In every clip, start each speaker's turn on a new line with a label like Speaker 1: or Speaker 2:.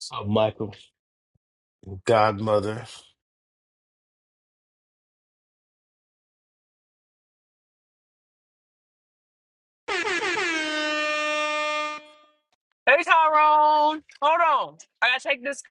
Speaker 1: So Michael, godmother,
Speaker 2: Hey Tyrone, hold on. I gotta take this.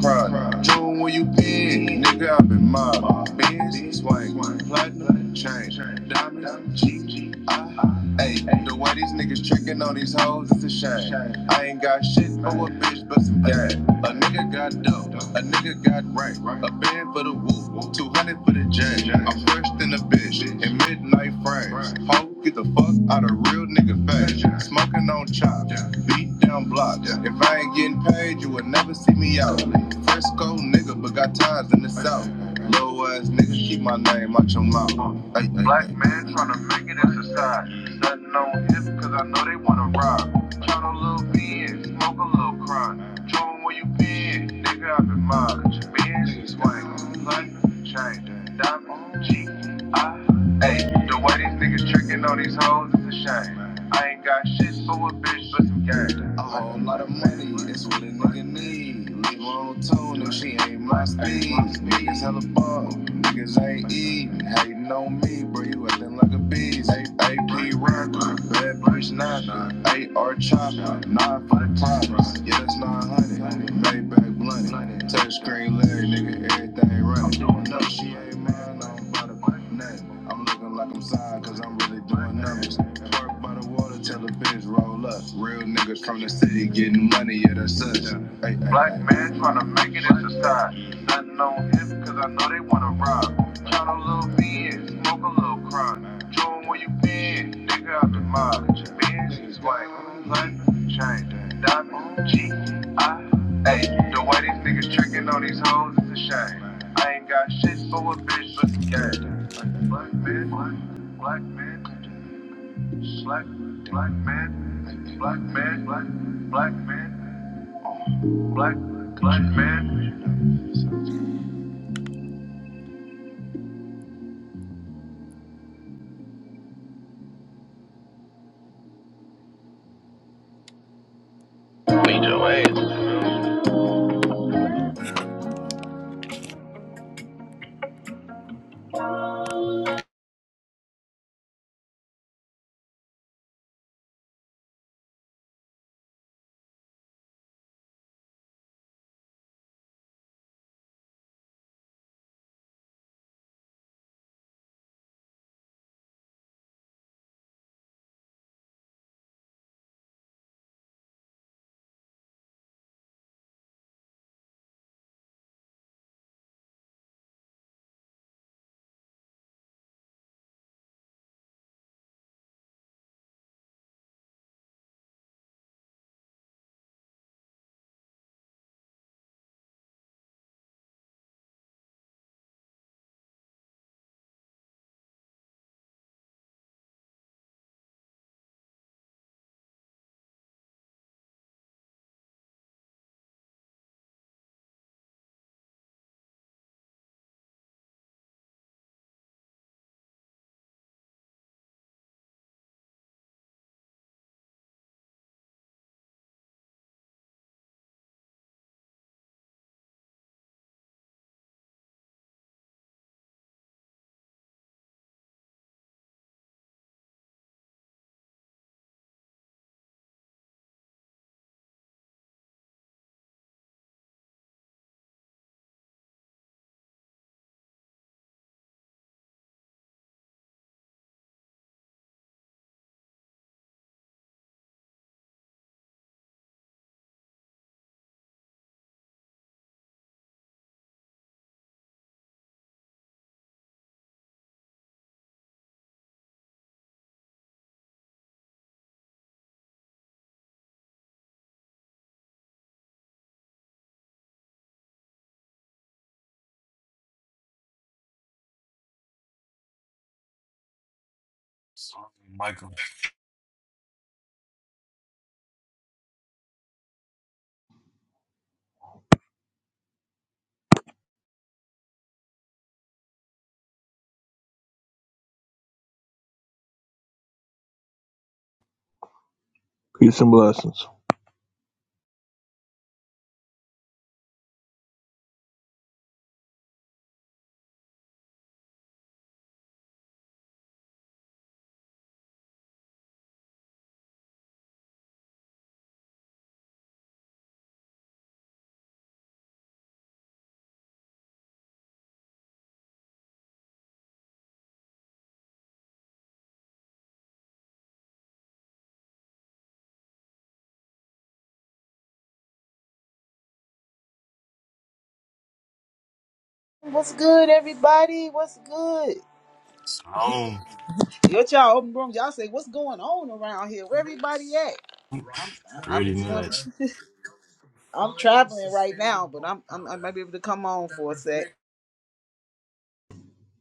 Speaker 3: cry. June where you been, nigga, I've been mobbed. Benz, swing, platinum, chain, diamonds, G, I, Hey, the way these niggas tricking on these hoes, it's a shame. I ain't got shit for a bitch but some game. A nigga got dope, a nigga got rank, a bitch 10 for the woo, 200 for the jam. I'm fresh than a bitch, in midnight frames. Ho, get the fuck out of real nigga fast. Smoking on chops, beat down blocks. If I ain't getting paid, you will never see me out. Frisco nigga, but got ties in the south. Low ass nigga, keep my name out your mouth. Ay, ay, Black ay. man tryna make it in society. Nothing on hip, cause I know they wanna rob. Tryna little B years. Smoke a little crime. June, where you been? Nigga, I've been mobbing. Benz, swing, London, chain, diamond, G, I, A. The way these niggas tricking on these hoes is a shame. I ain't got shit for a bitch but some game. A whole lot of money, that's what a nigga need. Leave her on tone if she ain't my speed. Niggas hella ball, niggas ain't eating. Hating on me, bro, you at the them like a bees, AP Rocker, Bad Bitch Nana, AR Chopper, 9 for the props, yeah, that's 900, Maybach Blunt, touch screen Larry, nigga, everything running. I'm doing up, she ain't mad, I am bout to put nothing. I'm looking like I'm signed, cause I'm really doing numbers. Park by the water, tell the bitch roll up. Real niggas from the city getting money, yeah, that's us. Black ay. man tryna make it in society. Nothing on him, cause I know they wanna rob. Shot a little BS, smoke a little crime. Join where you been, nigga out the mob. Benz, white, platinum, chain, diamond, G, I, A. The way these niggas tricking on these hoes is a shame. I ain't got shit for a bitch but the game. Black man, black, black man, black, black man, black man, black, black man, black, black man. Lead your way.
Speaker 1: So, Michael,
Speaker 4: Peace and blessings.
Speaker 5: What's good, everybody? What's good?
Speaker 1: home
Speaker 5: What y'all open rooms? Y'all say what's going on around here? Where everybody at? I'm
Speaker 1: pretty
Speaker 5: doing.
Speaker 1: much.
Speaker 5: I'm traveling right now, but I'm, I'm I might be able to come on for a sec.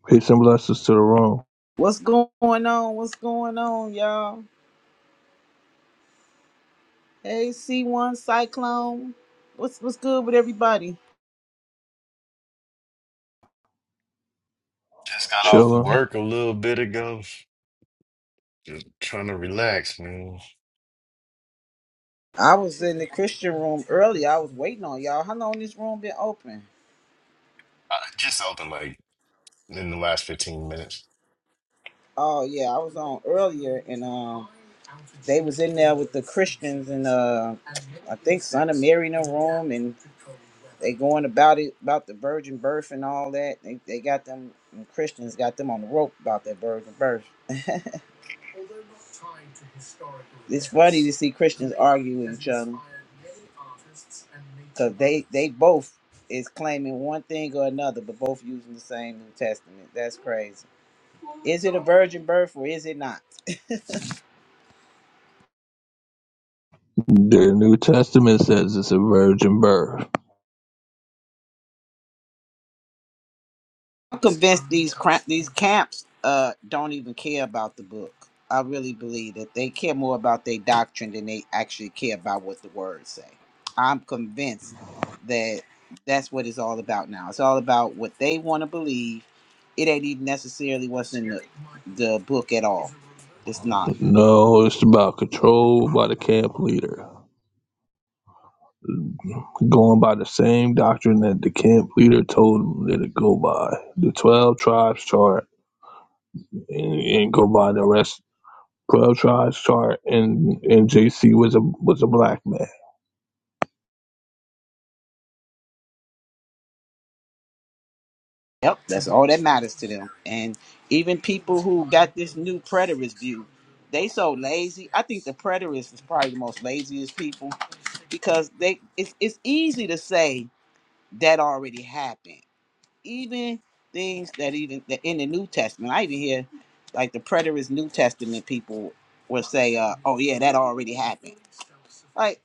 Speaker 4: Peace and blessings to the room.
Speaker 5: What's going on? What's going on, y'all? Hey, C1 Cyclone. What's what's good with everybody?
Speaker 1: Just got off
Speaker 4: Children,
Speaker 1: work a little bit ago. Just trying to relax, man.
Speaker 5: I was in the Christian room earlier. I was waiting on y'all. How long this room been open?
Speaker 1: I just opened like in the last 15 minutes.
Speaker 5: Oh yeah, I was on earlier, and um, they was in there with the Christians, and uh, I think Son of Mary in the room, and they going about it about the virgin birth and all that. They they got them and Christians got them on the rope about that virgin birth. It's funny to see Christians argue with each other because they they both is claiming one thing or another, but both using the same New Testament. That's crazy. Is it a virgin birth or is it not?
Speaker 4: the New Testament says it's a virgin birth.
Speaker 5: I'm convinced these cra- these camps uh don't even care about the book. I really believe that they care more about their doctrine than they actually care about what the words say. I'm convinced that that's what it's all about now. It's all about what they want to believe. It ain't even necessarily what's in the, the book at all. It's not.
Speaker 4: No, it's about control by the camp leader. Going by the same doctrine that the camp leader told them that it go by. The 12 tribes chart and, and go by the rest. 12 tribes chart and, and JC was a was a black man.
Speaker 5: Yep, that's all that matters to them. And even people who got this new preterist view, they so lazy. I think the preterists is probably the most laziest people because they it's it's easy to say that already happened. Even things that even that in the New Testament, I even hear like the preterist New Testament people will say, uh, "Oh yeah, that already happened." Like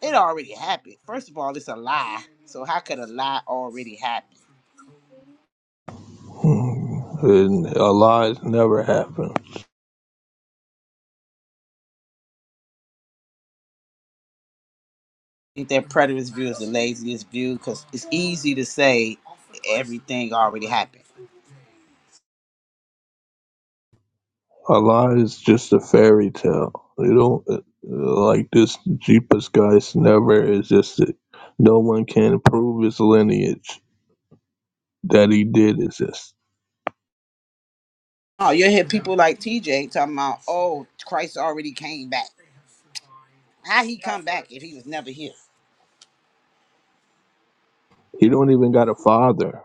Speaker 5: it already happened. First of all, it's a lie. So how could a lie already happen?
Speaker 4: Hmm. And a lie never happened.
Speaker 5: I think that preterist view is the laziest view because it's easy to say everything already happened.
Speaker 4: Allah is just a fairy tale. You don't uh, like this Jeepus guy's never existed. No one can prove his lineage that he did exist.
Speaker 5: Oh, you hear people like TJ talking about, "Oh, Christ already came back." How he come back if he was never here?
Speaker 4: He don't even got a father.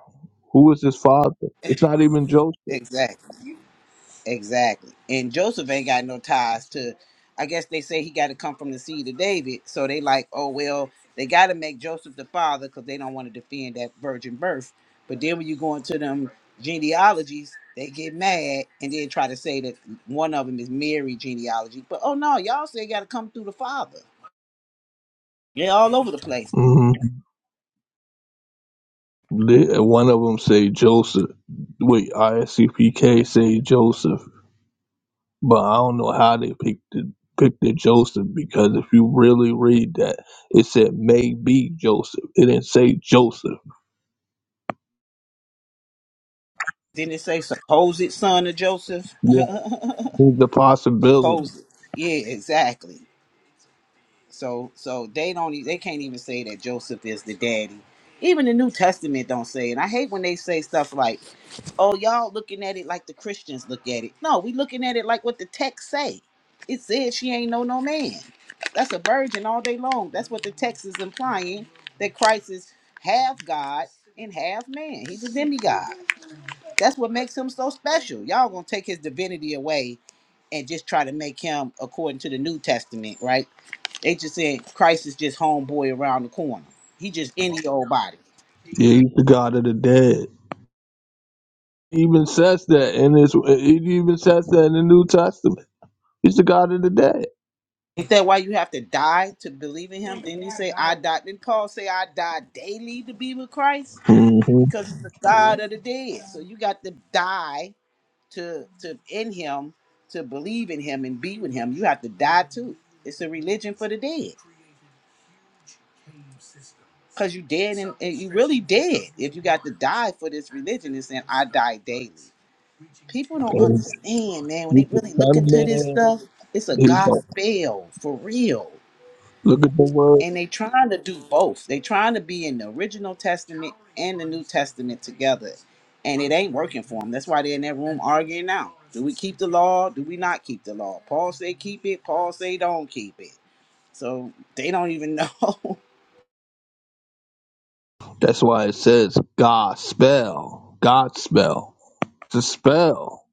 Speaker 4: Who is his father? It's not even Joseph.
Speaker 5: Exactly, exactly. And Joseph ain't got no ties to. I guess they say he got to come from the seed of David. So they like, oh well, they got to make Joseph the father because they don't want to defend that virgin birth. But then when you go into them genealogies, they get mad and then try to say that one of them is Mary genealogy. But oh no, y'all say got to come through the father. Yeah, all over the place.
Speaker 4: hmm one of them say Joseph. Wait, ISCPK say Joseph, but I don't know how they picked the, picked the Joseph because if you really read that, it said maybe Joseph. It didn't say Joseph.
Speaker 5: Didn't it say supposed son of Joseph?
Speaker 4: Yeah, there's the possibility.
Speaker 5: supposed. Yeah, exactly. So so they don't e- they can't even say that Joseph is the daddy. Even the New Testament don't say it. I hate when they say stuff like, "Oh, y'all looking at it like the Christians look at it." No, we looking at it like what the text say. It says she ain't know no man. That's a virgin all day long. That's what the text is implying that Christ is half God and half man. He's a demigod. That's what makes him so special. Y'all gonna take his divinity away and just try to make him according to the New Testament, right? They just saying Christ is just homeboy around the corner. He just any old body.
Speaker 4: Yeah, he's the God of the dead. He even says that in his. It even says that in the New Testament. He's the God of the dead.
Speaker 5: Is that why you have to die to believe in him? Didn't he say I die? Didn't Paul say I die daily to be with Christ?
Speaker 4: hmm
Speaker 5: Because he's the Yeah. God of the dead. So you got to die to to in him to believe in him and be with him. You have to die too. It's a religion for the dead. Cause you dead and, and you really dead if you got to die for this religion. It's saying I die daily. people don't
Speaker 4: He's
Speaker 5: understand, man. When they
Speaker 4: the
Speaker 5: really look
Speaker 4: Son of
Speaker 5: into this
Speaker 4: Man.
Speaker 5: stuff, it's a
Speaker 4: He's the,
Speaker 5: gospel for real.
Speaker 4: look at the word.
Speaker 5: And they trying to do both. They trying to be in the original testament and the New Testament together. And it ain't working for them. That's why they're in that room arguing now. Do we keep the law? Do we not keep the law? Paul say keep it. Paul say don't keep it. So they don't even know.
Speaker 4: That's why it says God spell. God spell. It's a spell.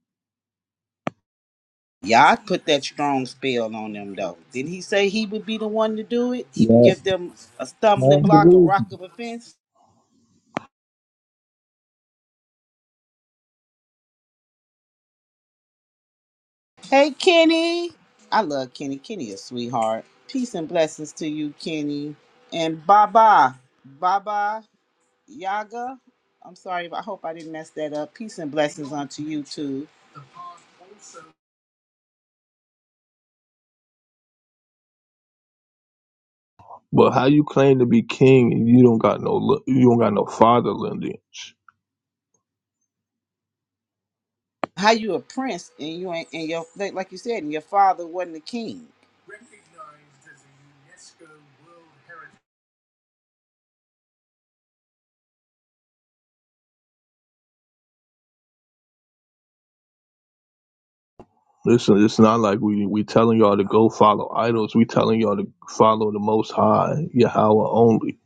Speaker 5: Yah put that strong spell on them though. Didn't he say he would be the one to do it? He would
Speaker 4: Yeah.
Speaker 5: give them a stumbling
Speaker 4: Well,
Speaker 5: block, a
Speaker 4: believe
Speaker 5: rock of offense. Hey, Kenny. I love Kenny. Kenny, a sweetheart. Peace and blessings to you, Kenny. And Baba, Baba Yaga. I'm sorry, but I hope I didn't mess that up. Peace and blessings unto you too.
Speaker 4: But how you claim to be king and you don't got no li- you don't got no father lineage?
Speaker 5: How you a prince and you ain't and your like like you said, and your father wasn't a king.
Speaker 4: Listen, it's not like we we telling y'all to go follow idols. We telling y'all to follow the Most High, Yahweh only.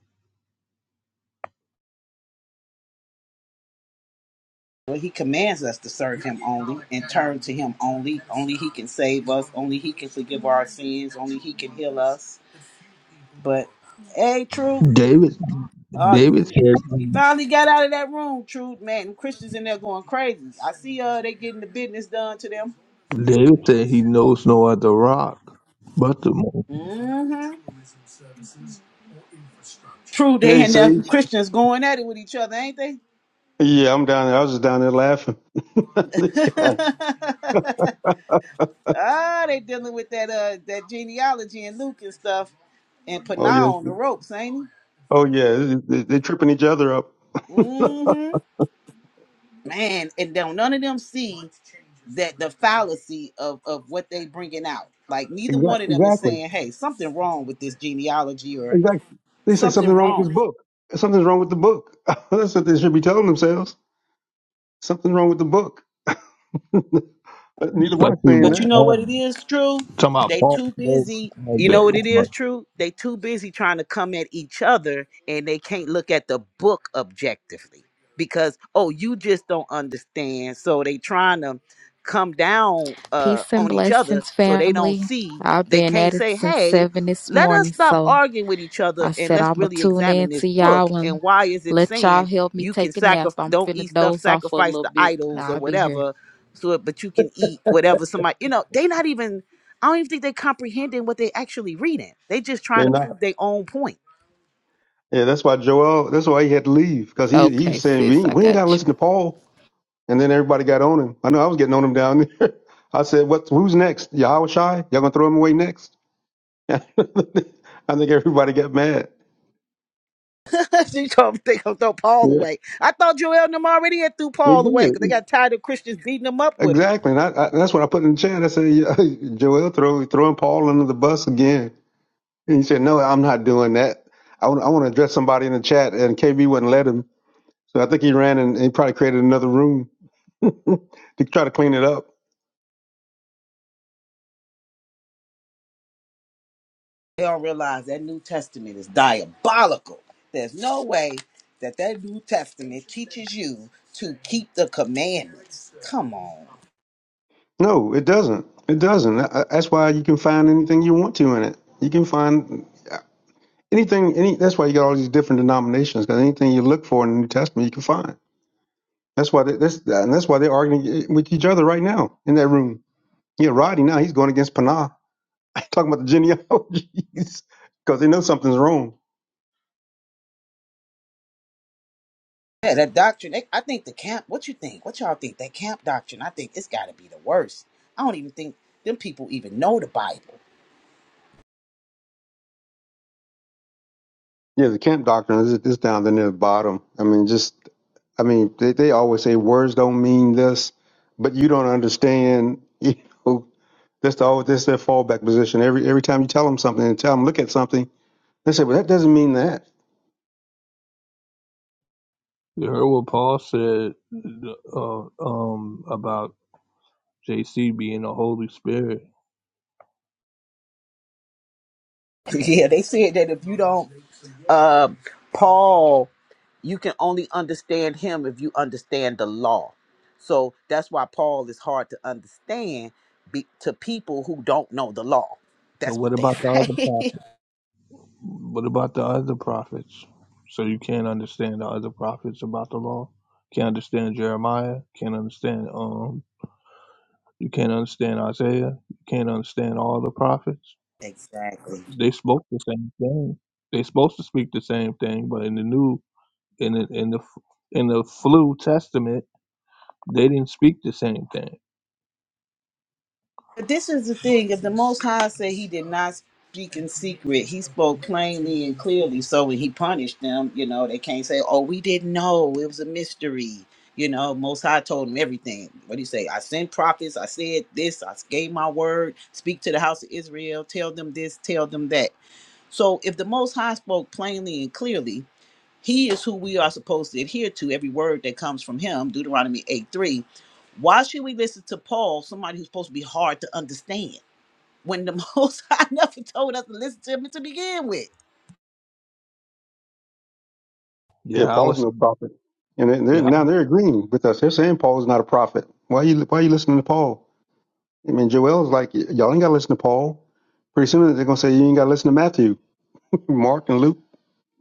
Speaker 5: Well, he commands us to serve him only and turn to him only. Only he can save us. Only he can forgive our sins. Only he can heal us. But hey, true.
Speaker 4: David,
Speaker 5: Oh, you,
Speaker 4: David
Speaker 5: you,
Speaker 4: said,
Speaker 5: you finally got out of that room, Truth. Man, them Christians in there going crazy. I see uh they getting the business done to them.
Speaker 4: David said he knows no other rock but the most,
Speaker 5: Mm-hmm. True,
Speaker 6: Hey,
Speaker 5: they and them
Speaker 6: Sage.
Speaker 5: Christians going at it with each other, ain't they?
Speaker 6: Yeah, I'm down there. I was just down there laughing. These guys.
Speaker 5: ah, they dealing with that uh that genealogy and Luke and stuff and put
Speaker 6: Oh yes.
Speaker 5: now on the ropes, ain't
Speaker 6: Oh yeah. They, they- are tripping each other up.
Speaker 5: he? Mm-hmm. man, and don't none of them see that the fallacy of of what they bringing out. Like neither one
Speaker 6: Exactly,
Speaker 5: of them is
Speaker 6: Exactly.
Speaker 5: saying, "Hey, something wrong with this genealogy," or
Speaker 6: Exactly. They say something
Speaker 5: "Something
Speaker 6: wrong with
Speaker 5: wrong."
Speaker 6: this book. Something's wrong with the book. That's what they should be telling themselves. Something's wrong with the book. but neither one is
Speaker 4: especially
Speaker 6: saying
Speaker 5: But
Speaker 4: with
Speaker 5: you
Speaker 6: that.
Speaker 5: know what it
Speaker 4: Paul.
Speaker 5: is true?
Speaker 4: Talking about
Speaker 5: They
Speaker 4: Paul,
Speaker 5: too
Speaker 4: knows
Speaker 5: busy. You know what it is true? They too busy trying to come at each other and they can't look at the book objectively. Because oh, you just don't understand. So they trying to come down uh
Speaker 7: Peace and
Speaker 5: on each other
Speaker 7: blessings,
Speaker 5: so they don't
Speaker 7: family.
Speaker 5: see
Speaker 7: I've
Speaker 5: they
Speaker 7: been
Speaker 5: can't
Speaker 7: at it
Speaker 5: say,
Speaker 7: since
Speaker 5: "Hey,
Speaker 7: seven this
Speaker 5: let us
Speaker 7: morning,
Speaker 5: stop
Speaker 7: so
Speaker 5: arguing with each other
Speaker 7: I
Speaker 5: and
Speaker 7: said
Speaker 5: let's
Speaker 7: I'ma
Speaker 5: really
Speaker 7: tune
Speaker 5: examine
Speaker 7: in
Speaker 5: this
Speaker 7: to
Speaker 5: book
Speaker 7: y'all
Speaker 5: and
Speaker 7: and
Speaker 5: why is it
Speaker 7: let
Speaker 5: saying
Speaker 7: y'all help me
Speaker 5: you can
Speaker 7: take a nap.
Speaker 5: sacrifice
Speaker 7: I'm
Speaker 5: don't
Speaker 7: finna
Speaker 5: eat stuff
Speaker 7: doze off for a
Speaker 5: sacrifice
Speaker 7: little
Speaker 5: to
Speaker 7: bit.
Speaker 5: idols
Speaker 7: Now
Speaker 5: or
Speaker 7: I'll be here.
Speaker 5: whatever so but you can eat whatever somebody you know they not even i don't even think they comprehending what they actually reading they just trying
Speaker 6: They're
Speaker 5: to
Speaker 6: not.
Speaker 5: prove their own point
Speaker 6: Yeah, that's why Joel. That's why he had to leave because he he
Speaker 7: Okay,
Speaker 6: was saying we
Speaker 7: sis,
Speaker 6: ain't,
Speaker 7: I
Speaker 6: we ain't got to
Speaker 7: got
Speaker 6: listen
Speaker 7: you.
Speaker 6: to Paul. And then everybody got on him. I know I was getting on him down there. I said, "What? Who's next? Yahweh Shai? Y'all gonna throw him away next?" I think everybody got mad.
Speaker 5: you gonna, they gonna throw paul
Speaker 6: Yeah,
Speaker 5: away i thought joel and them already had threw
Speaker 6: he
Speaker 5: paul away
Speaker 6: did
Speaker 5: because they got tired of christians beating them up with them
Speaker 6: exactly, and I, I, that's what I put in the chat. I said, yeah, "Joel, throw throwing Paul under the bus again." And he said, "No, I'm not doing that. I want I want to address somebody in the chat." And KB wouldn't let him, so I think he ran and he probably created another room to try to clean it up.
Speaker 5: They don't realize that New Testament is diabolical. There's no way that that New Testament teaches you to keep the commandments. Come on.
Speaker 6: No, it doesn't. It doesn't. I- I- That's why you can find anything you want to in it. You can find anything. Any that's why you got all these different denominations because anything you look for in the New Testament, you can find. That's why they, that's and that's why they're arguing with each other right now in that room. Yeah, Roddy now he's going against Panah, talking about the genealogies because they know something's wrong.
Speaker 5: Yeah, that doctrine. They, I think the camp. What you think? What y'all think? That camp doctrine. I think it's got to be the worst. I don't even think them people even know the Bible.
Speaker 6: Yeah, the camp doctrine is is down there near the bottom. I mean, just I mean they, they always say words don't mean this, but you don't understand. You know, that's the always that's their fallback position. Every every time you tell them something and tell them look at something, they say, well that doesn't mean that.
Speaker 4: you heard what Paul said uh, um, about JC being the Holy Spirit.
Speaker 5: yeah, they said that if you don't, uh, Paul, you can only understand him if you understand the law. So that's why Paul is hard to understand be, to people who don't know the law.
Speaker 4: So
Speaker 5: That's
Speaker 4: what
Speaker 5: what they
Speaker 4: about the other?
Speaker 5: say.
Speaker 4: What about the other prophets? So you can't understand the other prophets about the law. Can't understand Jeremiah. Can't understand um. You can't understand Isaiah. You can't understand all the prophets.
Speaker 5: exactly.
Speaker 4: They spoke the same thing. They supposed to speak the same thing, but in the new in the in the in the flu testament they didn't speak the same thing.
Speaker 5: But this is the thing: if the Most High said He did not speak in secret, He spoke plainly and clearly. So when He punished them, you know, they can't say, "Oh, we didn't know; it was a mystery." You know, Most High told them everything. What do you say? I sent prophets. I said this. I gave my word. Speak to the house of Israel. Tell them this. Tell them that. So if the Most High spoke plainly and clearly. He is who we are supposed to adhere to, every word that comes from him, Deuteronomy 8 3. Why should we listen to Paul, somebody who's supposed to be hard to understand, when the Most High never told us to listen to him to begin with?
Speaker 6: Yeah,
Speaker 4: Yeah, I
Speaker 6: Paul is
Speaker 4: was.
Speaker 6: no prophet. And they- they're,
Speaker 4: Yeah,
Speaker 6: now they're agreeing with us. They're saying Paul is not a prophet. Why you why you listening to Paul? I mean, Joel's like, y'all ain't got to listen to Paul. Pretty soon they're gonna say you ain't got to listen to Matthew, Mark, and Luke,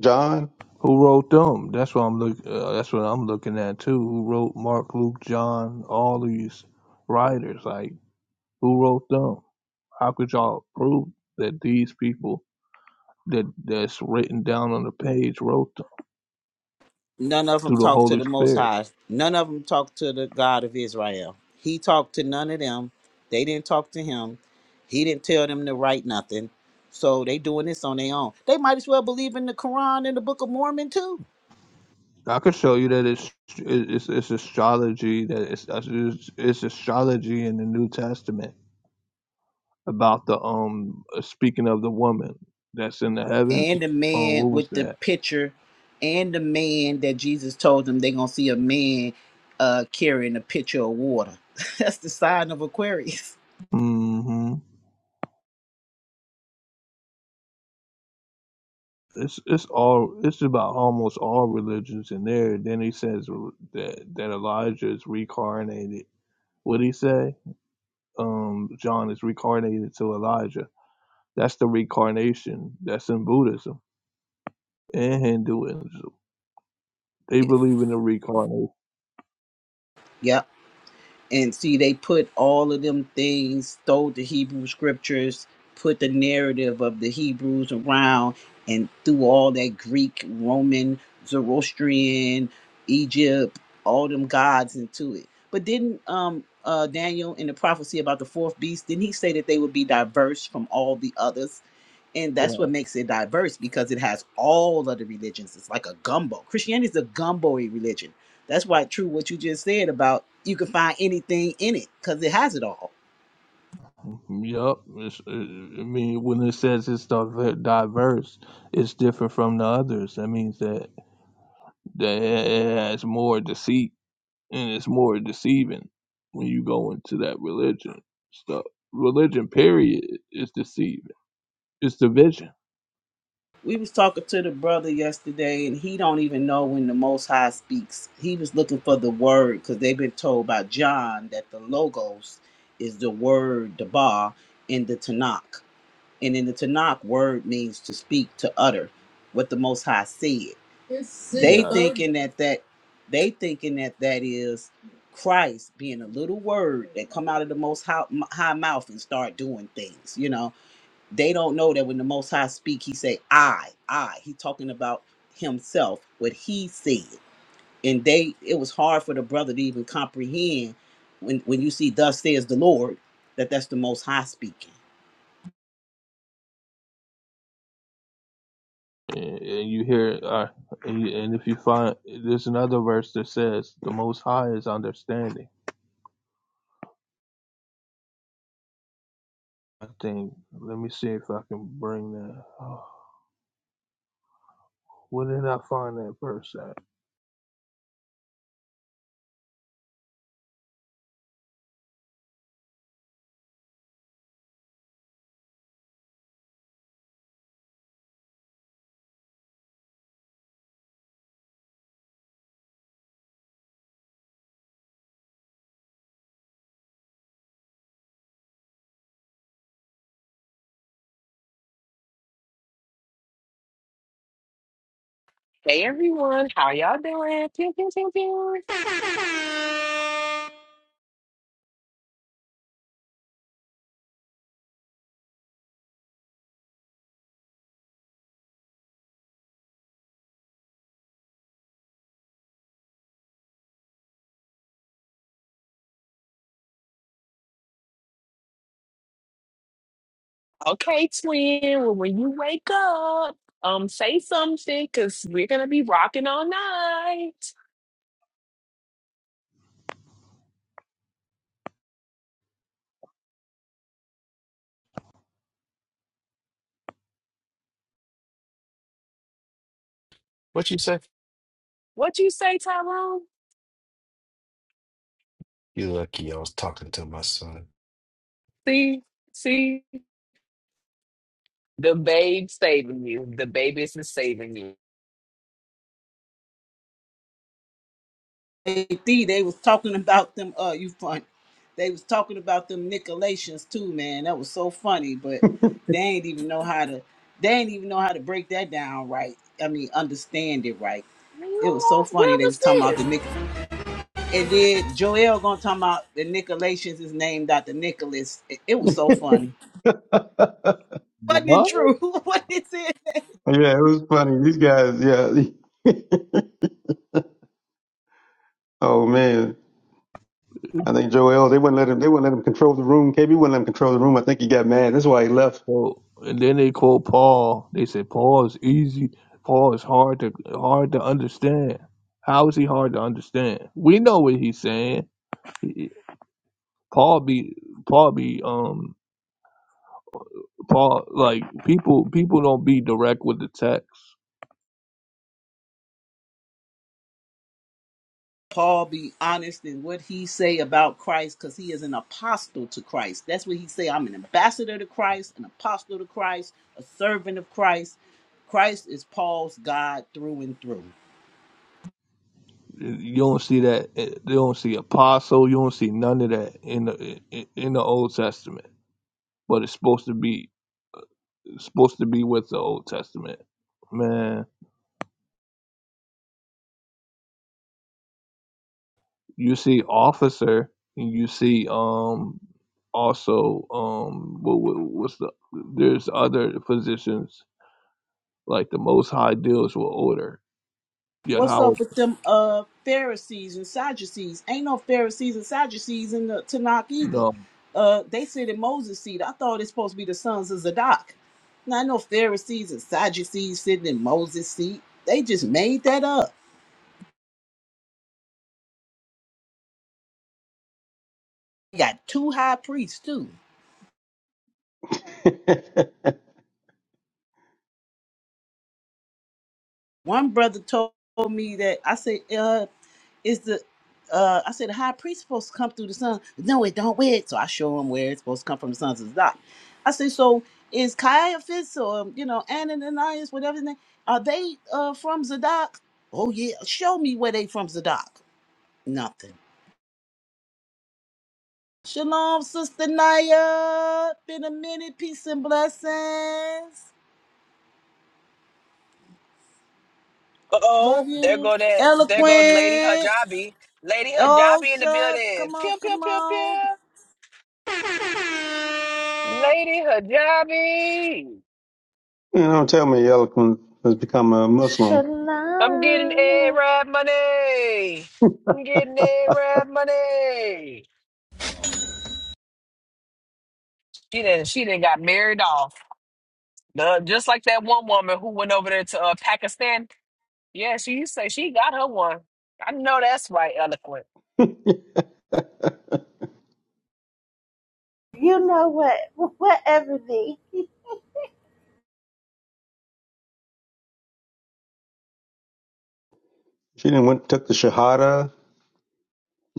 Speaker 6: John.
Speaker 4: who wrote them? That's what I'm look. Uh, that's what I'm looking at too. Who wrote Mark, Luke, John, all these writers? Like, who wrote them? How could y'all prove that these people? that that's written down on the page wrote th-
Speaker 5: None of them
Speaker 4: through the
Speaker 5: talked to
Speaker 4: Holy
Speaker 5: the Most
Speaker 4: Spirit.
Speaker 5: High. None of them talked to the God of Israel. He talked to none of them. They didn't talk to him. He didn't tell them to write nothing. So they doing this on their own. They might as well believe in the Quran and the Book of Mormon too.
Speaker 4: I could show you that it's it's, it's astrology that it's, it's it's astrology in the New Testament about the um uh, speaking of the woman that's in the heavens.
Speaker 5: and the
Speaker 4: Um,
Speaker 5: man
Speaker 4: what was
Speaker 5: with the
Speaker 4: that?
Speaker 5: pitcher and the man that Jesus told them they're gonna see a man uh carrying a pitcher of water. That's the sign of Aquarius.
Speaker 4: mm hmm It's it's all it's about almost all religions in there. Then he says that that Elijah is reincarnated. What did he say? Um, John is reincarnated to Elijah That's the reincarnation that's in Buddhism and Hinduism. They believe in the reincarnation.
Speaker 5: Yep. And see, they put all of them things, stole the Hebrew scriptures, put the narrative of the Hebrews around, and threw all that Greek, Roman, Zoroastrian, Egypt, all them gods into it. But didn't um uh Daniel in the prophecy about the fourth beast, didn't he say that they would be diverse from all the others? And that's
Speaker 4: Yeah.
Speaker 5: what makes it diverse because it has all of the religions. It's like a gumbo. Christianity is a gumbo religion that's why it's true what you just said about you can find anything in it because it has it all.
Speaker 4: Yup. It's- uh, I mean, when it says it's diver- diverse, it's different from the others. That means that, that it it has more deceit and it's more deceiving when you go into that religion stuff. Religion, period, is deceiving. It's division.
Speaker 5: We was talking to the brother yesterday, and he don't even know when the Most High speaks. He was looking for the word because they've been told by John that the logos is the word, the ba in the Tanakh. And in the Tanakh, word means to speak, to utter, what the Most High said. They
Speaker 4: Yeah.
Speaker 5: thinking that that they thinking that that is Christ being a little word that come out of the Most High, high mouth and start doing things. You know, they don't know that when the Most High speak, He say I, I. He talking about Himself, what He said, and they. It was hard for the brother to even comprehend when when you see Thus says the Lord that that's the Most High speaking.
Speaker 4: And, and you hear, uh, and, you- and if you find, there's another verse that says, "The Most High is understanding." I think. Let me see if I can bring that. Oh, where did I find that verse at?
Speaker 2: Hey everyone, how y'all doing? Pew, pew, pew, pew. Okay, twin. Well, when you wake up, um, say something, cause we're gonna be rocking all night.
Speaker 1: What you say?
Speaker 2: What you say, Tyrone?
Speaker 1: You lucky I was talking to my son.
Speaker 2: See, see, the babe saving you. The baby is saving you.
Speaker 5: JD, they was talking about them. Uh, you funny. They was talking about them Nicolations too, man. That was so funny, but they ain't even know how to. They ain't even know how to break that down right. I mean, understand it right. It was so
Speaker 2: Girl,
Speaker 5: funny.
Speaker 2: Where
Speaker 5: They was
Speaker 2: was
Speaker 5: talking about the
Speaker 2: this?
Speaker 5: Nick, and then Joel gonna talk about the Nicolations is named after Nicholas. It, it was so funny. Wasn't it
Speaker 4: What?
Speaker 5: true? what is it?
Speaker 6: Yeah, it was funny. These guys, yeah. Oh man, I think Joel they wouldn't let him. They wouldn't let him control the room. KB wouldn't let him control the room. I think he got mad. That's why he left.
Speaker 4: So, and then they quote Paul. They say Paul is easy. Paul is hard to hard to understand. How is he hard to understand? We know what he's saying. He- Paul be Paul be um Paul like people people don't be direct with the text
Speaker 5: Paul be honest in what he say about Christ because he is an apostle to Christ. That's what he say. I'm an ambassador to Christ, an apostle to Christ, a servant of Christ. Christ is Paul's God through and through.
Speaker 4: You don't see that. eh, You don't see apostle. You don't see none of that in the eh, eh, in the Old Testament. But it's supposed to be it's supposed to be with the Old Testament. Man, you see officer, and you see um also um what, what- what's the there's other positions like the Most High deals with order. Yeah,
Speaker 5: What's
Speaker 4: Howard.
Speaker 5: up with them uh Pharisees and Sadducees? Ain't no Pharisees and Sadducees in the Tanakh either.
Speaker 4: No,
Speaker 5: Uh they sit in Moses' seat. I thought it's supposed to be the sons of Zadok. Not no Pharisees and Sadducees sitting in Moses' seat. They just made that up. You got two high priests too.
Speaker 6: you
Speaker 5: One brother told me that I said, uh, is the uh I said the high priest supposed to come through the sun. No, it don't wear it. So I show him where it's supposed to come from the sons of Zadok. I said, so is Caiaphas or um, you know Ananias, whatever his name, are they uh from Zadok? Oh yeah, show me where they from Zadok. Nothing. Shalom, sister Naya. Been a minute. Peace and blessings.
Speaker 2: Uh
Speaker 5: Love
Speaker 2: oh, there
Speaker 5: you.
Speaker 2: go that. There go Lady
Speaker 5: Eloquent.
Speaker 2: Hijabi. Lady
Speaker 5: Oh
Speaker 2: Hijabi in the
Speaker 5: shucks.
Speaker 2: building.
Speaker 5: Come on,
Speaker 2: Pew pew
Speaker 5: come
Speaker 2: pew
Speaker 5: on.
Speaker 2: pew. Lady Hijabi,
Speaker 6: know, tell me, Eloquent has become a Muslim.
Speaker 2: I'm getting
Speaker 8: Shalom.
Speaker 2: Arab money. I'm getting Arab money. She didn't. She didn't got married off. The- just like that one woman who went over there to uh, Pakistan. Yeah, she you say she got her one. I know that's right, eloquent.
Speaker 8: You know what? What Ebony?
Speaker 6: She didn't went took the Shahada.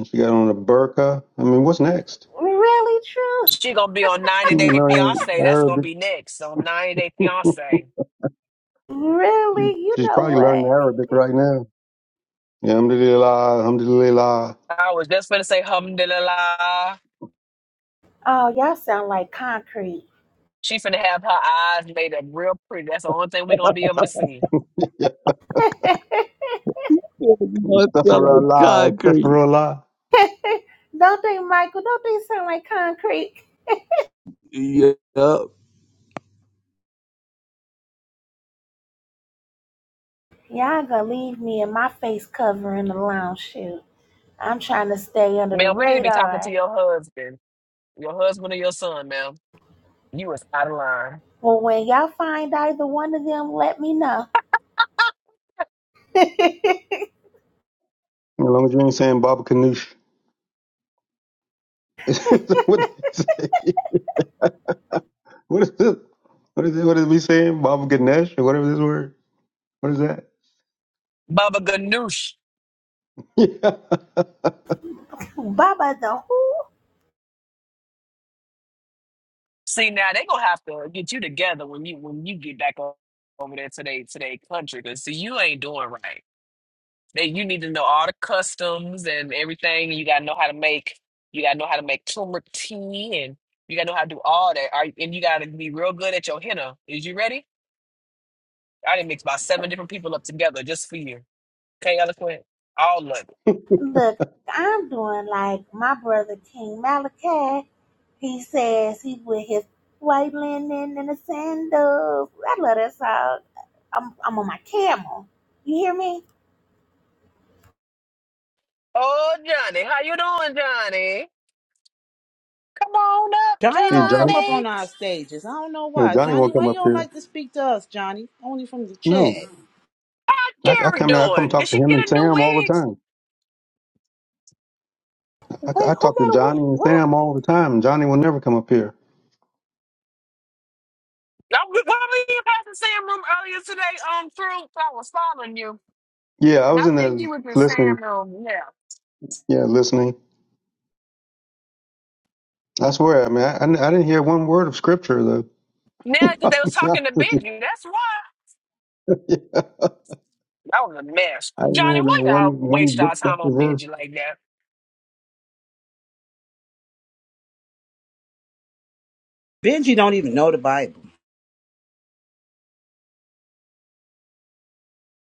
Speaker 6: She got on a burqa. I mean, what's next?
Speaker 8: Really true?
Speaker 2: She gonna be on 90
Speaker 6: You be
Speaker 2: Day
Speaker 6: learning
Speaker 2: Fiance. That's gonna
Speaker 6: Arabic.
Speaker 2: be next on 90 Day Fiance.
Speaker 6: You,
Speaker 8: Really? You
Speaker 6: she's
Speaker 8: know
Speaker 6: probably learning
Speaker 8: what?
Speaker 6: Arabic right now. Yeah, alhamdulillah, alhamdulillah.
Speaker 2: I was just gonna say alhamdulillah.
Speaker 8: Oh, y'all sound like concrete.
Speaker 2: She finna have her eyes made up real pretty. That's the only thing we gonna be able to see.
Speaker 6: Yeah,
Speaker 8: don't
Speaker 4: you know, it's not like
Speaker 6: astaghfirullah,
Speaker 4: concrete.
Speaker 6: astaghfirullah.
Speaker 8: they, Michael? Don't they sound like concrete?
Speaker 4: Yeah, yeah.
Speaker 8: Y'all gonna leave me and my face cover in the lounge shoot. I'm trying to stay under the
Speaker 2: Ma'am, we need to be talking to
Speaker 8: radar.
Speaker 2: your husband, your husband or your son, ma'am. You is out of line.
Speaker 8: Well, when y'all find either one of them, let me know.
Speaker 6: As long as you ain't saying Baba Ganoush. what did he say? What is this? What is it? What is we saying? Baba Ganesh or whatever this word? What is that?
Speaker 2: Baba Ganoush.
Speaker 6: Yeah.
Speaker 8: Baba the who?
Speaker 2: See now they gonna have to get you together when you when you get back o- over there today today country. Cause see you ain't doing right. They you need to know all the customs and everything. You gotta know how to make you gotta know how to make turmeric tea and you gotta know how to do all that. Are, and you gotta be real good at your henna. Is you ready? I didn't mix about seven different people up together just for you. Okay, eloquent. All of it.
Speaker 8: Look, I'm doing like my brother King Malachi. He says he with his white linen and the sandals. I love that song. I'm, I'm on my camel. You hear me?
Speaker 2: Oh, Johnny, how you doing, Johnny? Come on up,
Speaker 5: Johnny
Speaker 6: Hey,
Speaker 5: don't
Speaker 6: Johnny.
Speaker 5: come up
Speaker 2: Johnny.
Speaker 5: on our stages. I don't know
Speaker 6: No,
Speaker 5: why.
Speaker 6: Johnny
Speaker 5: Johnny,
Speaker 6: won't come
Speaker 5: why you
Speaker 6: up
Speaker 5: don't
Speaker 6: here.
Speaker 5: like to speak to us, Johnny? Only from the
Speaker 6: No.
Speaker 5: chat.
Speaker 6: I, I
Speaker 2: Carrie
Speaker 6: come I come
Speaker 2: doing? Did
Speaker 6: talk to
Speaker 2: she
Speaker 6: him
Speaker 2: get
Speaker 6: and
Speaker 2: a new
Speaker 6: Sam all the
Speaker 2: wig?
Speaker 6: time. I,
Speaker 8: Wait,
Speaker 6: I
Speaker 8: who
Speaker 6: talk to
Speaker 8: got a win?
Speaker 6: Johnny and
Speaker 8: What?
Speaker 6: Sam all the time. Johnny will never come up here.
Speaker 2: I, we- were we in Pastor Sam room earlier today? Um, through I was following you,
Speaker 6: Yeah, I
Speaker 2: and I
Speaker 6: was in there
Speaker 2: think you was in
Speaker 6: listening.
Speaker 2: Sam room. Yeah.
Speaker 6: Yeah, listening. I swear, I mean, I, I didn't hear one word of scripture though.
Speaker 2: Now, because they was
Speaker 6: yeah,
Speaker 2: talking to Benji. That's why.
Speaker 6: yeah.
Speaker 2: That was a mess.
Speaker 6: I didn't
Speaker 2: Johnny,
Speaker 6: hear that
Speaker 2: why y'all
Speaker 6: one
Speaker 2: waste
Speaker 6: one
Speaker 2: y'all
Speaker 6: book chapter
Speaker 2: time on
Speaker 6: verse.
Speaker 2: Benji like that?
Speaker 5: Benji don't even know the Bible.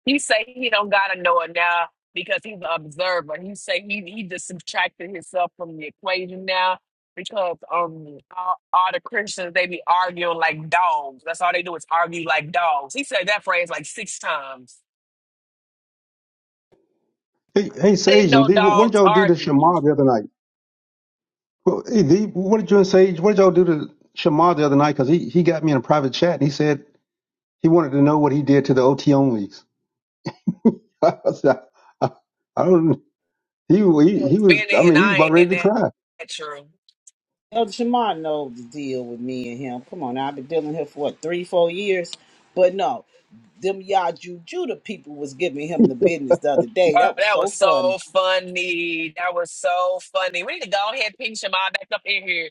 Speaker 2: He say he don't gotta know it now because he's an observer. He say he he just subtracted himself from the equation now because um all, all the Christians they be arguing like dogs. That's all they do is argue like dogs. He said that phrase like six times.
Speaker 6: Hey, hey,
Speaker 2: I didn't
Speaker 6: Sage and
Speaker 2: know
Speaker 6: D, what, what did
Speaker 2: dogs
Speaker 6: y'all do to
Speaker 2: argued.
Speaker 6: Shema the other night? Well, hey, D, what did you and Sage? What did y'all do to Shema the other night? Because he he got me in a private chat and he said he wanted to know what he did to the OT onlys. I, said, I I don't. He, he
Speaker 2: Been
Speaker 6: he was. I
Speaker 2: it and
Speaker 6: mean, he's
Speaker 2: I
Speaker 6: about
Speaker 2: ain't
Speaker 6: ready
Speaker 2: in
Speaker 6: to
Speaker 2: that.
Speaker 6: cry.
Speaker 2: That's true.
Speaker 5: Elder Shamar know the deal with me and him. Come on, now, I've been dealing here for what three, four years. But no, them Yaju Judah people was giving him the business the other day.
Speaker 2: Oh,
Speaker 5: That was
Speaker 2: that
Speaker 5: so
Speaker 2: was
Speaker 5: funny.
Speaker 2: so funny. That was so funny. We need to go ahead and ping Shamar back up in here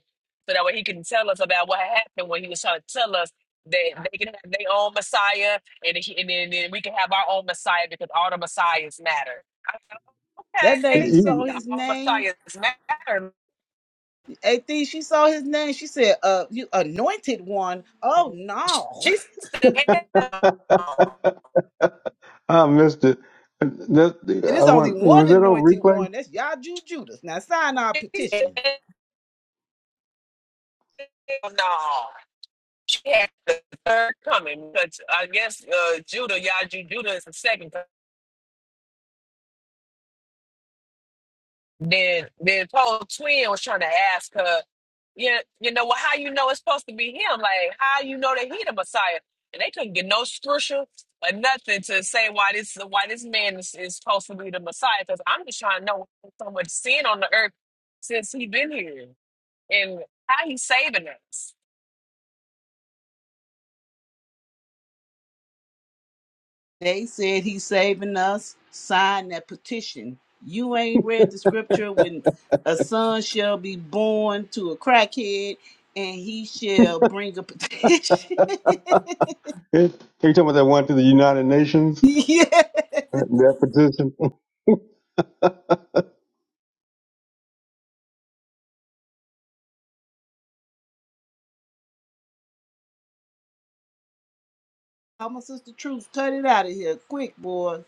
Speaker 2: so that way he can tell us about what happened when he was trying to tell us that they can have their own Messiah and, he, and, then, then we can have our own Messiah because all the Messiahs matter. I
Speaker 5: That
Speaker 6: He,
Speaker 2: said,
Speaker 5: lady
Speaker 2: okay,
Speaker 6: he-
Speaker 5: saw his
Speaker 2: all
Speaker 5: name.
Speaker 2: Messiahs matter.
Speaker 5: AT, she saw his name. She said, uh, you anointed one. Oh no.
Speaker 2: She said, hell no.
Speaker 6: I missed it. That,
Speaker 5: And
Speaker 6: I
Speaker 5: it's only
Speaker 6: want.
Speaker 5: one
Speaker 6: Was that on
Speaker 5: anointed
Speaker 6: replay?
Speaker 5: one. That's Yaju Judas. Now sign our
Speaker 2: She said,
Speaker 5: petition.
Speaker 2: hell no. She had the third coming, but I guess uh, Judah, Yaju Judah is the second Then then Paul twin was trying to ask her, Yeah, you know, well, how you know it's supposed to be him? Like, how you know that he the Messiah? And they couldn't get no scripture or nothing to say why this why this man is, is supposed to be the Messiah. Because I'm just trying to know why there's so much sin on the earth since he been here and how he's saving us.
Speaker 5: They said he's saving us. Sign that petition. You ain't read the scripture when a son shall be born to a crackhead and he shall bring a petition.
Speaker 6: It, are you talking about that one to the United Nations?
Speaker 5: yeah.
Speaker 6: That that petition.
Speaker 5: I'm a sister truth. Cut it out of here quick, boy.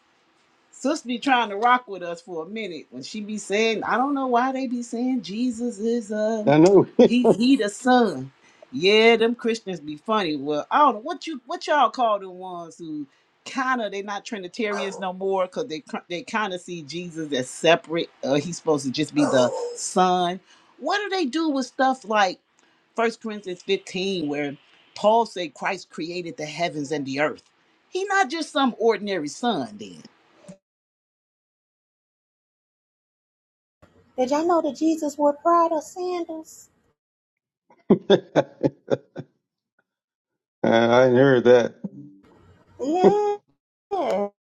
Speaker 5: Sis be trying to rock with us for a minute when she be saying, I don't know why they be saying Jesus is uh
Speaker 6: I know.
Speaker 5: he he the son. Yeah, them Christians be funny. Well, I don't know what you what y'all call the ones who kind of they not Trinitarians no more because they cr- they kind of see Jesus as separate. Uh, he's supposed to just be the son. What do they do with stuff like First Corinthians 15, where Paul said Christ created the heavens and the earth. He not just some ordinary son then.
Speaker 8: Did y'all know that Jesus wore Prada sandals?
Speaker 6: I I ain't heard that.
Speaker 8: Yeah. Nuh-uh.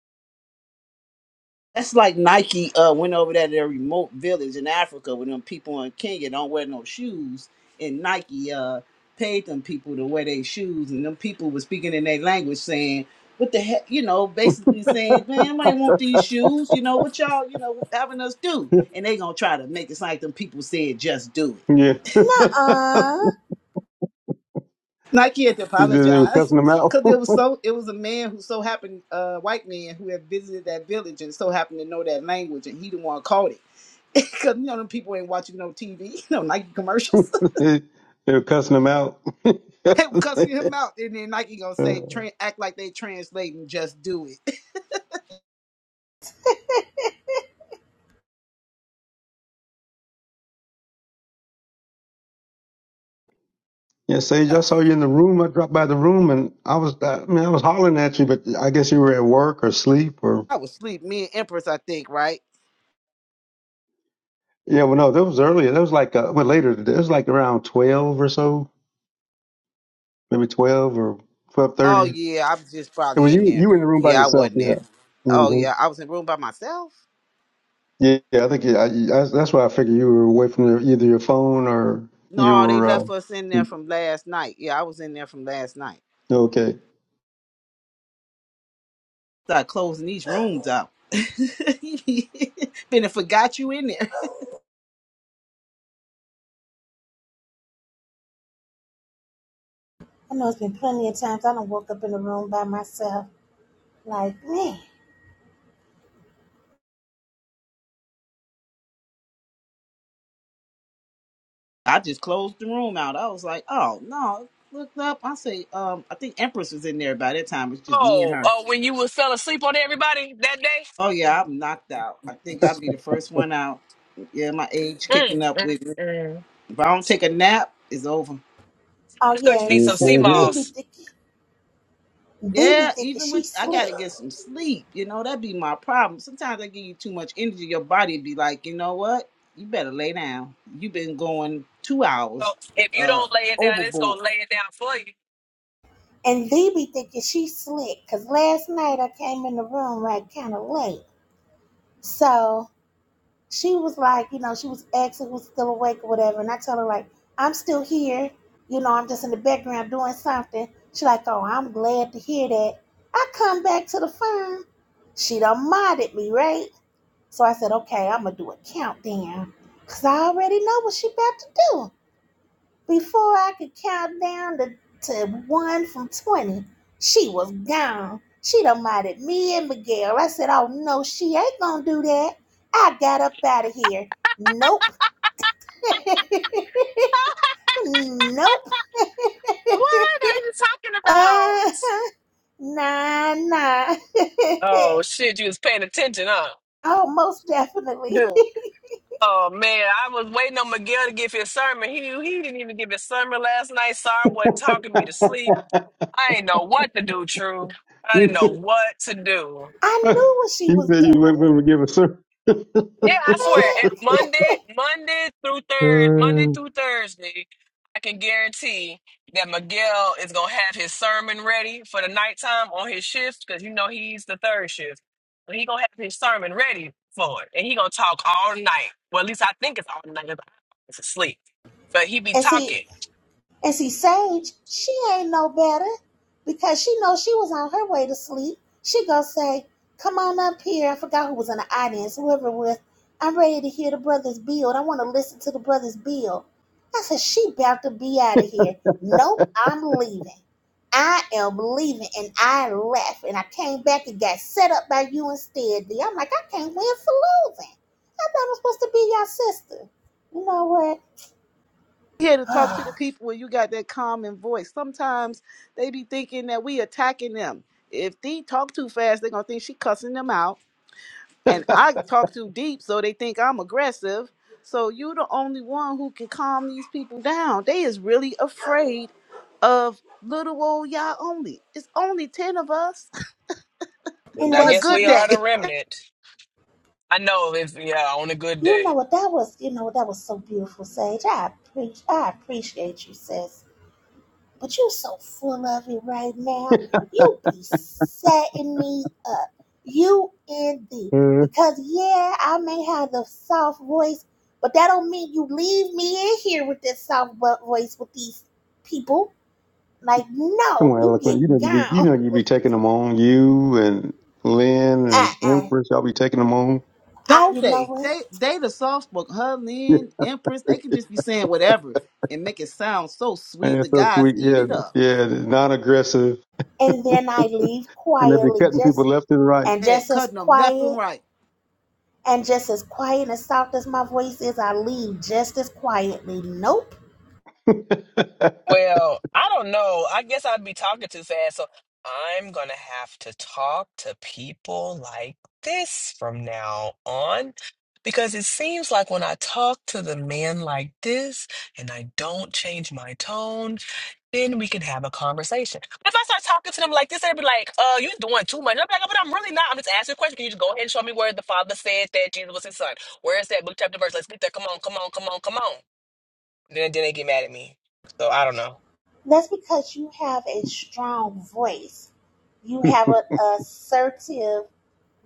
Speaker 5: That's like Nike uh, went over there to a remote village in Africa with them people in Kenya don't wear no shoes, and Nike uh, paid them people to wear their shoes, and them people were speaking in their language saying, "What the heck?" You know, basically saying, "Man, I want these shoes." You know what y'all, you know, having us do, and they gonna try to make it sound like them people said, "Just do it."
Speaker 6: Yeah. he
Speaker 8: I
Speaker 5: Nike had to
Speaker 6: said they were
Speaker 5: apologize
Speaker 6: cussing him out.
Speaker 5: because it was so it was a man who so happened uh white man who had visited that village and so happened to know that language and he the one caught it because you know them people ain't watching no TV you know Nike commercials
Speaker 6: they, they were cussing him out. yeah,
Speaker 5: they were cussing him out and then Nike gonna say Tran act like they translating just do it
Speaker 6: Sage, I saw you in the room. I dropped by the room and I was, I mean, I was hollering at you, but I guess you were at work or sleep or.
Speaker 5: I was asleep me and Empress I think right
Speaker 6: Yeah, well, no, that was earlier. That was like, uh, well, later. today. It was like around 12 or so. maybe twelve or twelve
Speaker 5: oh
Speaker 6: thirty.
Speaker 5: yeah I was just
Speaker 6: It
Speaker 5: probably
Speaker 6: was you.
Speaker 5: in there
Speaker 6: You were in the room by
Speaker 5: yeah I
Speaker 6: yourself.
Speaker 5: wasn't
Speaker 6: Yeah.
Speaker 5: there oh
Speaker 6: hmm
Speaker 5: yeah I was in the room by myself
Speaker 6: Yeah, yeah. I think yeah, I, I, that's why I figured you were away from your, either your phone or you
Speaker 5: no they
Speaker 6: were uh,
Speaker 5: left us in there from last night yeah I was in there from last night.
Speaker 6: okay.
Speaker 5: Start closing these rooms out. Been and forgot you in there.
Speaker 8: know it's been plenty of times I don't woke up in the room by myself. Like, man.
Speaker 5: I just closed the room out. I was like, oh no. Looked up. I say, um, I think Empress was in there by that time. It's just me and
Speaker 2: Oh,
Speaker 5: her.
Speaker 2: oh, when you was fell asleep on everybody that day?
Speaker 5: Oh yeah, I'm knocked out. I think I'll be the first one out. Yeah, my age kicking
Speaker 2: Mm,
Speaker 5: up
Speaker 2: mm,
Speaker 5: with me.
Speaker 2: mm.
Speaker 5: If I don't take a nap, it's over.
Speaker 8: Oh,
Speaker 2: That's because
Speaker 8: yeah.
Speaker 2: you
Speaker 8: And
Speaker 2: need
Speaker 6: Yeah,
Speaker 2: some sea
Speaker 6: same
Speaker 8: sister,
Speaker 6: here.
Speaker 8: they be
Speaker 2: moss.
Speaker 8: thinking, they
Speaker 5: Yeah,
Speaker 8: be thinking
Speaker 5: even
Speaker 8: she
Speaker 5: with I gotta
Speaker 8: slick.
Speaker 5: get some sleep. You know that'd be my problem. Sometimes I give you too much energy, your body be like, you know what? You better lay down. You've been going two
Speaker 2: So
Speaker 5: hours
Speaker 2: if you
Speaker 5: uh
Speaker 2: don't lay it down, it's
Speaker 5: overboard.
Speaker 2: gonna lay it down for you.
Speaker 8: And they be thinking she slick. Because last night I came in the room like kind of late. So she was like, you know, she was asking was still awake or whatever. And I tell her like, I'm still here. You know, I'm just in the background doing something. She like, oh, I'm glad to hear that. I come back to the phone. She done modded me, right? So I said, okay, I'm gonna do a countdown. Cause I already know what she about to do. Before I could count down to, to one from 20, she was gone. She done minded me and Miguel. I said, Oh no, she ain't gonna do that. I got up out of here. Nope. nope.
Speaker 2: What are you talking about?
Speaker 8: Uh, nah, nah.
Speaker 2: Oh shit, you was paying attention, huh?
Speaker 8: oh, most definitely.
Speaker 2: Yeah. Oh man, I was waiting on Miguel to give his sermon. He he didn't even give his sermon last night. Sorry, wasn't talking me to sleep. I ain't know what to do, True. I didn't know what to do.
Speaker 8: I knew what she
Speaker 6: you
Speaker 8: was
Speaker 6: said you were waiting for
Speaker 8: doing.
Speaker 6: him to give a sermon.
Speaker 2: Yeah, I swear. It, Monday, Monday through third, Monday
Speaker 6: Uh,
Speaker 2: through Thursday, I can guarantee that Miguel is gonna have his sermon ready for the nighttime on his shift because you know he's the third shift. But he gonna have his sermon ready for it, and he gonna talk all night. Well, at least I think it's all night. 'cause I was asleep, but he be
Speaker 8: And see,
Speaker 2: talking.
Speaker 8: And see, Sage, she ain't no better because she knows she was on her way to sleep. She gonna say, "Come on up here." I forgot who was in the audience, whoever it was. I'm ready to hear the brothers build. I want to listen to the brothers build. I said, "She about to be out of here." Nope, I'm leaving. I am leaving, and I left, and I came back and got set up by you instead. i I'm like, I can't win for losing. I thought i was supposed to be your sister. You know
Speaker 5: Here to talk to the
Speaker 8: what?
Speaker 5: people when you got that calming voice. Sometimes they be thinking that we attacking them. If they talk too fast, they're gonna think she cussing them out. and I talk too deep, so they think I'm aggressive. So you the only one who can calm these people down. They is really afraid of little old y'all only. It's only ten of us
Speaker 2: But
Speaker 8: and
Speaker 2: I
Speaker 5: on a
Speaker 8: that's
Speaker 2: guess
Speaker 8: the
Speaker 5: good
Speaker 2: we
Speaker 8: reason.
Speaker 2: are the
Speaker 5: day,
Speaker 2: remnant. I know if yeah, on a good
Speaker 8: You
Speaker 2: day.
Speaker 8: know what that was? You know what that was so beautiful, Sage. I appreciate, I appreciate you, sis. But you're so full of it right now. You be setting me up. You and the
Speaker 6: uh,
Speaker 8: because yeah, I may have the soft voice, but that don't mean you leave me in here with this soft voice with these people. Like
Speaker 6: come
Speaker 8: no,
Speaker 6: on,
Speaker 8: you get
Speaker 6: eloquent. You know you be you know
Speaker 8: gone.
Speaker 6: you be taking them on you and Lynn
Speaker 8: Uh
Speaker 6: and
Speaker 8: uh.
Speaker 6: Empress. Y'all be taking them on.
Speaker 8: I,
Speaker 5: don't
Speaker 8: you know
Speaker 5: they?
Speaker 8: what?
Speaker 5: They they the soft spoken. Her,
Speaker 6: Yeah,
Speaker 5: Lynn, Empress, they can just be saying whatever and make it sound so
Speaker 6: man,
Speaker 5: sweet. The
Speaker 6: that's so
Speaker 5: guys
Speaker 6: sweet.
Speaker 5: eat
Speaker 6: Yeah,
Speaker 5: it up.
Speaker 6: yeah. Non aggressive,
Speaker 8: And then I leave
Speaker 6: and they be
Speaker 8: quietly,
Speaker 6: cutting people
Speaker 8: just
Speaker 6: left and right.
Speaker 8: and
Speaker 5: Yeah,
Speaker 8: just as
Speaker 5: cutting them left and
Speaker 8: quiet.
Speaker 5: right.
Speaker 8: And just as quiet and soft as my voice is, I leave just as quietly. Nope.
Speaker 6: that
Speaker 2: Well, I don't know. I guess I'd be talking too fast. So I'm going to have to talk to people like this from now on because it seems like when I talk to the man like this and I don't change my tone, then we can have a conversation. But if I start talking to them like this, they'd be like, uh, you're doing too much. And I'm like, but I'm really not. I'm just asking a question. Can you just go ahead and show me where the father said that Jesus was his son? Where is that book, chapter, verse? Let's get there. Come on, come on, come on, come on. Then, then they get mad at me. So I don't know.
Speaker 8: That's because you have a strong voice. You have an assertive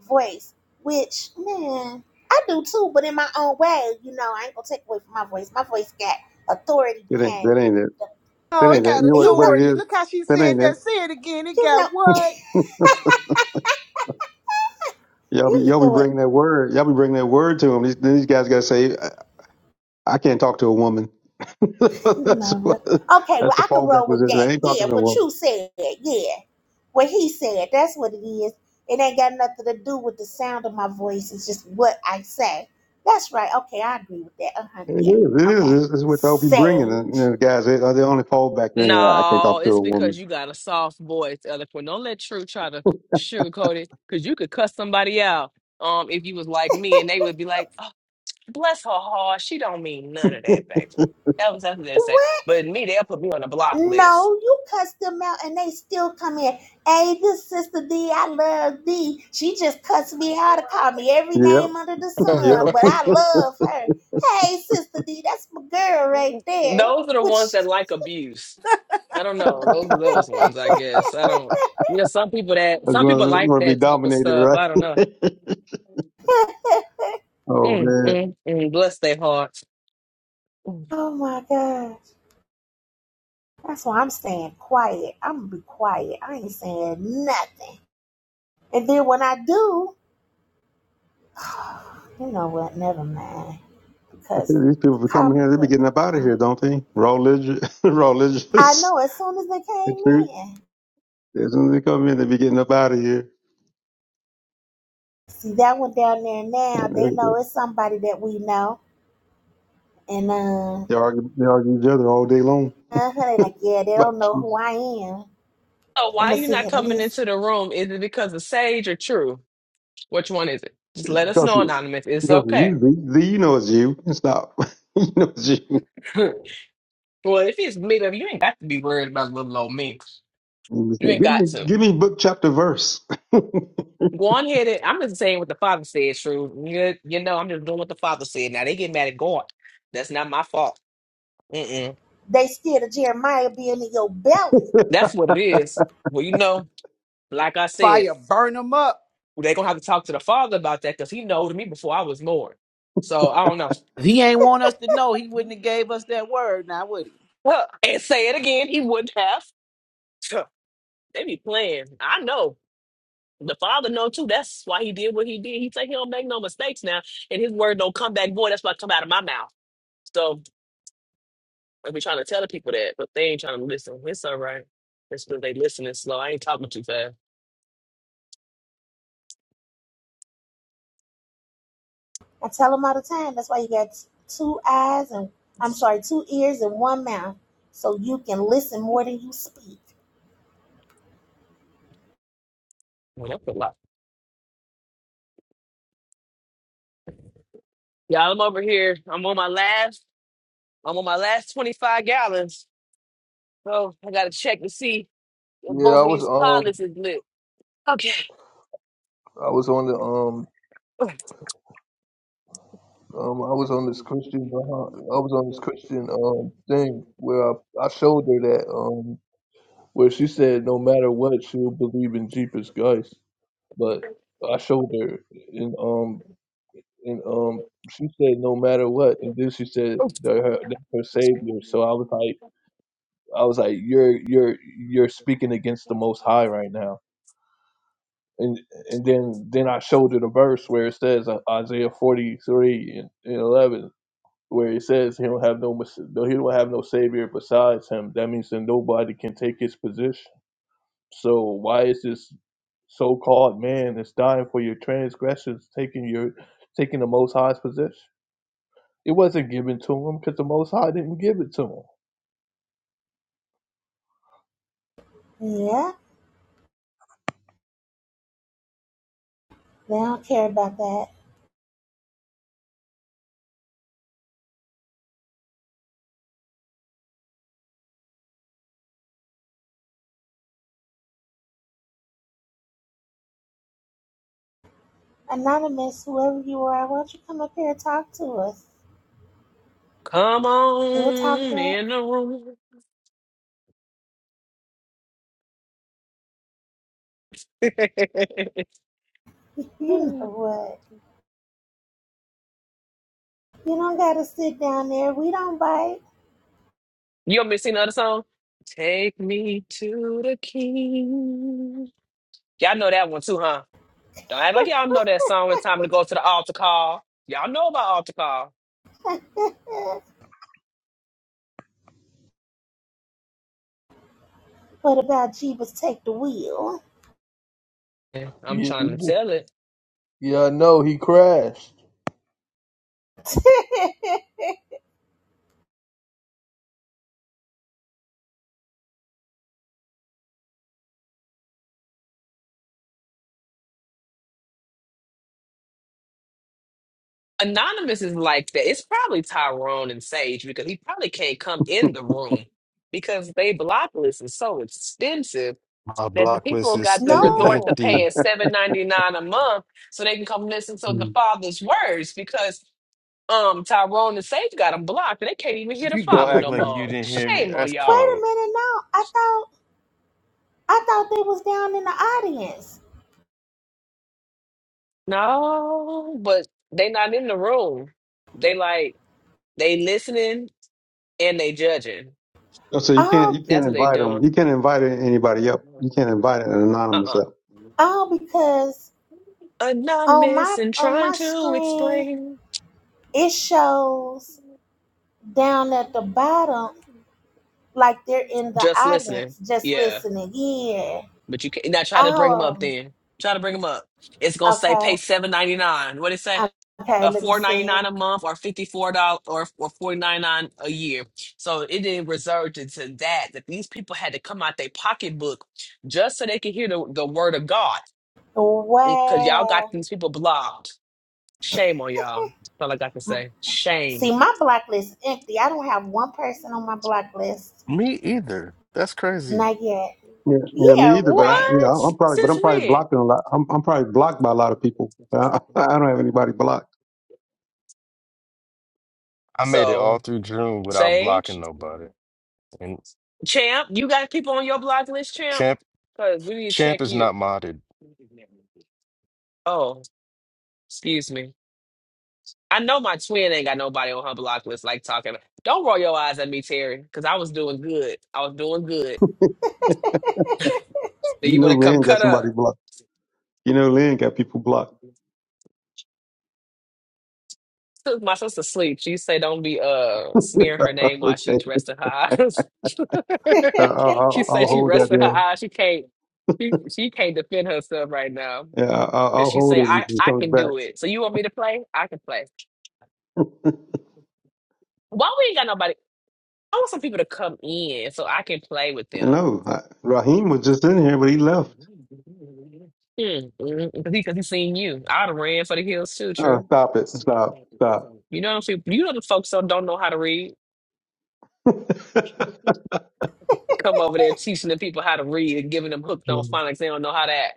Speaker 8: voice, which, man, I do too, but in my own way. You know, I ain't gonna take away from my voice. My voice got authority
Speaker 6: ain't
Speaker 8: behind
Speaker 6: that
Speaker 8: it.
Speaker 6: ain't it. That
Speaker 5: Oh,
Speaker 8: You
Speaker 5: it
Speaker 6: ain't
Speaker 8: know,
Speaker 6: it.
Speaker 5: got
Speaker 6: You know what,
Speaker 8: you
Speaker 6: what
Speaker 8: know,
Speaker 6: it
Speaker 5: authority.
Speaker 6: is?
Speaker 5: Look how she
Speaker 6: That
Speaker 5: said
Speaker 6: ain't it.
Speaker 5: that. Say it again. It
Speaker 8: you
Speaker 5: got
Speaker 8: know,
Speaker 5: what?
Speaker 6: Y'all be
Speaker 8: you
Speaker 6: y'all be
Speaker 8: know it.
Speaker 6: bringing that word. Y'all be bringing that word to them. These, these guys got to say, I, I can't talk to a woman. that's
Speaker 8: Love it.
Speaker 6: what,
Speaker 8: Okay, well,
Speaker 6: that's a
Speaker 8: I can
Speaker 6: fallback
Speaker 8: roll with
Speaker 6: position.
Speaker 8: that.
Speaker 6: I ain't
Speaker 8: Yeah,
Speaker 6: talking to a
Speaker 8: what
Speaker 6: woman.
Speaker 8: you said. Yeah. What he said. That's what it is. It ain't got nothing to do with the sound of my voice. It's just what I say. That's right. Okay, I agree with that. Uh huh.
Speaker 6: It
Speaker 8: Yeah.
Speaker 6: is. It is.
Speaker 8: Okay.
Speaker 6: This is what y'all be bringing. And, you know,
Speaker 8: Sage.
Speaker 6: the guys they, they only fallback then. I can't
Speaker 2: No,
Speaker 6: talk to a
Speaker 2: it's because
Speaker 6: woman.
Speaker 2: you got a soft voice, eloquent. Don't let True try to sugarcoat it, because you could cuss somebody out. Um, if you was like me, and they would be like, oh, "Bless her heart, she don't mean none of that, baby." That was that's what they say.
Speaker 8: What?
Speaker 2: But me, they'll put me on a block list.
Speaker 8: No, you cuss them out and they still come in. Hey, this sister D, I love D. She just cussed me out and called me every
Speaker 6: yep.
Speaker 8: name under the
Speaker 6: Yep.
Speaker 8: sun, but I love her. Hey, sister D, that's my girl right there.
Speaker 2: Those are the ones
Speaker 8: Which,
Speaker 2: that like abuse. I don't know. Those are those ones, I guess. I don't. You know, some people that
Speaker 6: I'm
Speaker 2: some people
Speaker 6: gonna,
Speaker 2: like
Speaker 6: gonna be
Speaker 2: that type of
Speaker 6: dominated,
Speaker 2: stuff.
Speaker 6: right?
Speaker 2: I don't know.
Speaker 6: oh
Speaker 2: Mm,
Speaker 6: man.
Speaker 2: mm, mm. Bless their hearts. Mm.
Speaker 8: oh my gosh, that's why I'm staying quiet. I'm gonna be quiet. I ain't saying nothing. And then when I do, you know what? Never mind,
Speaker 6: I
Speaker 8: because
Speaker 6: think these people
Speaker 8: the,
Speaker 6: be coming here, they be
Speaker 8: the,
Speaker 6: getting
Speaker 8: the
Speaker 6: up out of here, don't they? Religious,
Speaker 8: I
Speaker 6: religious.
Speaker 8: know as soon as they
Speaker 6: The
Speaker 8: came
Speaker 6: truth.
Speaker 8: in.
Speaker 6: As soon as they come in, they be getting up out of here.
Speaker 8: See that one down there
Speaker 6: And
Speaker 8: now, they
Speaker 6: they,
Speaker 8: know it's somebody that we know. And uh
Speaker 6: they argue, they argue each other all day long.
Speaker 8: uh they like, yeah, they don't
Speaker 6: But
Speaker 8: know who I am.
Speaker 2: Oh, why
Speaker 8: I'ma
Speaker 2: you
Speaker 8: sit
Speaker 2: not
Speaker 8: here and
Speaker 2: coming
Speaker 8: listen.
Speaker 2: into the room? Is it because of Sage or True? Which one is it? Just let us
Speaker 6: because
Speaker 2: know,
Speaker 6: it,
Speaker 2: Anonymous. It's
Speaker 6: because of
Speaker 2: okay.
Speaker 6: you, Z, Z, you know it's you. It's not, you know it's you.
Speaker 2: well, if it's made up, you ain't got to be worried about little old me.
Speaker 6: You just
Speaker 2: You
Speaker 6: say,
Speaker 2: ain't
Speaker 6: Give
Speaker 2: got
Speaker 6: me,
Speaker 2: to.
Speaker 6: give me book, chapter, verse.
Speaker 2: Go on ahead. And, I'm just saying what the father said, True. You, you know, I'm just doing what the father said. Now they get mad at God. That's not my fault. Mm-mm.
Speaker 8: They scared of Jeremiah being in your belly.
Speaker 2: That's what it is. Well, you know, like I said,
Speaker 5: Fire burn them up.
Speaker 2: they're going to have to talk to the father about that because he knowed me before I was born. So I don't know.
Speaker 5: If he ain't want us to know, he wouldn't have gave us that word now, would he?
Speaker 2: Huh. and say it again, he wouldn't have. Huh. They be playing. I know. The father know too. That's why he did what he did. He say he don't make no mistakes now, and his word don't come back void. That's what come out of my mouth. So I be trying to tell the people that, but they ain't trying to listen. It's all right. It's because they listening slow. I ain't talking too fast.
Speaker 8: I tell them all the time, that's why you got two eyes and I'm sorry, two ears and one mouth. So you can listen more than you speak.
Speaker 2: Well, that's a lot. Y'all, I'm over here. I'm on my last. I'm on my last 25 gallons. So I gotta check to see if
Speaker 4: I
Speaker 2: both of
Speaker 4: was
Speaker 2: these
Speaker 4: um
Speaker 2: pilots is lit. Okay.
Speaker 4: I was on the um Um, I
Speaker 2: and
Speaker 4: was on
Speaker 2: everybody
Speaker 4: this
Speaker 2: was
Speaker 4: Christian
Speaker 2: fifteen
Speaker 4: behind,
Speaker 2: percent,
Speaker 4: I was on this
Speaker 2: everybody was
Speaker 4: Christian
Speaker 2: fifteen,
Speaker 4: um
Speaker 2: and
Speaker 4: thing where I, I showed her
Speaker 2: totally
Speaker 4: that
Speaker 2: like,
Speaker 4: um where she said no matter what she'll believe in Jeepers Christ, but I showed her and um and um she said no matter what, and then she said that her that's her savior. So I was
Speaker 2: then it's
Speaker 4: like I was like you're you're you're speaking against the Most
Speaker 2: crazy,
Speaker 4: High right now. And and then then I showed her the verse
Speaker 2: and
Speaker 4: where it says uh, Isaiah forty three and, and eleven where it says he don't have no mes- though he don't have no savior besides him. That means that nobody can take his position. So why is this so-called man that's dying for your transgressions taking your taking the Most High's position? It wasn't given to him because the Most High didn't give it to him.
Speaker 8: Yeah, they don't care about that. Anonymous, whoever you are, why don't you come up here and talk to us?
Speaker 2: Come
Speaker 8: We'll talk
Speaker 2: on
Speaker 8: back.
Speaker 2: in the room.
Speaker 8: you know what? You don't gotta sit down there. We don't bite.
Speaker 2: you want me to sing the other song? Take me to the king. Y'all know that one too, huh? Don't act like y'all know that song. It's time to go to the altar call. Y'all know about altar call.
Speaker 8: what about Jeebus take the wheel?
Speaker 2: Yeah, I'm
Speaker 4: Yeah,
Speaker 2: trying
Speaker 4: he
Speaker 2: to
Speaker 4: just-
Speaker 2: tell it.
Speaker 4: yeah, I know he crashed.
Speaker 2: Anonymous is like that. It's probably Tyrone and Sage because he probably can't come in the room because they block list is so extensive
Speaker 1: My
Speaker 2: that the
Speaker 1: block list
Speaker 2: people
Speaker 1: is
Speaker 2: got to
Speaker 1: still
Speaker 2: resort to
Speaker 8: No.
Speaker 1: empty.
Speaker 2: paying seven ninety nine a month so they can come listen to the
Speaker 6: Mm.
Speaker 2: father's words because um Tyrone and Sage got them blocked and they can't even hear the
Speaker 1: You gonna
Speaker 2: father
Speaker 1: act
Speaker 2: no
Speaker 1: like you
Speaker 2: more.
Speaker 1: didn't hear me.
Speaker 2: Shame on
Speaker 1: That's
Speaker 8: Wait
Speaker 2: y'all.
Speaker 8: a
Speaker 1: cold.
Speaker 8: minute, no. I thought I thought they was down in the audience.
Speaker 2: No, but they not in the room. They like they listening and they judging.
Speaker 6: so you can't, you
Speaker 8: All
Speaker 6: can't
Speaker 2: That's what they
Speaker 6: invite them.
Speaker 2: doing.
Speaker 6: You can't invite anybody up. You can't invite an anonymous
Speaker 2: Uh-uh.
Speaker 6: up.
Speaker 8: all because on my
Speaker 2: Anonymous and
Speaker 8: on
Speaker 2: trying
Speaker 8: my
Speaker 2: to
Speaker 8: screen
Speaker 2: explain.
Speaker 8: it shows down at the bottom like they're in the
Speaker 2: Just listening.
Speaker 8: audience just
Speaker 2: Yeah.
Speaker 8: listening. Yeah.
Speaker 2: But you can not now try to bring them up
Speaker 8: Oh
Speaker 2: then. Try to bring them up. It's gonna say
Speaker 8: okay.
Speaker 2: pay seven ninety nine. What it say?
Speaker 8: Okay,
Speaker 2: uh,
Speaker 8: let me
Speaker 2: four ninety
Speaker 8: see.
Speaker 2: nine a month or fifty four dollars or or forty nine nine a year. So it didn't resort to, to that that these people had to come out their pocketbook just so they could hear the, the word of God. Because y'all
Speaker 8: Wow.
Speaker 2: got these people blocked. Shame on y'all. That's all I got to say. Shame.
Speaker 8: See, my blacklist is empty. I don't have one person on my blacklist.
Speaker 1: Me either. That's crazy.
Speaker 8: Not yet.
Speaker 6: Yeah, yeah, me
Speaker 8: Yeah,
Speaker 6: either. But I,
Speaker 8: right.
Speaker 6: yeah,
Speaker 2: What?
Speaker 6: I'm I'm probably, but
Speaker 2: Since
Speaker 6: I'm probably
Speaker 2: when?
Speaker 6: blocking a lot. I'm, I'm probably blocked by a lot of people. I, I don't have anybody blocked.
Speaker 1: I made it all
Speaker 2: So
Speaker 1: through June without blocking
Speaker 2: Sage.
Speaker 1: nobody. And
Speaker 2: Champ, you got people on your block list, Champ?
Speaker 1: Champ
Speaker 2: Because we need to
Speaker 1: Champ
Speaker 2: check
Speaker 1: is
Speaker 2: you.
Speaker 1: not modded.
Speaker 2: Oh, excuse me. I know my twin ain't got nobody on her block list like talking. Don't roll your eyes at me, Terry, because I was doing good. I was doing good. Then
Speaker 6: You
Speaker 2: you
Speaker 6: know,
Speaker 2: gonna come
Speaker 6: Lynn got
Speaker 2: cut
Speaker 6: somebody
Speaker 2: up.
Speaker 6: blocked. You know, Lynn got people blocked.
Speaker 2: Took my sister sleep. She say don't be uh smearing her name while
Speaker 6: okay,
Speaker 2: she's resting her
Speaker 6: I,
Speaker 2: eyes.
Speaker 6: I,
Speaker 2: she
Speaker 6: I'll,
Speaker 2: say
Speaker 6: I'll
Speaker 2: she
Speaker 6: hold that
Speaker 2: resting her
Speaker 6: there.
Speaker 2: eyes. She can't she she can't defend herself right now.
Speaker 6: Yeah, I, I'll
Speaker 2: Cause
Speaker 6: I'll
Speaker 2: she
Speaker 6: hold
Speaker 2: say
Speaker 6: it
Speaker 2: I
Speaker 6: until he
Speaker 2: I
Speaker 6: comes
Speaker 2: can
Speaker 6: back.
Speaker 2: do it. So you want me to play? I can play. Why we ain't got nobody? I want some people to come in so I can play with them.
Speaker 6: No, I, Raheem was just in here, but he left.
Speaker 2: Because he, cause he seen you. I'd have ran for the hills too.
Speaker 6: Oh,
Speaker 2: True.
Speaker 6: stop it! Stop! Stop!
Speaker 2: You know what I'm You know the folks that don't know how to read. Come over there teaching the people how to read and giving them hooked on phonics. They don't know how that.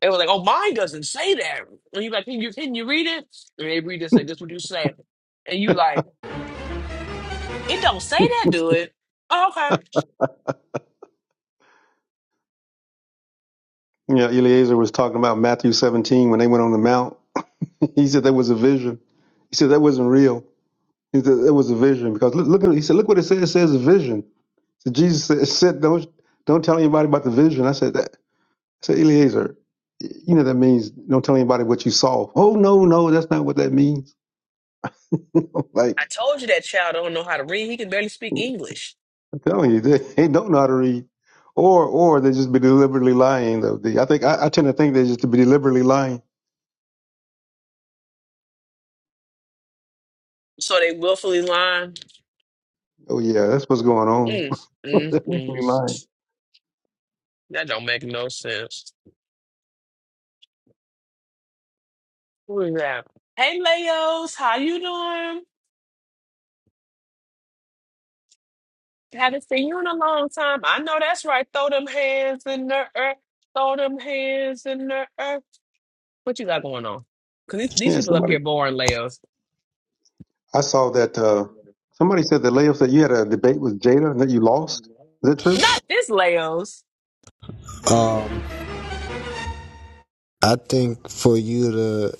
Speaker 2: They were like, "Oh, mine doesn't say that." And you like, "Can you can you read it?" And they read it. and Say, "This what you say." And you like. It don't say that, do it? Oh, okay.
Speaker 6: yeah, Eliezer was talking about Matthew 17 when they went on the mount. He said that was a vision. He said that wasn't real. He said it was a vision because look, look at he said look what it says. It says a vision. So Jesus said, said don't don't tell anybody about the vision. I said that. I said Eliezer, you know that means don't tell anybody what you saw. Oh no no, that's not what that means. like
Speaker 2: I told you that child don't know how to read. He can barely speak English.
Speaker 6: I'm telling you, they, they don't know how to read, or or they just be deliberately lying. Though They- I think I, I tend to think they just to be deliberately lying.
Speaker 2: So they willfully lying.
Speaker 6: Oh yeah, that's what's going on.
Speaker 2: Mm, mm,
Speaker 6: They're deliberately
Speaker 2: mm.
Speaker 6: lying.
Speaker 2: That don't make no sense. Who is that? Hey, Leos, how you doing? Haven't seen you in a long time. I know that's right. Throw them hands in the earth. Throw them hands in the earth. What you got going on? Because these, these
Speaker 6: Yeah,
Speaker 2: people up
Speaker 6: somebody
Speaker 2: here boring, Leos.
Speaker 6: I saw that. uh Somebody said that Leo said you had a debate with Jada and that you lost. Is that true?
Speaker 2: Not this Leos.
Speaker 9: Um, I think for you to,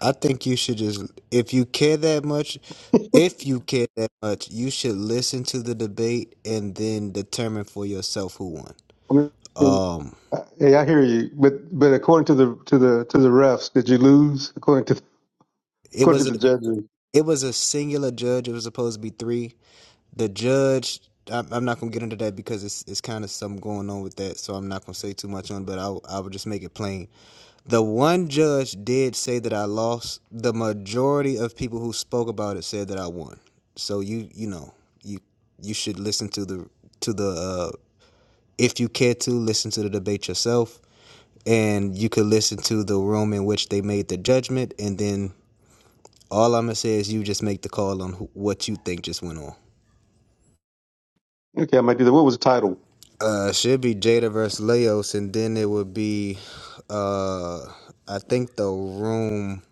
Speaker 9: I think you should just, if you care that much, if you care that much, you should listen to the debate and then determine for yourself who won.
Speaker 6: I mean,
Speaker 9: Um,
Speaker 6: uh, hey, I hear you, but but according to the to the to the refs, did you lose? According to
Speaker 9: it was
Speaker 6: according
Speaker 9: a,
Speaker 6: to the judges,
Speaker 9: it was a singular judge. It was supposed to be three. the judge I- I'm not gonna get into that because it's it's kind of something going on with that, so I'm not gonna say too much on. it, But I I would just make it plain. The one judge did say that I lost. The majority of people who spoke about it said that I won. So you you know you you should listen to the to the uh, if you care to listen to the debate yourself, and you could listen to the room in which they made the judgment, and then all I'm gonna say is you just make the call on who, what you think just went on.
Speaker 6: okay, I might do that. What was the title?
Speaker 9: Uh, should be Jada versus Leos, and then it would be, uh, I think the room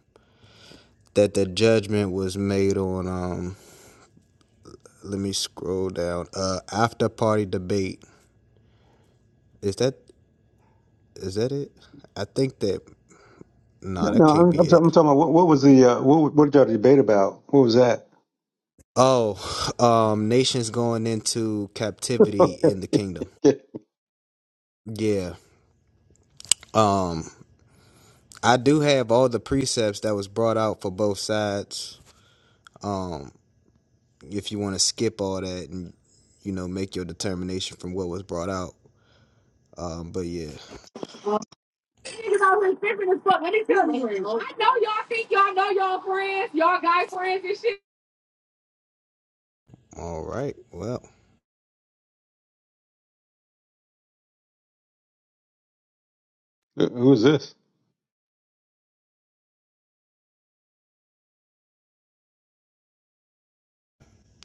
Speaker 9: that the judgment was made on. Um, let me scroll down. Uh, after party debate. Is that is that it? I think that nah,
Speaker 6: No, no,
Speaker 9: that can't
Speaker 6: I'm,
Speaker 9: be
Speaker 6: I'm, talking- I'm
Speaker 9: it.
Speaker 6: talking about what, what was the uh, what what did y'all debate about? What was that?
Speaker 9: Oh, um, nations going into captivity in the kingdom.
Speaker 6: Okay.
Speaker 9: Yeah. Um, I do have all the precepts that was brought out for both sides. Um, if you want to skip all that and you know make your determination from what was brought out. Um, but yeah,
Speaker 10: niggas always tripping as fuck. Let me tell you. I know y'all think y'all know y'all friends, y'all guy friends and shit.
Speaker 9: all right. Well,
Speaker 6: who's this?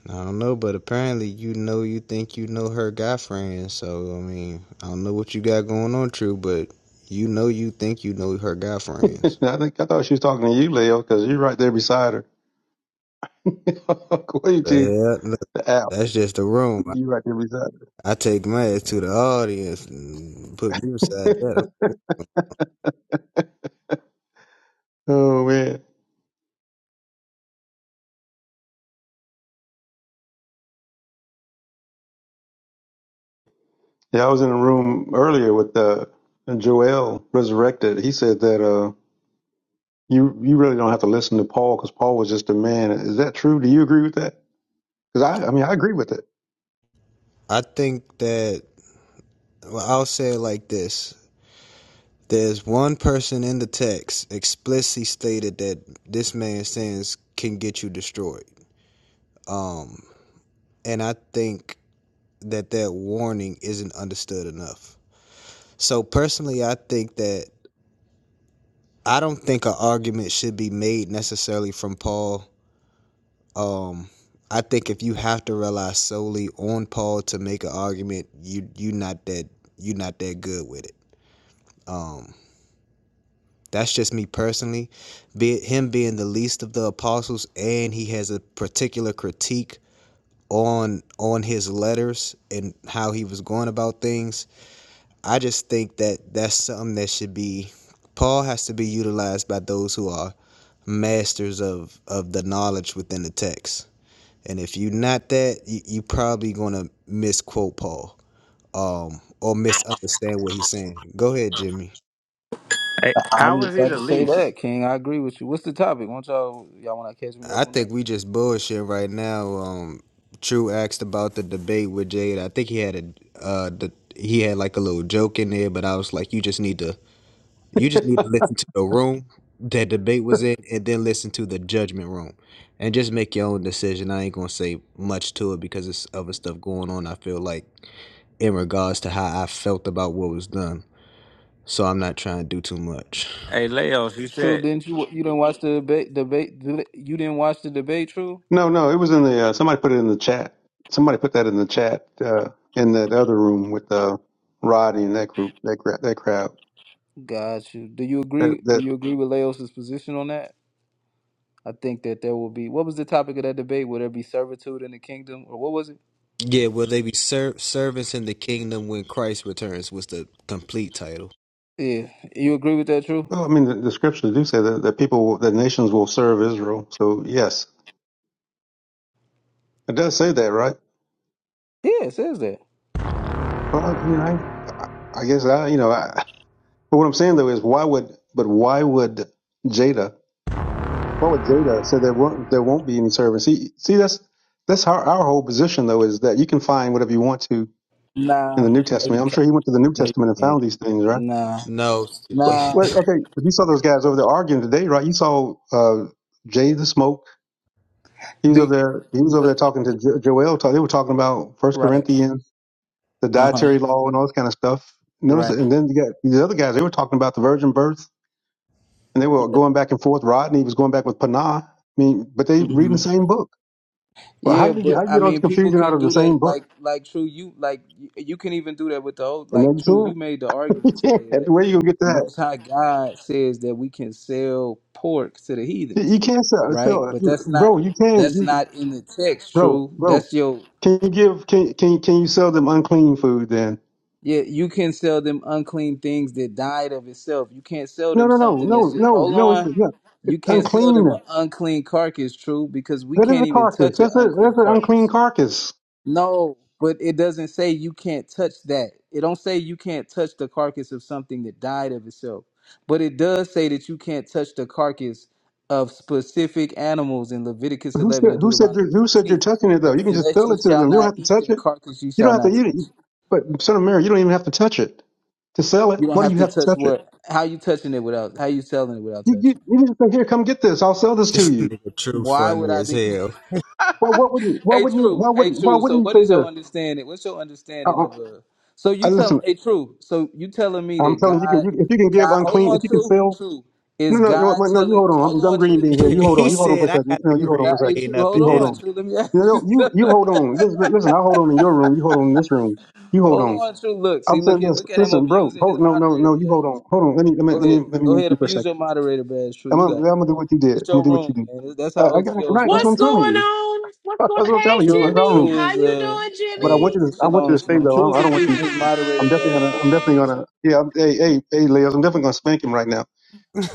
Speaker 9: I don't know, but apparently you know you think you know her guy friend. So I mean, I don't know what you got going on, True, but you know you think you know her guy friends.
Speaker 6: I think I thought she was talking to you, Leo, because you're right there beside her. according
Speaker 9: But
Speaker 6: to
Speaker 9: yeah, look,
Speaker 6: the app,
Speaker 9: that's just the room. I
Speaker 6: you're right there beside
Speaker 9: I take my ass to the audience and put me beside
Speaker 6: her.
Speaker 9: that.
Speaker 6: oh man, yeah, I was in a room earlier with uh, Joel Resurrected. He said that. Uh, You you really don't have to listen to Paul because Paul was just a man. Is that true? Do you agree with that? Because I I mean I agree with it.
Speaker 9: I think that well, I'll say it like this. There's one person in the text explicitly stated that this man's sins can get you destroyed. Um, and I think that that warning isn't understood enough. So personally, I think that I don't think an argument should be made necessarily from Paul. Um, I think if you have to rely solely on Paul to make an argument, you you are not that you are not that good with it. Um, That's just me personally. Be him being the least of the apostles, and he has a particular critique on on his letters and how he was going about things. I just think that that's something that should be. Paul has to be utilized by those who are masters of of the knowledge within the text. And if you're not that, you, you are probably gonna misquote Paul, um, or misunderstand what he's saying. Go ahead, Jimmy.
Speaker 10: Hey, how
Speaker 11: I'm
Speaker 10: was he
Speaker 11: about
Speaker 10: the
Speaker 11: to say
Speaker 10: least?
Speaker 11: that, King. I agree with you. What's the topic? will not y'all y'all want to catch me up
Speaker 9: I
Speaker 11: on that?
Speaker 9: think we just bullshit right now. Um, True asked about the debate with Jade. I think he had a uh, the, he had like a little joke in there, but I was like, you just need to you just need to listen to the room that debate was in, and then listen to the judgment room, and just make your own decision. I ain't gonna say much to it because it's other stuff going on. I feel like in regards to how I felt about what was done, so I'm not trying to do too much.
Speaker 10: Hey, Leos, you
Speaker 11: True,
Speaker 10: said.
Speaker 11: didn't you? You didn't watch the debate. Debate. You didn't watch the debate. True.
Speaker 6: No no it was in the uh, somebody put it in the chat. Somebody put that in the chat uh, in that other room with uh, Roddy and that group that gra- that crowd
Speaker 11: Got you. Do you
Speaker 6: that
Speaker 11: agree? Do
Speaker 6: that.
Speaker 11: you agree with Laos's position on that? I think that there will be. What was the topic of that debate? Would there be servitude in the kingdom, or what was it?
Speaker 9: Yeah, will they be ser- servants in the kingdom when Christ returns? Was the complete title.
Speaker 11: Yeah, you agree with that? True.
Speaker 6: Well, I mean, the, the scriptures do say that, that people, will- that nations will serve Israel. So yes, it does say that, right?
Speaker 11: Yeah, it says that.
Speaker 6: Well, you know, I, I guess I, you know, I, but what I'm saying though is, why would, but why would Jada What would Jada said there won't there won't be any service. See, see that's that's our, our whole position though is that you can find whatever you want to in the
Speaker 11: Nah,
Speaker 6: New
Speaker 11: no,
Speaker 6: Testament.
Speaker 11: you
Speaker 6: I'm
Speaker 11: can't.
Speaker 6: sure he went to the New
Speaker 11: No, you
Speaker 6: Testament and found
Speaker 11: can't.
Speaker 6: these things, right?
Speaker 11: Nah,
Speaker 9: No,
Speaker 6: But
Speaker 11: nah.
Speaker 6: wait, okay, but you saw those guys over there arguing today, right? You saw uh, Jay the Smoke. He was
Speaker 11: Be,
Speaker 6: over there. He was over there
Speaker 11: but
Speaker 6: talking to jo- Joel. Talk, they were talking about First
Speaker 11: right.
Speaker 6: Corinthians, the
Speaker 11: Uh huh.
Speaker 6: dietary law, and all this kind of stuff. Notice,
Speaker 11: Right.
Speaker 6: and then you got these other guys. They were talking about the virgin birth, and they were
Speaker 11: yeah,
Speaker 6: going back and forth. Rodney was going back with Panah. I mean, but they reading
Speaker 11: mm-hmm.
Speaker 6: the same book. But how
Speaker 11: Yeah,
Speaker 6: do you get how
Speaker 11: but
Speaker 6: do
Speaker 11: I
Speaker 6: you get all this
Speaker 11: mean, people
Speaker 6: confusion out
Speaker 11: can
Speaker 6: of the
Speaker 11: do that.
Speaker 6: same book?
Speaker 11: Like, like, true, you like, you, you can even do that with the old.
Speaker 6: And then
Speaker 11: Like, true,
Speaker 6: you
Speaker 11: you made the
Speaker 6: can't you
Speaker 11: argument
Speaker 6: can't.
Speaker 11: today
Speaker 6: That's
Speaker 11: that
Speaker 6: Where you gonna get
Speaker 11: the
Speaker 6: that?
Speaker 11: Most High God says that we can sell pork to the
Speaker 6: You
Speaker 11: heathens,
Speaker 6: can't sell
Speaker 11: right?
Speaker 6: sell it,
Speaker 11: But that's not
Speaker 6: bro. You can
Speaker 11: that's
Speaker 6: you,
Speaker 11: not in the text.
Speaker 6: bro
Speaker 11: True,
Speaker 6: bro.
Speaker 11: that's your
Speaker 6: Can you give can can can you sell them unclean food then?
Speaker 11: yeah. You can sell them unclean things that died of itself. You can't sell
Speaker 6: No
Speaker 11: them
Speaker 6: no no
Speaker 11: something that's
Speaker 6: no
Speaker 11: just.
Speaker 6: no
Speaker 11: Hold
Speaker 6: no. It's
Speaker 11: on,
Speaker 6: no, it's
Speaker 11: you can't sell
Speaker 6: unclean.
Speaker 11: them an unclean carcass. True, because we
Speaker 6: That is
Speaker 11: can't
Speaker 6: a
Speaker 11: even
Speaker 6: carcass.
Speaker 11: touch an
Speaker 6: That's a
Speaker 11: unclean
Speaker 6: that's an
Speaker 11: carcass.
Speaker 6: unclean carcass.
Speaker 11: No, but it doesn't say you can't touch that. It don't say you can't touch the carcass of something that died of itself. But it does say that you can't touch the carcass of specific animals in Leviticus
Speaker 6: Who said
Speaker 11: 11 and
Speaker 6: who said
Speaker 11: Deuteronomy
Speaker 6: that- who said you're
Speaker 11: 14.
Speaker 6: touching it though?
Speaker 11: Their
Speaker 6: You can just
Speaker 11: flesh
Speaker 6: sell
Speaker 11: you
Speaker 6: it to
Speaker 11: shall
Speaker 6: them. You don't
Speaker 11: not
Speaker 6: have to
Speaker 11: eat,
Speaker 6: touch
Speaker 11: their
Speaker 6: it.
Speaker 11: carcass you
Speaker 6: You don't
Speaker 11: shall
Speaker 6: have to
Speaker 11: not
Speaker 6: eat
Speaker 11: touch.
Speaker 6: it. But son of Mary, you don't even have to touch it to sell it.
Speaker 11: You don't
Speaker 6: Why do
Speaker 11: have
Speaker 6: you
Speaker 11: to
Speaker 6: have to
Speaker 11: touch
Speaker 6: touch it?
Speaker 11: what? How you touching it without? How you selling it without
Speaker 6: You, you,
Speaker 11: touching?
Speaker 6: you need to say, "Here, come get this. I'll sell this to
Speaker 9: this
Speaker 6: you."
Speaker 9: nigga true
Speaker 11: Why would
Speaker 9: funny
Speaker 11: I
Speaker 9: as
Speaker 11: think?
Speaker 9: hell.
Speaker 6: Well, what wouldn't? Why
Speaker 11: Hey,
Speaker 6: wouldn't? you- Why
Speaker 11: true. Hey,
Speaker 6: wouldn't? Why
Speaker 11: true. So,
Speaker 6: wouldn't you
Speaker 11: what
Speaker 6: say
Speaker 11: is your
Speaker 6: this?
Speaker 11: understanding? What's your
Speaker 6: I,
Speaker 11: understanding
Speaker 6: I,
Speaker 11: of a? So
Speaker 6: I
Speaker 11: you tell.
Speaker 6: listen.
Speaker 11: Hey, true. So you telling me
Speaker 6: I'm
Speaker 11: that
Speaker 6: telling you, you, can-
Speaker 11: God,
Speaker 6: you, if you can give
Speaker 11: God. Hold
Speaker 6: unclean, if
Speaker 11: on,
Speaker 6: you can
Speaker 11: true.
Speaker 6: sell,
Speaker 11: True.
Speaker 6: no,
Speaker 11: Is
Speaker 6: no, you know what,
Speaker 11: God
Speaker 6: what, no, you
Speaker 11: telling?
Speaker 6: hold on. I'm,
Speaker 11: Hold
Speaker 6: I'm
Speaker 11: on,
Speaker 6: green
Speaker 11: true.
Speaker 6: being here.
Speaker 11: True.
Speaker 6: You
Speaker 11: True.
Speaker 6: hold on.
Speaker 9: he
Speaker 6: You
Speaker 11: Hold
Speaker 6: hold on
Speaker 11: on.
Speaker 6: for a
Speaker 9: said I
Speaker 6: second.
Speaker 9: got
Speaker 6: No,
Speaker 9: the
Speaker 6: you
Speaker 11: Is
Speaker 6: hold on
Speaker 9: green
Speaker 6: for a
Speaker 11: God? Hey,
Speaker 6: second.
Speaker 11: true.
Speaker 9: bean up
Speaker 11: Hold
Speaker 9: in
Speaker 6: You hold
Speaker 11: on,
Speaker 9: this
Speaker 6: on.
Speaker 11: true. Let me ask
Speaker 6: You know,
Speaker 11: you.
Speaker 6: you you
Speaker 11: Something.
Speaker 6: hold on. Listen, listen, I hold on in your room. You hold on in this room. You hold
Speaker 11: hold
Speaker 6: on.
Speaker 11: on, true. Look,
Speaker 6: I'm
Speaker 11: see,
Speaker 6: saying
Speaker 11: look at,
Speaker 6: this.
Speaker 11: look at him
Speaker 6: Listen, bro.
Speaker 11: abusing his
Speaker 6: Hold, no, no,
Speaker 11: moderator
Speaker 6: no. You
Speaker 11: badge.
Speaker 6: hold on. Hold on. Let me let me
Speaker 11: Go
Speaker 6: let me
Speaker 11: ahead.
Speaker 6: let me
Speaker 11: Go
Speaker 6: mute
Speaker 11: ahead.
Speaker 6: you for a
Speaker 11: Abuse
Speaker 6: second.
Speaker 11: your moderator badge. True.
Speaker 6: I'm,
Speaker 11: You
Speaker 6: gonna-
Speaker 11: got. It.
Speaker 6: I'm gonna do what you did.
Speaker 11: It's
Speaker 6: I'm
Speaker 11: your
Speaker 6: gonna do what you
Speaker 11: room,
Speaker 6: do.
Speaker 11: man. That's how
Speaker 6: Uh, I got it
Speaker 11: OTOs
Speaker 6: right. That's what
Speaker 2: What's
Speaker 6: I'm
Speaker 11: rock.
Speaker 6: telling
Speaker 2: going
Speaker 6: you.
Speaker 2: on? What's
Speaker 6: That's
Speaker 2: going
Speaker 6: what I'm telling
Speaker 2: Hey
Speaker 6: you. It's
Speaker 11: True,
Speaker 6: our
Speaker 2: Jimmy,
Speaker 6: room.
Speaker 11: true
Speaker 2: how
Speaker 11: is
Speaker 2: you
Speaker 11: uh,
Speaker 2: doing,
Speaker 6: But I
Speaker 11: hey,
Speaker 6: want
Speaker 2: Jimmy?
Speaker 6: you to, I want you
Speaker 11: shalom,
Speaker 6: to stay
Speaker 11: shalom.
Speaker 6: though. I
Speaker 11: True is
Speaker 6: don't, I don't want
Speaker 11: abusing
Speaker 6: you.
Speaker 11: his
Speaker 6: I'm
Speaker 11: moderator
Speaker 6: definitely
Speaker 11: bad.
Speaker 6: gonna, I'm
Speaker 11: That's
Speaker 6: definitely
Speaker 11: all. That's all.
Speaker 6: gonna. Yeah, I'm, hey, hey, hey, Leos, I'm definitely gonna spank him right now.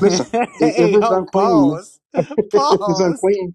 Speaker 6: Listen, if, if
Speaker 9: hey,
Speaker 6: it's
Speaker 9: ho,
Speaker 6: unclean,
Speaker 9: pause,
Speaker 6: if it's
Speaker 9: pause.
Speaker 6: unclean,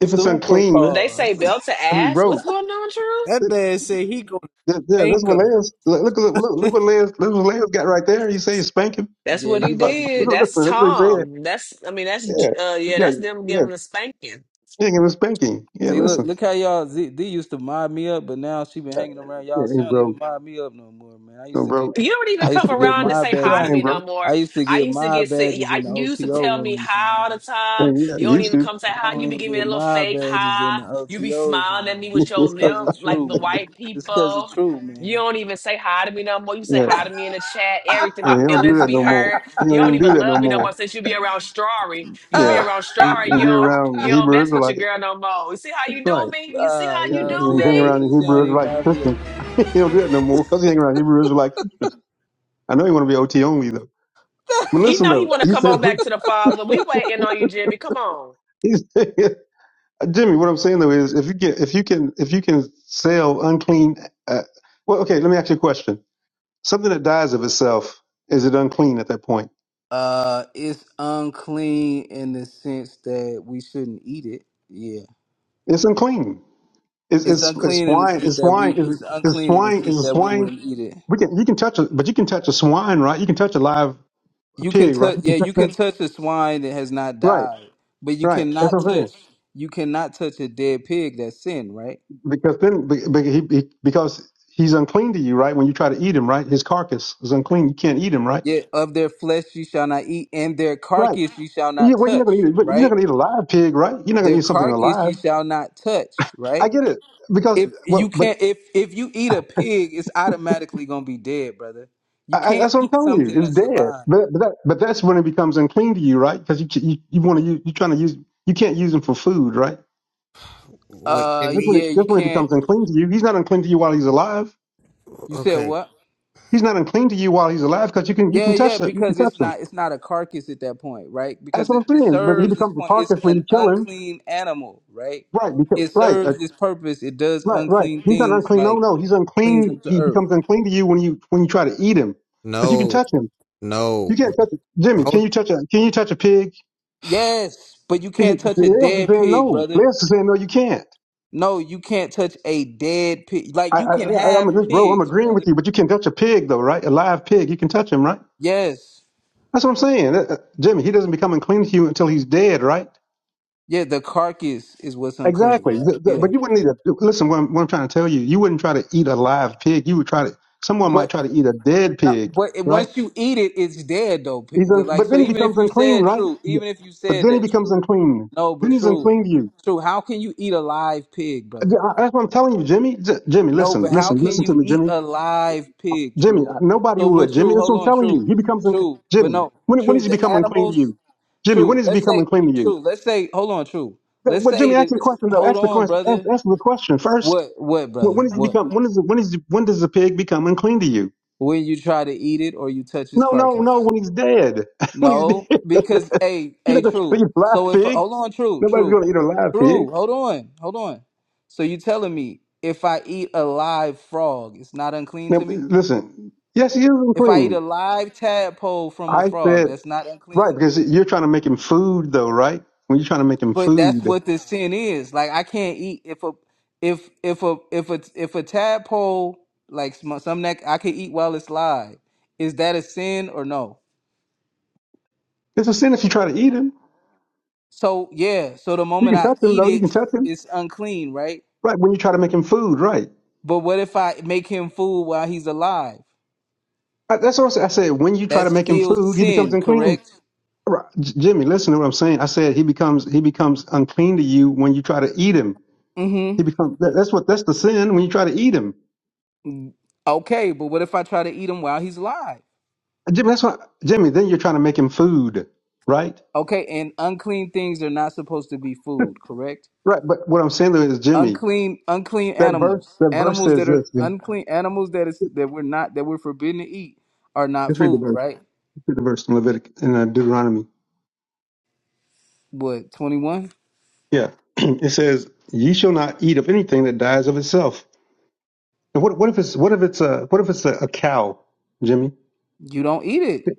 Speaker 6: if it's
Speaker 11: Super
Speaker 6: unclean,
Speaker 2: They say
Speaker 11: pause.
Speaker 2: belt to
Speaker 6: I mean,
Speaker 2: ass. What's
Speaker 6: bro.
Speaker 2: going on, True?
Speaker 9: That
Speaker 6: th-
Speaker 9: man said he gonna
Speaker 6: th- Yeah, this is
Speaker 9: spank
Speaker 6: what
Speaker 9: him.
Speaker 6: Leo's. Look, look, look, look what Leo's. Look what leo got right there. You say you spank him.
Speaker 2: That's
Speaker 11: yeah,
Speaker 2: what
Speaker 11: you
Speaker 2: he
Speaker 11: about to
Speaker 2: did.
Speaker 11: be.
Speaker 6: listen,
Speaker 2: That's
Speaker 6: that's what he said.
Speaker 2: Tom. That's I mean that's J- uh
Speaker 6: Yeah,
Speaker 2: yeah,
Speaker 6: yeah,
Speaker 2: that's them
Speaker 6: yeah.
Speaker 2: giving a spanking.
Speaker 6: He ain't gonna spank him. Yeah,
Speaker 11: See, look,
Speaker 6: listen.
Speaker 11: look how y'all Z, D used to mob me up, but now she been hanging around
Speaker 6: Yeah,
Speaker 11: y'all.
Speaker 6: hey,
Speaker 11: She don't
Speaker 6: bro,
Speaker 11: even mob me up no more, man. I
Speaker 6: no,
Speaker 11: used to get,
Speaker 6: bro.
Speaker 2: You don't even
Speaker 11: I used
Speaker 2: come
Speaker 11: to get
Speaker 2: around and
Speaker 11: my
Speaker 2: say
Speaker 6: You're
Speaker 2: hi to
Speaker 11: badges.
Speaker 6: crying,
Speaker 2: me no
Speaker 6: bro.
Speaker 2: more.
Speaker 11: I used to
Speaker 2: I
Speaker 11: get
Speaker 2: used to
Speaker 11: my
Speaker 2: get sick. Yeah,
Speaker 11: badges
Speaker 2: I,
Speaker 11: in the
Speaker 2: you used to
Speaker 11: OTO
Speaker 2: tell me
Speaker 11: rooms,
Speaker 2: hi
Speaker 11: man.
Speaker 2: all the
Speaker 6: Hey,
Speaker 2: time.
Speaker 6: yeah,
Speaker 2: You don't
Speaker 6: used
Speaker 2: even
Speaker 6: to.
Speaker 2: come say
Speaker 11: I
Speaker 2: hi. You
Speaker 11: don't
Speaker 2: be giving
Speaker 11: even
Speaker 2: me a
Speaker 11: get
Speaker 2: little
Speaker 11: my
Speaker 2: fake
Speaker 11: badges
Speaker 2: hi.
Speaker 11: in the
Speaker 2: You be
Speaker 11: OTOs no
Speaker 2: smiling at
Speaker 11: more,
Speaker 2: me with
Speaker 11: man.
Speaker 2: your
Speaker 11: It's cause
Speaker 2: lip
Speaker 11: of
Speaker 2: like
Speaker 11: true,
Speaker 2: the
Speaker 11: man.
Speaker 2: white
Speaker 11: It's cause of
Speaker 2: people.
Speaker 11: true,
Speaker 2: You
Speaker 11: man.
Speaker 2: don't even say hi to me no more. You say
Speaker 6: yeah.
Speaker 2: hi to me in the chat. Everything, my
Speaker 6: And he don't do
Speaker 2: feelings
Speaker 6: that
Speaker 2: be
Speaker 6: no more.
Speaker 2: hurt.
Speaker 6: He
Speaker 2: You
Speaker 6: don't
Speaker 2: don't
Speaker 6: even do
Speaker 2: even
Speaker 6: that no
Speaker 2: love me no
Speaker 6: more.
Speaker 2: more since you be around Strawry. You be
Speaker 6: Yeah.
Speaker 2: around
Speaker 6: He
Speaker 2: Strawry. You
Speaker 6: be
Speaker 2: don't,
Speaker 6: around
Speaker 2: you
Speaker 6: the
Speaker 2: don't
Speaker 6: Hebrew
Speaker 2: mess with your
Speaker 6: Israelites.
Speaker 2: girl no more. You see how you do
Speaker 6: Right.
Speaker 2: me? You see
Speaker 11: Ah,
Speaker 2: how
Speaker 6: He,
Speaker 2: you
Speaker 11: y'all
Speaker 6: he
Speaker 11: see how
Speaker 6: hang
Speaker 11: they
Speaker 6: around the
Speaker 11: just, they
Speaker 6: Hebrew
Speaker 11: don't even
Speaker 6: Israelites.
Speaker 11: mind me up no more,
Speaker 6: he
Speaker 11: kid.
Speaker 6: don't do that no more because he hang around Hebrew Israelite
Speaker 2: do
Speaker 6: preachers. I know he want to be
Speaker 2: me?
Speaker 6: OT only though. But
Speaker 2: He
Speaker 6: listen
Speaker 2: know he
Speaker 6: though,
Speaker 2: want to
Speaker 6: he
Speaker 2: come
Speaker 6: said,
Speaker 2: on back to the Father. We waiting on you, Jimmy. Come on,
Speaker 6: he said Jimmy, what I'm saying though is if you get, if you can, if you can sell unclean, uh, well, okay, let me ask you a question. Something that dies of itself, is it unclean at that point?
Speaker 11: Uh, it's unclean in the sense that we shouldn't eat it. Yeah.
Speaker 6: It's unclean. It's,
Speaker 11: It's
Speaker 6: it's, it's
Speaker 11: unclean in the
Speaker 6: swine.
Speaker 11: sense
Speaker 6: It's
Speaker 11: that
Speaker 6: swine.
Speaker 11: we,
Speaker 6: It's,
Speaker 11: it's
Speaker 6: it's
Speaker 11: unclean in the
Speaker 6: swine.
Speaker 11: sense
Speaker 6: It's
Speaker 11: that we
Speaker 6: swine
Speaker 11: wouldn't eat it.
Speaker 6: We can you can touch a but you can touch a swine, right? You can touch a live
Speaker 11: You can
Speaker 6: pig, right?
Speaker 11: touch,
Speaker 6: You can-
Speaker 11: yeah, you can touch a swine that has not
Speaker 6: Right,
Speaker 11: died, but you
Speaker 6: right. That's what
Speaker 11: cannot
Speaker 6: I'm saying.
Speaker 11: touch, you cannot touch a dead pig that's sin, right?
Speaker 6: Because then be- be- he, he, because he's unclean to you, right? When you try to eat him, right? His carcass is unclean. You can't eat him, right?
Speaker 11: Yet of their flesh you shall not eat, and their
Speaker 6: Right.
Speaker 11: carcass you shall
Speaker 6: Yeah,
Speaker 11: not
Speaker 6: well, you're not
Speaker 11: touch,
Speaker 6: gonna eat it, but you're not
Speaker 11: right?
Speaker 6: gonna eat a live pig, right? You're not gonna
Speaker 11: Their
Speaker 6: eat something
Speaker 11: carcass
Speaker 6: alive.
Speaker 11: you shall not touch,
Speaker 6: I
Speaker 11: right?
Speaker 6: get it because
Speaker 11: if you
Speaker 6: well, but
Speaker 11: can't if if you eat a pig, it's automatically gonna be dead, brother. You
Speaker 6: I, I-
Speaker 11: can't
Speaker 6: that's what I'm
Speaker 11: eat
Speaker 6: telling you.
Speaker 11: something
Speaker 6: It's
Speaker 11: that's
Speaker 6: dead.
Speaker 11: alive.
Speaker 6: But but, that, but that's when it becomes unclean to you, right? Because you ca- you, you want to use you're trying to use you can't use him for food, right?
Speaker 9: Wait,
Speaker 11: Uh,
Speaker 9: can
Speaker 6: That's when it,
Speaker 9: we?
Speaker 11: yeah, you
Speaker 6: that's when it
Speaker 11: can't.
Speaker 6: becomes unclean to you. He's not unclean to you while he's alive.
Speaker 11: You said
Speaker 9: Okay,
Speaker 11: what?
Speaker 6: He's not unclean to you while he's alive because you can you
Speaker 11: Yeah,
Speaker 6: can
Speaker 11: yeah,
Speaker 6: touch it You can
Speaker 11: because
Speaker 6: touch
Speaker 11: it's
Speaker 6: him.
Speaker 11: not it's not a carcass at that point, right?
Speaker 6: That's
Speaker 11: Because
Speaker 6: what
Speaker 11: it,
Speaker 6: I'm
Speaker 11: it
Speaker 6: saying. But he
Speaker 11: serves this
Speaker 6: becomes a
Speaker 11: point. It's
Speaker 6: carcass when
Speaker 11: an
Speaker 6: you kill him.
Speaker 11: unclean animal, right?
Speaker 6: Right. Because,
Speaker 11: It
Speaker 6: right. Uh,
Speaker 11: serves this purpose. It does
Speaker 6: right. Right.
Speaker 11: unclean
Speaker 6: He's not
Speaker 11: things
Speaker 6: unclean. No.
Speaker 11: like
Speaker 6: No. He's
Speaker 11: cleans
Speaker 6: unclean.
Speaker 11: up the
Speaker 6: He
Speaker 11: earth.
Speaker 6: becomes unclean to you when you when you try to eat him because you can
Speaker 9: no,
Speaker 6: touch him. You
Speaker 9: no.
Speaker 6: can't touch it. Jimmy,
Speaker 9: Hold.
Speaker 6: can you touch a can you touch a pig?
Speaker 11: Yes, but you
Speaker 6: He- he-
Speaker 11: can't touch a
Speaker 6: Leos is
Speaker 11: dead
Speaker 6: saying
Speaker 11: pig,
Speaker 6: no.
Speaker 11: brother.
Speaker 6: Leos is saying no. You can't.
Speaker 11: No, you can't touch a dead pig. Like
Speaker 6: I,
Speaker 11: you
Speaker 6: I,
Speaker 11: can
Speaker 6: I
Speaker 11: have
Speaker 6: I'm this bro. I'm
Speaker 11: pigs,
Speaker 6: agreeing with
Speaker 11: brother.
Speaker 6: you, but you can touch a pig though, right? A live pig. You can touch him, right?
Speaker 11: Yes.
Speaker 6: That's what I'm saying. Uh, uh, Jimmy, he doesn't become unclean to you until he's dead, right?
Speaker 11: Yeah, the carcass is what's unclean,
Speaker 6: Exactly.
Speaker 11: right?
Speaker 6: Th- th-
Speaker 11: Yeah.
Speaker 6: but you wouldn't need to listen. What I'm, what I'm trying to tell you, you wouldn't try to eat a live pig. You would try to. Someone
Speaker 11: But
Speaker 6: might try to eat a dead pig,
Speaker 11: but it,
Speaker 6: right?
Speaker 11: once you eat it, it's dead though. P-
Speaker 6: He's
Speaker 11: the-
Speaker 6: un,
Speaker 11: Like
Speaker 6: but
Speaker 11: so
Speaker 6: then he
Speaker 11: even if
Speaker 6: becomes
Speaker 11: you
Speaker 6: unclean,
Speaker 11: said
Speaker 6: right?
Speaker 11: true, even if you
Speaker 6: But
Speaker 11: said
Speaker 6: then he
Speaker 11: that
Speaker 6: becomes
Speaker 11: true.
Speaker 6: unclean.
Speaker 11: No,
Speaker 6: Then
Speaker 11: but
Speaker 6: he's
Speaker 11: true.
Speaker 6: unclean to you.
Speaker 11: True, how can you eat a live pig,
Speaker 6: Th-
Speaker 11: brother?
Speaker 6: I- That's what I'm telling you, Jimmy. J- Jimmy,
Speaker 11: No,
Speaker 6: listen,
Speaker 11: but how
Speaker 6: listen,
Speaker 11: can
Speaker 6: listen to
Speaker 11: you
Speaker 6: me,
Speaker 11: eat
Speaker 6: Jimmy.
Speaker 11: a live pig,
Speaker 6: Jimmy,
Speaker 11: true?
Speaker 6: uh, nobody
Speaker 11: So
Speaker 6: would.
Speaker 11: but
Speaker 6: Jimmy,
Speaker 11: true,
Speaker 6: that's
Speaker 11: hold
Speaker 6: what I'm
Speaker 11: on,
Speaker 6: telling you.
Speaker 11: true.
Speaker 6: He becomes unclean.
Speaker 11: True. But
Speaker 6: Jimmy,
Speaker 11: no,
Speaker 6: when, when
Speaker 11: true,
Speaker 6: does he
Speaker 11: the
Speaker 6: become unclean to
Speaker 11: animals,
Speaker 6: you? Jimmy, when
Speaker 11: true.
Speaker 6: does he
Speaker 11: Let's
Speaker 6: become
Speaker 11: say
Speaker 6: unclean to you?
Speaker 11: true. Let's say hold on, true.
Speaker 6: Th-
Speaker 11: Let's
Speaker 6: But
Speaker 11: say
Speaker 6: Jimmy, ask
Speaker 11: that
Speaker 6: the
Speaker 11: it's,
Speaker 6: question though.
Speaker 11: hold
Speaker 6: Ask the
Speaker 11: on,
Speaker 6: question. Ask,
Speaker 11: brother.
Speaker 6: ask the question first.
Speaker 11: What what,
Speaker 6: When
Speaker 11: brother?
Speaker 6: when does he
Speaker 11: What?
Speaker 6: become? When is the, when is the, when does the pig become unclean to you?
Speaker 11: when you try to eat it or you touch its
Speaker 6: No, no, no.
Speaker 11: carcass.
Speaker 6: When he's dead. when he's dead.
Speaker 11: No, because a
Speaker 6: You're
Speaker 11: a
Speaker 6: not going to eat
Speaker 11: true.
Speaker 6: a live
Speaker 11: So if
Speaker 6: pig.
Speaker 11: hold on, true,
Speaker 6: Nobody's
Speaker 11: true,
Speaker 6: going to eat a live pig.
Speaker 11: true. Hold on, hold on. So you telling me if I eat a live frog, it's not unclean to
Speaker 6: Now,
Speaker 11: me?
Speaker 6: listen. Yes, he is
Speaker 11: If I eat
Speaker 6: unclean.
Speaker 11: a live tadpole from a
Speaker 6: I
Speaker 11: frog,
Speaker 6: said
Speaker 11: that's not
Speaker 6: right
Speaker 11: unclean.
Speaker 6: because you're trying to make him food, though, right? When you're trying to make him
Speaker 11: But that's
Speaker 6: food,
Speaker 11: what the sin is. Like I can't eat if a if if a if a if a tadpole like some some that I can eat while it's live. Is that a sin or no?
Speaker 6: it's a sin if you try to eat him.
Speaker 11: So yeah, so the
Speaker 6: You
Speaker 11: moment
Speaker 6: can
Speaker 11: I
Speaker 6: touch him,
Speaker 11: eat
Speaker 6: though. You can
Speaker 11: it,
Speaker 6: touch him,
Speaker 11: it's unclean, right?
Speaker 6: right? When you try to make him food, right?
Speaker 11: But what if I make him food while he's alive?
Speaker 6: I, that's what I said. I said when you try to
Speaker 11: That's
Speaker 6: make him
Speaker 11: still
Speaker 6: food, he becomes
Speaker 11: sin,
Speaker 6: unclean.
Speaker 11: correct?
Speaker 6: Right. J- Jimmy, listen to what I'm saying. I said he becomes he becomes unclean to you when you try to eat him. He
Speaker 11: Mm-hmm.
Speaker 6: becomes that, that's what that's the sin when you try to eat him.
Speaker 11: Okay, but what if I try to eat him while he's alive?
Speaker 6: Jimmy, that's what Jimmy. Then you're trying to make him food, right?
Speaker 11: Okay, and unclean things are not supposed to be food, correct?
Speaker 6: Right. But what I'm saying though is Jimmy,
Speaker 11: Unclean, unclean
Speaker 6: that verse
Speaker 11: animals,
Speaker 6: that verse
Speaker 11: animals
Speaker 6: says
Speaker 11: that are
Speaker 6: this. Jimmy.
Speaker 11: unclean, animals that is that we're not that we're forbidden to eat are not
Speaker 6: Let's read the
Speaker 11: food,
Speaker 6: verse.
Speaker 11: right?
Speaker 6: Let's read the verse in Levitic in uh, Deuteronomy.
Speaker 11: What twenty one?
Speaker 6: Yeah, it says, "Ye shall not eat of anything that dies of itself." And what what if it's what if it's a what if it's a, a cow, Jimmy?
Speaker 11: You don't eat it.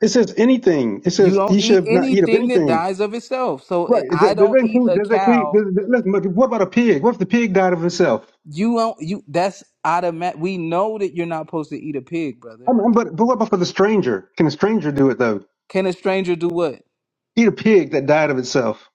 Speaker 6: It says anything. It
Speaker 11: You
Speaker 6: says
Speaker 11: don't
Speaker 6: ye
Speaker 11: eat
Speaker 6: shall not eat of
Speaker 11: anything that
Speaker 6: anything.
Speaker 11: dies of itself. So
Speaker 6: Right. Does
Speaker 11: I
Speaker 6: does
Speaker 11: don't
Speaker 6: that
Speaker 11: eat
Speaker 6: include?
Speaker 11: a
Speaker 6: Does that include?
Speaker 11: cow.
Speaker 6: Does, does- listen, what about a pig? What if the pig died of itself?
Speaker 11: You don't. You that's automatic. We know that you're not supposed to eat a pig, brother.
Speaker 6: I mean, but but what about for the stranger? Can a stranger do it though?
Speaker 11: Can a stranger do what?
Speaker 6: Eat a pig that died of itself?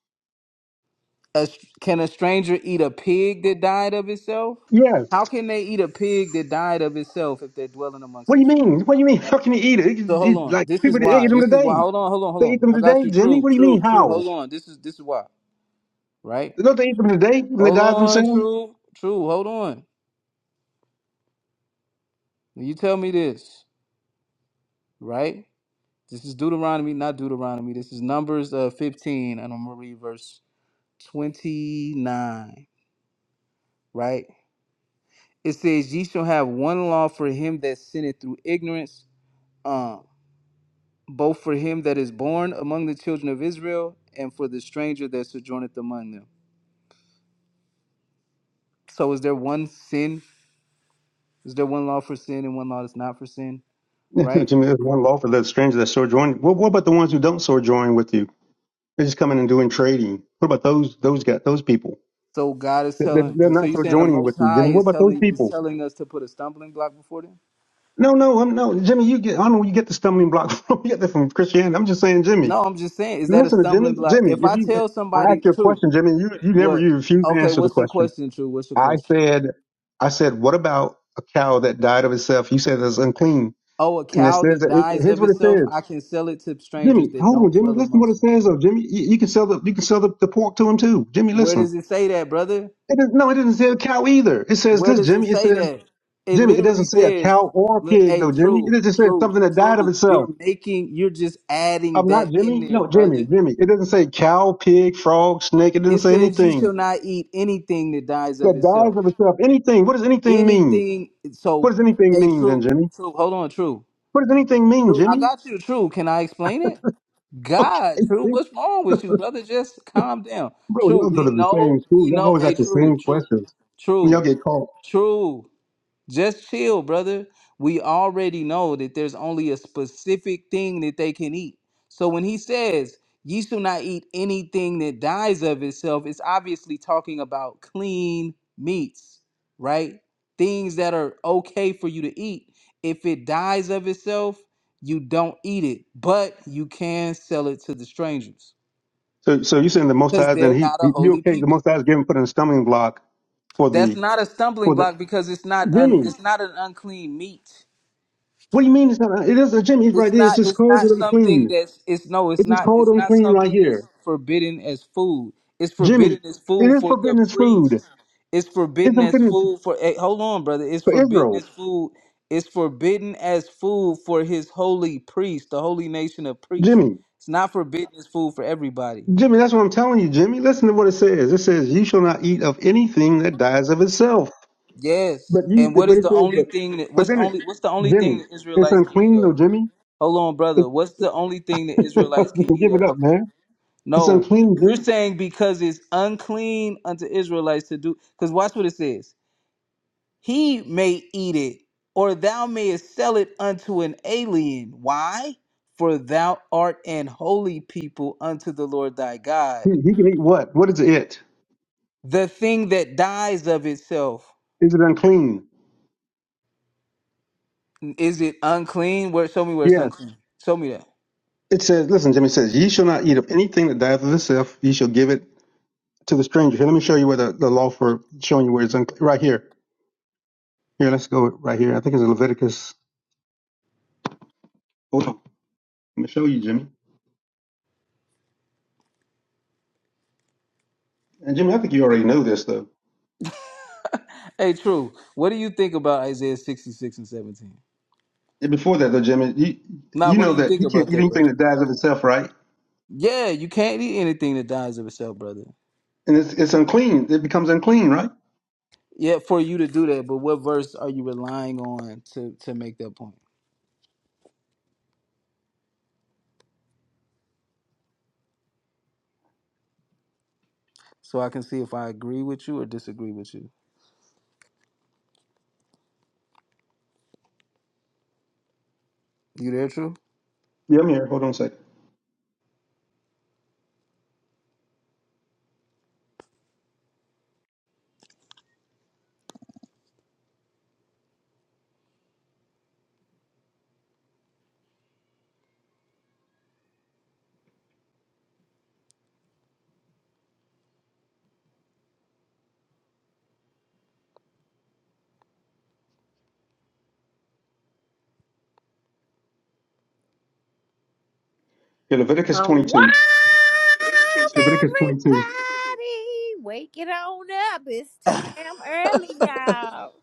Speaker 11: A, str- can a stranger eat a pig that died of itself?
Speaker 6: Yes.
Speaker 11: How can they eat a pig that died of itself if they're dwelling amongst
Speaker 6: What do you
Speaker 11: Israel?
Speaker 6: mean? What do you mean? How can you eat it? You
Speaker 11: So
Speaker 6: just
Speaker 11: hold
Speaker 6: eat-
Speaker 11: on.
Speaker 6: like
Speaker 11: This is
Speaker 6: people they eat
Speaker 11: why.
Speaker 6: them
Speaker 11: This is why.
Speaker 6: today.
Speaker 11: Hold on. Hold on. Hold
Speaker 6: They eat
Speaker 11: on.
Speaker 6: them
Speaker 11: I got
Speaker 6: today,
Speaker 11: you.
Speaker 6: Jimmy.
Speaker 11: True.
Speaker 6: What do you mean?
Speaker 11: True. True.
Speaker 6: How?
Speaker 11: Hold on. This is this is why. Right.
Speaker 6: Don't they eat them today when they
Speaker 11: Hold
Speaker 6: die
Speaker 11: on.
Speaker 6: themselves?
Speaker 11: True. True. Hold on. You tell me this. Right. This is Deuteronomy, not Deuteronomy. This is Numbers uh, 15, and I'm going to read verse 29, right? It says, Ye shall have one law for him that sinneth through ignorance, um, both for him that is born among the children of Israel and for the stranger that sojourneth among them. So is there one sin? Is there one law for sin and one law that's not for sin,
Speaker 6: Yeah, no,
Speaker 11: right?
Speaker 6: Jimmy, there's one law for the stranger that sojourn. What, what about the ones who don't sojourn with you? They're just coming and doing trading. What about those those got those people?
Speaker 11: So God is
Speaker 6: They- they-
Speaker 11: telling,
Speaker 6: They're
Speaker 11: so
Speaker 6: not
Speaker 11: you're saying the
Speaker 6: sojourning with
Speaker 11: Most
Speaker 6: you,
Speaker 11: High
Speaker 6: Jimmy. What
Speaker 11: is
Speaker 6: about those
Speaker 11: telling is
Speaker 6: people?
Speaker 11: telling us to put a stumbling block before them?
Speaker 6: No, no, I'm no Jimmy. You get I don't know you get the stumbling block from. You get that from Christianity. I'm just saying, Jimmy.
Speaker 11: No, I'm just saying, is that a
Speaker 6: Listen to Jimmy.
Speaker 11: stumbling block?
Speaker 6: Jimmy,
Speaker 11: If
Speaker 6: if
Speaker 11: I
Speaker 6: you
Speaker 11: tell
Speaker 6: I asked
Speaker 11: somebody,
Speaker 6: you a
Speaker 11: true,
Speaker 6: question, Jimmy, you you never
Speaker 11: what?
Speaker 6: you refused to
Speaker 11: Okay,
Speaker 6: answer the
Speaker 11: what's your
Speaker 6: question.
Speaker 11: question, true? What's your
Speaker 6: I
Speaker 11: question?
Speaker 6: said, I said, what about a cow that died of itself? You said it's unclean,
Speaker 11: Oh, a
Speaker 6: and it
Speaker 11: cow
Speaker 6: says
Speaker 11: that
Speaker 6: that it,
Speaker 11: dies
Speaker 6: here's
Speaker 11: of
Speaker 6: what it
Speaker 11: itself,
Speaker 6: says.
Speaker 11: I can sell it to
Speaker 6: Jimmy,
Speaker 11: strangers that
Speaker 6: hold on,
Speaker 11: don't
Speaker 6: Jimmy.
Speaker 11: dwell
Speaker 6: Listen to what
Speaker 11: amongst
Speaker 6: it
Speaker 11: me.
Speaker 6: says. though. Jimmy, you, you can sell the you can sell the, the pork to him too. Jimmy,
Speaker 11: Where
Speaker 6: listen.
Speaker 11: does it say that, brother?
Speaker 6: It is, no, it doesn't say a cow either. It says
Speaker 11: Where
Speaker 6: this,
Speaker 11: does it
Speaker 6: Jimmy. It
Speaker 11: say
Speaker 6: says
Speaker 11: that? It
Speaker 6: Jimmy. It
Speaker 11: literally
Speaker 6: doesn't say a
Speaker 11: says,
Speaker 6: cow or a
Speaker 11: look,
Speaker 6: pig
Speaker 11: hey,
Speaker 6: though, Jimmy.
Speaker 11: true,
Speaker 6: It just says
Speaker 11: true,
Speaker 6: something that died of
Speaker 11: true.
Speaker 6: itself.
Speaker 11: You're making, you're just adding
Speaker 6: I'm not
Speaker 11: that in
Speaker 6: Jimmy.
Speaker 11: there,
Speaker 6: No, Jimmy,
Speaker 11: brother.
Speaker 6: Jimmy. It doesn't say cow, pig, frog, snake. It doesn't
Speaker 11: It
Speaker 6: say
Speaker 11: says, you
Speaker 6: anything
Speaker 11: shall not eat anything that dies of
Speaker 6: that dies
Speaker 11: itself.
Speaker 6: of itself. Anything. What does anything mean?
Speaker 11: Anything,
Speaker 6: What
Speaker 11: so,
Speaker 6: does anything
Speaker 11: hey,
Speaker 6: mean then,
Speaker 11: true,
Speaker 6: Jimmy?
Speaker 11: true, hold on, true.
Speaker 6: What does anything mean,
Speaker 11: True, I
Speaker 6: Jimmy?
Speaker 11: got you. True, can I explain it?
Speaker 6: Okay,
Speaker 11: God, true,
Speaker 6: see?
Speaker 11: what's wrong with you, brother? Just calm down.
Speaker 6: bro,
Speaker 11: True,
Speaker 6: y'all go
Speaker 11: we
Speaker 6: to the same
Speaker 11: know,
Speaker 6: school.
Speaker 11: we
Speaker 6: Y'all
Speaker 11: know.
Speaker 6: always ask
Speaker 11: Hey,
Speaker 6: the
Speaker 11: true,
Speaker 6: same
Speaker 11: true,
Speaker 6: questions when y'all
Speaker 11: true,
Speaker 6: get caught.
Speaker 11: true. Just chill, brother. We already know that there's only a specific thing that they can eat. So when he says, ye shall not eat anything that dies of itself, it's obviously talking about clean meats, right? Things that are okay for you to eat. If it dies of itself, you don't eat it, but you can sell it to the strangers
Speaker 6: So, so you saying the Most
Speaker 11: because
Speaker 6: High? Then
Speaker 11: they're
Speaker 6: he,
Speaker 11: not a
Speaker 6: he you
Speaker 11: holy
Speaker 6: okay? The
Speaker 11: people.
Speaker 6: Most High is given put in a stumbling block for
Speaker 11: That's
Speaker 6: the
Speaker 11: not a
Speaker 6: for
Speaker 11: stumbling
Speaker 6: the
Speaker 11: block because it's not un,
Speaker 6: Jimmy.
Speaker 11: it's not an unclean meat.
Speaker 6: What do you mean? It's not. It is a Jimmy. He's right
Speaker 11: it's
Speaker 6: there. It's
Speaker 11: not
Speaker 6: just
Speaker 11: it's
Speaker 6: calls it
Speaker 11: not something
Speaker 6: unclean.
Speaker 11: that's it's no it's
Speaker 6: It's just
Speaker 11: not
Speaker 6: called
Speaker 11: it's not
Speaker 6: unclean right
Speaker 11: something
Speaker 6: here,
Speaker 11: that's forbidden as food it's forbidden
Speaker 6: Jimmy.
Speaker 11: as
Speaker 6: It
Speaker 11: food
Speaker 6: is
Speaker 11: for the
Speaker 6: forbidden as food.
Speaker 11: priest it's
Speaker 6: It's
Speaker 11: forbidden
Speaker 6: been
Speaker 11: as
Speaker 6: put
Speaker 11: food for hey, hold on brother it's
Speaker 6: for
Speaker 11: forbidden
Speaker 6: Israel.
Speaker 11: as food it's forbidden as food for his holy priest the holy nation of priests
Speaker 6: Jimmy,
Speaker 11: it's not forbidden as food for everybody
Speaker 6: Jimmy, that's what I'm telling you, Jimmy. Listen to what it says. It says, "You shall not eat of anything that dies of itself."
Speaker 11: yes
Speaker 6: But you,
Speaker 11: and what
Speaker 6: but
Speaker 11: is
Speaker 6: it
Speaker 11: the
Speaker 6: says,
Speaker 11: only
Speaker 6: but,
Speaker 11: thing that
Speaker 6: but
Speaker 11: what's the
Speaker 6: then, it,
Speaker 11: only what's the only thing
Speaker 6: Jimmy,
Speaker 11: that
Speaker 6: it's
Speaker 11: israelites can eat
Speaker 6: unclean,
Speaker 11: of
Speaker 6: though, Jimmy.
Speaker 11: hold on
Speaker 6: you
Speaker 11: brother what's the only thing that israelites can
Speaker 6: can
Speaker 11: eat
Speaker 6: give it
Speaker 11: of
Speaker 6: up, man. It's
Speaker 11: No,
Speaker 6: unclean,
Speaker 11: you're
Speaker 6: Jimmy.
Speaker 11: saying because it's unclean unto Israelites to do. Because watch what it says. He may eat it, or thou mayest sell it unto an alien. Why? For thou art an holy people unto the Lord thy God.
Speaker 6: He, he can eat what? What is it?
Speaker 11: The thing that dies of itself
Speaker 6: Is it unclean?
Speaker 11: is it unclean? Where show me where it's
Speaker 6: Yes.
Speaker 11: unclean. Show me that.
Speaker 6: It says, listen, Jimmy it says, "Ye shall not eat of anything that dieth of itself. Ye shall give it to the stranger." Here, let me show you where the, the law for showing you where it's unclean. Right here. Here, let's go right here. I think it's Leviticus. Hold on. I'm gonna show you, Jimmy. And Jimmy, I think you already know this though.
Speaker 11: Hey, true. What do you think about Isaiah sixty six and seventeen?
Speaker 6: And before that though, Jimmy, you
Speaker 11: Nah,
Speaker 6: you
Speaker 11: what
Speaker 6: know
Speaker 11: do you
Speaker 6: that
Speaker 11: think
Speaker 6: you can't
Speaker 11: about
Speaker 6: eat
Speaker 11: that,
Speaker 6: anything
Speaker 11: brother?
Speaker 6: that dies of itself, right?
Speaker 11: Yeah, you can't eat anything that dies of itself, brother.
Speaker 6: And it's it's unclean. It becomes unclean, right?
Speaker 11: Yeah, for you to do that, but what verse are you relying on to to make that point? So I can see if I agree with you or disagree with you. You there, true?
Speaker 6: Yeah, I'm here. Hold on a second. Here, Leviticus
Speaker 12: Unwind,
Speaker 6: 22. Leviticus
Speaker 12: everybody.
Speaker 6: 22.
Speaker 12: Wake it on up. It's 2
Speaker 11: Is
Speaker 12: damn early, y'all.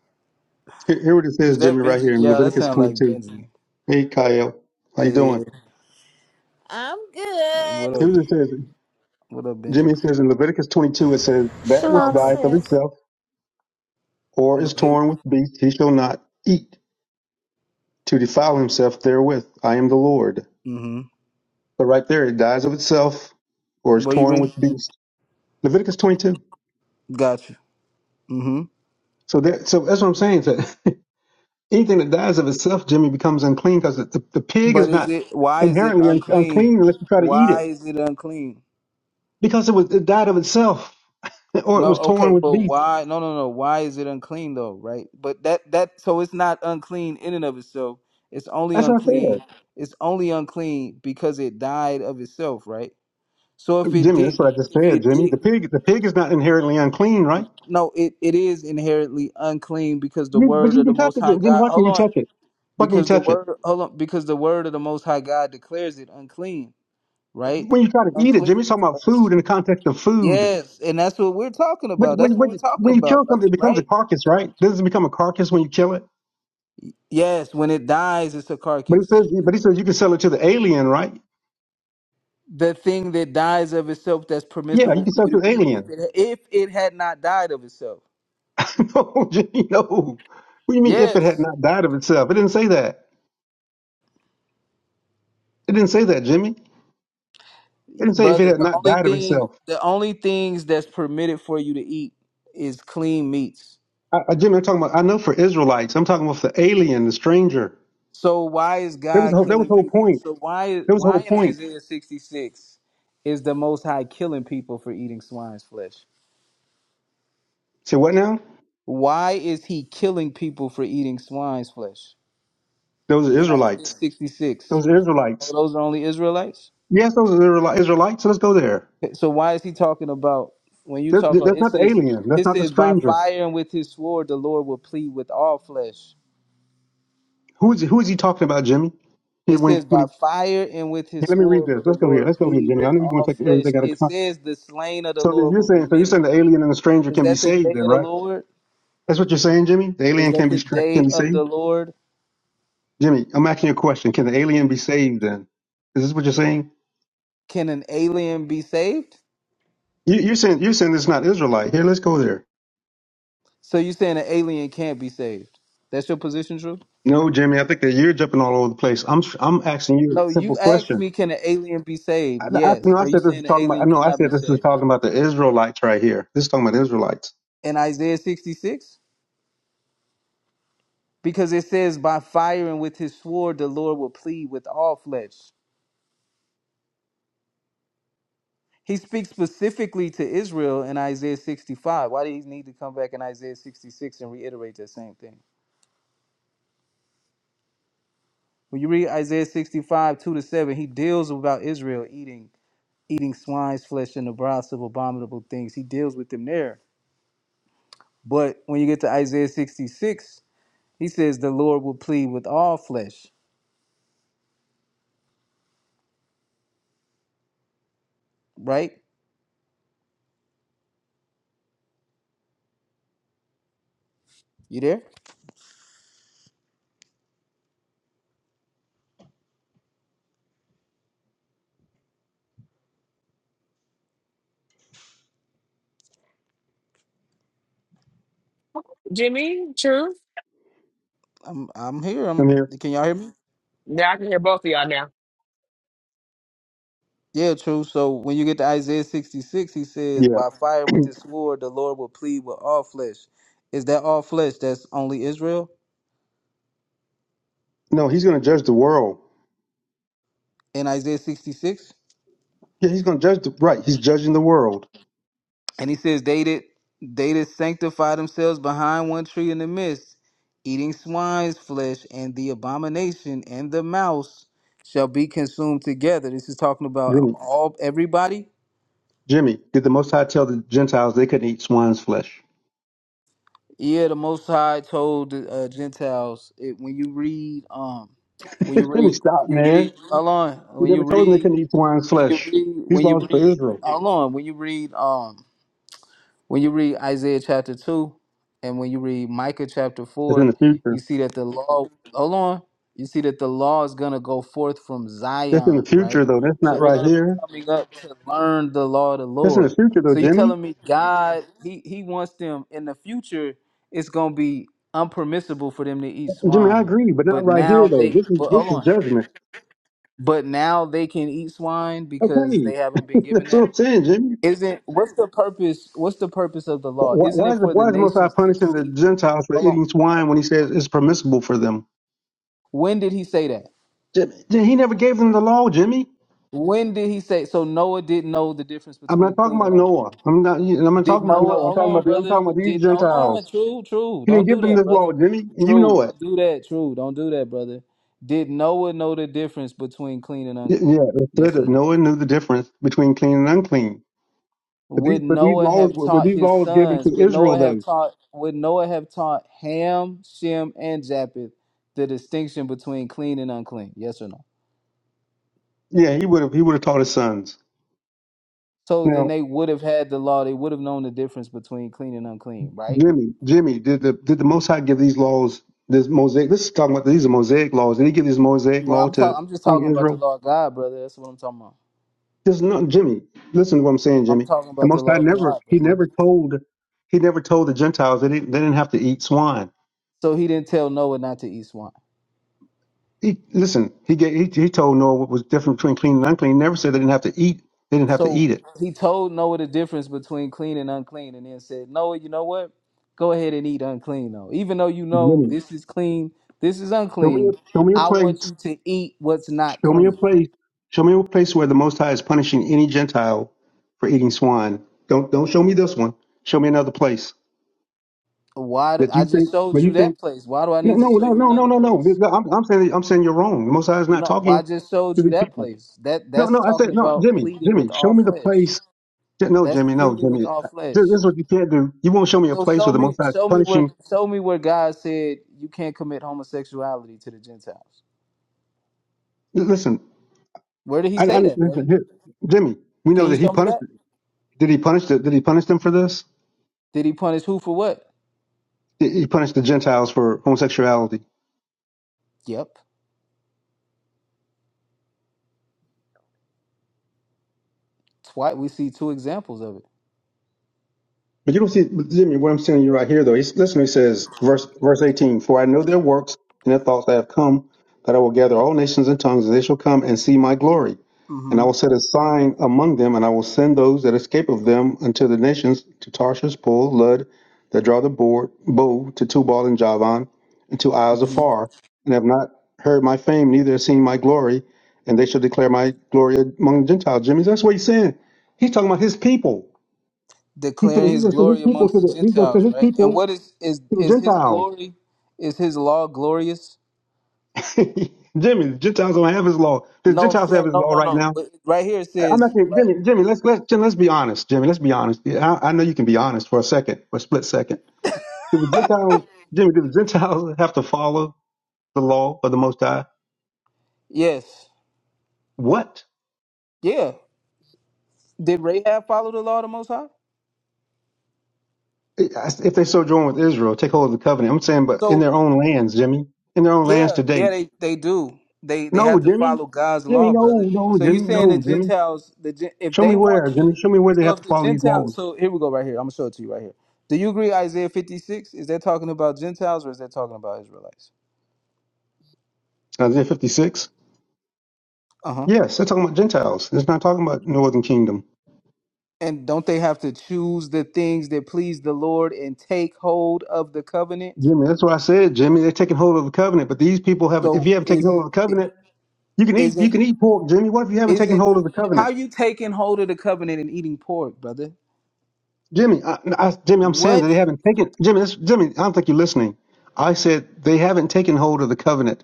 Speaker 6: Here, here what it says, Jimmy,
Speaker 11: that
Speaker 6: right here
Speaker 11: Benji?
Speaker 6: in
Speaker 11: Yeah, that
Speaker 6: Leviticus
Speaker 11: sounds like
Speaker 6: 22.
Speaker 11: Benji.
Speaker 6: Hey, Kyle, how you doing?
Speaker 11: Yeah.
Speaker 12: I'm good.
Speaker 11: What
Speaker 6: Here
Speaker 11: up?
Speaker 6: what it says,
Speaker 11: What up, Benji?
Speaker 6: Jimmy. It says in Leviticus 22, it says that which
Speaker 8: Shalom,
Speaker 6: dieth of
Speaker 8: sis.
Speaker 6: itself or is
Speaker 11: Okay.
Speaker 6: torn with beasts, he shall not eat to defile himself therewith. I am the Lord.
Speaker 11: Mm-hmm.
Speaker 6: But right there, it dies of itself or is
Speaker 11: What you
Speaker 6: torn with
Speaker 11: reading?
Speaker 6: beast. Leviticus 22.
Speaker 11: Gotcha. Mm-hmm.
Speaker 6: So that, so that's what I'm saying. That anything that dies of itself, Jimmy, becomes unclean because the, the, the pig
Speaker 11: But
Speaker 6: is
Speaker 11: is
Speaker 6: not
Speaker 11: it? Why is it
Speaker 6: inherently un,
Speaker 11: unclean?
Speaker 6: unclean unless you try to eat
Speaker 11: Why
Speaker 6: it
Speaker 11: is it unclean?
Speaker 6: because it was it died of itself or it
Speaker 11: No,
Speaker 6: was
Speaker 11: okay,
Speaker 6: torn with
Speaker 11: but
Speaker 6: beast.
Speaker 11: why? No, no, no. Why is it unclean though? Right? But that that so it's not unclean in and of itself. It's only
Speaker 6: That's what I
Speaker 11: unclean.
Speaker 6: said,
Speaker 11: It's only unclean because it died of itself, right? So if it
Speaker 6: Jimmy. That's
Speaker 11: didn't,
Speaker 6: what I just
Speaker 11: if
Speaker 6: said,
Speaker 11: it
Speaker 6: Jimmy.
Speaker 11: did,
Speaker 6: The pig, the pig is not inherently unclean, right?
Speaker 11: no, it it is inherently unclean because the
Speaker 6: You, but
Speaker 11: word
Speaker 6: you
Speaker 11: of the
Speaker 6: can touch
Speaker 11: Most
Speaker 6: it.
Speaker 11: High
Speaker 6: Then
Speaker 11: God.
Speaker 6: why can
Speaker 11: Hold
Speaker 6: you
Speaker 11: on,
Speaker 6: touch it? Why can you
Speaker 11: because the
Speaker 6: touch it?
Speaker 11: word, hold on, because the word of the Most High God declares it unclean, right?
Speaker 6: When you try to eat it,
Speaker 11: Unclean
Speaker 6: Jimmy's talking
Speaker 11: to
Speaker 6: about food
Speaker 11: us.
Speaker 6: in the context of food.
Speaker 11: Yes, and that's what we're talking
Speaker 6: But
Speaker 11: about.
Speaker 6: when,
Speaker 11: That's what
Speaker 6: when
Speaker 11: we're talking
Speaker 6: when you kill
Speaker 11: about,
Speaker 6: something,
Speaker 11: brother.
Speaker 6: it becomes
Speaker 11: Right?
Speaker 6: a carcass, right? Doesn't it become a carcass when you kill it?
Speaker 11: Yes, when it dies, it's a
Speaker 6: But it
Speaker 11: carcass.
Speaker 6: says, but he says you can sell it to the alien, right?
Speaker 11: The thing that dies of itself that's
Speaker 6: Yeah, you
Speaker 11: permissible
Speaker 6: can
Speaker 11: for
Speaker 6: sell it
Speaker 11: you
Speaker 6: to the
Speaker 11: to eat if
Speaker 6: alien.
Speaker 11: it, if it had not died of itself.
Speaker 6: no, Jimmy, no. What do you mean if it had
Speaker 11: Yes,
Speaker 6: not died of itself? It didn't say that. It didn't say that, Jimmy. It didn't say if it
Speaker 11: brother.
Speaker 6: had
Speaker 11: The
Speaker 6: not
Speaker 11: only
Speaker 6: died of
Speaker 11: thing,
Speaker 6: itself.
Speaker 11: the only things that's permitted for you to eat is clean meats.
Speaker 6: I, I, Jimmy, I'm talking about. I know for Israelites, I'm talking about the alien, the stranger.
Speaker 11: So why is
Speaker 6: There was the
Speaker 11: God
Speaker 6: whole, that was
Speaker 11: killing
Speaker 6: the whole
Speaker 11: people?
Speaker 6: point.
Speaker 11: So why
Speaker 6: There was the whole
Speaker 11: why in
Speaker 6: point.
Speaker 11: Isaiah 66 is the most high killing people for eating swine's flesh?
Speaker 6: Say what now?
Speaker 11: Why is he killing people for eating swine's flesh?
Speaker 6: Those are
Speaker 11: In
Speaker 6: Israelites.
Speaker 11: Isaiah 66.
Speaker 6: Those are Israelites.
Speaker 11: Oh, those are only Israelites?
Speaker 6: Yes, those are Israeli- Israelites. So let's go there.
Speaker 11: So why is he talking about when you
Speaker 6: That's,
Speaker 11: talk?
Speaker 6: that's
Speaker 11: It
Speaker 6: not the
Speaker 11: says
Speaker 6: alien. That's
Speaker 11: it
Speaker 6: not the
Speaker 11: says by
Speaker 6: stranger.
Speaker 11: fire and with his sword the Lord will plead with all flesh.
Speaker 6: Who is who is he talking about, Jimmy? He,
Speaker 11: It
Speaker 6: when he,
Speaker 11: says
Speaker 6: when
Speaker 11: by
Speaker 6: he,
Speaker 11: fire and with
Speaker 6: hey,
Speaker 11: his
Speaker 6: let me read
Speaker 11: sword
Speaker 6: this.
Speaker 11: will the
Speaker 6: Let's go here.
Speaker 11: Lord
Speaker 6: Let's go here,
Speaker 11: plead
Speaker 6: Jimmy. I
Speaker 11: with
Speaker 6: know you want
Speaker 11: all
Speaker 6: to take
Speaker 11: flesh.
Speaker 6: everything out of
Speaker 11: It
Speaker 6: context.
Speaker 11: says the slain of the
Speaker 6: So then
Speaker 11: Lord
Speaker 6: you're
Speaker 11: will be
Speaker 6: saying so you're
Speaker 11: many.
Speaker 6: saying the alien and the stranger
Speaker 11: Is
Speaker 6: can be
Speaker 11: that the
Speaker 6: saved,
Speaker 11: day
Speaker 6: then,
Speaker 11: of the
Speaker 6: right?
Speaker 11: Lord?
Speaker 6: That's what you're saying, Jimmy. The
Speaker 11: Is
Speaker 6: alien
Speaker 11: that
Speaker 6: can be
Speaker 11: the
Speaker 6: stra-
Speaker 11: day
Speaker 6: can be
Speaker 11: of
Speaker 6: saved,
Speaker 11: the Lord?
Speaker 6: Jimmy. I'm asking you a question. Can the alien be saved? Then is this what you're saying?
Speaker 11: Can an alien be saved?
Speaker 6: You, you're saying you're saying it's not Israelite. Here, let's go there.
Speaker 11: So you saying an alien can't be saved? That's your position, true?
Speaker 6: No, Jimmy. I think that you're jumping all over the place. I'm I'm asking you a
Speaker 11: No,
Speaker 6: simple
Speaker 11: you
Speaker 6: question.
Speaker 11: asked me, can an alien be saved?
Speaker 6: I, I,
Speaker 11: Yes.
Speaker 6: no, I
Speaker 11: Are you
Speaker 6: said this is
Speaker 11: saying an
Speaker 6: talking about.
Speaker 11: alien
Speaker 6: No, I
Speaker 11: cannot be
Speaker 6: said this was
Speaker 11: saved?
Speaker 6: talking about the Israelites right here. This is talking about the Israelites.
Speaker 11: in Isaiah 66? Because it says, By fire and with his sword, the Lord will plead with all flesh. He speaks specifically to Israel in Isaiah 65. Why do he need to come back in Isaiah 66 and reiterate that same thing? When you read Isaiah 65, 2 to 7, he deals about Israel eating eating swine's flesh and the broths of abominable things. He deals with them there. But when you get to Isaiah 66, he says the Lord will plead with all flesh. Right? You there?
Speaker 2: Jimmy. True.
Speaker 11: I'm I'm here.
Speaker 6: Come
Speaker 11: I'm
Speaker 6: here.
Speaker 11: can y'all hear me?
Speaker 2: Now I can hear both of y'all now.
Speaker 11: Yeah, true. So when you get to Isaiah 66, he says,
Speaker 6: Yeah.
Speaker 11: By fire and with his sword, the Lord will plead with all flesh. Is that all flesh that's only Israel
Speaker 6: no, he's going to judge the world.
Speaker 11: in Isaiah 66?
Speaker 6: Yeah, he's going to judge the right. He's judging the world.
Speaker 11: And he says, They did, they did sanctify themselves behind one tree in the midst, eating swine's flesh, and the abomination and the mouse shall be consumed together. This is talking about
Speaker 6: Jimmy,
Speaker 11: all everybody
Speaker 6: Jimmy, did the Most High tell the Gentiles they couldn't eat swine's flesh?
Speaker 11: Yeah, the Most High told the uh, Gentiles it, when you read, um, when you
Speaker 6: Jimmy,
Speaker 11: read,
Speaker 6: stop,
Speaker 11: when you
Speaker 6: man.
Speaker 11: read, hold on,
Speaker 6: He
Speaker 11: when
Speaker 6: never
Speaker 11: you
Speaker 6: told them they
Speaker 11: read,
Speaker 6: couldn't eat swine's
Speaker 11: when you
Speaker 6: flesh.
Speaker 11: read,
Speaker 6: These
Speaker 11: when you
Speaker 6: laws for
Speaker 11: read,
Speaker 6: Israel.
Speaker 11: hold on, when you read, um, when you read Isaiah chapter 2 and when you read Micah chapter
Speaker 6: It's in
Speaker 11: 4,
Speaker 6: the future.
Speaker 11: you see that the law, hold on, you see that the law is going to go forth from
Speaker 6: It's in the
Speaker 11: Zion,
Speaker 6: future
Speaker 11: right?
Speaker 6: though. That's
Speaker 11: So
Speaker 6: not
Speaker 11: they're
Speaker 6: right
Speaker 11: going to be
Speaker 6: here.
Speaker 11: coming up to learn the law of the
Speaker 6: That's in the
Speaker 11: Lord.
Speaker 6: future though,
Speaker 11: So you
Speaker 6: Jimmy.
Speaker 11: telling me God, he, he wants them in the future, it's going to be unpermissible for them to eat
Speaker 6: Jimmy, I
Speaker 11: swine.
Speaker 6: agree, but not
Speaker 11: But
Speaker 6: right here
Speaker 11: now
Speaker 6: though.
Speaker 11: they,
Speaker 6: This is
Speaker 11: but
Speaker 6: this
Speaker 11: hold
Speaker 6: is
Speaker 11: on,
Speaker 6: judgment.
Speaker 11: but now they can eat swine because
Speaker 6: Okay,
Speaker 11: they haven't been given
Speaker 6: that's
Speaker 11: that.
Speaker 6: what I'm saying, Jimmy.
Speaker 11: Isn't what's the purpose? What's the purpose of the law?
Speaker 6: Why,
Speaker 11: Isn't
Speaker 6: why
Speaker 11: it
Speaker 6: is the
Speaker 11: for the
Speaker 6: why is Most High
Speaker 11: nations to
Speaker 6: punishing the
Speaker 11: see?
Speaker 6: Gentiles for
Speaker 11: Hold on.
Speaker 6: eating swine when He says it's permissible for them?
Speaker 11: When did he say that?
Speaker 6: Jim- He never gave them the law, Jimmy.
Speaker 11: When did he say? So Noah didn't know the difference
Speaker 6: I'm not
Speaker 11: between
Speaker 6: talking
Speaker 11: clean
Speaker 6: about
Speaker 11: and unclean.
Speaker 6: Noah. I'm not. I'm not
Speaker 11: Did
Speaker 6: talking about
Speaker 11: Noah?
Speaker 6: Noah. I'm
Speaker 11: Hold
Speaker 6: talking about.
Speaker 11: on,
Speaker 6: The, I'm
Speaker 11: brother.
Speaker 6: talking about these
Speaker 11: Did hold on?
Speaker 6: Gentiles.
Speaker 11: True, true.
Speaker 6: He didn't
Speaker 11: Don't
Speaker 6: give
Speaker 11: do
Speaker 6: them
Speaker 11: that,
Speaker 6: this
Speaker 11: brother.
Speaker 6: law, Jimmy, and you
Speaker 11: True.
Speaker 6: know it.
Speaker 11: Don't do that. True. Don't do that, brother. Did Noah know the difference between clean and
Speaker 6: Y-
Speaker 11: unclean?
Speaker 6: Yeah, it said
Speaker 11: Yes or
Speaker 6: that
Speaker 11: no?
Speaker 6: Noah knew the difference between clean and unclean. But these,
Speaker 11: Would
Speaker 6: but these
Speaker 11: Noah
Speaker 6: laws
Speaker 11: have
Speaker 6: were were
Speaker 11: taught
Speaker 6: these
Speaker 11: his
Speaker 6: laws given
Speaker 11: sons?
Speaker 6: to
Speaker 11: Would
Speaker 6: Israel
Speaker 11: Noah have
Speaker 6: though.
Speaker 11: taught would Noah have taught Ham, Shem, and Japheth the distinction between clean and unclean? Yes or no?
Speaker 6: Yeah, he would have. He would have taught his sons.
Speaker 11: So then
Speaker 6: Now,
Speaker 11: they would have had the law, they would have known the difference between clean and unclean, right?
Speaker 6: Jimmy, Jimmy, did the did the Most High give these laws? This mosaic. This is talking about these are mosaic laws. Did he give this mosaic
Speaker 11: But
Speaker 6: law
Speaker 11: I'm talking
Speaker 6: to
Speaker 11: I'm just
Speaker 6: on
Speaker 11: talking about the
Speaker 6: Israel?
Speaker 11: law of God, brother. That's what I'm talking about.
Speaker 6: This is not Jimmy. Listen to what I'm saying,
Speaker 11: I'm
Speaker 6: Jimmy.
Speaker 11: talking
Speaker 6: The
Speaker 11: about the
Speaker 6: Most High
Speaker 11: law of
Speaker 6: never
Speaker 11: God,
Speaker 6: he
Speaker 11: brother.
Speaker 6: never told he never told the Gentiles that they didn't, they didn't have to eat swine.
Speaker 11: So he didn't tell Noah not to eat swine.
Speaker 6: He listen. He gave he, he told Noah what was different between clean and unclean. He never said they didn't have to eat. They didn't have to
Speaker 11: So
Speaker 6: eat it.
Speaker 11: he told Noah the difference between clean and unclean, and then said, Noah, you know what? Go ahead and eat unclean though. Even though you know
Speaker 6: Jimmy,
Speaker 11: this is clean, this is
Speaker 6: show me a,
Speaker 11: unclean.
Speaker 6: show me a
Speaker 11: I want
Speaker 6: place.
Speaker 11: you to eat what's not
Speaker 6: Show me a
Speaker 11: clean.
Speaker 6: place. Show me a place where the Most High is punishing any Gentile for eating swine. Don't don't show me this one. Show me another place
Speaker 11: Why? Do,
Speaker 6: that you
Speaker 11: I
Speaker 6: think.
Speaker 11: just showed
Speaker 6: But you
Speaker 11: you
Speaker 6: think
Speaker 11: that place. Why do I
Speaker 6: no,
Speaker 11: need
Speaker 6: no,
Speaker 11: to show
Speaker 6: no,
Speaker 11: you
Speaker 6: no, no,
Speaker 11: another
Speaker 6: no,
Speaker 11: place?
Speaker 6: no. I'm, I'm saying I'm saying you're wrong. The Most High is not
Speaker 11: No, well,
Speaker 6: talking
Speaker 11: I just showed
Speaker 6: to
Speaker 11: you
Speaker 6: these
Speaker 11: that
Speaker 6: people.
Speaker 11: place. That
Speaker 6: No, no.
Speaker 11: that's
Speaker 6: I said
Speaker 11: talking
Speaker 6: no,
Speaker 11: about
Speaker 6: Jimmy,
Speaker 11: pleading
Speaker 6: Jimmy.
Speaker 11: with
Speaker 6: Show
Speaker 11: all
Speaker 6: me the
Speaker 11: flesh.
Speaker 6: place. J- No,
Speaker 11: That's
Speaker 6: Jimmy, no,
Speaker 11: pleading
Speaker 6: Jimmy.
Speaker 11: with
Speaker 6: This
Speaker 11: all flesh.
Speaker 6: this is what you can't do. You won't show me a
Speaker 11: So
Speaker 6: place where
Speaker 11: show
Speaker 6: the
Speaker 11: me,
Speaker 6: Most High is
Speaker 11: show me where,
Speaker 6: punishing.
Speaker 11: show me where God said you can't commit homosexuality to the Gentiles.
Speaker 6: L- Listen,
Speaker 11: Where did he
Speaker 6: I, I
Speaker 11: say that,
Speaker 6: listen,
Speaker 11: brother?
Speaker 6: here, Jimmy. We
Speaker 11: Can
Speaker 6: know
Speaker 11: you
Speaker 6: that he
Speaker 11: show me
Speaker 6: punished.
Speaker 11: that?
Speaker 6: Did he punish? The, did he punish them for this?
Speaker 11: Did he punish who for what?
Speaker 6: He punished the Gentiles for homosexuality.
Speaker 11: Yep. Twice we see two examples of it.
Speaker 6: But you don't see, but Jimmy, what I'm telling you right here, though, he's, listen, he says, verse, verse 18, For I know their works and their thoughts that have come, that I will gather all nations and tongues, and they shall come and see my glory. And I
Speaker 11: hmm
Speaker 6: will set a sign among them, and I will send those that escape of them unto the nations, to Tarshish, Pul, Lud, that draw the board, bow, to Tubal and Javan, and to isles
Speaker 11: hmm
Speaker 6: afar, and have not heard my fame, neither have seen my glory, and they shall declare my glory among the Gentiles. Jimmy, that's what he's saying. He's talking about his people. He said
Speaker 11: Declaring
Speaker 6: he's
Speaker 11: his
Speaker 6: going to send his
Speaker 11: glory
Speaker 6: people
Speaker 11: amongst
Speaker 6: to
Speaker 11: the
Speaker 6: the he's going to
Speaker 11: Gentiles,
Speaker 6: send his
Speaker 11: right? And
Speaker 6: people
Speaker 11: what is is
Speaker 6: to the
Speaker 11: is his
Speaker 6: Gentiles.
Speaker 11: glory? Is his law glorious?
Speaker 6: Jimmy, the Gentiles don't have his law. The
Speaker 11: No, I'm
Speaker 6: Gentiles have
Speaker 11: saying
Speaker 6: his
Speaker 11: no,
Speaker 6: law
Speaker 11: no,
Speaker 6: right
Speaker 11: no.
Speaker 6: now.
Speaker 11: But Right here it
Speaker 6: I'm
Speaker 11: says,
Speaker 6: actually
Speaker 11: right?
Speaker 6: Jimmy. Jimmy, let's let's Jimmy, let's be honest. Jimmy, let's be honest. Yeah, I, I know you can be honest for a second, for a split second. Do the Gentiles, Jimmy, do the Gentiles have to follow the law of the Most High?
Speaker 11: Yes,
Speaker 6: What
Speaker 11: yeah. Did Rahab follow the law of the Most High?
Speaker 6: if they sojourn with Israel, take hold of the covenant? I'm saying, but in
Speaker 11: So
Speaker 6: their own lands, Jimmy, in their own lands
Speaker 11: Yeah,
Speaker 6: today.
Speaker 11: yeah, they, they do. They they
Speaker 6: No,
Speaker 11: have to
Speaker 6: Jimmy,
Speaker 11: follow God's
Speaker 6: Jimmy,
Speaker 11: law, brother.
Speaker 6: no, no,
Speaker 11: So you
Speaker 6: Jimmy,
Speaker 11: saying the
Speaker 6: no, Jimmy.
Speaker 11: Gentiles, the Gen- if
Speaker 6: Show me
Speaker 11: they want
Speaker 6: where, Jimmy.
Speaker 11: to,
Speaker 6: Show me where they
Speaker 11: so
Speaker 6: have to
Speaker 11: if the
Speaker 6: follow these
Speaker 11: Gentile,
Speaker 6: laws.
Speaker 11: so here we go right here. I'm gonna show it to you right here. Do you agree Isaiah 56? Is that talking about Gentiles or is that talking about Israelites?
Speaker 6: Isaiah 56.
Speaker 11: Uh huh.
Speaker 6: Yes, they're talking about Gentiles. It's not talking about Northern Kingdom.
Speaker 11: And don't they have to choose the things that please the Lord and take hold of the covenant?
Speaker 6: Jimmy, that's what I said, Jimmy. They're taking hold of the covenant, but these people haven't. If
Speaker 11: So
Speaker 6: you haven't taken
Speaker 11: is
Speaker 6: hold of the
Speaker 11: i-
Speaker 6: covenant, you can eat. You
Speaker 11: isn't
Speaker 6: can eat pork, Jimmy. What if you haven't taken
Speaker 11: isn't
Speaker 6: hold of the
Speaker 11: how
Speaker 6: covenant,
Speaker 11: you taking hold of the covenant and eating pork, brother?
Speaker 6: Jimmy? I, I, Jimmy, I'm saying that
Speaker 11: What?
Speaker 6: they haven't taken. Jimmy, that's, Jimmy, I don't think you're listening. I said they haven't taken hold of the covenant.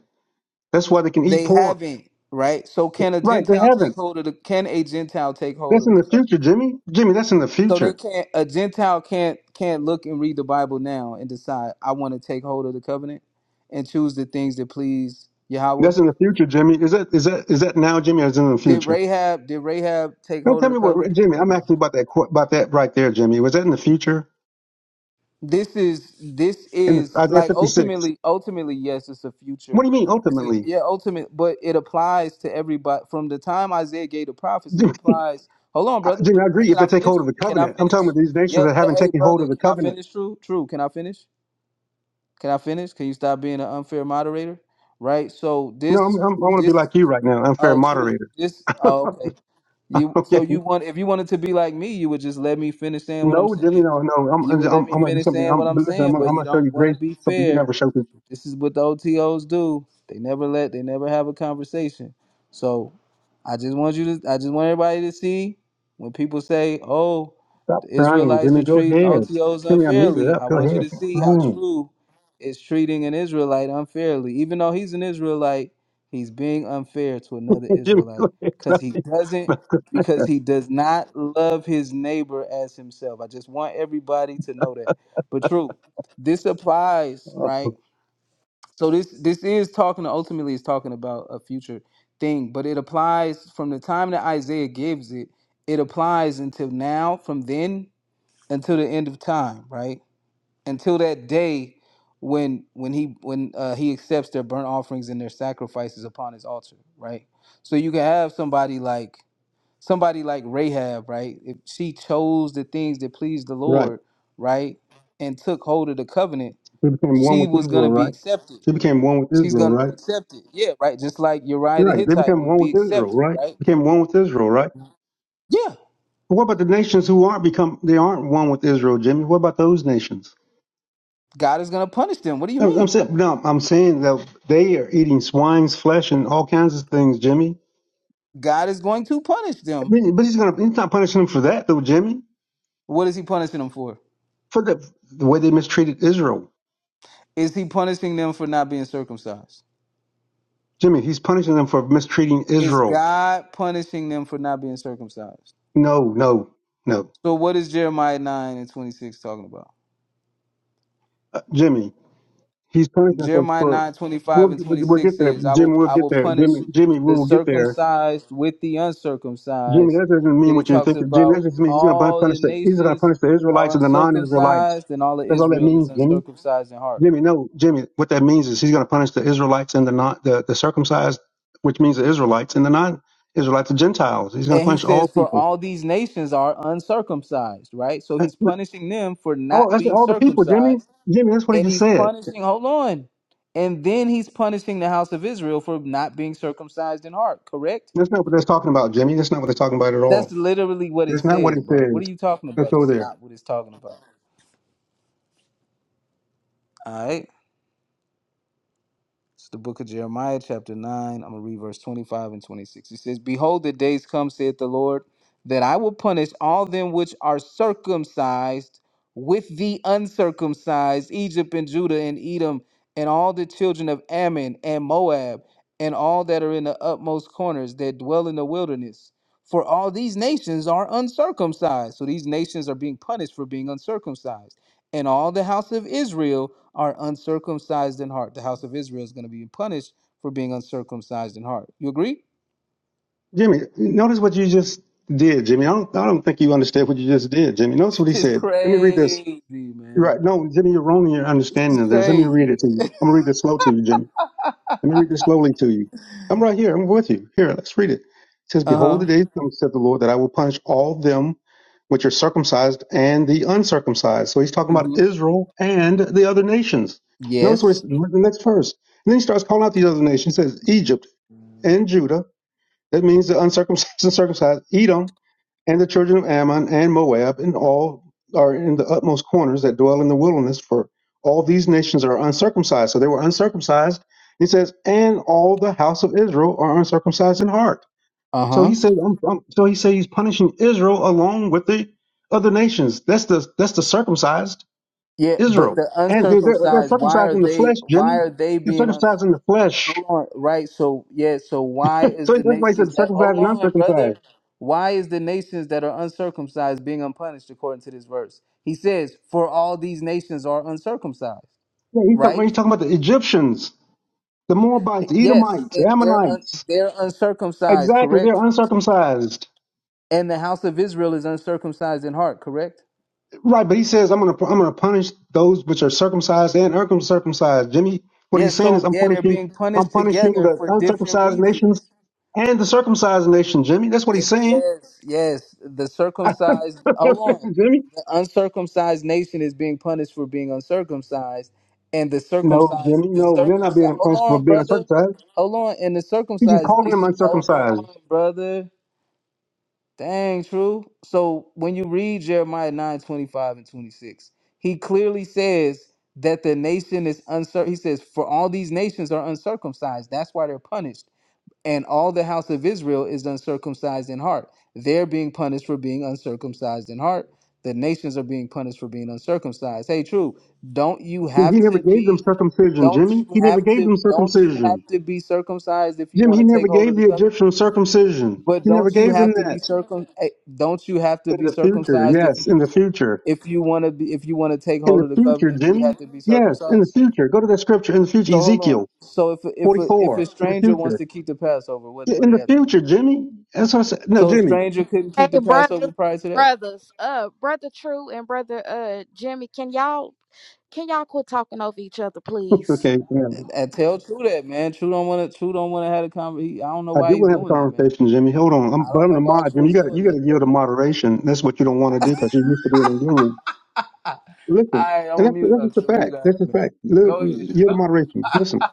Speaker 6: That's why they can eat
Speaker 11: They
Speaker 6: pork.
Speaker 11: haven't, right? So can a
Speaker 6: Right? They
Speaker 11: Gentile take
Speaker 6: haven't.
Speaker 11: hold of the can a Gentile take hold
Speaker 6: That's
Speaker 11: of
Speaker 6: in
Speaker 11: the
Speaker 6: the
Speaker 11: covenant?
Speaker 6: future, Jimmy. Jimmy, that's in the
Speaker 11: So they
Speaker 6: future.
Speaker 11: can't a Gentile can't can't look and read the Bible now and decide I want to take hold of the covenant and choose the things that please Yahweh.
Speaker 6: That's in the future, Jimmy. Is that is that is that now, Jimmy, or is it in the
Speaker 11: Did
Speaker 6: future?
Speaker 11: Rahab did Rahab take
Speaker 6: Don't
Speaker 11: hold
Speaker 6: tell
Speaker 11: of the
Speaker 6: me what,
Speaker 11: covenant
Speaker 6: Jimmy.
Speaker 11: or
Speaker 6: I'm
Speaker 11: no?
Speaker 6: asking you about that qu- about that right there, Jimmy. Was that in the future
Speaker 11: this is this
Speaker 6: in
Speaker 11: is
Speaker 6: Isaiah
Speaker 11: like
Speaker 6: 56?
Speaker 11: ultimately ultimately yes it's a
Speaker 6: What
Speaker 11: future
Speaker 6: do you mean
Speaker 11: it's a,
Speaker 6: ultimately?
Speaker 11: yeah ultimate but it applies to everybody from the time isaiah gave the prophecy it
Speaker 6: Jimmy,
Speaker 11: applies hold on
Speaker 6: I
Speaker 11: brother
Speaker 6: Jimmy, I
Speaker 11: Hey,
Speaker 6: agree
Speaker 11: can
Speaker 6: if they
Speaker 11: i
Speaker 6: take
Speaker 11: finish
Speaker 6: hold of the
Speaker 11: can i
Speaker 6: covenant. I'm talking
Speaker 11: finish
Speaker 6: about these nations
Speaker 11: yeah,
Speaker 6: that
Speaker 11: yeah
Speaker 6: haven't
Speaker 11: hey
Speaker 6: taken hold
Speaker 11: brother
Speaker 6: of the
Speaker 11: can i
Speaker 6: covenant.
Speaker 11: finish true true can i finish can i finish can you stop being an unfair moderator right so
Speaker 6: No, I'm,
Speaker 11: this
Speaker 6: I'm, I want to be
Speaker 11: this
Speaker 6: like you right now. Unfair
Speaker 11: oh true
Speaker 6: moderator.
Speaker 11: this oh okay you so
Speaker 6: okay.
Speaker 11: you want if you wanted to be like me, you would just let me finish saying what I'm
Speaker 6: No, Jimmy,
Speaker 11: saying.
Speaker 6: no, no. I'm,
Speaker 11: You
Speaker 6: I'm,
Speaker 11: would let me
Speaker 6: I'm going to do
Speaker 11: finish
Speaker 6: something.
Speaker 11: saying what
Speaker 6: I'm,
Speaker 11: I'm
Speaker 6: but listen, I'm,
Speaker 11: saying, but
Speaker 6: I'm
Speaker 11: you
Speaker 6: going to show
Speaker 11: don't
Speaker 6: you
Speaker 11: want to
Speaker 6: grace,
Speaker 11: be
Speaker 6: something you
Speaker 11: fair
Speaker 6: never show people.
Speaker 11: this is what the OTOs do. They never let they never have a conversation. So I just want you to I just want everybody to see when people say, Oh,
Speaker 6: Stop
Speaker 11: the
Speaker 6: crying,
Speaker 11: Israelites
Speaker 6: Jimmy.
Speaker 11: are
Speaker 6: Go
Speaker 11: treating
Speaker 6: ahead.
Speaker 11: OTOs
Speaker 6: Jimmy, I muted
Speaker 11: unfairly.
Speaker 6: up.
Speaker 11: I
Speaker 6: Go
Speaker 11: want you
Speaker 6: ahead.
Speaker 11: to
Speaker 6: Stop
Speaker 11: see how
Speaker 6: crying.
Speaker 11: true is treating an Israelite unfairly. Even though he's an Israelite, he's being unfair to another
Speaker 6: Jimmy, go
Speaker 11: Israelite.
Speaker 6: ahead.
Speaker 11: Because
Speaker 6: Stop
Speaker 11: he
Speaker 6: it.
Speaker 11: doesn't because he does not love his neighbor as himself. I just want everybody to know that. But true, this applies, right?
Speaker 6: Oh,
Speaker 11: So this this is talking ultimately is talking about a future thing, but it applies from the time that Isaiah gives it, it applies until now, from then until the end of time, right? Until that day when when he when uh, he accepts their burnt offerings and their sacrifices upon his altar, right? So you can have somebody like somebody like Rahab, right? If she chose the things that pleased the
Speaker 6: right.
Speaker 11: Lord, right, and took hold of the covenant,
Speaker 6: They became one
Speaker 11: she
Speaker 6: with
Speaker 11: was
Speaker 6: Israel,
Speaker 11: gonna be
Speaker 6: right?
Speaker 11: accepted
Speaker 6: They became one with
Speaker 11: she's
Speaker 6: Israel,
Speaker 11: gonna be
Speaker 6: right?
Speaker 11: accepted. Yeah, right. Just like Uriah the
Speaker 6: Right. They
Speaker 11: Hittite
Speaker 6: became
Speaker 11: would
Speaker 6: one
Speaker 11: be
Speaker 6: with Israel,
Speaker 11: accepted,
Speaker 6: right?
Speaker 11: right?
Speaker 6: Became one with Israel, right?
Speaker 11: Yeah.
Speaker 6: But what about the nations who aren't become they aren't one with Israel, Jimmy? What about those nations?
Speaker 11: God is gonna punish them. What do you
Speaker 6: I'm I'm
Speaker 11: mean?
Speaker 6: saying no. I'm saying that they are eating swine's flesh and all kinds of things, Jimmy.
Speaker 11: God is going to punish
Speaker 6: I
Speaker 11: them.
Speaker 6: mean, but he's gonna he's not punishing them for that though, Jimmy.
Speaker 11: What is he punishing them for?
Speaker 6: For the the way they mistreated Israel,
Speaker 11: Is he punishing them for not being circumcised?
Speaker 6: Jimmy. He's punishing them for mistreating
Speaker 11: Is
Speaker 6: Israel.
Speaker 11: God punishing them for not being circumcised?
Speaker 6: No, no, no,
Speaker 11: So what is Jeremiah 9 and 26 talking about?
Speaker 6: uh, Jimmy. He's punishing them for.
Speaker 11: Jeremiah
Speaker 6: for
Speaker 11: 9 25
Speaker 6: we'll,
Speaker 11: and
Speaker 6: we'll we'll
Speaker 11: 26
Speaker 6: get there,
Speaker 11: says, I
Speaker 6: Jimmy.
Speaker 11: will
Speaker 6: We'll
Speaker 11: I
Speaker 6: get
Speaker 11: will
Speaker 6: there,
Speaker 11: punish
Speaker 6: Jimmy. Jimmy, we
Speaker 11: the
Speaker 6: will get there.
Speaker 11: circumcised with the
Speaker 6: Jimmy,
Speaker 11: uncircumcised.
Speaker 6: that doesn't mean
Speaker 11: Then he
Speaker 6: what you
Speaker 11: talks
Speaker 6: think. Jimmy, that
Speaker 11: about
Speaker 6: just means he's going to
Speaker 11: all the
Speaker 6: punish the he's going to
Speaker 11: nations
Speaker 6: punish the
Speaker 11: are
Speaker 6: Israelites and the non-Israelites.
Speaker 11: uncircumcised and all of
Speaker 6: That's all that
Speaker 11: Israel
Speaker 6: means,
Speaker 11: is
Speaker 6: Jimmy.
Speaker 11: uncircumcised in heart.
Speaker 6: Jimmy, no, Jimmy. What that means is he's going to punish the Israelites and the non the, the circumcised, which means the Israelites and the non-Israelites, the Gentiles. He's going to
Speaker 11: And he
Speaker 6: punish all
Speaker 11: says, For
Speaker 6: people.
Speaker 11: all these nations are uncircumcised, right? So
Speaker 6: Uh,
Speaker 11: he's punishing them for
Speaker 6: All
Speaker 11: not
Speaker 6: that's
Speaker 11: being
Speaker 6: all the people, Jimmy.
Speaker 11: circumcised.
Speaker 6: Jimmy, that's what he
Speaker 11: And
Speaker 6: just
Speaker 11: he's
Speaker 6: said.
Speaker 11: punishing, hold on. And then he's punishing the house of Israel for not being circumcised in heart, correct?
Speaker 6: That's not what that's talking about, Jimmy. That's not what they're talking about at
Speaker 11: That's
Speaker 6: all.
Speaker 11: literally what it
Speaker 6: That's not what
Speaker 11: says,
Speaker 6: it
Speaker 11: bro. What are
Speaker 6: says.
Speaker 11: you talking
Speaker 6: Let's
Speaker 11: about?
Speaker 6: go
Speaker 11: That's
Speaker 6: there.
Speaker 11: not what it's talking about. All right. It's the book of Jeremiah, chapter 9. I'm going to read verse 25 and 26. It says, Behold, the days come, saith the Lord, that I will punish all them which are circumcised with the uncircumcised, Egypt and Judah and Edom, and all the children of Ammon and Moab, and all that are in the utmost corners that dwell in the wilderness. For all these nations are uncircumcised. So these nations are being punished for being uncircumcised. And all the house of Israel are uncircumcised in heart, the house of Israel is going to be punished for being uncircumcised in heart. You agree?
Speaker 6: Jimmy, notice what you just did, Jimmy. I don't, I don't think you understand what you just did, Jimmy. Notice what he
Speaker 11: This is
Speaker 6: said. Let me read this.
Speaker 11: crazy,
Speaker 6: You're
Speaker 11: man.
Speaker 6: right. No, Jimmy, you're wrong in your
Speaker 11: This
Speaker 6: understanding
Speaker 11: is
Speaker 6: of this. Let me read
Speaker 11: crazy.
Speaker 6: it to you.
Speaker 11: man.
Speaker 6: I'm going to read this slow to you, Jimmy. Let me read this slowly to you. I'm right here. I'm with you. Here, let's read it. It says,
Speaker 11: Uh
Speaker 6: Behold,
Speaker 11: huh.
Speaker 6: the day comes, said the Lord, that I will punish all them which are circumcised and the uncircumcised. So he's talking about
Speaker 11: hmm
Speaker 6: Israel and the other nations. Notice what it's,
Speaker 11: Yes.
Speaker 6: the next verse. And then he starts calling out these other nations. He says, Egypt and Judah that means the uncircumcised and circumcised Edom and the children of Ammon and Moab and all are in the utmost corners that dwell in the wilderness, for all these nations are uncircumcised. So they were uncircumcised. He says, and all the house of Israel are uncircumcised in heart.
Speaker 11: Uh
Speaker 6: So he
Speaker 11: huh.
Speaker 6: said, um, um, so he said he's punishing Israel along with the other nations. That's the that's the circumcised
Speaker 11: Yeah, but
Speaker 6: Israel,
Speaker 11: the
Speaker 6: and they're, they're they're
Speaker 11: uncircumcised, why
Speaker 6: circumcised
Speaker 11: are
Speaker 6: in the
Speaker 11: they?
Speaker 6: flesh,
Speaker 11: Why
Speaker 6: Jimmy.
Speaker 11: are they
Speaker 6: They're
Speaker 11: being uncircumcised?
Speaker 6: circumcised in the flesh.
Speaker 11: Hold on, right? So yeah, so why is
Speaker 6: So
Speaker 11: the
Speaker 6: that's why he said
Speaker 11: nations that?
Speaker 6: circumcised
Speaker 11: Hold
Speaker 6: and
Speaker 11: on,
Speaker 6: uncircumcised.
Speaker 11: brother. Why is the nations that are uncircumcised being unpunished according to this verse? He says, "For all these nations are uncircumcised."
Speaker 6: Yeah, he's talking,
Speaker 11: Right?
Speaker 6: he's talking about the Egyptians, the Moabites, the
Speaker 11: Yes,
Speaker 6: Edomites, the
Speaker 11: and they're un,
Speaker 6: Ammonites.
Speaker 11: they're uncircumcised,
Speaker 6: Exactly, they're
Speaker 11: correct?
Speaker 6: uncircumcised.
Speaker 11: And the house of Israel is uncircumcised in heart, correct?
Speaker 6: Right, but he says, "I'm gonna, I'm gonna punish those which are circumcised and uncircumcised." Jimmy, what he's
Speaker 11: Yes.
Speaker 6: saying is,
Speaker 11: So
Speaker 6: "I'm
Speaker 11: yeah, they're
Speaker 6: punishing,
Speaker 11: being
Speaker 6: I'm
Speaker 11: punished
Speaker 6: punishing
Speaker 11: together
Speaker 6: the
Speaker 11: for different
Speaker 6: uncircumcised nations
Speaker 11: reasons.
Speaker 6: and the circumcised nation." Jimmy, that's what
Speaker 11: Ye-
Speaker 6: he's saying.
Speaker 11: Yes, yes. The circumcised, hold on.
Speaker 6: Jimmy,
Speaker 11: The uncircumcised nation is being punished for being uncircumcised, and the
Speaker 6: no,
Speaker 11: circumcised,
Speaker 6: Jimmy,
Speaker 11: the
Speaker 6: no, they're not
Speaker 11: circumcised.
Speaker 6: being
Speaker 11: Hold
Speaker 6: punished for
Speaker 11: on,
Speaker 6: being
Speaker 11: brother.
Speaker 6: uncircumcised.
Speaker 11: Hold on, and the
Speaker 6: He's just
Speaker 11: circumcised
Speaker 6: calling them
Speaker 11: nation. Hold
Speaker 6: uncircumcised.
Speaker 11: on, brother. Dang, true. So when you read Jeremiah 9 25 and 26, he clearly says that the nation is uncircumcised. He says, For all these nations are uncircumcised. That's why they're punished. And all the house of Israel is uncircumcised in heart. They're being punished for being uncircumcised in heart. The nations are being punished for being uncircumcised. Hey, true. Don't you
Speaker 6: He
Speaker 11: have
Speaker 6: he never
Speaker 11: to
Speaker 6: gave them
Speaker 11: be
Speaker 6: circumcision,
Speaker 11: don't
Speaker 6: Jimmy.
Speaker 11: you
Speaker 6: He never
Speaker 11: have
Speaker 6: gave
Speaker 11: to
Speaker 6: them
Speaker 11: don't you
Speaker 6: circumcision.
Speaker 11: have to be circumcised if you
Speaker 6: Jim,
Speaker 11: want
Speaker 6: he
Speaker 11: to
Speaker 6: never
Speaker 11: take hold of
Speaker 6: gave
Speaker 11: the
Speaker 6: the
Speaker 11: covenant?
Speaker 6: Egyptians circumcision.
Speaker 11: But
Speaker 6: He never
Speaker 11: don't you
Speaker 6: gave them
Speaker 11: have to be
Speaker 6: that.
Speaker 11: circum? eh, Don't you have to
Speaker 6: In
Speaker 11: be
Speaker 6: the future,
Speaker 11: circumcised if
Speaker 6: yes,
Speaker 11: you
Speaker 6: in the future.
Speaker 11: if you want to be if you want to take
Speaker 6: In
Speaker 11: hold
Speaker 6: the
Speaker 11: of the
Speaker 6: future,
Speaker 11: covenant? Do you
Speaker 6: Jimmy.
Speaker 11: have to be
Speaker 6: Yes, in the
Speaker 11: circumcised?
Speaker 6: future. Go to that scripture. In the future,
Speaker 11: So hold on.
Speaker 6: Ezekiel
Speaker 11: So if a- if a, if
Speaker 6: 44.
Speaker 11: a
Speaker 6: In the
Speaker 11: stranger wants
Speaker 6: future.
Speaker 11: to keep the Passover, what
Speaker 6: Yeah,
Speaker 11: what
Speaker 6: In
Speaker 11: do
Speaker 6: the
Speaker 11: they have to do?
Speaker 6: future, Jimmy. That's what I said. No,
Speaker 11: So a
Speaker 6: Jimmy.
Speaker 11: stranger couldn't
Speaker 7: Hey,
Speaker 11: keep the
Speaker 7: brothers,
Speaker 11: Passover prior to that.
Speaker 7: brothers, uh, brother True and brother uh Jimmy, can y'all can y'all quit talking over each other, please?
Speaker 6: okay, yeah, man.
Speaker 11: And and tell True that man. True don't want to. True don't want to have a conversation. I don't know
Speaker 6: I
Speaker 11: why
Speaker 6: do
Speaker 11: he's
Speaker 6: want to have a
Speaker 11: doing that, man.
Speaker 6: conversation, Jimmy. Hold on.
Speaker 11: I
Speaker 6: I'm, but
Speaker 11: don't
Speaker 6: I'm
Speaker 11: know
Speaker 6: the
Speaker 11: why
Speaker 6: mod,
Speaker 11: True
Speaker 6: Jimmy. You
Speaker 11: is
Speaker 6: got you
Speaker 11: doing
Speaker 6: got to
Speaker 11: that,
Speaker 6: yield
Speaker 11: brother.
Speaker 6: to moderation. That's what you don't want to do because you used to being in your room. Listen,
Speaker 11: All right, I'm
Speaker 6: and
Speaker 11: gonna
Speaker 6: that's,
Speaker 11: mute
Speaker 6: that's just
Speaker 11: up,
Speaker 6: the
Speaker 11: True. You
Speaker 6: fact.
Speaker 11: got
Speaker 6: That's
Speaker 11: it,
Speaker 6: the
Speaker 11: man.
Speaker 6: fact. Little,
Speaker 11: Go ahead,
Speaker 6: yield to
Speaker 11: True.
Speaker 6: moderation. Listen,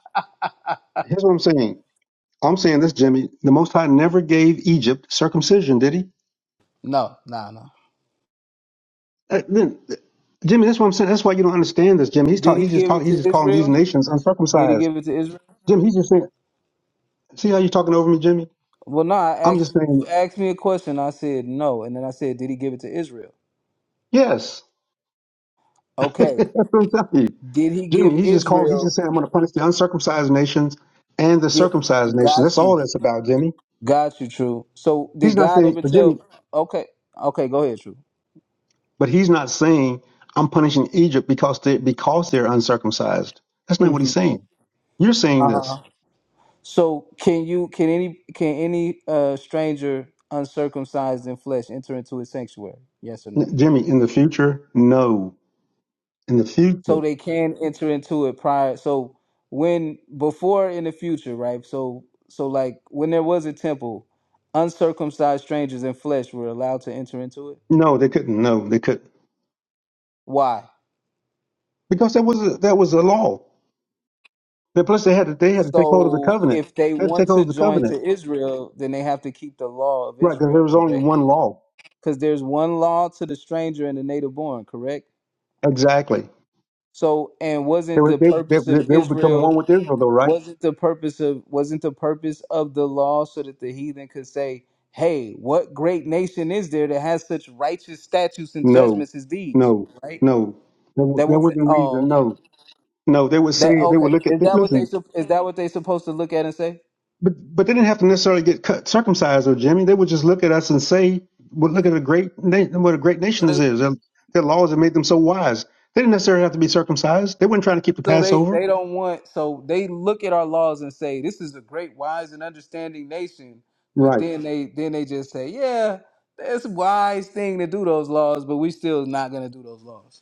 Speaker 6: here's what I'm saying. I'm saying this, Jimmy. The Most High never gave Egypt circumcision, did he?
Speaker 11: No, nah, no.
Speaker 6: Uh, then, uh, Jimmy, that's what I'm saying. That's why you don't understand this, Jimmy. He's
Speaker 11: Did
Speaker 6: talk,
Speaker 11: he
Speaker 6: He's just
Speaker 11: give it
Speaker 6: talking. He's
Speaker 11: to
Speaker 6: just calling these
Speaker 11: Israel?
Speaker 6: nations
Speaker 11: Did he
Speaker 6: uncircumcised.
Speaker 11: give it to Israel?
Speaker 6: Jimmy, he's just saying. See how you're talking over me, Jimmy?
Speaker 11: Well, no, I
Speaker 6: I'm
Speaker 11: asked
Speaker 6: just
Speaker 11: you
Speaker 6: saying
Speaker 11: asked me a question. I said no, and then I said, did he give it to Israel?
Speaker 6: yes. that's
Speaker 11: Okay,
Speaker 6: what I'm telling you,
Speaker 11: did he give
Speaker 6: Jimmy. He's just calling. He's just
Speaker 11: Israel?
Speaker 6: saying I'm going to punish the uncircumcised nations and the
Speaker 11: Yeah,
Speaker 6: circumcised nations. That's
Speaker 11: got you,
Speaker 6: all that's about, Jimmy.
Speaker 11: got you, true. So did
Speaker 6: He's not
Speaker 11: God
Speaker 6: saying,
Speaker 11: ever
Speaker 6: but Jimmy,
Speaker 11: tell? Okay, okay, go ahead, true.
Speaker 6: but he's not saying I'm punishing Egypt because they because they're uncircumcised. That's not what
Speaker 11: hmm
Speaker 6: he's saying. You're saying
Speaker 11: Uh
Speaker 6: this.
Speaker 11: huh. So can you can any can any uh stranger uncircumcised in flesh enter into his sanctuary? Yes or no?
Speaker 6: N- Jimmy, in the future, no. In the
Speaker 11: so
Speaker 6: future,
Speaker 11: they can enter into it prior so when before in the future right so so like when there was a temple uncircumcised strangers in flesh were allowed to enter into it
Speaker 6: no, they couldn't. No, they couldn't
Speaker 11: why
Speaker 6: because that was a, that was a law. And plus, they had to they had to take hold of the
Speaker 11: so
Speaker 6: covenant.
Speaker 11: if they
Speaker 6: They had to
Speaker 11: want
Speaker 6: take hold
Speaker 11: to
Speaker 6: of the
Speaker 11: join
Speaker 6: covenant,
Speaker 11: to israel then they have to keep the law of
Speaker 6: right? Because there
Speaker 11: israel
Speaker 6: was only
Speaker 11: correct
Speaker 6: one law.
Speaker 11: because there's one law to the stranger and the native born correct
Speaker 6: Exactly.
Speaker 11: so and
Speaker 6: They
Speaker 11: wasn't the
Speaker 6: would they, they
Speaker 11: purpose
Speaker 6: they
Speaker 11: of
Speaker 6: they would become
Speaker 11: israel
Speaker 6: one with Israel, though, right?
Speaker 11: wasn't the purpose of wasn't the purpose of the law so that the heathen could say hey what great nation is there that has such righteous statutes and
Speaker 6: No,
Speaker 11: judgments as these
Speaker 6: no,
Speaker 11: right
Speaker 6: no. There, wa-
Speaker 11: that
Speaker 6: there
Speaker 11: wasn't
Speaker 6: wasn't
Speaker 11: oh
Speaker 6: reason.
Speaker 11: okay
Speaker 6: No, no. They would say
Speaker 11: that
Speaker 6: they
Speaker 11: okay
Speaker 6: would look at.
Speaker 11: is that what they
Speaker 6: Listen,
Speaker 11: sup- is that what they supposed to look at and say
Speaker 6: But but they didn't have to necessarily get cut, circumcised, or Jimmy. They would just look at us and say, well, "Look at a great na- what a great
Speaker 11: so
Speaker 6: nation this
Speaker 11: they
Speaker 6: is. Their, their laws have made them so wise. They didn't necessarily have to be circumcised. They weren't trying to keep the
Speaker 11: so they
Speaker 6: Passover,
Speaker 11: they don't want so they look at our laws and say this is a great wise and understanding nation but
Speaker 6: right?
Speaker 11: then they then they just say yeah that's a wise thing to do those laws but we still not going to do those laws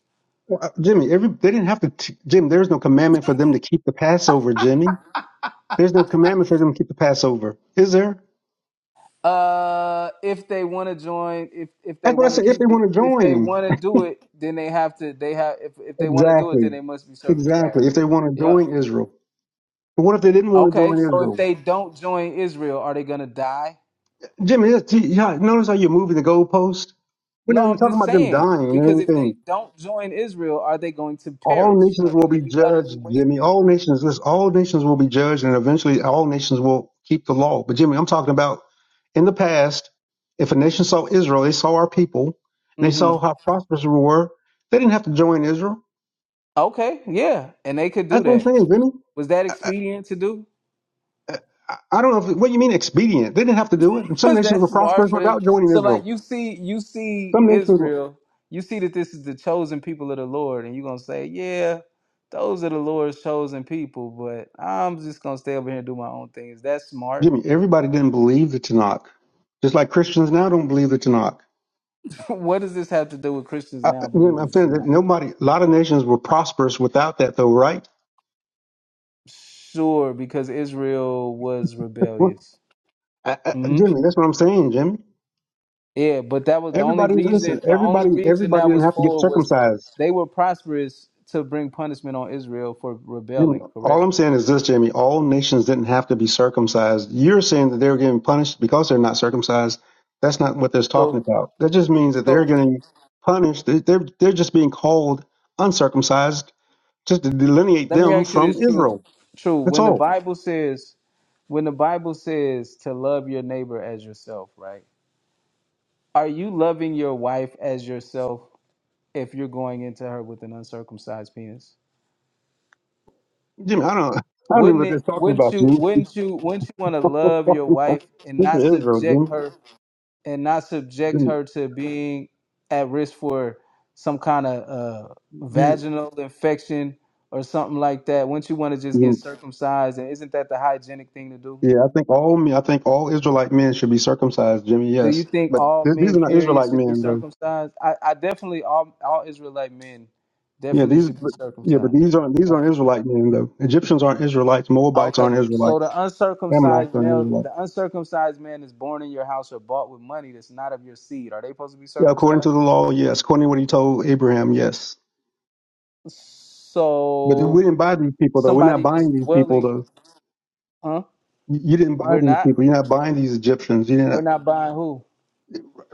Speaker 6: Well, uh, Jimmy, every they didn't have to. T- Jim, there's no commandment for them to keep the Passover. Jimmy, there's no commandment for them to keep the Passover. Is there?
Speaker 11: Uh, if they want to join, if if they
Speaker 6: That's what I
Speaker 11: want to
Speaker 6: said. If they
Speaker 11: keep it,
Speaker 6: want to
Speaker 11: if they
Speaker 6: join,
Speaker 11: want to do it, then they have to. They have if if they want to do it, then
Speaker 6: exactly,
Speaker 11: they must be
Speaker 6: exactly.
Speaker 11: circumcised.
Speaker 6: If they want to
Speaker 11: Yeah.
Speaker 6: join Israel, but what if they didn't want to
Speaker 11: Okay.
Speaker 6: join
Speaker 11: So if
Speaker 6: Israel?
Speaker 11: they don't join Israel, are they gonna die?
Speaker 6: Jimmy, that's, yeah, notice how you're moving the goalpost. We're not
Speaker 11: No,
Speaker 6: even
Speaker 11: I'm
Speaker 6: talking
Speaker 11: just
Speaker 6: about them
Speaker 11: saying
Speaker 6: dying or
Speaker 11: because if they
Speaker 6: anything.
Speaker 11: don't join Israel, are they going to
Speaker 6: All
Speaker 11: perish?
Speaker 6: nations
Speaker 11: Are they
Speaker 6: will be
Speaker 11: gonna be utterly
Speaker 6: judged, Jimmy.
Speaker 11: wasted?
Speaker 6: All nations, listen, all nations will be judged, and eventually all nations will keep the law. But Jimmy, I'm talking about in the past, if a nation saw Israel, they saw our people, and they
Speaker 11: Mm-hmm.
Speaker 6: saw how prosperous we were, they didn't have to join Israel.
Speaker 11: Okay. Yeah. And they could do
Speaker 6: That's what I'm
Speaker 11: that.
Speaker 6: saying, Jimmy.
Speaker 11: Was that expedient to do?
Speaker 6: I don't know if, what do you mean expedient. They didn't have to do it. some
Speaker 11: Cause
Speaker 6: nations
Speaker 11: that's
Speaker 6: were
Speaker 11: smart
Speaker 6: prosperous
Speaker 11: for them.
Speaker 6: without joining
Speaker 11: So like
Speaker 6: Israel.
Speaker 11: you see, you see
Speaker 6: Some nations were.
Speaker 11: Israel, you see that this is the chosen people of the Lord, and you're gonna say, Yeah, those are the Lord's chosen people, but I'm just gonna stay over here and do my own thing. Is that smart?
Speaker 6: Jimmy, everybody didn't believe the Tanakh, just like Christians now don't believe the Tanakh.
Speaker 11: what does this have to do with Christians
Speaker 6: I, I-
Speaker 11: now
Speaker 6: Jimmy,
Speaker 11: believing
Speaker 6: I'm
Speaker 11: it's
Speaker 6: saying that
Speaker 11: not?
Speaker 6: nobody, a lot of nations were prosperous without that, though, right?
Speaker 11: Sure, because Israel was
Speaker 6: Well,
Speaker 11: rebellious.
Speaker 6: I, I,
Speaker 11: hmm
Speaker 6: Jimmy, that's what I'm saying, Jimmy.
Speaker 11: Yeah, but that was the only
Speaker 6: Everybody, listen,
Speaker 11: reason. The only
Speaker 6: everybody,
Speaker 11: reason
Speaker 6: everybody
Speaker 11: that
Speaker 6: didn't
Speaker 11: was
Speaker 6: have to get
Speaker 11: for was
Speaker 6: circumcised.
Speaker 11: they were prosperous to bring punishment on Israel for
Speaker 6: Jimmy,
Speaker 11: rebelling.
Speaker 6: all
Speaker 11: Correct.
Speaker 6: I'm saying is this, Jimmy, all nations didn't have to be circumcised. You're saying that they were getting punished because they're not circumcised. That's not what they're talking
Speaker 11: So,
Speaker 6: about. That just means that they're
Speaker 11: so
Speaker 6: getting punished. They- They're, they're just being called uncircumcised just to delineate
Speaker 11: Let me
Speaker 6: them
Speaker 11: ask you
Speaker 6: from
Speaker 11: this, true,
Speaker 6: Israel.
Speaker 11: true.
Speaker 6: That's
Speaker 11: When the
Speaker 6: all.
Speaker 11: Bible says, when the Bible says to love your neighbor as yourself, right? Are you loving your wife as yourself if you're going into her with an uncircumcised penis?
Speaker 6: Jimmy, I don't, I don't even know
Speaker 11: Wouldn't
Speaker 6: what they're
Speaker 11: it?
Speaker 6: talking
Speaker 11: Wouldn't
Speaker 6: about,
Speaker 11: you?
Speaker 6: Jimmy.
Speaker 11: Wouldn't you? Wouldn't you want to love your wife and
Speaker 6: this is
Speaker 11: not
Speaker 6: Israel, Jimmy.
Speaker 11: subject her and not subject
Speaker 6: Jimmy,
Speaker 11: her to being at risk for some kind of uh,
Speaker 6: you-
Speaker 11: vaginal infection or something like that? Wouldn't you want to just
Speaker 6: Jimmy.
Speaker 11: get circumcised? And isn't that the hygienic thing to do?
Speaker 6: Yeah, I think all men, I think all Israelite men should be circumcised, Jimmy.
Speaker 11: Do you
Speaker 6: Yes,
Speaker 11: think
Speaker 6: but
Speaker 11: all
Speaker 6: th- these
Speaker 11: men,
Speaker 6: are not
Speaker 11: period,
Speaker 6: Israelite
Speaker 11: should be
Speaker 6: men, though.
Speaker 11: circumcised? I, I definitely all all Israelite men
Speaker 6: Yeah,
Speaker 11: definitely
Speaker 6: these,
Speaker 11: should be
Speaker 6: but, yeah, but
Speaker 11: circumcised.
Speaker 6: these aren't these
Speaker 11: Right.
Speaker 6: aren't Israelite men, though. Egyptians aren't Israelites. Moabites
Speaker 11: Okay.
Speaker 6: aren't
Speaker 11: So
Speaker 6: Israelites.
Speaker 11: the
Speaker 6: Ammonites
Speaker 11: uncircumcised
Speaker 6: aren't
Speaker 11: male, the
Speaker 6: Israelites.
Speaker 11: uncircumcised man is born in your house or bought with money that's not of your seed. Are they supposed to be
Speaker 6: Yeah, according to
Speaker 11: circumcised?
Speaker 6: the law, yes. According to what he told Abraham, yes. But we
Speaker 11: So
Speaker 6: didn't buy these people, though. We're not
Speaker 11: somebody
Speaker 6: buying
Speaker 11: just
Speaker 6: these people,
Speaker 11: dwelling,
Speaker 6: though
Speaker 11: huh?
Speaker 6: You you didn't buy
Speaker 11: We're
Speaker 6: these
Speaker 11: not.
Speaker 6: people. You're not buying these Egyptians. You
Speaker 11: We're
Speaker 6: didn't.
Speaker 11: not buying who?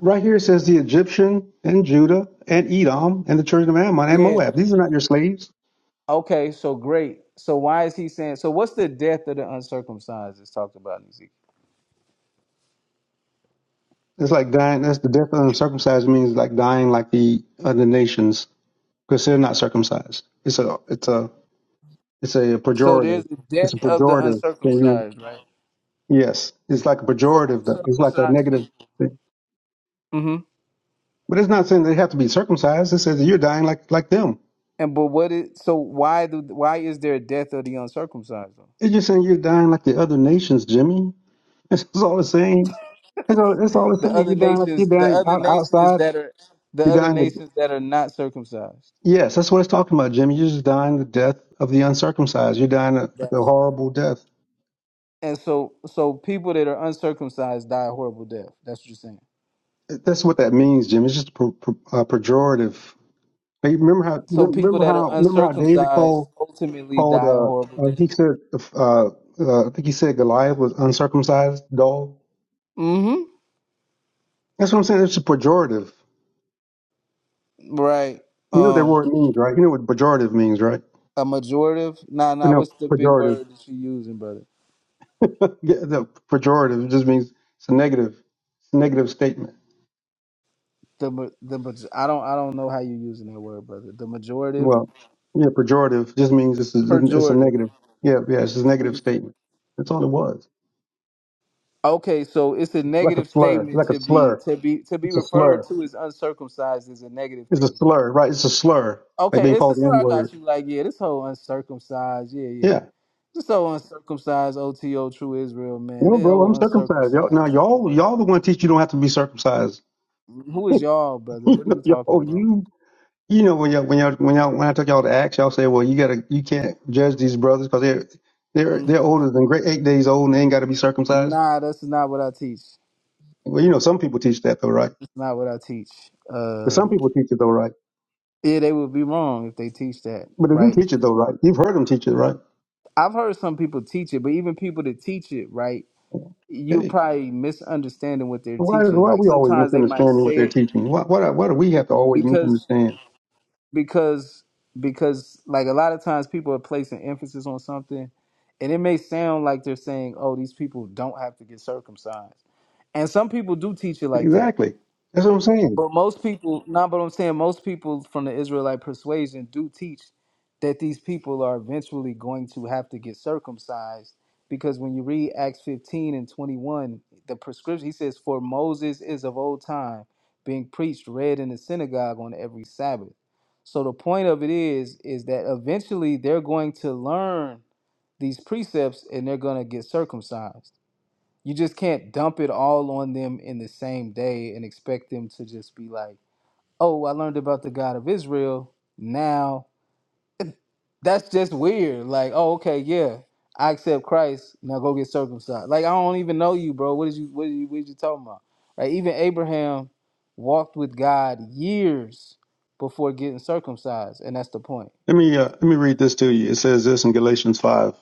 Speaker 6: Right here it says the Egyptian and Judah and Edom and the children of Ammon and
Speaker 11: Yeah.
Speaker 6: Moab. These are not your slaves.
Speaker 11: Okay. So great. So why is he saying? So what's the death of the uncircumcised? Is talked about in Ezekiel?
Speaker 6: It's like dying. That's the death of uncircumcised means like dying like the other nations because they're not circumcised. It's a it's a it's a
Speaker 11: So there's
Speaker 6: pejorative.
Speaker 11: the
Speaker 6: It's
Speaker 11: death
Speaker 6: a
Speaker 11: of the
Speaker 6: pejorative. thing. you,
Speaker 11: uncircumcised, right?
Speaker 6: yes, it's like a
Speaker 11: So For
Speaker 6: pejorative. Though. It's like a
Speaker 11: uncircumcised
Speaker 6: negative
Speaker 11: people.
Speaker 6: thing.
Speaker 11: hmm
Speaker 6: But it's not saying they have to be circumcised. It says that you're dying like like them.
Speaker 11: And but what is so why do why is there a death of the uncircumcised? Though?
Speaker 6: It's just saying you're dying like the other nations, Jimmy. That's all it's saying. That's all. That's all it's
Speaker 11: The
Speaker 6: saying.
Speaker 11: other
Speaker 6: You're dying. You're
Speaker 11: nations, the
Speaker 6: dying
Speaker 11: other
Speaker 6: out,
Speaker 11: nations
Speaker 6: outside.
Speaker 11: that are the
Speaker 6: You're
Speaker 11: other
Speaker 6: dying. To,
Speaker 11: nations that are not circumcised.
Speaker 6: yes, that's what it's talking about, Jimmy. You're just dying the death of the uncircumcised. You're dying a, like
Speaker 11: Yes.
Speaker 6: a horrible death.
Speaker 11: And so so people that are uncircumcised die a horrible death. That's what you're saying.
Speaker 6: That's what that means, Jimmy. It's just per, per, uh, pejorative. Hey, remember how?
Speaker 11: So people
Speaker 6: Remember
Speaker 11: that are
Speaker 6: how? Remember how David
Speaker 11: uncircumcised
Speaker 6: called
Speaker 11: ultimately
Speaker 6: called.
Speaker 11: die a
Speaker 6: Uh,
Speaker 11: horrible
Speaker 6: uh, he
Speaker 11: death.
Speaker 6: said. Uh, uh, I think he said Goliath was uncircumcised dog.
Speaker 11: Mm-hmm.
Speaker 6: That's what I'm saying. It's a pejorative.
Speaker 11: Right.
Speaker 6: You know what that
Speaker 11: Um.
Speaker 6: word means, right? You know what pejorative means, right?
Speaker 11: A majorative. Nah,
Speaker 6: I
Speaker 11: nah.
Speaker 6: know
Speaker 11: What's the big
Speaker 6: pejorative.
Speaker 11: word that you using, brother?
Speaker 6: Yeah, no, pejorative it just means it's a negative, it's a negative statement.
Speaker 11: the ma- the maj- I don't I don't know how you using that word, brother. The majorative,
Speaker 6: Well, yeah, pejorative just means it's a, it's a
Speaker 11: pejorative.
Speaker 6: negative. Yeah, yeah, it's just a
Speaker 11: It
Speaker 6: negative
Speaker 11: means
Speaker 6: statement. That's all it was.
Speaker 11: okay. So it's a
Speaker 6: Like a
Speaker 11: negative
Speaker 6: slur,
Speaker 11: statement
Speaker 6: like a
Speaker 11: to be
Speaker 6: slur.
Speaker 11: to be to be
Speaker 6: It's a
Speaker 11: referred
Speaker 6: slur.
Speaker 11: to as uncircumcised is a negative
Speaker 6: It's a
Speaker 11: thing.
Speaker 6: slur, right? It's a slur, like
Speaker 11: Okay,
Speaker 6: being
Speaker 11: it's
Speaker 6: called
Speaker 11: just
Speaker 6: the N
Speaker 11: like, I
Speaker 6: word.
Speaker 11: got you. Like yeah, this whole uncircumcised. Yeah, yeah.
Speaker 6: Yeah.
Speaker 11: This whole uncircumcised OTO true Israel man.
Speaker 6: No,
Speaker 11: They
Speaker 6: bro, I'm
Speaker 11: all
Speaker 6: circumcised. Y'all, now
Speaker 11: uncircumcised.
Speaker 6: y'all, y'all the one teach you don't have to be circumcised.
Speaker 11: Who is y'all, brother? What are you talking
Speaker 6: yo,
Speaker 11: about?
Speaker 6: you you know when y'all when y'all when y'all when I took y'all to Acts, y'all say, "Well, you gotta you can't judge these brothers because they're they're
Speaker 11: Mm,
Speaker 6: they're older than great eight days old and they ain't got to be circumcised."
Speaker 11: Nah, that's not what I teach.
Speaker 6: Well, you know some people teach that though, right?
Speaker 11: That's not what I teach.
Speaker 6: But
Speaker 11: Uh.
Speaker 6: some people teach it though, right?
Speaker 11: Yeah, they would be wrong if they teach that,
Speaker 6: But if you
Speaker 11: right?
Speaker 6: teach it though, right? You've heard them teach it, right?
Speaker 11: I've heard some people teach it, but even people that teach it, right, you're
Speaker 6: Hey,
Speaker 11: probably misunderstanding what they're
Speaker 6: why
Speaker 11: teaching.
Speaker 6: why are
Speaker 11: Like
Speaker 6: we always
Speaker 11: sometimes they might
Speaker 6: misunderstanding what
Speaker 11: say
Speaker 6: they're
Speaker 11: it
Speaker 6: teaching? Why why do- why do we have to always
Speaker 11: because
Speaker 6: misunderstand?
Speaker 11: because because like a lot of times people are placing emphasis on something and it may sound like they're saying, Oh, these people don't have to get circumcised. And some people do teach it like that.
Speaker 6: Exactly, that's what I'm saying.
Speaker 11: But most people, nah, but I'm saying most people from the Israelite persuasion do teach that these people are eventually going to have to get circumcised because when you read Acts 15 and 21, the prescription, he says, For Moses is of old time being preached, read in the synagogue on every Sabbath. So the point of it is, is that eventually they're going to learn these precepts and they're going to get circumcised. You just can't dump it all on them in the same day and expect them to just be like, oh, I learned about the God of Israel. Now that's just weird. Like, oh, okay, yeah, I accept Christ. Now go get circumcised. Like, I don't even know you, bro. What is you? What are you? What is you talking about? Right? Even Abraham walked with God years before getting circumcised, and that's the point.
Speaker 6: Let me uh, let me read this to you. It says this in Galatians five.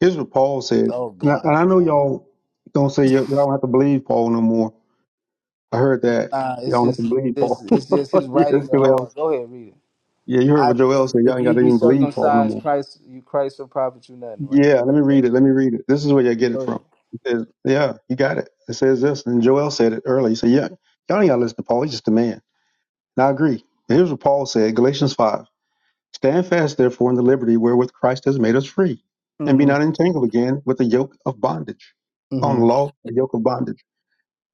Speaker 6: Here's what Paul said,
Speaker 11: Oh
Speaker 6: and I, and
Speaker 11: God,
Speaker 6: I know
Speaker 11: man.
Speaker 6: y'all don't say y- y'all don't have to believe Paul no more. I heard that
Speaker 11: Nah,
Speaker 6: y'all
Speaker 11: it's
Speaker 6: don't have to
Speaker 11: just
Speaker 6: believe
Speaker 11: it's
Speaker 6: Paul.
Speaker 11: it's just his
Speaker 6: you
Speaker 11: writings
Speaker 6: heard
Speaker 11: are
Speaker 6: Joel.
Speaker 11: hard. Go ahead, read it.
Speaker 6: Yeah, you heard
Speaker 11: I
Speaker 6: what Joel
Speaker 11: if,
Speaker 6: said. Y'all
Speaker 11: if
Speaker 6: ain't got
Speaker 11: you
Speaker 6: to
Speaker 11: be
Speaker 6: even believe Paul no
Speaker 11: circumcised,
Speaker 6: more.
Speaker 11: Christ you Christ will profit you nothing, right?
Speaker 6: Yeah, let me read it. Let me read it. This is where y'all get
Speaker 11: Go
Speaker 6: it
Speaker 11: ahead.
Speaker 6: from. It says, yeah, you got it. It says this, and Joel said it earlier. He said, yeah, y'all ain't got to listen to Paul. He's just a man. And I agree. And here's what Paul said, Galatians 5. Stand fast, therefore, in the liberty wherewith Christ has made us free, and be
Speaker 11: Mm-hmm.
Speaker 6: not entangled again with the yoke of bondage. On
Speaker 11: Mm-hmm.
Speaker 6: law, a yoke of bondage.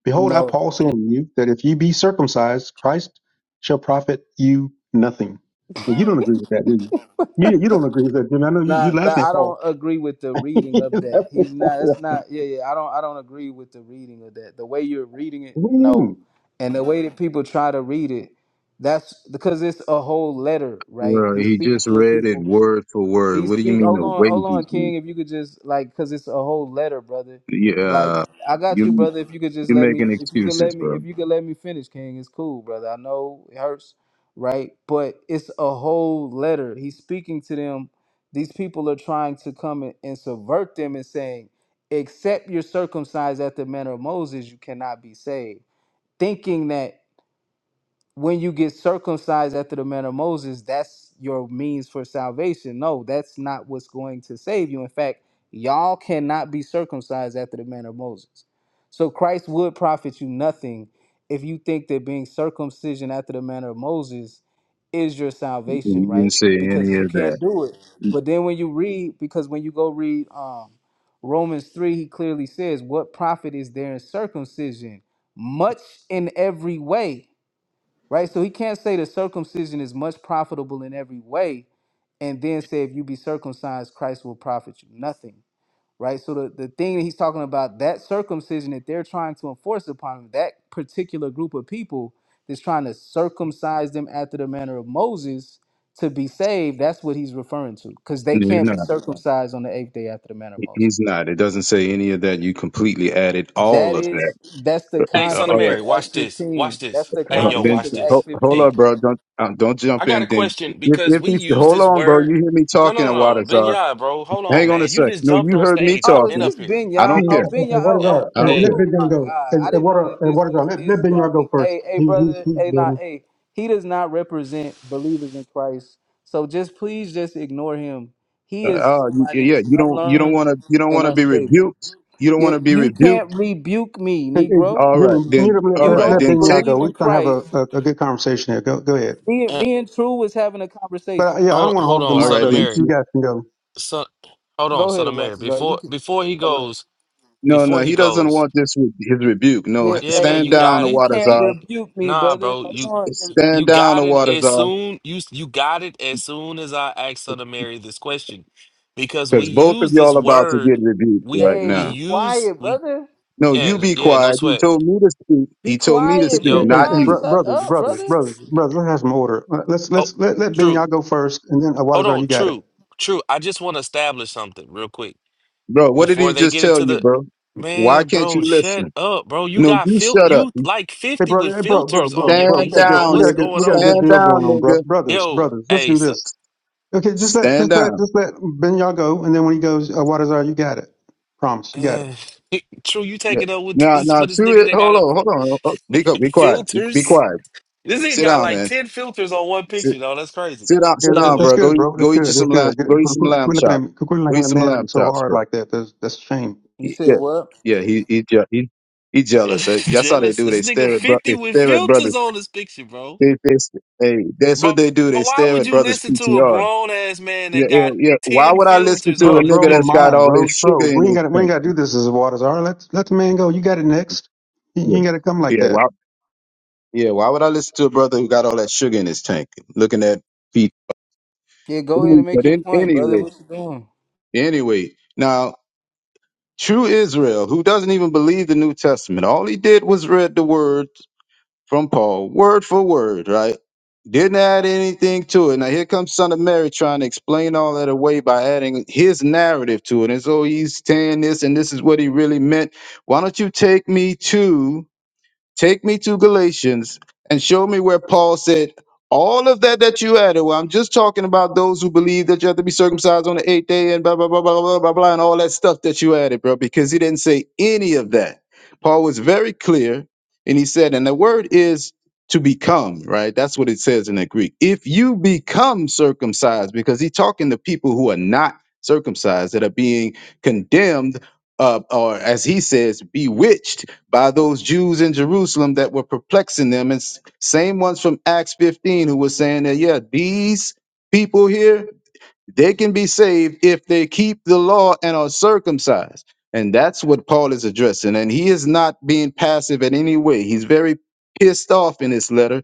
Speaker 6: Behold, I
Speaker 11: No.
Speaker 6: Paul say unto you that if ye be circumcised, Christ shall profit you nothing. And you don't agree with that, do you? You, you don't agree with that, Jimmy. I know you, you
Speaker 11: Nah, that,
Speaker 6: laughing at
Speaker 11: I don't
Speaker 6: Paul.
Speaker 11: agree with the reading
Speaker 6: You
Speaker 11: of that.
Speaker 6: laughing at
Speaker 11: He's
Speaker 6: Paul.
Speaker 11: not. That's not. Yeah, yeah. I don't. I don't agree with the reading of that. The way you're reading it,
Speaker 6: what do you
Speaker 11: no,
Speaker 6: mean?
Speaker 11: and the way that people try to read it, that's because it's a whole letter, right?
Speaker 13: Bro,
Speaker 11: He's
Speaker 13: he
Speaker 11: speaking
Speaker 13: just
Speaker 11: to a
Speaker 13: read
Speaker 11: people.
Speaker 13: it word for word.
Speaker 11: He
Speaker 13: What do you
Speaker 11: speak.
Speaker 13: mean the
Speaker 11: Hold on,
Speaker 13: way
Speaker 11: hold
Speaker 13: he's
Speaker 11: on,
Speaker 13: reading?
Speaker 11: King. If you could just like, cause it's a whole letter, brother. Like,
Speaker 13: Yeah,
Speaker 11: I got you,
Speaker 13: you
Speaker 11: brother. If you could just
Speaker 13: you're
Speaker 11: let me,
Speaker 13: making
Speaker 11: if you could
Speaker 13: excuses,
Speaker 11: let me,
Speaker 13: bro.
Speaker 11: if you could let me finish, King, it's cool, brother. I know it hurts, right? But it's a whole letter. He's speaking to them. These people are trying to come and, and subvert them and saying, except you're circumcised at the manner of Moses, you cannot be saved. Thinking that when you get circumcised after the manner of Moses, that's your means for salvation. No, that's not what's going to save you. In fact, y'all cannot be circumcised after the manner of Moses. So Christ would profit you nothing if you think that being circumcision after the manner of Moses is your
Speaker 13: You
Speaker 11: salvation,
Speaker 13: didn't
Speaker 11: right?
Speaker 13: say any
Speaker 11: Because you
Speaker 13: of that.
Speaker 11: can't do it. But then when you read, because when you go read um, Romans 3, he clearly says, What profit is there in circumcision? Much in every way right? So he can't say that circumcision is much profitable in every way and then say, if you be circumcised, Christ will profit you nothing, right? So the, the thing that he's talking about, that circumcision that they're trying to enforce upon that particular group of people that's trying to circumcise them after the manner of Moses to be saved, that's what he's referring to because they
Speaker 13: No, He's
Speaker 11: can't be
Speaker 13: not.
Speaker 11: circumcised on the eighth day after the manner of Moses.
Speaker 13: He's not. It doesn't say any of that. You completely added all
Speaker 11: That
Speaker 13: of that.
Speaker 11: is, that's the
Speaker 14: Hey,
Speaker 13: Uh,
Speaker 14: son of
Speaker 13: all
Speaker 11: context
Speaker 13: right.
Speaker 14: Mary,
Speaker 11: of Acts
Speaker 14: watch this. Watch
Speaker 11: 15. That's
Speaker 14: this.
Speaker 11: the
Speaker 14: Hey,
Speaker 13: Uh,
Speaker 14: yo,
Speaker 11: context
Speaker 13: then
Speaker 14: watch
Speaker 11: of Acts
Speaker 13: ho-
Speaker 14: this.
Speaker 13: hold
Speaker 11: 15,
Speaker 13: up,
Speaker 14: Hey,
Speaker 11: brother.
Speaker 13: bro. Don't uh, don't
Speaker 14: I
Speaker 13: jump
Speaker 14: got
Speaker 13: in.
Speaker 14: a
Speaker 13: Then
Speaker 14: question
Speaker 13: if
Speaker 14: because
Speaker 13: if
Speaker 14: we
Speaker 13: he
Speaker 14: use
Speaker 13: hold
Speaker 14: this
Speaker 13: on, bro. You
Speaker 14: word.
Speaker 13: hear me
Speaker 14: No,
Speaker 13: talking
Speaker 14: no, no,
Speaker 13: a while,
Speaker 14: no. Ben Yah, bro. Hold on,
Speaker 13: Hang on a
Speaker 14: man. You
Speaker 13: sec.
Speaker 14: just
Speaker 13: No,
Speaker 14: jumped
Speaker 13: you
Speaker 14: on
Speaker 13: heard me
Speaker 14: stage. I've
Speaker 11: Oh, is
Speaker 14: been
Speaker 13: talking.
Speaker 14: up
Speaker 11: this
Speaker 14: here.
Speaker 13: I
Speaker 11: Benya?
Speaker 13: don't
Speaker 6: Yeah,
Speaker 11: Oh,
Speaker 13: care.
Speaker 11: Benya.
Speaker 6: and what is
Speaker 11: Oh,
Speaker 14: Yeah.
Speaker 6: our?
Speaker 11: oh,
Speaker 13: I don't
Speaker 6: eh,
Speaker 11: oh,
Speaker 13: care.
Speaker 14: Hey,
Speaker 6: Let
Speaker 11: oh
Speaker 6: Benjamin
Speaker 11: my
Speaker 6: go.
Speaker 11: God.
Speaker 6: And
Speaker 11: I
Speaker 6: and
Speaker 11: didn't
Speaker 6: what
Speaker 11: know
Speaker 6: are?
Speaker 11: that
Speaker 6: and
Speaker 11: this
Speaker 6: What is our?
Speaker 11: was
Speaker 6: Let,
Speaker 11: this
Speaker 6: let Benjamin go
Speaker 11: dummy.
Speaker 6: first.
Speaker 11: Hey, hey,
Speaker 6: He's he's
Speaker 11: brother.
Speaker 6: he's
Speaker 11: Hey, not
Speaker 6: building.
Speaker 11: nah, hey. He does not represent believers in Christ. So just please just ignore him. He is
Speaker 13: Uh, y-
Speaker 11: somebody
Speaker 13: yeah,
Speaker 11: that's
Speaker 13: you don't you don't
Speaker 11: unlearned
Speaker 13: want to you don't
Speaker 11: and
Speaker 13: want to be
Speaker 11: unstable.
Speaker 13: rebuked. You don't
Speaker 11: Yeah,
Speaker 13: want to be
Speaker 11: you
Speaker 13: rebuked.
Speaker 11: can't rebuke me,
Speaker 6: Hey, hey,
Speaker 11: Negro.
Speaker 13: All
Speaker 6: Jimmy,
Speaker 13: right, then.
Speaker 6: mute up let,
Speaker 13: All
Speaker 11: You
Speaker 6: let,
Speaker 13: right,
Speaker 11: don't
Speaker 6: let
Speaker 13: then
Speaker 6: Ben
Speaker 13: take.
Speaker 6: go.
Speaker 11: believe
Speaker 6: We're
Speaker 11: in
Speaker 6: trying to have a,
Speaker 11: Christ.
Speaker 6: a, a good conversation here. Go, go ahead.
Speaker 11: Me, and
Speaker 14: uh,
Speaker 11: me and True was having a conversation.
Speaker 6: But uh, yeah, I
Speaker 14: hold,
Speaker 6: don't want to
Speaker 14: hold
Speaker 6: hog the
Speaker 14: on,
Speaker 13: All
Speaker 6: mic
Speaker 14: son
Speaker 13: right,
Speaker 14: of
Speaker 6: though.
Speaker 13: then.
Speaker 6: You,
Speaker 14: Mary.
Speaker 6: you
Speaker 13: t-
Speaker 6: guys can go.
Speaker 14: Son, hold on,
Speaker 11: Go
Speaker 14: son
Speaker 11: ahead,
Speaker 14: of Mary.
Speaker 11: Watson. You
Speaker 14: Before,
Speaker 11: can.
Speaker 14: before he
Speaker 11: Go ahead.
Speaker 14: goes,
Speaker 13: No,
Speaker 14: before
Speaker 13: no,
Speaker 14: he
Speaker 13: he doesn't
Speaker 14: goes.
Speaker 13: want this re- his rebuke. No,
Speaker 11: Yeah,
Speaker 14: Yeah,
Speaker 11: hey,
Speaker 14: man,
Speaker 13: stand
Speaker 14: you
Speaker 13: down,
Speaker 14: got
Speaker 11: you
Speaker 14: it.
Speaker 11: can't
Speaker 14: You,
Speaker 13: Awatazar.
Speaker 11: rebuke me,
Speaker 14: nah,
Speaker 11: brother.
Speaker 14: bro. You.
Speaker 11: Hold on.
Speaker 13: Stand
Speaker 14: You
Speaker 13: down,
Speaker 14: got it as
Speaker 13: Awatazar,
Speaker 14: soon you you got it as soon as I asked her to marry this question, because we
Speaker 13: because both of
Speaker 14: use this
Speaker 13: y'all about to
Speaker 14: word,
Speaker 13: get rebuked
Speaker 14: we
Speaker 13: right
Speaker 11: Hey,
Speaker 14: we
Speaker 11: be
Speaker 13: now.
Speaker 14: use
Speaker 11: quiet,
Speaker 14: we
Speaker 11: brother.
Speaker 13: No,
Speaker 14: yeah
Speaker 13: you
Speaker 14: th-
Speaker 13: be
Speaker 14: yeah no
Speaker 13: quiet. He
Speaker 14: sweat
Speaker 13: told me to speak.
Speaker 11: Be
Speaker 13: He told me to
Speaker 11: quiet,
Speaker 6: Hey,
Speaker 13: speak,
Speaker 14: yo
Speaker 11: Ben
Speaker 6: hey,
Speaker 13: not
Speaker 11: Y'all.
Speaker 13: you,
Speaker 6: bro-
Speaker 11: Shut
Speaker 6: brothers,
Speaker 11: up,
Speaker 6: brothers,
Speaker 11: brother.
Speaker 6: brothers, brothers. Let's have some order. Let's
Speaker 14: oh
Speaker 6: let's let let Ben
Speaker 14: true
Speaker 6: y'all go first, and then
Speaker 14: hold
Speaker 6: Awadazar, you
Speaker 14: on
Speaker 6: got it.
Speaker 14: true true I just want to establish something real quick
Speaker 13: bro. What did
Speaker 14: before
Speaker 13: he
Speaker 14: they
Speaker 13: just
Speaker 14: get
Speaker 13: tell
Speaker 14: into
Speaker 13: you,
Speaker 14: the
Speaker 13: bro? Why
Speaker 14: man
Speaker 13: can't
Speaker 14: bro
Speaker 13: you
Speaker 14: shut
Speaker 13: listen?
Speaker 14: up bro you
Speaker 13: No,
Speaker 14: got
Speaker 13: you
Speaker 14: fil
Speaker 13: shut up.
Speaker 14: you like
Speaker 6: Hey,
Speaker 14: fifty
Speaker 6: bro,
Speaker 14: with
Speaker 6: hey, bro, bro,
Speaker 14: filters on
Speaker 6: bro,
Speaker 14: your
Speaker 6: bro. We
Speaker 13: Stand
Speaker 6: got
Speaker 14: picture
Speaker 6: good,
Speaker 14: bro
Speaker 6: we
Speaker 13: down,
Speaker 14: what's
Speaker 6: got
Speaker 13: nigga.
Speaker 6: good, we
Speaker 14: going
Speaker 6: got a
Speaker 13: Stand
Speaker 6: good
Speaker 14: on
Speaker 6: deal going
Speaker 13: down,
Speaker 6: on, bro.
Speaker 13: nigga.
Speaker 6: Brothers,
Speaker 14: yo
Speaker 6: brothers. Let's
Speaker 14: hey
Speaker 6: do
Speaker 14: so,
Speaker 6: this. Okay, just let
Speaker 13: Stand
Speaker 6: just
Speaker 13: down.
Speaker 6: let just let Ben y'all go, and then when he goes, Awadazar, you got it. Promise, you got it.
Speaker 14: true you
Speaker 13: Yeah.
Speaker 14: taking up with
Speaker 13: Now,
Speaker 14: this
Speaker 13: now,
Speaker 14: for this
Speaker 13: to
Speaker 14: nigga
Speaker 13: it.
Speaker 14: that got
Speaker 13: Hold
Speaker 14: a
Speaker 13: on, hold on. hold on. Be, go- be quiet. Be, be
Speaker 14: filters.
Speaker 13: quiet.
Speaker 14: This nigga
Speaker 13: Sit
Speaker 14: got
Speaker 13: down,
Speaker 14: like
Speaker 13: man.
Speaker 14: 10 filters on one
Speaker 13: Sit,
Speaker 14: picture, though. That's crazy.
Speaker 13: sit down,
Speaker 6: Yeah,
Speaker 13: sit
Speaker 6: that,
Speaker 13: down,
Speaker 14: Anyway,
Speaker 6: that's
Speaker 13: bro. Go,
Speaker 6: good,
Speaker 13: eat-
Speaker 6: bro. That's
Speaker 13: go eat you
Speaker 6: good.
Speaker 13: some
Speaker 6: That's
Speaker 13: lamb.
Speaker 6: good.
Speaker 13: Go
Speaker 6: good.
Speaker 13: eat
Speaker 6: Quit,
Speaker 13: some
Speaker 6: quit
Speaker 13: lamb
Speaker 6: quit looking at
Speaker 13: chops.
Speaker 6: me. quit
Speaker 13: Go
Speaker 6: looking
Speaker 13: eat
Speaker 6: at
Speaker 13: some
Speaker 6: man
Speaker 13: lamb
Speaker 6: so
Speaker 13: chops,
Speaker 6: hard
Speaker 13: bro.
Speaker 6: like that. That's that's a shame,
Speaker 11: You
Speaker 13: He-
Speaker 11: said
Speaker 13: Yeah,
Speaker 11: what?
Speaker 13: yeah. He, he, je- he, he jealous. Uh, That's how they
Speaker 14: jealous.
Speaker 13: do. They
Speaker 14: This nigga
Speaker 13: stare at, bro-
Speaker 14: 50
Speaker 13: they
Speaker 14: with
Speaker 13: stare at
Speaker 14: filters
Speaker 13: brothers.
Speaker 14: on this picture, bro.
Speaker 13: They, they, they, that's
Speaker 14: Bro,
Speaker 13: what they do. They
Speaker 14: why
Speaker 13: stare
Speaker 14: would
Speaker 13: at
Speaker 14: you
Speaker 13: brothers'
Speaker 14: listen to a
Speaker 13: PTRs.
Speaker 14: grown ass man
Speaker 13: Yeah,
Speaker 14: that
Speaker 13: yeah,
Speaker 14: got
Speaker 13: yeah. Why
Speaker 14: 10
Speaker 13: would I listen
Speaker 14: filters
Speaker 13: to a
Speaker 14: on
Speaker 6: bro.
Speaker 14: this
Speaker 6: Bro,
Speaker 13: nigga that's
Speaker 6: my
Speaker 14: picture,
Speaker 13: got
Speaker 6: mind,
Speaker 14: bro?
Speaker 13: all
Speaker 6: bro,
Speaker 13: this sugar
Speaker 6: bro.
Speaker 13: in
Speaker 6: We ain't
Speaker 13: his
Speaker 6: got to we ain't
Speaker 13: tank?
Speaker 6: got to do this as Awadazar. Let let the man go. You got it next. You, you
Speaker 13: Yeah,
Speaker 6: ain't got to come like
Speaker 13: yeah.
Speaker 6: that.
Speaker 13: Why, yeah. Why would I listen to a brother who got all that sugar in his tank? Looking at.
Speaker 11: Yeah, go ahead and make
Speaker 13: But
Speaker 11: your
Speaker 13: in,
Speaker 11: point, brother.
Speaker 13: anyway,
Speaker 11: What you doing?
Speaker 13: anyway, now true Israel, who doesn't even believe the New Testament, all he did was read the word from Paul, word for word, right? Didn't add anything to it. Now here comes Son of Mary trying to explain all that away by adding his narrative to it. And so he's saying this, and this is what he really meant. Why don't you take me to Take me to Galatians and show me where Paul said, all of that that you added, well, I'm just talking about those who believe that you have to be circumcised on the eighth day and blah, blah, blah, blah, blah, blah, blah, and all that stuff that you added, bro, because he didn't say any of that. Paul was very clear and he said, and the word is to become, right? That's what it says in the Greek. If you become circumcised, because he's talking to people who are not circumcised, that are being condemned, uh, or as he says, bewitched by those Jews in Jerusalem that were perplexing them, and s- same ones from Acts 15 who were saying that, yeah, these people here, they can be saved if they keep the law and are circumcised. And that's what Paul is addressing. And he is not being passive in any way. He's very pissed off in this letter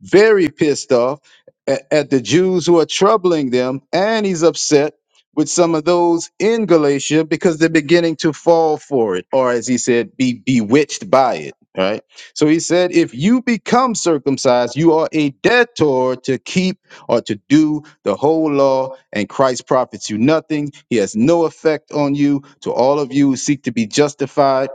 Speaker 13: very pissed off at, at the Jews who are troubling them, and he's upset with some of those in Galatia because they're beginning to fall for it, or as he said, be bewitched by it. Right. So he said, if you become circumcised, you are a debtor to keep or to do the whole law, and Christ profits you nothing. He has no effect on you. To all of you who seek to be justified,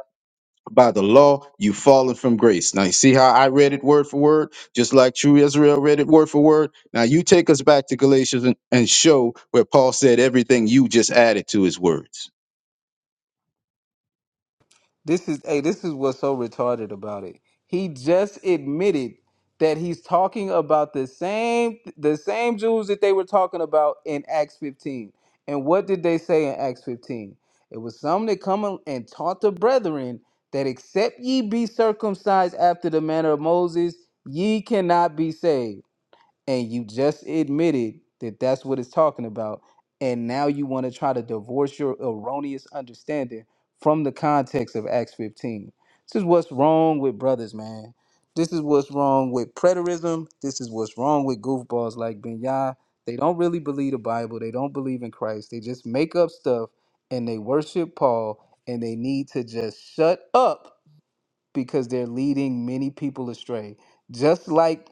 Speaker 13: by the law, you've fallen from grace. Now, you see how I read it word for word, just like true Israel read it word for word. Now, you take us back to Galatians and, and show where Paul said everything you just added to his words.
Speaker 11: This is hey, this is what's so retarded about it. He just admitted that he's talking about the same the same Jews that they were talking about in Acts 15. And what did they say in Acts 15? It was some that come and and taught the brethren that except ye be circumcised after the manner of Moses, ye cannot be saved. and you just admitted that that's what it's talking about and now you want to try to divorce your erroneous understanding from the context of acts 15 this is what's wrong with brothers man this is what's wrong with preterism this is what's wrong with goofballs like ben they don't really believe the bible they don't believe in christ they just make up stuff and they worship paul and they need to just shut up because they're leading many people astray. Just like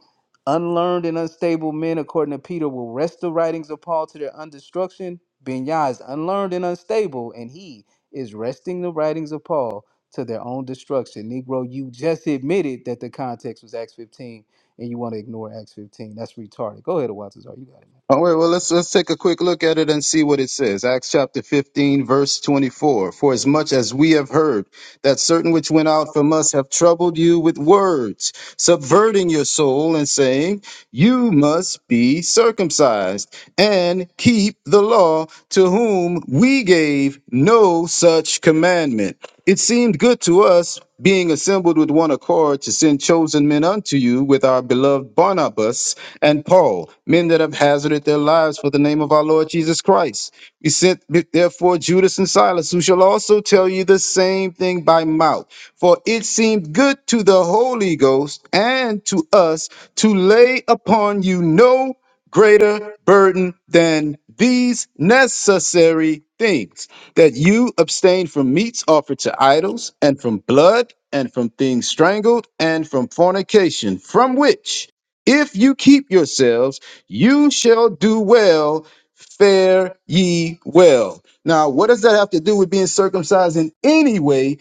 Speaker 11: unlearned and unstable men, according to Peter, will wrest the writings of Paul to their undestruction, Binyah is unlearned and unstable, and he is resting the writings of Paul to their own destruction. Negro, you just admitted that the context was Acts 15, and you want to ignore Acts 15. That's retarded. Go ahead, Watazar. You got it, man.
Speaker 13: All right, well, let's let's take a quick look at it and see what it says. Acts chapter 15, verse 24. For as much as we have heard that certain which went out from us have troubled you with words, subverting your soul and saying, You must be circumcised and keep the law, to whom we gave no such commandment. It seemed good to us, being assembled with one accord, to send chosen men unto you with our beloved Barnabas and Paul, men that have hazarded their lives for the name of our Lord Jesus Christ. We sent therefore Judas and Silas, who shall also tell you the same thing by mouth. For it seemed good to the Holy Ghost and to us to lay upon you no greater burden than these necessary things that you abstain from meats offered to idols, and from blood, and from things strangled, and from fornication, from which if you keep yourselves, you shall do well. Fare ye well. Now, what does that have to do with being circumcised in any way?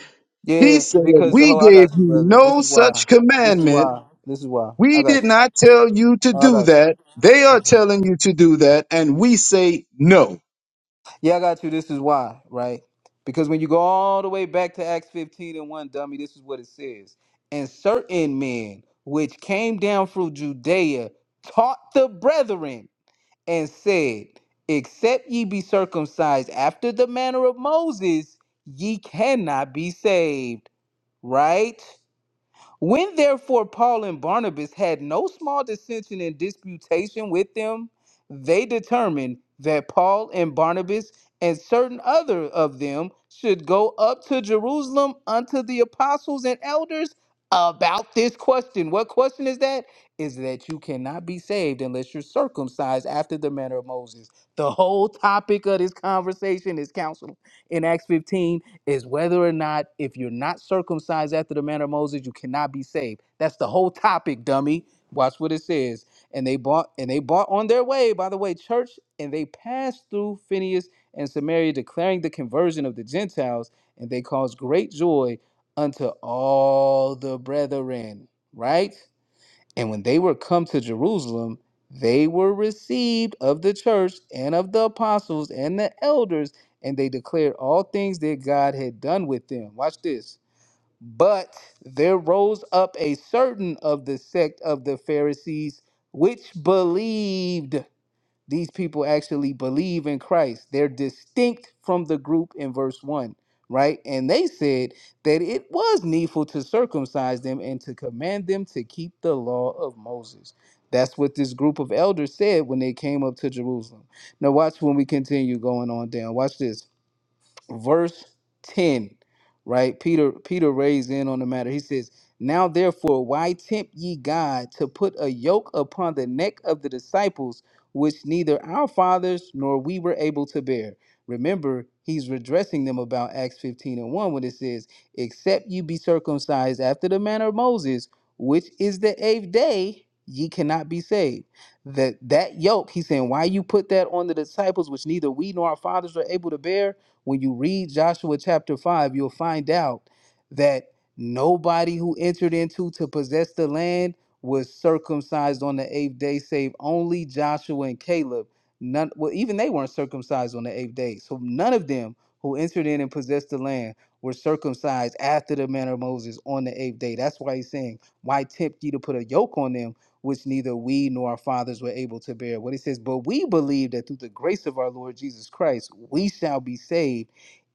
Speaker 13: He
Speaker 11: Yeah,
Speaker 13: said,
Speaker 11: because the
Speaker 13: We
Speaker 11: whole I
Speaker 13: gave
Speaker 11: got you,
Speaker 13: you
Speaker 11: brother. This
Speaker 13: no
Speaker 11: is why.
Speaker 13: such
Speaker 11: This is
Speaker 13: commandment.
Speaker 11: why. This is why. I
Speaker 13: We
Speaker 11: got
Speaker 13: did
Speaker 11: you.
Speaker 13: not tell you to
Speaker 11: I
Speaker 13: do
Speaker 11: got you.
Speaker 13: that. They are
Speaker 11: Okay.
Speaker 13: telling you to do that, and we say no.
Speaker 11: Yeah, I got you. This is why, right? Because when you go all the way back to Acts 15 and 1, dummy, this is what it says. And certain men which came down from Judea taught the brethren and said, Except ye be circumcised after the manner of Moses, ye cannot be saved, right? When therefore Paul and Barnabas had no small dissension and disputation with them, they determined that Paul and Barnabas and certain other of them should go up to Jerusalem unto the apostles and elders about this question. What question is that? Is that you cannot be saved unless you're circumcised after the manner of Moses. The whole topic of this conversation is counsel in Acts 15 is whether or not if you're not circumcised after the manner of Moses, you cannot be saved. That's the whole topic, dummy. Watch what it says. And they bought and they bought on their way, by the way, church, and they passed through Phineas and Samaria, declaring the conversion of the Gentiles, and they caused great joy unto all the brethren. Right? And when they were come to Jerusalem, they were received of the church and of the apostles and the elders, and they declared all things that God had done with them. Watch this. But there rose up a certain of the sect of the Pharisees which believed. These people actually believe in Christ. They're distinct from the group in verse 1, right? And they said that it was needful to circumcise them and to command them to keep the law of Moses. That's what this group of elders said when they came up to Jerusalem. Now, watch when we continue going on down. Watch this verse 10 right peter peter raised in on the matter he says now therefore why tempt ye god to put a yoke upon the neck of the disciples which neither our fathers nor we were able to bear remember he's redressing them about acts 15 and 1 when it says except you be circumcised after the manner of moses which is the eighth day ye cannot be saved that that yoke he's saying why you put that on the disciples which neither we nor our fathers were able to bear when you read Joshua chapter 5, you'll find out that nobody who entered into to possess the land was circumcised on the eighth day, save only Joshua and Caleb. None, well, even they weren't circumcised on the eighth day. So none of them who entered in and possessed the land were circumcised after the manner of Moses on the eighth day. That's why he's saying, Why tempt ye to put a yoke on them? which neither we nor our fathers were able to bear. What it says, but we believe that through the grace of our Lord Jesus Christ, we shall be saved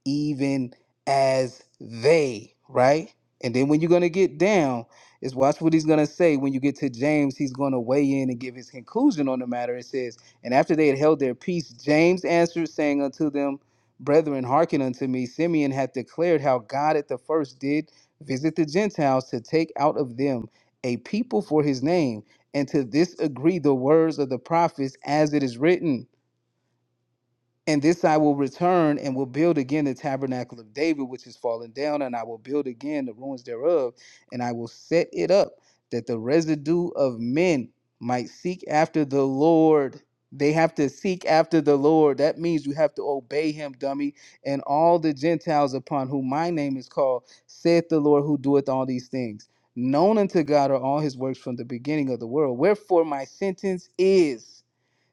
Speaker 11: even as they, right? And then when you're going to get down, is watch what he's going to say when you get to James. He's going to weigh in and give his conclusion on the matter. It says, And after they had held their peace, James answered, saying unto them, Brethren, hearken unto me. Simeon hath declared how God at the first did visit the Gentiles to take out of them a people for his name. And to this agree the words of the prophets as it is written. And this I will return and will build again the tabernacle of David, which is fallen down, and I will build again the ruins thereof, and I will set it up that the residue of men might seek after the Lord. They have to seek after the Lord. That means you have to obey him, dummy. And all the Gentiles upon whom my name is called, saith the Lord who doeth all these things. Known unto God are all his works from the beginning of the world. Wherefore my sentence is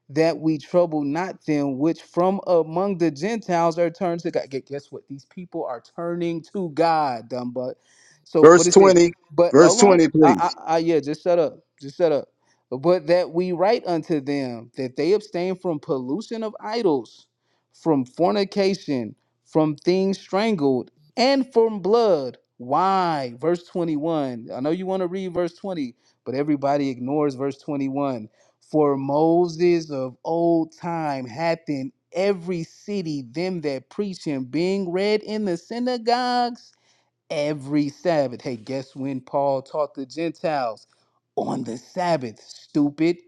Speaker 11: that we trouble not them which from among the Gentiles are turned to God. Gu- Guess what? These people are turning to God, dumb butt. So what
Speaker 13: Verse
Speaker 11: is this?
Speaker 13: 20,
Speaker 11: But
Speaker 13: verse
Speaker 11: hold on.
Speaker 13: 20,
Speaker 11: I,
Speaker 13: please.
Speaker 11: I, I, yeah, just shut up. Just shut up. But that we write unto them that they abstain from pollution of idols, from fornication, from things strangled, and from blood. Why? Verse 21. I know you want to read verse 20, but everybody ignores verse 21 for Moses of old time hath in every city them that preach him, being read in the synagogues every Sabbath. Hey, guess when Paul taught the Gentiles? On the Sabbath, stupid.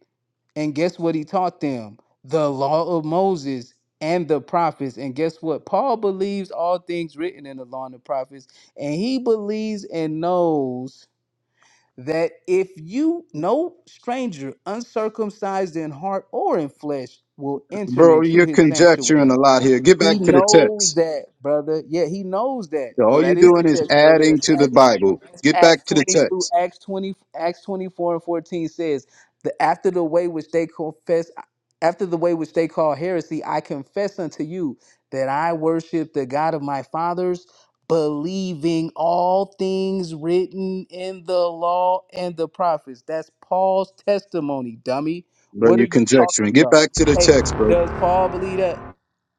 Speaker 11: And guess what he taught them? The law of Moses and the prophets. And guess what? Paul believes all things written in the law and the prophets, and he believes and knows that if you no stranger uncircumcised in heart or in flesh will enter
Speaker 13: Bro,
Speaker 11: into
Speaker 13: you're
Speaker 11: his
Speaker 13: conjecturing
Speaker 11: sanctuary
Speaker 13: a lot here. Get back
Speaker 11: he
Speaker 13: to the
Speaker 11: knows
Speaker 13: text.
Speaker 11: that, brother. Yeah, he knows that. Though
Speaker 13: All you're
Speaker 11: that is the
Speaker 13: doing is
Speaker 11: text, brother.
Speaker 13: adding
Speaker 11: That's
Speaker 13: to the
Speaker 11: Acts.
Speaker 13: Bible.
Speaker 11: That's
Speaker 13: Get back
Speaker 11: Acts
Speaker 13: to the text.
Speaker 11: twenty-two. Acts twenty. Acts twenty-four and fourteen says, "The after the way which they confess, after the way which they call heresy, I confess unto you that I worship the God of my fathers." Believing all things written in the law and the prophets. That's Paul's testimony, dummy.
Speaker 13: Bro,
Speaker 11: What are
Speaker 13: you
Speaker 11: you talking
Speaker 13: conjecturing. Get
Speaker 11: about?
Speaker 13: back to the
Speaker 11: Hey,
Speaker 13: text, bro.
Speaker 11: does Paul believe that?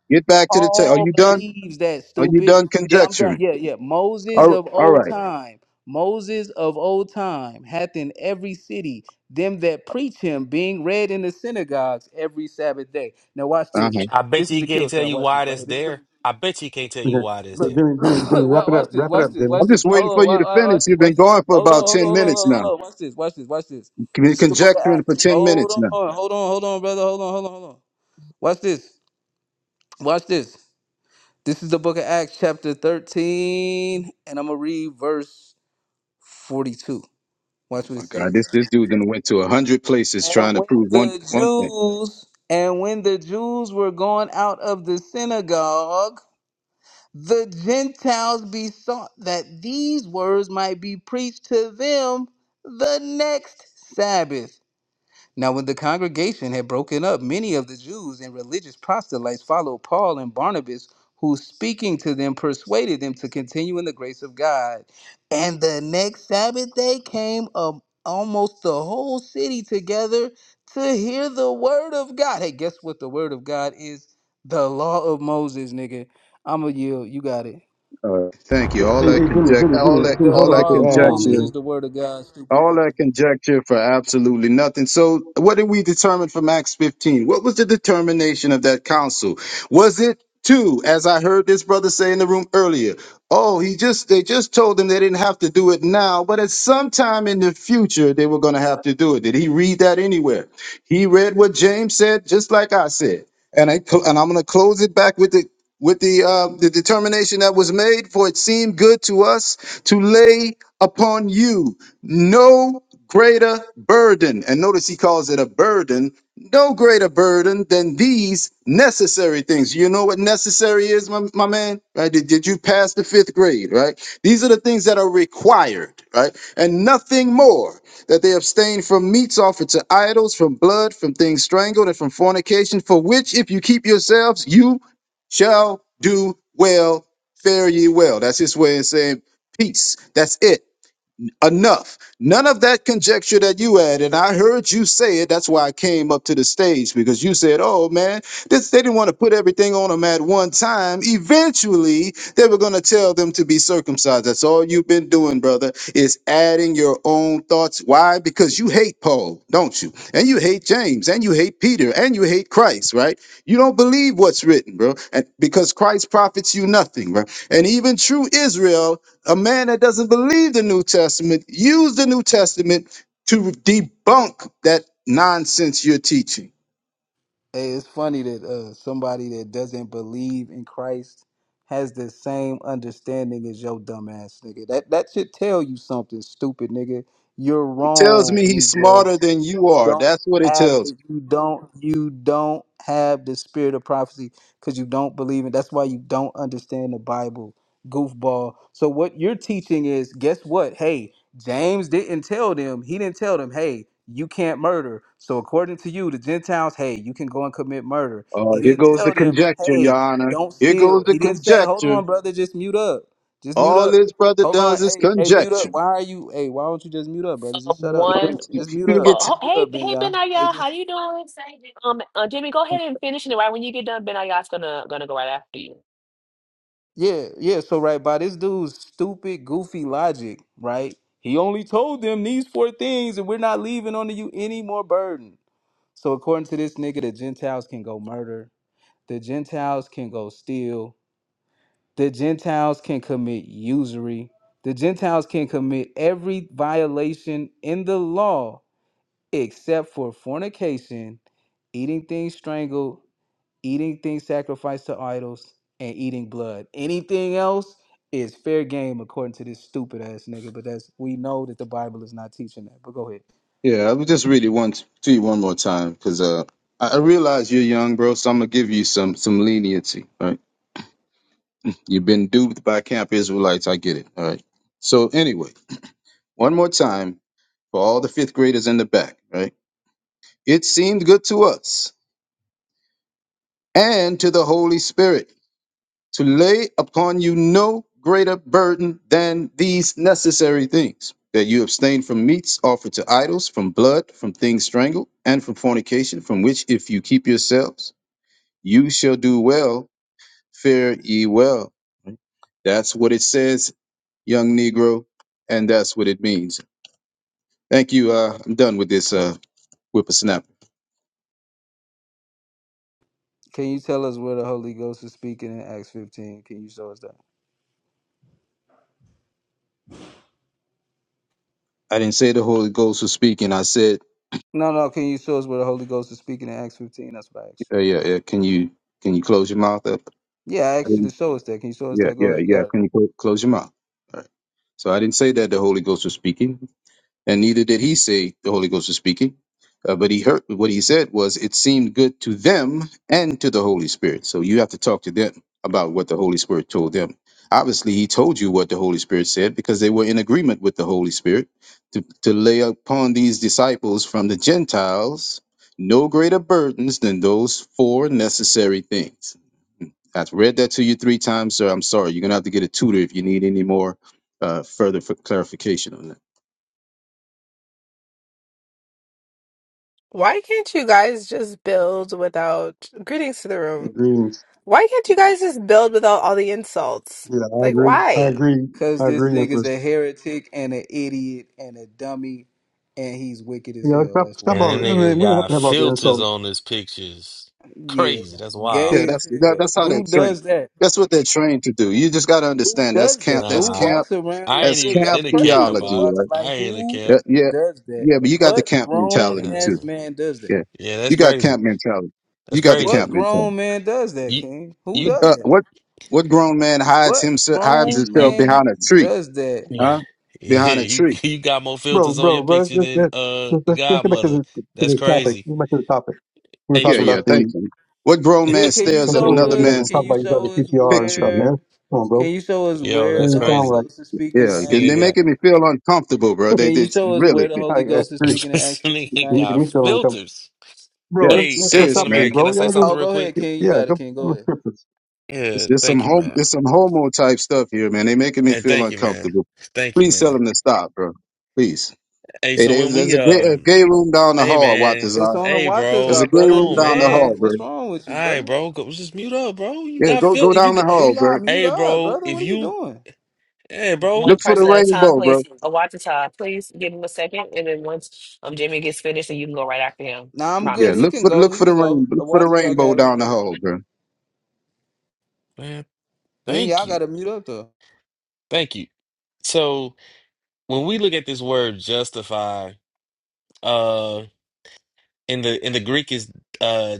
Speaker 13: Get back to the text. Are
Speaker 11: all
Speaker 13: you done?
Speaker 11: believes that
Speaker 13: Are you
Speaker 11: stupid
Speaker 13: done
Speaker 11: yeah i'm done
Speaker 13: conjecturing?
Speaker 11: yeah yeah moses
Speaker 13: All,
Speaker 11: of
Speaker 13: all
Speaker 11: old
Speaker 13: right.
Speaker 11: time moses of old time hath in every city them that preach him being read in the synagogues every sabbath day now watch
Speaker 13: Uh-huh.
Speaker 11: this
Speaker 14: I bet
Speaker 11: this
Speaker 14: you
Speaker 11: is
Speaker 14: he
Speaker 11: the
Speaker 14: can't
Speaker 11: kill
Speaker 14: tell
Speaker 11: shot
Speaker 14: you
Speaker 11: watch this
Speaker 14: why
Speaker 11: right
Speaker 14: that's
Speaker 11: here this is the
Speaker 14: there. I bet you he can't tell
Speaker 6: Okay.
Speaker 14: you why that's
Speaker 6: Hey,
Speaker 11: look
Speaker 14: there.
Speaker 6: Jimmy, Jimmy, Jimmy, wrap
Speaker 11: Wa-
Speaker 6: it up.
Speaker 11: watch this
Speaker 6: Wrap it
Speaker 11: watch
Speaker 6: up,
Speaker 11: this
Speaker 6: Jimmy.
Speaker 11: watch
Speaker 13: I'm just
Speaker 11: this
Speaker 13: waiting
Speaker 11: hold
Speaker 13: for
Speaker 11: on
Speaker 13: you
Speaker 11: wa-
Speaker 13: to
Speaker 11: wa-
Speaker 13: finish.
Speaker 11: watch this
Speaker 13: You've been
Speaker 11: watch this
Speaker 13: going for
Speaker 11: hold on
Speaker 13: about
Speaker 11: hold on
Speaker 13: 10
Speaker 11: hold on
Speaker 13: minutes
Speaker 11: hold on,
Speaker 13: now.
Speaker 11: hold on. watch this watch this watch this
Speaker 13: You've been
Speaker 11: this is the book of
Speaker 13: conjecturing for
Speaker 11: acts
Speaker 13: 10
Speaker 11: hold
Speaker 13: minutes
Speaker 11: on
Speaker 13: now.
Speaker 11: hold on hold on brother hold on hold on hold on watch this watch this This is the book of Acts, chapter 13, and I'm going to read verse 42.
Speaker 13: Oh
Speaker 11: Watch what it
Speaker 13: my God.
Speaker 11: says.
Speaker 13: This, this dude done went to a hundred places
Speaker 11: And
Speaker 13: trying to
Speaker 11: when
Speaker 13: prove one,
Speaker 11: the
Speaker 13: one thing.
Speaker 11: Jews, and when the Jews were gone out of the synagogue, the Gentiles besought that these words might be preached to them the next Sabbath. Now, when the congregation had broken up, many of the Jews and religious proselytes followed Paul and Barnabas, who, speaking to them, persuaded them to continue in the grace of God. And the next Sabbath day came um, almost the whole city together to hear the word of God. Hey, guess what the word of God is? The law of Moses, nigga. I'm going to yield. You got it.
Speaker 13: Uh, thank you.
Speaker 6: Hey,
Speaker 13: All
Speaker 6: hey,
Speaker 13: that
Speaker 6: hey, Jimmy,
Speaker 13: conject,
Speaker 6: Jimmy,
Speaker 13: all
Speaker 6: Jimmy,
Speaker 13: that,
Speaker 6: Jimmy,
Speaker 11: The
Speaker 6: hold
Speaker 13: all
Speaker 6: up
Speaker 13: that
Speaker 6: with the
Speaker 11: law of
Speaker 6: ad hom,
Speaker 13: conjecture
Speaker 11: Moses
Speaker 6: Jimmy.
Speaker 11: is the word of God, stupid
Speaker 13: All
Speaker 11: nigga.
Speaker 13: that conjecture for absolutely nothing. So, what did we determine from Acts 15? What was the determination of that council? Was it two, as I heard this brother say in the room earlier? Oh, he just they just told them they didn't have to do it now, but at some time in the future they were going to have to do it. Did he read that anywhere? He read what James said, just like I said, and I cl- and I'm going to close it back with the with the uh, the determination that was made, for it seemed good to us to lay upon you no greater burden. And notice he calls it a burden. No greater burden than these necessary things. You know what necessary is, my, my man? Right? Did, did you pass the fifth grade? Right? These are the things that are required, right? And nothing more. That they abstain from meats offered to idols, from blood, from things strangled, and from fornication, for which if you keep yourselves, you shall do well. Fare ye well. That's his way of saying peace. That's it enough. None of that conjecture that you had, and I heard you say it. That's why I came up to the stage because you said, "Oh man, this they didn't want to put everything on them at one time. Eventually, they were going to tell them to be circumcised." That's all you've been doing, brother, is adding your own thoughts. Why? Because you hate Paul, don't you? And you hate James, and you hate Peter, and you hate Christ, right? You don't believe what's written, bro, and because Christ profits you nothing, bro. And even true Israel a man that doesn't believe the New Testament, use the New Testament to debunk that nonsense you're teaching.
Speaker 11: Hey, it's funny that uh, somebody that doesn't believe in Christ has the same understanding as your dumbass nigga. That that should tell you something, stupid nigga. You're
Speaker 13: He tells me
Speaker 11: wrong,
Speaker 13: he's
Speaker 11: Negro
Speaker 13: smarter than you are.
Speaker 11: don't
Speaker 13: That's what it
Speaker 11: have
Speaker 13: tells.
Speaker 11: the
Speaker 13: me.
Speaker 11: you don't you don't have the spirit of prophecy because you don't believe it. That's why you don't understand the Bible, goofball. So what you're teaching is guess what? Hey, James didn't tell them, he didn't tell them, hey, you can't murder. So according to you, the Gentiles, hey, you can go and commit murder.
Speaker 13: Oh,
Speaker 11: He
Speaker 13: here
Speaker 11: didn't
Speaker 13: goes the
Speaker 11: tell them,
Speaker 13: conjecture, Your
Speaker 11: hey,
Speaker 13: Honor.
Speaker 11: don't
Speaker 13: Here goes
Speaker 11: steal.
Speaker 13: the
Speaker 11: He didn't say, hold
Speaker 13: conjecture.
Speaker 11: on, brother, just mute up. Just mute
Speaker 13: All
Speaker 11: up.
Speaker 13: this brother
Speaker 11: Hold on,
Speaker 13: does is
Speaker 11: hey, hey, mute up.
Speaker 13: conjecture.
Speaker 11: Why are you hey, why don't you just mute up, brother?
Speaker 2: Um,
Speaker 11: Just shut up.
Speaker 13: Um,
Speaker 2: one.
Speaker 11: Just mute
Speaker 13: People
Speaker 11: up.
Speaker 13: get.
Speaker 2: Uh,
Speaker 11: Just mute
Speaker 2: hey,
Speaker 11: up, Ben,
Speaker 2: hey,
Speaker 11: y'all.
Speaker 2: Benaya,
Speaker 11: Hey,
Speaker 2: how
Speaker 11: just
Speaker 2: you doing? Um, uh, Jimmy, go ahead and finish it. Right when you get done, Benaya's gonna gonna go right after you.
Speaker 11: yeah, yeah. So right by this dude's stupid, goofy logic, right? He only told them these four things, and we're not leaving onto you any more burden. So according to this nigga, the Gentiles can go murder. The Gentiles can go steal. The Gentiles can commit usury. The Gentiles can commit every violation in the law except for fornication, eating things strangled, eating things sacrificed to idols, and eating blood. Anything else is fair game according to this stupid ass nigga. But that's we know that the Bible is not teaching that. But go ahead.
Speaker 13: yeah, I will just read it one to you one more time because uh, I I realize you're young, bro. So I'm gonna give you some some leniency. All right, you've been duped by camp Israelites. I get it. All right. So anyway. one more time for all the fifth graders in the back, right? It seemed good to us and to the Holy Spirit to lay upon you no greater burden than these necessary things that you abstain from meats offered to idols, from blood, from things strangled, and from fornication, from which if you keep yourselves, you shall do well. Fare ye well. That's what it says, young Negro, and that's what it means. Thank you. Uh, I'm done with this uh, whippersnapper.
Speaker 11: Can you tell us where the Holy Ghost is speaking in Acts 15? Can you show us that?
Speaker 13: I didn't say the Holy Ghost was speaking. I said,
Speaker 11: No, no. Can you show us where the Holy Ghost is speaking in Acts 15? That's what I asked
Speaker 13: uh, yeah, yeah. Can you can you close your mouth up?
Speaker 11: you. Yeah, I
Speaker 13: I
Speaker 11: asked you to
Speaker 13: didn't-
Speaker 11: show us that. Can you show us
Speaker 13: yeah,
Speaker 11: that? Go
Speaker 13: yeah,
Speaker 11: ahead. You
Speaker 13: yeah.
Speaker 11: got it.
Speaker 13: Can you cl- close your mouth? All right. So I didn't say that the Holy Ghost was speaking. and neither did he say the Holy Ghost was speaking. Uh, but he heard what he said was it seemed good to them and to the Holy Spirit. So you have to talk to them about what the Holy Spirit told them. Obviously, he told you what the Holy Spirit said because they were in agreement with the Holy Spirit to, to lay upon these disciples from the Gentiles no greater burdens than those four necessary things. I've read that to you three times, sir. I'm sorry. You're going to have to get a tutor if you need any more uh, further for clarification on that.
Speaker 15: Why can't you guys just build without greetings to the
Speaker 6: Hey,
Speaker 15: room?
Speaker 6: greetings.
Speaker 15: Why can't you guys just build without all the insults?
Speaker 6: Yeah, I
Speaker 15: Like,
Speaker 6: agree. I
Speaker 15: why?
Speaker 6: agree.
Speaker 11: Cause
Speaker 6: I
Speaker 11: this
Speaker 6: agree,
Speaker 11: nigga's
Speaker 6: Empress.
Speaker 11: a heretic and an idiot and a dummy, and he's wicked
Speaker 6: You
Speaker 11: as
Speaker 6: know,
Speaker 11: hell.
Speaker 6: stop,
Speaker 11: That's
Speaker 6: stop
Speaker 11: why.
Speaker 6: all
Speaker 14: And that
Speaker 6: the, I mean,
Speaker 14: nigga
Speaker 6: we don't have
Speaker 14: got
Speaker 6: to have all the
Speaker 14: filters
Speaker 6: insults.
Speaker 14: on his pictures.
Speaker 11: Yeah,
Speaker 14: Crazy. That's wild.
Speaker 13: Yeah,
Speaker 11: gay as
Speaker 13: that's that,
Speaker 11: hell.
Speaker 13: that's how they're
Speaker 11: Who
Speaker 13: trained.
Speaker 11: does that?
Speaker 13: That's what they're trained to do. You just got to
Speaker 11: Who
Speaker 13: understand that's
Speaker 11: does
Speaker 13: camp.
Speaker 11: that?
Speaker 13: That's
Speaker 11: Who
Speaker 14: Nah,
Speaker 13: camp.
Speaker 11: walks
Speaker 14: I,
Speaker 11: around
Speaker 14: I
Speaker 11: with
Speaker 14: ain't
Speaker 13: That's
Speaker 11: you?
Speaker 14: even
Speaker 13: camp
Speaker 11: That's
Speaker 14: in the camp,
Speaker 11: crazy. to
Speaker 13: theology,
Speaker 14: bot.
Speaker 11: Watch it.
Speaker 13: right?
Speaker 14: I
Speaker 11: Like
Speaker 14: ain't in the
Speaker 11: who
Speaker 13: Yeah,
Speaker 14: camp.
Speaker 13: yeah,
Speaker 11: does that?
Speaker 13: yeah. But you got the
Speaker 11: What
Speaker 13: camp
Speaker 11: grown
Speaker 13: mentality
Speaker 14: Yeah.
Speaker 13: too.
Speaker 11: ass man does that?
Speaker 13: Yeah,
Speaker 14: Yeah, that's
Speaker 13: you got
Speaker 14: crazy.
Speaker 13: camp mentality. You
Speaker 14: That's
Speaker 13: got the
Speaker 11: What
Speaker 13: camp
Speaker 14: crazy.
Speaker 13: mentality.
Speaker 11: grown man does that,
Speaker 14: You,
Speaker 11: King? Who
Speaker 14: you,
Speaker 11: does
Speaker 13: Uh,
Speaker 11: that?
Speaker 13: what what grown man hides
Speaker 11: What
Speaker 13: himself hides
Speaker 14: you,
Speaker 11: grown
Speaker 14: you,
Speaker 13: himself behind
Speaker 11: man
Speaker 13: a tree?
Speaker 11: does that?
Speaker 14: yeah,
Speaker 13: Huh? Behind a
Speaker 14: you,
Speaker 13: tree.
Speaker 14: you got more
Speaker 6: Bro,
Speaker 14: filters on
Speaker 6: bro,
Speaker 14: your
Speaker 6: bro, let's,
Speaker 14: picture
Speaker 6: let's,
Speaker 14: than uh
Speaker 6: let's, let's, let's let's get back to
Speaker 14: Godmother.
Speaker 6: the, to
Speaker 14: That's
Speaker 6: the topic.
Speaker 14: crazy.
Speaker 6: Get back to the topic. We were
Speaker 14: Hey,
Speaker 13: Yeah,
Speaker 6: talking
Speaker 13: yeah.
Speaker 6: about
Speaker 14: true.
Speaker 6: the,
Speaker 13: Thank you. What grown
Speaker 11: Yeah,
Speaker 13: man
Speaker 11: can you
Speaker 13: stares at
Speaker 6: we don't
Speaker 11: show
Speaker 6: need to
Speaker 13: another
Speaker 6: be
Speaker 11: us?
Speaker 6: making
Speaker 13: man's
Speaker 11: Can
Speaker 6: talk
Speaker 11: you
Speaker 6: about each other,
Speaker 11: show us
Speaker 6: PTR and
Speaker 13: picture?
Speaker 6: stuff,
Speaker 13: man?
Speaker 6: man.
Speaker 11: where?
Speaker 6: Come on,
Speaker 11: Can
Speaker 6: bro.
Speaker 11: you show us
Speaker 14: Yo,
Speaker 6: That
Speaker 11: where
Speaker 14: that's
Speaker 11: the
Speaker 6: doesn't
Speaker 11: Holy
Speaker 6: sound
Speaker 14: crazy.
Speaker 6: right.
Speaker 11: Ghost is speaking in
Speaker 13: Yeah,
Speaker 14: This
Speaker 13: 'cause
Speaker 11: Acts?
Speaker 13: they're
Speaker 14: nigga got,
Speaker 13: making me feel uncomfortable, bro. They
Speaker 11: Can you
Speaker 13: did
Speaker 11: show us where
Speaker 13: really.
Speaker 11: the
Speaker 6: I
Speaker 11: Holy Ghost is
Speaker 6: agree.
Speaker 11: speaking in
Speaker 14: this
Speaker 11: Acts 15?
Speaker 14: nigga
Speaker 11: I
Speaker 6: You're
Speaker 11: asked
Speaker 6: making
Speaker 11: you
Speaker 14: got
Speaker 6: me
Speaker 11: to show
Speaker 6: feel
Speaker 11: me. that.
Speaker 6: uncomfortable.
Speaker 14: filters.
Speaker 6: Bro,
Speaker 13: Yeah,
Speaker 6: let's,
Speaker 14: Hey,
Speaker 6: let's,
Speaker 14: hey,
Speaker 6: let's
Speaker 13: serious,
Speaker 14: son
Speaker 6: stop
Speaker 14: of
Speaker 6: this,
Speaker 13: man.
Speaker 14: Mary, can
Speaker 6: bro.
Speaker 14: I say
Speaker 6: Y'all
Speaker 14: something
Speaker 11: Oh,
Speaker 14: real
Speaker 11: go ahead,
Speaker 14: quick?
Speaker 6: just,
Speaker 11: King. You
Speaker 6: yeah,
Speaker 11: got it,
Speaker 6: go
Speaker 11: King.
Speaker 6: from
Speaker 11: Go
Speaker 6: the
Speaker 11: ahead.
Speaker 6: scriptures.
Speaker 13: It's,
Speaker 14: Yeah,
Speaker 13: it's some
Speaker 14: thank you,
Speaker 13: home,
Speaker 14: man.
Speaker 13: it's some homo type stuff here, man. They making me
Speaker 14: And
Speaker 13: feel
Speaker 14: thank you, man.
Speaker 13: uncomfortable.
Speaker 14: Thank you,
Speaker 13: Please tell
Speaker 14: man.
Speaker 13: them to stop, bro. Please.
Speaker 14: Hey,
Speaker 13: Hey,
Speaker 14: so when
Speaker 13: there's, there's
Speaker 14: we,
Speaker 13: a, gay, a
Speaker 14: um,
Speaker 13: gay room down the
Speaker 14: hey,
Speaker 13: hall,
Speaker 14: man,
Speaker 11: It's
Speaker 13: Watazar.
Speaker 11: on the
Speaker 14: hey,
Speaker 11: watches
Speaker 13: There's a
Speaker 14: bro,
Speaker 11: up,
Speaker 13: gay
Speaker 14: come
Speaker 11: brother.
Speaker 13: room
Speaker 14: on,
Speaker 11: Mute
Speaker 13: down the hall,
Speaker 14: man.
Speaker 11: up.
Speaker 13: bro.
Speaker 11: What's wrong with
Speaker 14: All
Speaker 11: you,
Speaker 14: right,
Speaker 11: brother?
Speaker 14: bro, go, just mute up, bro. You
Speaker 13: Yeah,
Speaker 14: got
Speaker 13: go
Speaker 14: fil-
Speaker 13: go
Speaker 14: if you
Speaker 13: down the
Speaker 11: Ben
Speaker 13: hall,
Speaker 11: y'all
Speaker 13: bro.
Speaker 11: mute
Speaker 14: Hey,
Speaker 11: up,
Speaker 14: bro,
Speaker 11: brother.
Speaker 14: if
Speaker 11: What are you
Speaker 14: you,
Speaker 11: doing?
Speaker 14: hey,
Speaker 13: Look
Speaker 2: one
Speaker 14: bro,
Speaker 13: for the
Speaker 2: person at a time,
Speaker 13: rainbow, bro.
Speaker 2: please. A watch the time, please. Give him a second, and then once um Jimmy gets finished, and you can go right after him.
Speaker 11: Nah, I'm
Speaker 13: Yeah,
Speaker 11: good.
Speaker 2: Promise.
Speaker 11: He
Speaker 13: look
Speaker 11: can
Speaker 13: for
Speaker 11: go.
Speaker 13: look
Speaker 11: He
Speaker 13: for the
Speaker 11: can go.
Speaker 13: rain, look
Speaker 11: The
Speaker 13: for the
Speaker 11: watches are
Speaker 13: rainbow
Speaker 11: have it.
Speaker 13: down the
Speaker 11: Go ahead.
Speaker 13: hall, bro.
Speaker 14: man,
Speaker 11: Ben
Speaker 14: thank
Speaker 11: y'all
Speaker 14: you.
Speaker 11: gotta mute up though.
Speaker 14: Thank you. So when we look at this word justify, uh, in the in the Greek is uh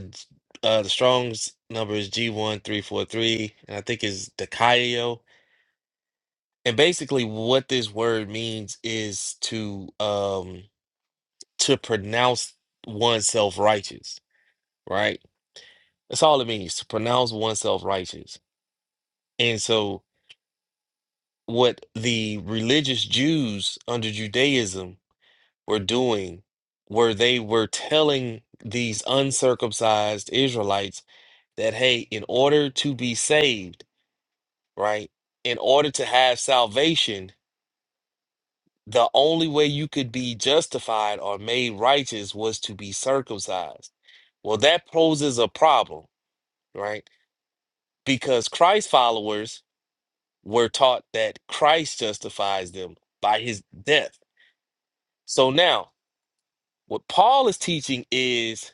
Speaker 14: uh the Strong's number is G1343, and I think is dikaio. And basically what this word means is to um to pronounce oneself righteous, right? That's all it means, to pronounce oneself righteous. And so what the religious Jews under Judaism were doing, where they were telling these uncircumcised Israelites that, hey, in order to be saved, right, in order to have salvation, the only way you could be justified or made righteous was to be circumcised. Well, that poses a problem, right? Because Christ followers were taught that Christ justifies them by his death. So now, What Paul is teaching is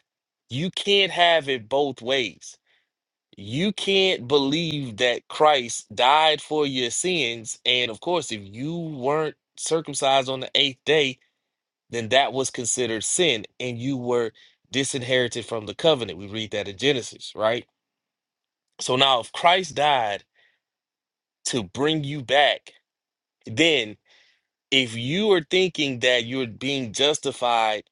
Speaker 14: you can't have it both ways. You can't believe that Christ died for your sins. And of course, if you weren't circumcised on the eighth day, then that was considered sin and you were disinherited from the covenant. We read that in Genesis, right? So now, if Christ died to bring you back, then if you are thinking that you're being justified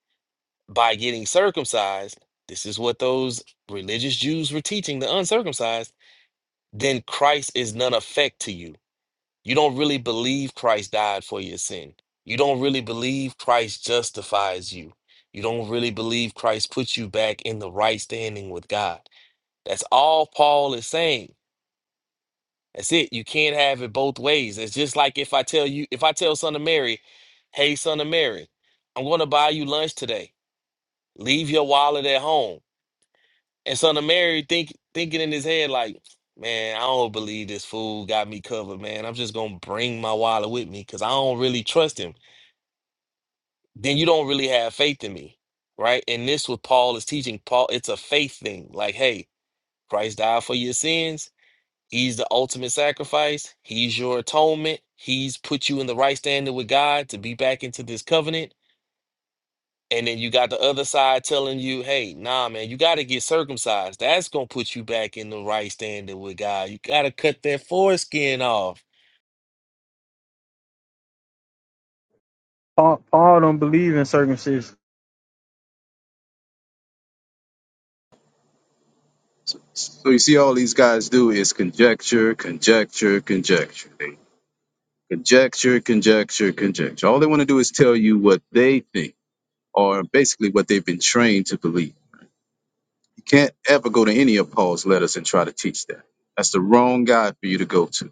Speaker 14: by getting circumcised, this is what those religious Jews were teaching the uncircumcised, then Christ is none effect to you. You don't really believe Christ died for your sin. You don't really believe Christ justifies you. You don't really believe Christ puts you back in the right standing with God. That's all Paul is saying. That's it. You can't have it both ways. It's just like if I tell you, if I tell son of Mary, hey, son of Mary, I'm going to buy you lunch today. Leave your wallet at home And son of Mary think thinking in his head like, man, I don't believe this fool got me covered, man. I'm just gonna bring my wallet with me because I don't really trust him. Then you don't really have faith in me, right? And this what Paul is teaching. Paul, it's a faith thing. Like, hey, Christ died for your sins. He's the ultimate sacrifice. He's your atonement. He's put you in the right standing with God to be back into this covenant And then you got the other side telling you, hey, nah, man, you got to get circumcised. That's going to put you back in the right standing with God. You got to cut that foreskin off.
Speaker 16: Paul, Paul don't believe in circumcision.
Speaker 13: So you see, all these guys do is conjecture, conjecture, conjecture. They conjecture, conjecture, conjecture. All they want to do is tell you what they think, or basically what they've been trained to believe. Can't ever go to any of Paul's letters and try to teach that. That's the wrong guy for you to go to.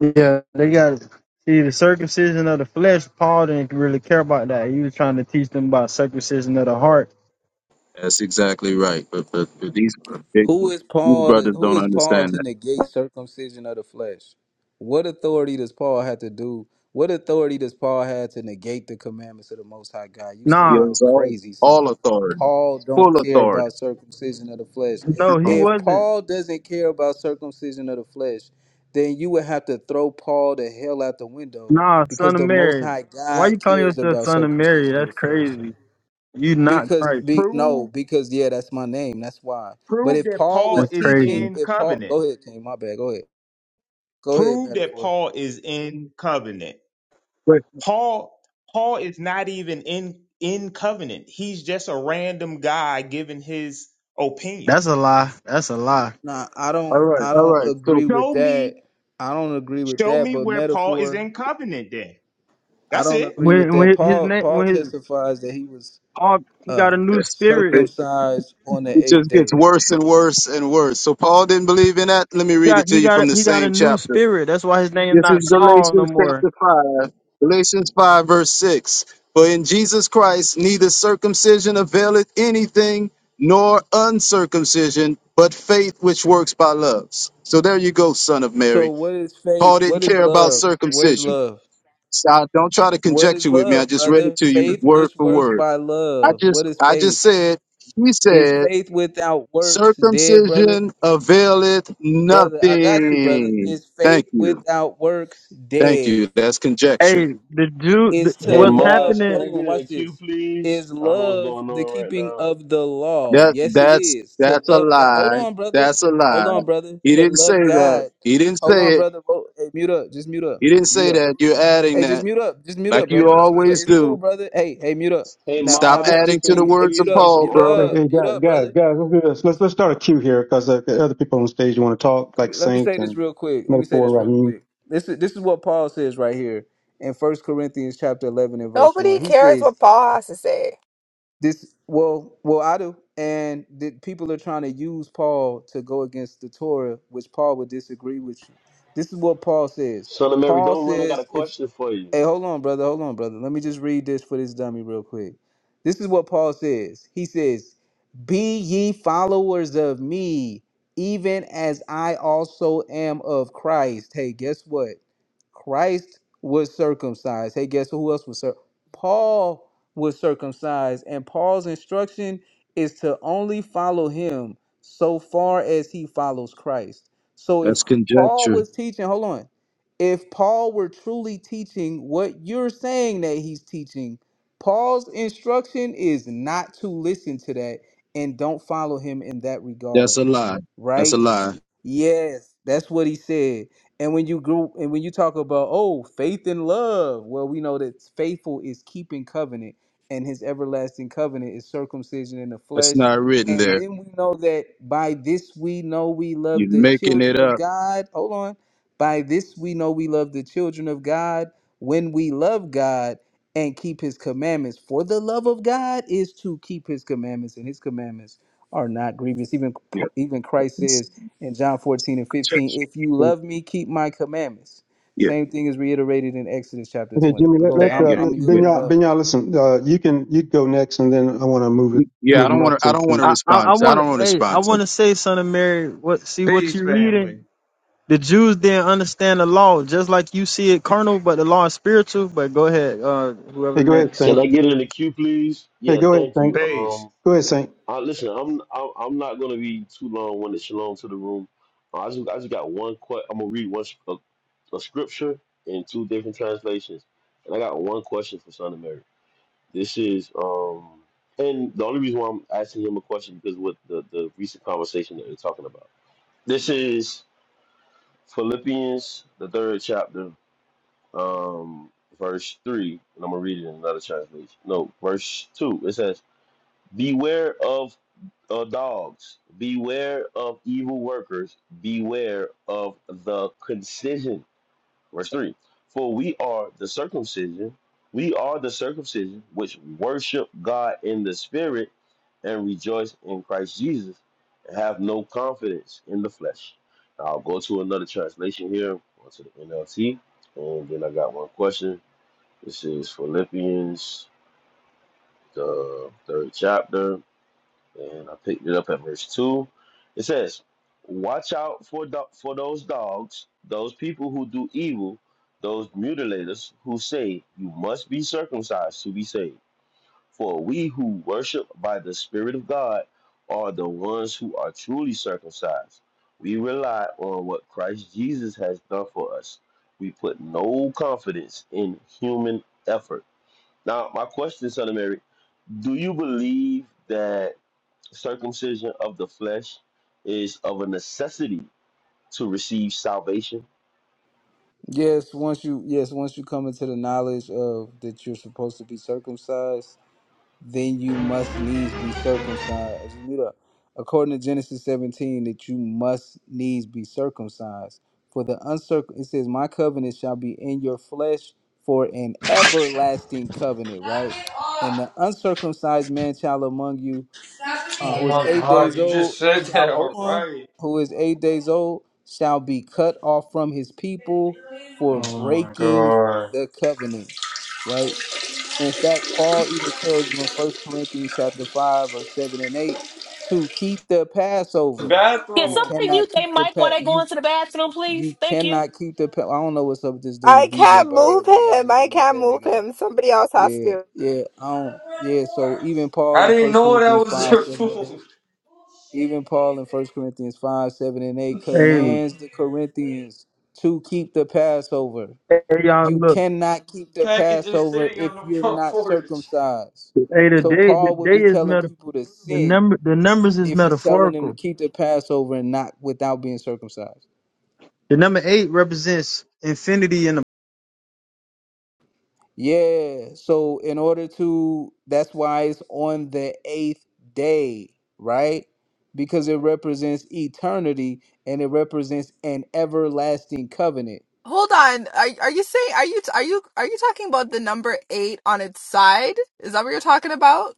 Speaker 16: Yeah, They got see the circumcision of the flesh. Paul didn't really care about that. He was trying to teach them about circumcision of the heart.
Speaker 13: That's exactly right. But, but, but these
Speaker 11: Who is
Speaker 13: these
Speaker 11: Paul? To,
Speaker 13: brothers
Speaker 11: who
Speaker 13: don't
Speaker 11: is Paul
Speaker 13: understand
Speaker 11: to
Speaker 13: that.
Speaker 11: negate circumcision of the flesh? What authority does Paul have to do? What authority does Paul have to negate the commandments of the Most High God? You
Speaker 13: He
Speaker 16: Nah,
Speaker 13: has
Speaker 11: sound
Speaker 13: all
Speaker 11: crazy saying
Speaker 13: all authority,
Speaker 11: Paul don't
Speaker 13: full
Speaker 11: care
Speaker 13: authority.
Speaker 11: about circumcision of the flesh.
Speaker 16: no, he
Speaker 17: now.
Speaker 11: If
Speaker 16: wasn't.
Speaker 11: Paul doesn't care about circumcision of the flesh, then you would have to throw Paul the hell out the window
Speaker 16: Nah,
Speaker 11: because
Speaker 16: son of
Speaker 11: the Most
Speaker 16: Mary.
Speaker 11: High
Speaker 16: Why you
Speaker 11: God
Speaker 16: calling
Speaker 11: cares
Speaker 16: yourself
Speaker 11: about
Speaker 16: son of Mary?
Speaker 11: circumcision of
Speaker 16: That's
Speaker 11: the flesh.
Speaker 16: crazy. You not
Speaker 11: Because
Speaker 16: Christ.
Speaker 11: be no,
Speaker 17: Prove
Speaker 11: because yeah, that's my name. That's why. But
Speaker 17: prove
Speaker 11: if
Speaker 17: that
Speaker 11: Paul
Speaker 17: Paul
Speaker 16: That's
Speaker 11: was
Speaker 17: is
Speaker 11: teaching,
Speaker 16: crazy.
Speaker 17: in
Speaker 11: if Paul,
Speaker 17: covenant.
Speaker 11: go ahead, team. My bad. Go ahead. Go ahead,
Speaker 17: Prove that
Speaker 11: metaphor.
Speaker 17: Paul is in covenant.
Speaker 16: But
Speaker 17: Paul Paul is not even in in covenant. He's just a random guy giving his opinion.
Speaker 16: that's a lie. That's a lie.
Speaker 11: Nah, I
Speaker 13: All
Speaker 11: don't.
Speaker 13: right,
Speaker 11: I
Speaker 13: all
Speaker 11: don't
Speaker 13: right.
Speaker 11: agree
Speaker 13: So
Speaker 11: with
Speaker 17: Show
Speaker 11: that.
Speaker 17: me
Speaker 11: I don't agree with
Speaker 17: show
Speaker 11: that.
Speaker 17: me
Speaker 11: But
Speaker 17: where Paul is
Speaker 11: metaphor,
Speaker 17: in covenant then.
Speaker 11: I
Speaker 17: That's
Speaker 11: don't
Speaker 17: it.
Speaker 11: agree with
Speaker 16: When
Speaker 11: that.
Speaker 16: when his
Speaker 11: Paul.
Speaker 16: name
Speaker 11: Paul
Speaker 16: when his
Speaker 11: testifies that he was
Speaker 16: Paul he got a
Speaker 11: uh
Speaker 16: new
Speaker 13: that's,
Speaker 16: spirit.
Speaker 13: it,
Speaker 11: circumcised on
Speaker 13: it
Speaker 11: the eighth
Speaker 13: just gets
Speaker 11: day.
Speaker 13: worse and worse and worse. So Paul didn't believe in that. Let me
Speaker 16: He
Speaker 13: read
Speaker 16: got
Speaker 13: it to
Speaker 16: he
Speaker 13: you
Speaker 16: got a,
Speaker 13: from the
Speaker 16: he got a
Speaker 13: same
Speaker 16: new
Speaker 13: chapter.
Speaker 16: spirit. That's why his name
Speaker 13: This is
Speaker 16: not Saul no
Speaker 13: Galatians
Speaker 16: more.
Speaker 13: chapter 5, Galatians 5, verse 6. For in Jesus Christ neither circumcision availeth anything, nor uncircumcision, but faith which works by love. So there you go, son of
Speaker 11: So
Speaker 13: Mary.
Speaker 11: what is
Speaker 13: Paul
Speaker 11: faith?
Speaker 13: didn't
Speaker 11: What is
Speaker 13: care about
Speaker 11: love? What is
Speaker 13: circumcision.
Speaker 11: love?
Speaker 13: So I- don't try to
Speaker 11: What is
Speaker 13: conjecture with me. I
Speaker 11: love,
Speaker 13: just read it
Speaker 11: brother?
Speaker 13: to you
Speaker 11: Faith
Speaker 13: word
Speaker 11: which
Speaker 13: for
Speaker 11: works
Speaker 13: word.
Speaker 11: by
Speaker 13: I
Speaker 11: love.
Speaker 13: just
Speaker 11: What is
Speaker 13: I
Speaker 11: faith?
Speaker 13: just said, he
Speaker 11: Is
Speaker 13: said,
Speaker 11: faith without works dead, brother?
Speaker 13: circumcision availeth
Speaker 11: Brother, I got you, brother.
Speaker 13: nothing.
Speaker 11: Is
Speaker 13: Thank
Speaker 11: faith
Speaker 13: you.
Speaker 11: without works
Speaker 13: Thank
Speaker 11: dead?
Speaker 13: you. That's conjecture.
Speaker 16: Hey, the Jew, the,
Speaker 11: Is to
Speaker 18: Hey
Speaker 16: what's
Speaker 11: love,
Speaker 18: Mars, can
Speaker 16: happening?
Speaker 18: I
Speaker 11: hold on,
Speaker 18: get in a
Speaker 11: watch
Speaker 18: queue,
Speaker 11: this.
Speaker 18: please?
Speaker 11: Is
Speaker 18: I don't know what's
Speaker 11: love
Speaker 18: going
Speaker 11: the
Speaker 18: on right
Speaker 11: keeping
Speaker 18: now.
Speaker 11: of the law?
Speaker 13: That
Speaker 11: Yes, it
Speaker 13: that's
Speaker 11: is. To
Speaker 13: that's a
Speaker 11: love God. Hold
Speaker 13: lie.
Speaker 11: on, brother.
Speaker 13: That's a
Speaker 11: Hold
Speaker 13: lie.
Speaker 11: on, brother.
Speaker 13: He
Speaker 11: To
Speaker 13: didn't say
Speaker 11: love
Speaker 13: that.
Speaker 11: God.
Speaker 13: He didn't
Speaker 11: Hold
Speaker 13: say
Speaker 11: on,
Speaker 13: it.
Speaker 11: brother. Oh, hey, mute up. Just mute up.
Speaker 13: He didn't
Speaker 11: Mute
Speaker 13: say
Speaker 11: up.
Speaker 13: that. You're adding
Speaker 11: Hey, just
Speaker 13: that,
Speaker 11: mute up. Just mute
Speaker 13: like
Speaker 11: up,
Speaker 13: you
Speaker 11: brother. Just mute up.
Speaker 13: always
Speaker 11: It's cool,
Speaker 13: do.
Speaker 11: brother. Hey, hey, mute up.
Speaker 18: Hey
Speaker 11: Now, now
Speaker 13: Stop
Speaker 11: this is
Speaker 18: Mars,
Speaker 11: the
Speaker 13: adding to
Speaker 18: can
Speaker 13: the
Speaker 18: we
Speaker 11: thing. Hey,
Speaker 13: words of
Speaker 11: mute
Speaker 18: please get
Speaker 11: up.
Speaker 18: some
Speaker 13: Paul,
Speaker 11: Mute
Speaker 13: bro.
Speaker 6: Hey,
Speaker 18: order?
Speaker 11: up.
Speaker 6: hey
Speaker 11: Mute
Speaker 6: guys,
Speaker 11: up,
Speaker 6: guys,
Speaker 11: brother.
Speaker 6: guys, let's do this. Let's let's start a queue here because uh, the other people on stage want to talk,
Speaker 11: let
Speaker 6: like
Speaker 11: me, let me
Speaker 6: Saint
Speaker 11: say this
Speaker 6: and
Speaker 11: real quick. Let me say this
Speaker 6: Metaphor
Speaker 11: real
Speaker 6: and
Speaker 11: quick. This is this is what Paul says right here in First Corinthians chapter eleven and verse
Speaker 15: Nobody
Speaker 11: one. He
Speaker 15: cares
Speaker 11: says
Speaker 15: what Paul has to say.
Speaker 11: this. Well, well, I do, and the people are trying to use Paul to go against the Torah, which Paul would disagree with you. This is what Paul says.
Speaker 18: Son of Mary,
Speaker 11: Paul
Speaker 18: don't run. I got a
Speaker 11: says, if
Speaker 18: question for you.
Speaker 11: Hey, hold on, brother. Hold on, brother. Let me just read this for this dummy real quick. This is what Paul says. He says, Be ye followers of me, even as I also am of Christ. Hey, guess what? Christ was circumcised. Hey, guess who else was circumcised? Paul was circumcised. And Paul's instruction is to only follow him so far as he follows Christ. So if
Speaker 13: That's
Speaker 11: Paul
Speaker 13: conjecture.
Speaker 11: was teaching, hold on if Paul were truly teaching what you're saying that he's teaching, Paul's instruction is not to listen to that and don't follow him in that
Speaker 13: That's
Speaker 11: regard,
Speaker 13: a lie. That's a
Speaker 11: right?
Speaker 13: lie.
Speaker 11: Yes, that's what he said. And when you grew and when you talk about oh faith and love, well we know that faithful is keeping covenant, and his everlasting covenant is circumcision in the
Speaker 13: That's
Speaker 11: flesh.
Speaker 13: not written
Speaker 11: And
Speaker 13: there.
Speaker 11: then we know that by this we know we love
Speaker 13: You're
Speaker 11: the
Speaker 13: making it
Speaker 11: children of
Speaker 13: up.
Speaker 11: God. Hold on. By this we know we love the children of God when we love God and keep his commandments. For the love of God is to keep his commandments, and his commandments are not grievous. Even
Speaker 13: Yeah.
Speaker 11: even Christ
Speaker 13: It's
Speaker 11: says in John 14 and
Speaker 13: conjecture.
Speaker 11: 15, if you
Speaker 6: Raheem.
Speaker 11: love me, keep my commandments.
Speaker 13: Yeah.
Speaker 11: Same thing is reiterated in Exodus chapter
Speaker 6: Okay,
Speaker 11: 20.
Speaker 6: Jimmy,
Speaker 11: But
Speaker 6: let
Speaker 11: go
Speaker 6: let,
Speaker 11: ahead, I'm
Speaker 6: uh,
Speaker 13: Yeah.
Speaker 17: Family.
Speaker 11: I'm
Speaker 6: let
Speaker 13: Yeah.
Speaker 11: yielding
Speaker 6: Benya,
Speaker 11: up.
Speaker 6: Benya, listen. Uh, you can you go next, and then I want to move it,
Speaker 13: Yeah. I
Speaker 6: move the
Speaker 13: don't
Speaker 6: mic
Speaker 13: want to. I
Speaker 6: to
Speaker 13: don't want
Speaker 6: Saint.
Speaker 13: to
Speaker 16: I, I,
Speaker 13: respond.
Speaker 16: I
Speaker 13: To, I
Speaker 16: want
Speaker 13: don't want
Speaker 16: to,
Speaker 13: to
Speaker 16: hey, I
Speaker 13: respond to.
Speaker 16: want to say, son of Mary, what, see what
Speaker 17: Peace
Speaker 16: you reading?
Speaker 17: family.
Speaker 16: The Jews didn't understand the law, just like you see it carnal, but the law is spiritual. But go ahead, uh, whoever
Speaker 6: Hey, go ahead,
Speaker 16: next.
Speaker 18: Can
Speaker 6: Saint.
Speaker 18: I get in the queue, please?
Speaker 6: Hey,
Speaker 18: Yeah,
Speaker 6: go ahead,
Speaker 18: thank
Speaker 6: Saint.
Speaker 18: you.
Speaker 17: Peace.
Speaker 18: Um,
Speaker 6: Go ahead, Saint.
Speaker 18: uh, listen, I'm I'm I'm not gonna be too long when it's shalom to the room. Uh, I just I just got one. Que- I'm gonna read one s- a, a scripture in two different translations, and I got one question for Son of Mary. This is um, and the only reason why I'm asking him a question because with the the recent conversation that we're talking about. This is Philippians the third chapter, um, verse three, and I'm gonna read it in another translation. No, verse two. It says, "Beware of uh, dogs. Beware of evil workers. Beware of the concision." Verse 3 For we are the circumcision, we are the circumcision which worship God in the Spirit and rejoice in Christ Jesus and have no confidence in the flesh. Now I'll go to another translation here, go to the NLT, and then I got one question. This is Philippians, the third chapter and I picked it up at verse 2. It says, Watch out for, do- for those dogs, those people who do evil, those mutilators who say, You must be circumcised to be saved. For we who worship by the Spirit of God are the ones who are truly circumcised. We rely on what Christ Jesus has done for us. We put no confidence in human effort. Now, my question, Son of Mary, do you believe that circumcision of the flesh is of a necessity to receive salvation.
Speaker 11: Yes, once you yes, once you come into the knowledge of that you're supposed to be circumcised, then you must needs be circumcised. Just mute up. According to Genesis 17, that you must needs be circumcised. For the uncircum, it says, My covenant shall be in your flesh for an everlasting covenant, right? And the uncircumcised man child among you, uh,
Speaker 19: Oh
Speaker 11: who is
Speaker 19: my
Speaker 11: eight
Speaker 19: god,
Speaker 11: days
Speaker 19: you just
Speaker 11: old,
Speaker 19: said that
Speaker 11: shall, hold on,
Speaker 19: alright.
Speaker 11: who is eight days old, shall be cut off from his people for
Speaker 19: Oh my
Speaker 11: breaking
Speaker 19: god.
Speaker 11: the covenant, right? In fact, Paul even tells you in First Corinthians chapter 5, verse 7 and 8, to keep the Passover.
Speaker 2: Can
Speaker 11: You
Speaker 19: Bathroom.
Speaker 2: somebody
Speaker 11: cannot
Speaker 2: mute
Speaker 11: keep
Speaker 2: their
Speaker 11: the
Speaker 2: mic while
Speaker 11: pa-
Speaker 2: they go
Speaker 11: you
Speaker 2: into the bathroom, please?
Speaker 11: you
Speaker 2: Thank you.
Speaker 11: cannot keep the pa- I don't know what's up with this
Speaker 15: I
Speaker 11: dude, DJ
Speaker 15: can't move
Speaker 11: Bird, but y'all
Speaker 15: him.
Speaker 11: need to
Speaker 15: I
Speaker 11: mute
Speaker 15: can't
Speaker 11: that
Speaker 15: move
Speaker 11: nigga up.
Speaker 15: him. Somebody else has
Speaker 11: Yeah,
Speaker 15: to.
Speaker 11: yeah, I don't yeah, so even Paul
Speaker 19: I
Speaker 11: in
Speaker 19: didn't
Speaker 11: First
Speaker 19: know that
Speaker 11: Corinthians
Speaker 19: was
Speaker 11: 5,
Speaker 19: their
Speaker 11: 7 and 8.
Speaker 19: food.
Speaker 11: Even Paul in First Corinthians 5, 7 and 8
Speaker 16: Hey,
Speaker 11: commands the Corinthians to keep the Passover.
Speaker 16: hey, y'all,
Speaker 11: You
Speaker 16: look,
Speaker 11: cannot keep the
Speaker 19: Package just
Speaker 11: Passover
Speaker 19: sitting
Speaker 11: if
Speaker 19: on the
Speaker 11: you're
Speaker 19: front
Speaker 11: not
Speaker 19: porch.
Speaker 11: circumcised.
Speaker 16: hey, the
Speaker 11: So
Speaker 16: day, the
Speaker 11: Paul would
Speaker 16: day
Speaker 11: be
Speaker 16: is
Speaker 11: telling
Speaker 16: meta,
Speaker 11: people to
Speaker 16: the
Speaker 11: sin
Speaker 16: number, the numbers is
Speaker 11: if he's telling them to
Speaker 16: metaphorical.
Speaker 11: keep the Passover and not without being circumcised.
Speaker 16: The number eight represents infinity and
Speaker 11: Yeah. So in order to that's why it's on the eighth day, right? Because it represents eternity and it represents an everlasting covenant.
Speaker 15: Hold on. Are are you saying are you are you are you talking about the number eight on its side? Is that what you're talking about?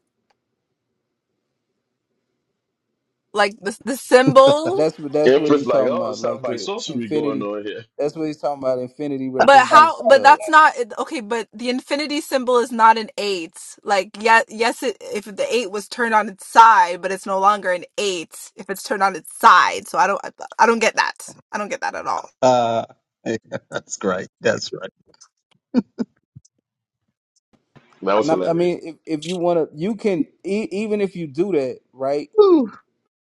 Speaker 15: Like the the symbol?
Speaker 11: That's what that's what
Speaker 18: Empress,
Speaker 11: he's
Speaker 18: like,
Speaker 11: talking
Speaker 18: oh, it
Speaker 11: about.
Speaker 18: sounds
Speaker 11: Like
Speaker 18: like
Speaker 11: the
Speaker 18: sorcery going
Speaker 11: infinity.
Speaker 18: on here.
Speaker 11: That's what he's talking about. Infinity
Speaker 15: But how?
Speaker 11: represents
Speaker 15: But
Speaker 11: uh
Speaker 15: that's not okay. But the infinity symbol is not an eight. Like yeah, yes. It, if the eight was turned on its side, but it's no longer an eight if it's turned on its side. So I don't. I, I don't get that. I don't get that at all.
Speaker 13: Uh, that's great. That's right.
Speaker 18: That was
Speaker 11: And I, I
Speaker 18: hilarious.
Speaker 11: mean, if, if you want to, you can e- even if you do that, right?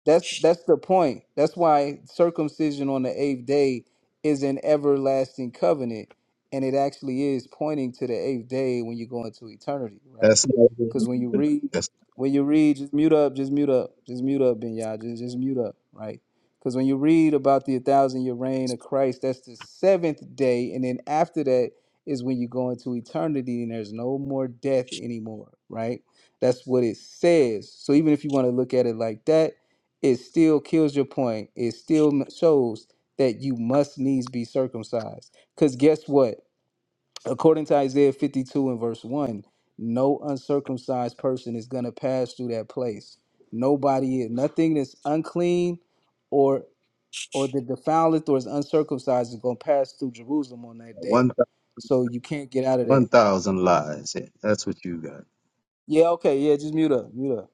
Speaker 11: That's that's the point. That's why circumcision on the eighth day is an everlasting covenant, and it actually is pointing to the eighth day when you go into eternity, right?
Speaker 13: That's not.
Speaker 11: Because when you read,
Speaker 13: That's
Speaker 11: when you read, just mute up, just mute up, just mute up, Ben Yah, just just mute up, right? Because when you read about the thousand year reign of Christ, that's the seventh day, and then after that is when you go into eternity, and there's no more death anymore, right? That's what it says. So even if you want to look at it like that it still kills your point. It still m- shows that you must needs be circumcised. Because guess what? According to Isaiah 52 and verse 1, no uncircumcised person is going to pass through that place. Nobody, nothing that's unclean or or that defileth or is uncircumcised is going to pass through Jerusalem on that
Speaker 13: one
Speaker 11: day. So you can't get out of that.
Speaker 13: One thousand lies. Yeah, that's what you got.
Speaker 11: Yeah, okay, yeah, just mute up, mute up.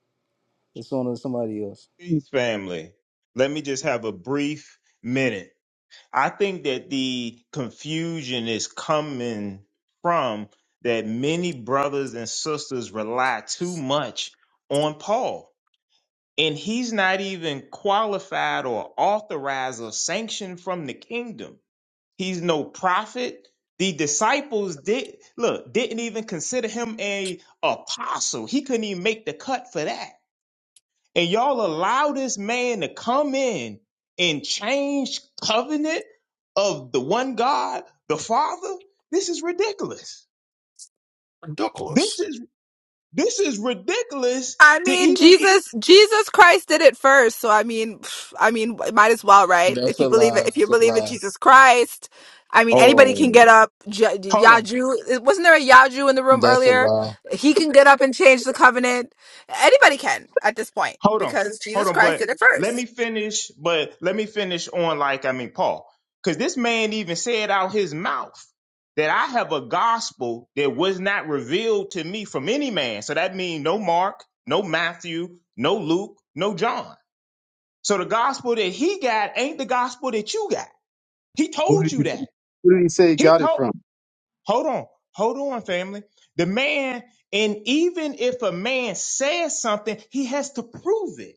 Speaker 11: It's on to somebody else.
Speaker 17: Peace family. Let me just have a brief minute I think that the confusion is coming from that many brothers and sisters rely too much on Paul. And he's not even qualified or authorized or sanctioned from the kingdom. He's no prophet. The disciples did look, didn't even consider him a apostle. He couldn't even make the cut for that and y'all allow this man to come in and change covenant of the one God, the Father, this is ridiculous. This
Speaker 1: Ridiculous.
Speaker 17: is this is ridiculous
Speaker 15: I
Speaker 17: to
Speaker 15: mean,
Speaker 17: even be
Speaker 15: Jesus, Jesus Christ did it first. So I mean, pff, I mean, might as well, right?
Speaker 11: That's
Speaker 15: If
Speaker 11: a
Speaker 15: you believe
Speaker 11: lie.
Speaker 15: it, if you
Speaker 11: That's a
Speaker 15: believe in
Speaker 11: lie.
Speaker 15: Jesus Christ, I mean,
Speaker 13: Oh,
Speaker 15: anybody can get up. J-
Speaker 17: hold on,
Speaker 15: Yaju, wasn't there a Yaju in the room
Speaker 11: That's a
Speaker 15: earlier?
Speaker 11: lie.
Speaker 15: He can get up and change the covenant. Anybody can at this point
Speaker 17: hold on,
Speaker 15: because
Speaker 17: hold
Speaker 15: Jesus
Speaker 17: on,
Speaker 15: Christ
Speaker 17: but
Speaker 15: did it
Speaker 17: let me
Speaker 15: first.
Speaker 17: finish, but let me finish on like I mean Paul. Cause this man even said out his mouth that I have a gospel that was not revealed to me from any man. So that means no Mark, no Matthew, no Luke, no John. So the gospel that he got ain't the gospel that you got. He
Speaker 13: who
Speaker 17: told you that.
Speaker 13: who
Speaker 17: He told, hold on, hold on, family. The man, and even if a man says something, he has to prove it.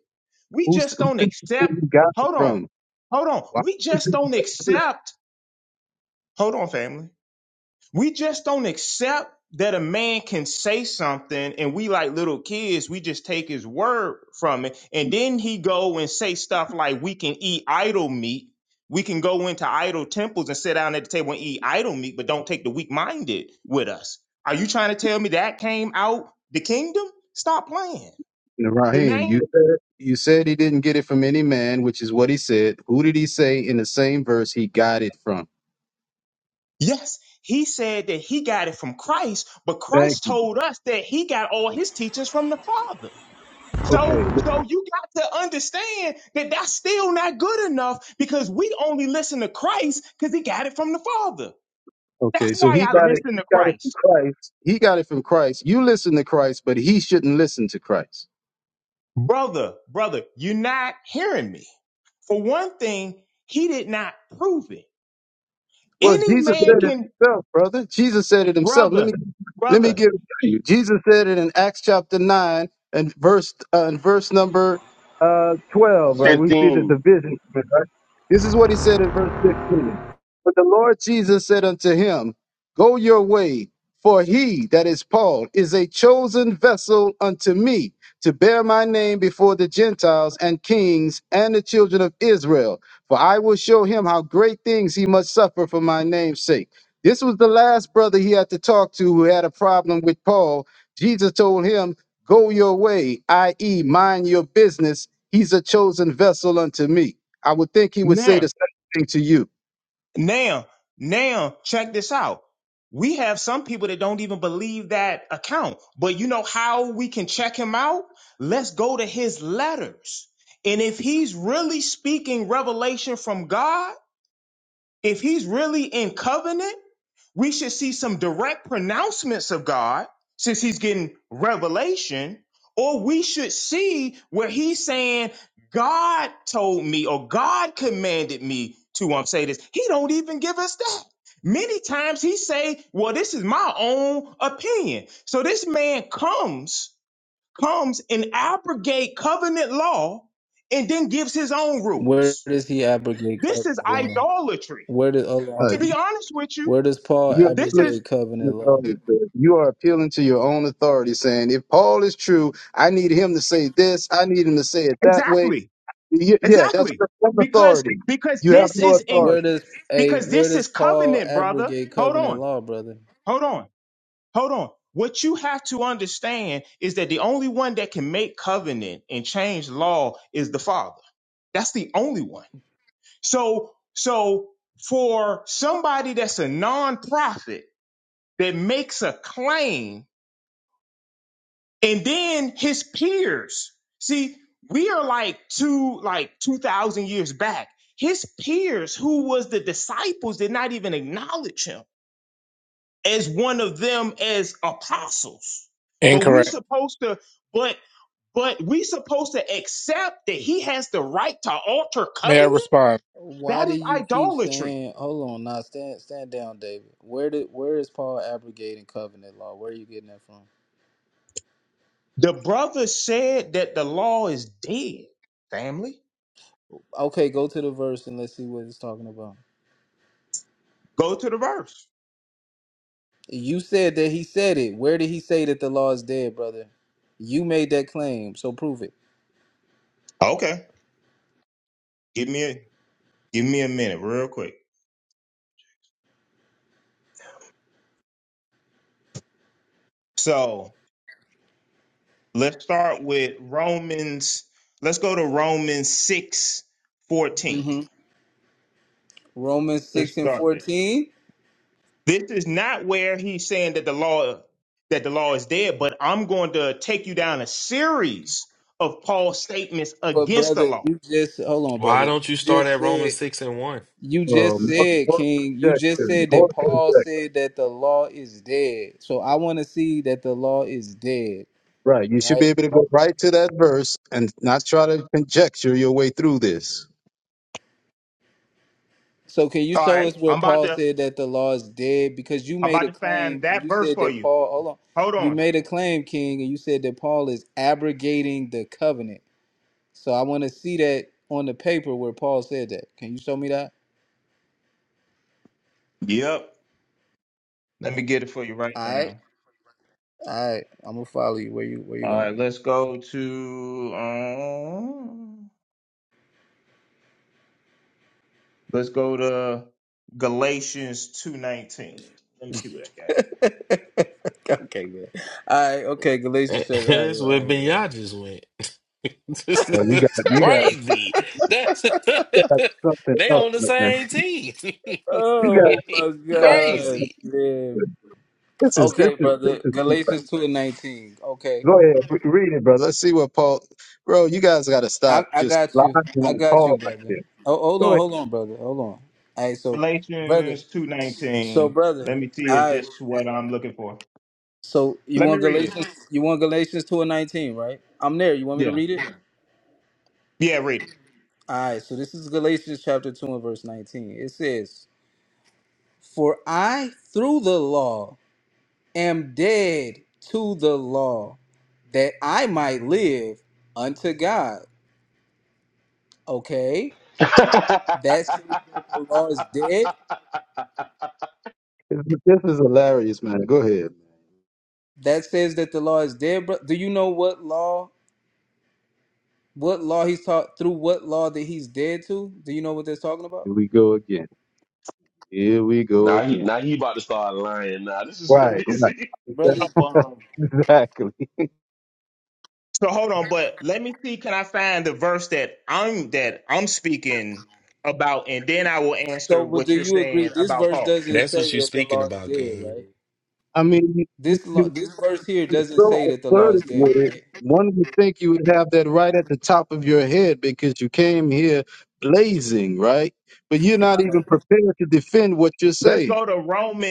Speaker 13: who,
Speaker 17: We
Speaker 13: who
Speaker 17: just don't
Speaker 13: think you think
Speaker 17: accept,
Speaker 13: you got it
Speaker 17: hold on,
Speaker 13: from?
Speaker 17: hold on.
Speaker 13: Wahid
Speaker 17: We just don't accept, hold on, family. We just don't accept that a man can say something and we like little kids, we just take his word from it. And then he go and say stuff like we can eat idol meat. We can go into idol temples and sit down at the table and eat idol meat, but don't take the weak minded with us. Are you trying to tell me that came out the kingdom? Stop playing. The
Speaker 13: Rahim, you
Speaker 17: name?
Speaker 13: you said he didn't get it from any man, which is what he said. Who did he say in the same verse he got it from?
Speaker 17: Yes. He said that he got it from Christ, but
Speaker 13: Thank.
Speaker 17: Christ told us that he got all his teachings from the Father.
Speaker 13: Okay.
Speaker 17: So, so you got to understand that that's still not good enough because we only listen to Christ because he got it from the Father.
Speaker 13: Okay.
Speaker 17: That's
Speaker 13: So
Speaker 17: why
Speaker 13: he
Speaker 17: I
Speaker 13: got it.
Speaker 17: listen
Speaker 13: He
Speaker 17: to
Speaker 13: got it from
Speaker 17: Christ.
Speaker 13: Christ. He got it from Christ. You listen to Christ, but he shouldn't listen to Christ.
Speaker 17: Brother, brother, you're not hearing me. For one thing, he did not prove it.
Speaker 13: Well,
Speaker 17: Any
Speaker 13: Jesus
Speaker 17: man
Speaker 13: said it
Speaker 17: can,
Speaker 13: himself, brother. Jesus said it himself. Let me
Speaker 17: brother,
Speaker 13: Let me
Speaker 17: brother,
Speaker 13: give it to you. Jesus said it in Acts chapter nine and verse uh, and verse number uh, twelve. Right, we see the
Speaker 18: 15.
Speaker 13: division. Right? This is what he said in verse fifteen. But the Lord Jesus said unto him, Go your way, for he that is Paul is a chosen vessel unto me to bear my name before the Gentiles and kings and the children of Israel. For I will show him how great things he must suffer for my name's sake. This was the last brother he had to talk to who had a problem with Paul. Jesus told him, Go your way, i.e., mind your business. He's a chosen vessel unto me. I would think he would
Speaker 17: now
Speaker 13: say the same thing to you.
Speaker 17: Now, now check this out. We have some people that don't even believe that account. But you know how we can check him out? Let's go to his letters. And if he's really speaking revelation from God, if he's really in covenant, we should see some direct pronouncements of God since he's getting revelation, or we should see where he's saying, God told me or God commanded me to um, say this. He don't even give us that. Many times he say, well, this is my own opinion. So this man comes, comes and abrogate covenant law and then gives his own
Speaker 11: Where
Speaker 17: rules.
Speaker 11: does he abrogate
Speaker 17: This
Speaker 11: covenant
Speaker 17: is
Speaker 11: law?
Speaker 17: idolatry.
Speaker 11: Where does hold on, hold
Speaker 13: Uh,
Speaker 17: To
Speaker 11: on.
Speaker 17: be honest with you,
Speaker 11: Where does Paul
Speaker 13: you're
Speaker 17: this is
Speaker 11: abrogate
Speaker 13: appealing
Speaker 11: covenant
Speaker 13: to your
Speaker 11: law?
Speaker 13: authority, sir. you are appealing to your own authority, saying, If Paul is true, I need him to say this, I need him to say it that way.
Speaker 17: exactly
Speaker 13: Y- Yeah, that's
Speaker 17: Exactly.
Speaker 13: your own
Speaker 17: Because
Speaker 13: authority.
Speaker 17: because
Speaker 13: You have
Speaker 17: this
Speaker 13: no
Speaker 17: is in
Speaker 11: Where
Speaker 13: authority.
Speaker 11: does a
Speaker 17: because
Speaker 11: where
Speaker 17: this
Speaker 11: does
Speaker 17: is
Speaker 11: Paul
Speaker 17: covenant, brother.
Speaker 11: abrogate
Speaker 17: Hold
Speaker 11: covenant
Speaker 17: on.
Speaker 11: law, brother?
Speaker 17: Hold on. Hold on. What you have to understand is that the only one that can make covenant and change law is the Father. That's the only one. So so for somebody that's a nonprofit that makes a claim and then his peers. See, we are like two, like two thousand years back. His peers, who was the disciples, did not even acknowledge him as one of them as apostles. But we
Speaker 20: Incorrect.
Speaker 17: supposed to, but but we supposed to accept that he has the right to alter
Speaker 20: May I
Speaker 17: covenant.
Speaker 20: respond?
Speaker 11: Why
Speaker 17: That
Speaker 11: do
Speaker 17: is
Speaker 11: you keep
Speaker 17: idolatry.
Speaker 11: saying hold on now stand stand down, David? Where did where is Paul abrogating covenant law? Where are you getting that from?
Speaker 17: The brother said that the law is dead. Family,
Speaker 11: Okay, go to the verse and let's see what it's talking about.
Speaker 17: go to the verse.
Speaker 11: You said that he said it. Where did he say that the law is dead, brother? You made that claim, so prove it.
Speaker 17: Okay, give me a give me a minute, real quick. So let's start with Romans. Let's go to Romans six fourteen.
Speaker 11: hmm Romans
Speaker 17: Let's
Speaker 11: six and
Speaker 17: start there.
Speaker 11: fourteen.
Speaker 17: This is not where he's saying that the law that the law is dead, but I'm going to take you down a series of Paul's statements
Speaker 11: But
Speaker 17: against the
Speaker 11: brother,
Speaker 17: law.
Speaker 11: you just hold on,
Speaker 14: Why
Speaker 11: brother. You
Speaker 14: don't you start
Speaker 11: just
Speaker 14: at Romans
Speaker 11: said
Speaker 14: 6 and 1?
Speaker 11: you just
Speaker 13: Um, more,
Speaker 11: said,
Speaker 13: more
Speaker 11: King, you just
Speaker 13: conjecture,
Speaker 11: said
Speaker 13: more
Speaker 11: that
Speaker 13: conjecture.
Speaker 11: Paul said that the law is dead. So I want to see that the law is dead,
Speaker 13: Right. You should be
Speaker 11: right?
Speaker 13: able to go right to that verse and not try to conjecture your way through this.
Speaker 11: So can you
Speaker 17: All
Speaker 11: show
Speaker 17: right.
Speaker 11: us where
Speaker 17: I'm about
Speaker 11: Paul
Speaker 17: to
Speaker 11: said that the law is dead? Because you
Speaker 17: I'm
Speaker 11: made
Speaker 17: about
Speaker 11: a
Speaker 17: to find
Speaker 11: claim and
Speaker 17: that
Speaker 11: you
Speaker 17: verse
Speaker 11: said
Speaker 17: for
Speaker 11: that
Speaker 17: you.
Speaker 11: Paul hold on.
Speaker 17: Hold
Speaker 11: You
Speaker 17: on.
Speaker 11: made a claim, King, and you said that Paul is abrogating the covenant. So I want to see that on the paper where Paul said that. Can you show me that?
Speaker 17: Yep. Let me get it for you right
Speaker 11: All right.
Speaker 17: now.
Speaker 11: All right. I'm gonna follow you. Where you where you
Speaker 17: All
Speaker 11: going?
Speaker 17: right, let's go to um Let's go to Galatians 2.19. Let me see what I got.
Speaker 11: okay, man. All right, okay, Galatians chapter.
Speaker 14: That's
Speaker 11: All right,
Speaker 14: where
Speaker 11: all right, man.
Speaker 14: Binyah just went. This
Speaker 13: Well, you got you got
Speaker 14: crazy. That's
Speaker 13: you got something
Speaker 14: they
Speaker 13: else,
Speaker 14: on the
Speaker 13: man.
Speaker 14: same team.
Speaker 13: You got,
Speaker 11: Oh my
Speaker 13: you got
Speaker 11: gosh,
Speaker 13: something.
Speaker 14: crazy.
Speaker 11: man.
Speaker 13: this is this
Speaker 11: Okay,
Speaker 13: is this
Speaker 11: brother.
Speaker 13: is too fast.
Speaker 11: Galatians two and nineteen. Okay,
Speaker 13: Go ahead, re- read it, brother. Let's see what Paul. Bro, you guys got to
Speaker 11: I,
Speaker 13: stop
Speaker 11: I
Speaker 13: just
Speaker 11: got
Speaker 13: lying
Speaker 11: you. I
Speaker 13: on
Speaker 11: got you,
Speaker 13: Paul like
Speaker 11: brother.
Speaker 13: this.
Speaker 11: Oh, hold
Speaker 13: Go
Speaker 11: on,
Speaker 13: ahead.
Speaker 11: hold on, brother. Hold on. All right, so, brother.
Speaker 17: Galatians
Speaker 11: So,
Speaker 17: 2.19. Let
Speaker 11: brother.
Speaker 17: me see
Speaker 11: All
Speaker 17: if
Speaker 11: right.
Speaker 17: this is what I'm looking for.
Speaker 11: So you
Speaker 17: Let me
Speaker 11: want
Speaker 17: read it.
Speaker 11: Galatians? You want Galatians two and nineteen, right? I'm there. You want me to
Speaker 17: Yeah.
Speaker 11: read it?
Speaker 17: Yeah, read it.
Speaker 11: All right, so this is Galatians chapter 2 and verse 19. It says, For I, through the law, am dead to the law that I might live unto God. Okay? That says that the law is dead.
Speaker 13: This, is- this is hilarious, man. Go ahead.
Speaker 11: That says that the law is dead, bro. Do you know what law what law he's taught through what law that he's dead to? Do you know what they're talking about?
Speaker 13: Again, here we go
Speaker 18: now he
Speaker 13: again.
Speaker 18: now he about to start lying. Now this is
Speaker 13: Right. right.
Speaker 18: crazy.
Speaker 11: Brother,
Speaker 17: Oh, um,
Speaker 13: Exactly.
Speaker 17: so hold on, but let me see. Can I find the verse that I'm that I'm speaking about, and then I will answer
Speaker 11: so but do
Speaker 17: what you're
Speaker 11: you agree
Speaker 17: saying
Speaker 11: this
Speaker 17: about
Speaker 11: verse
Speaker 17: Paul.
Speaker 11: doesn't
Speaker 14: That's
Speaker 11: say
Speaker 14: what you're
Speaker 11: that the
Speaker 14: speaking
Speaker 11: law is
Speaker 14: about,
Speaker 11: dead,
Speaker 14: King.
Speaker 11: right?
Speaker 13: I mean,
Speaker 11: This law this verse here
Speaker 13: was
Speaker 11: doesn't
Speaker 13: so
Speaker 11: say that the law is
Speaker 13: assertive
Speaker 11: dead,
Speaker 13: with it,
Speaker 11: right?
Speaker 13: one would think you would have that right at the top of your head because you came here blazing, right? But you're not even prepared to defend what you're
Speaker 17: Let's
Speaker 13: saying.
Speaker 17: go to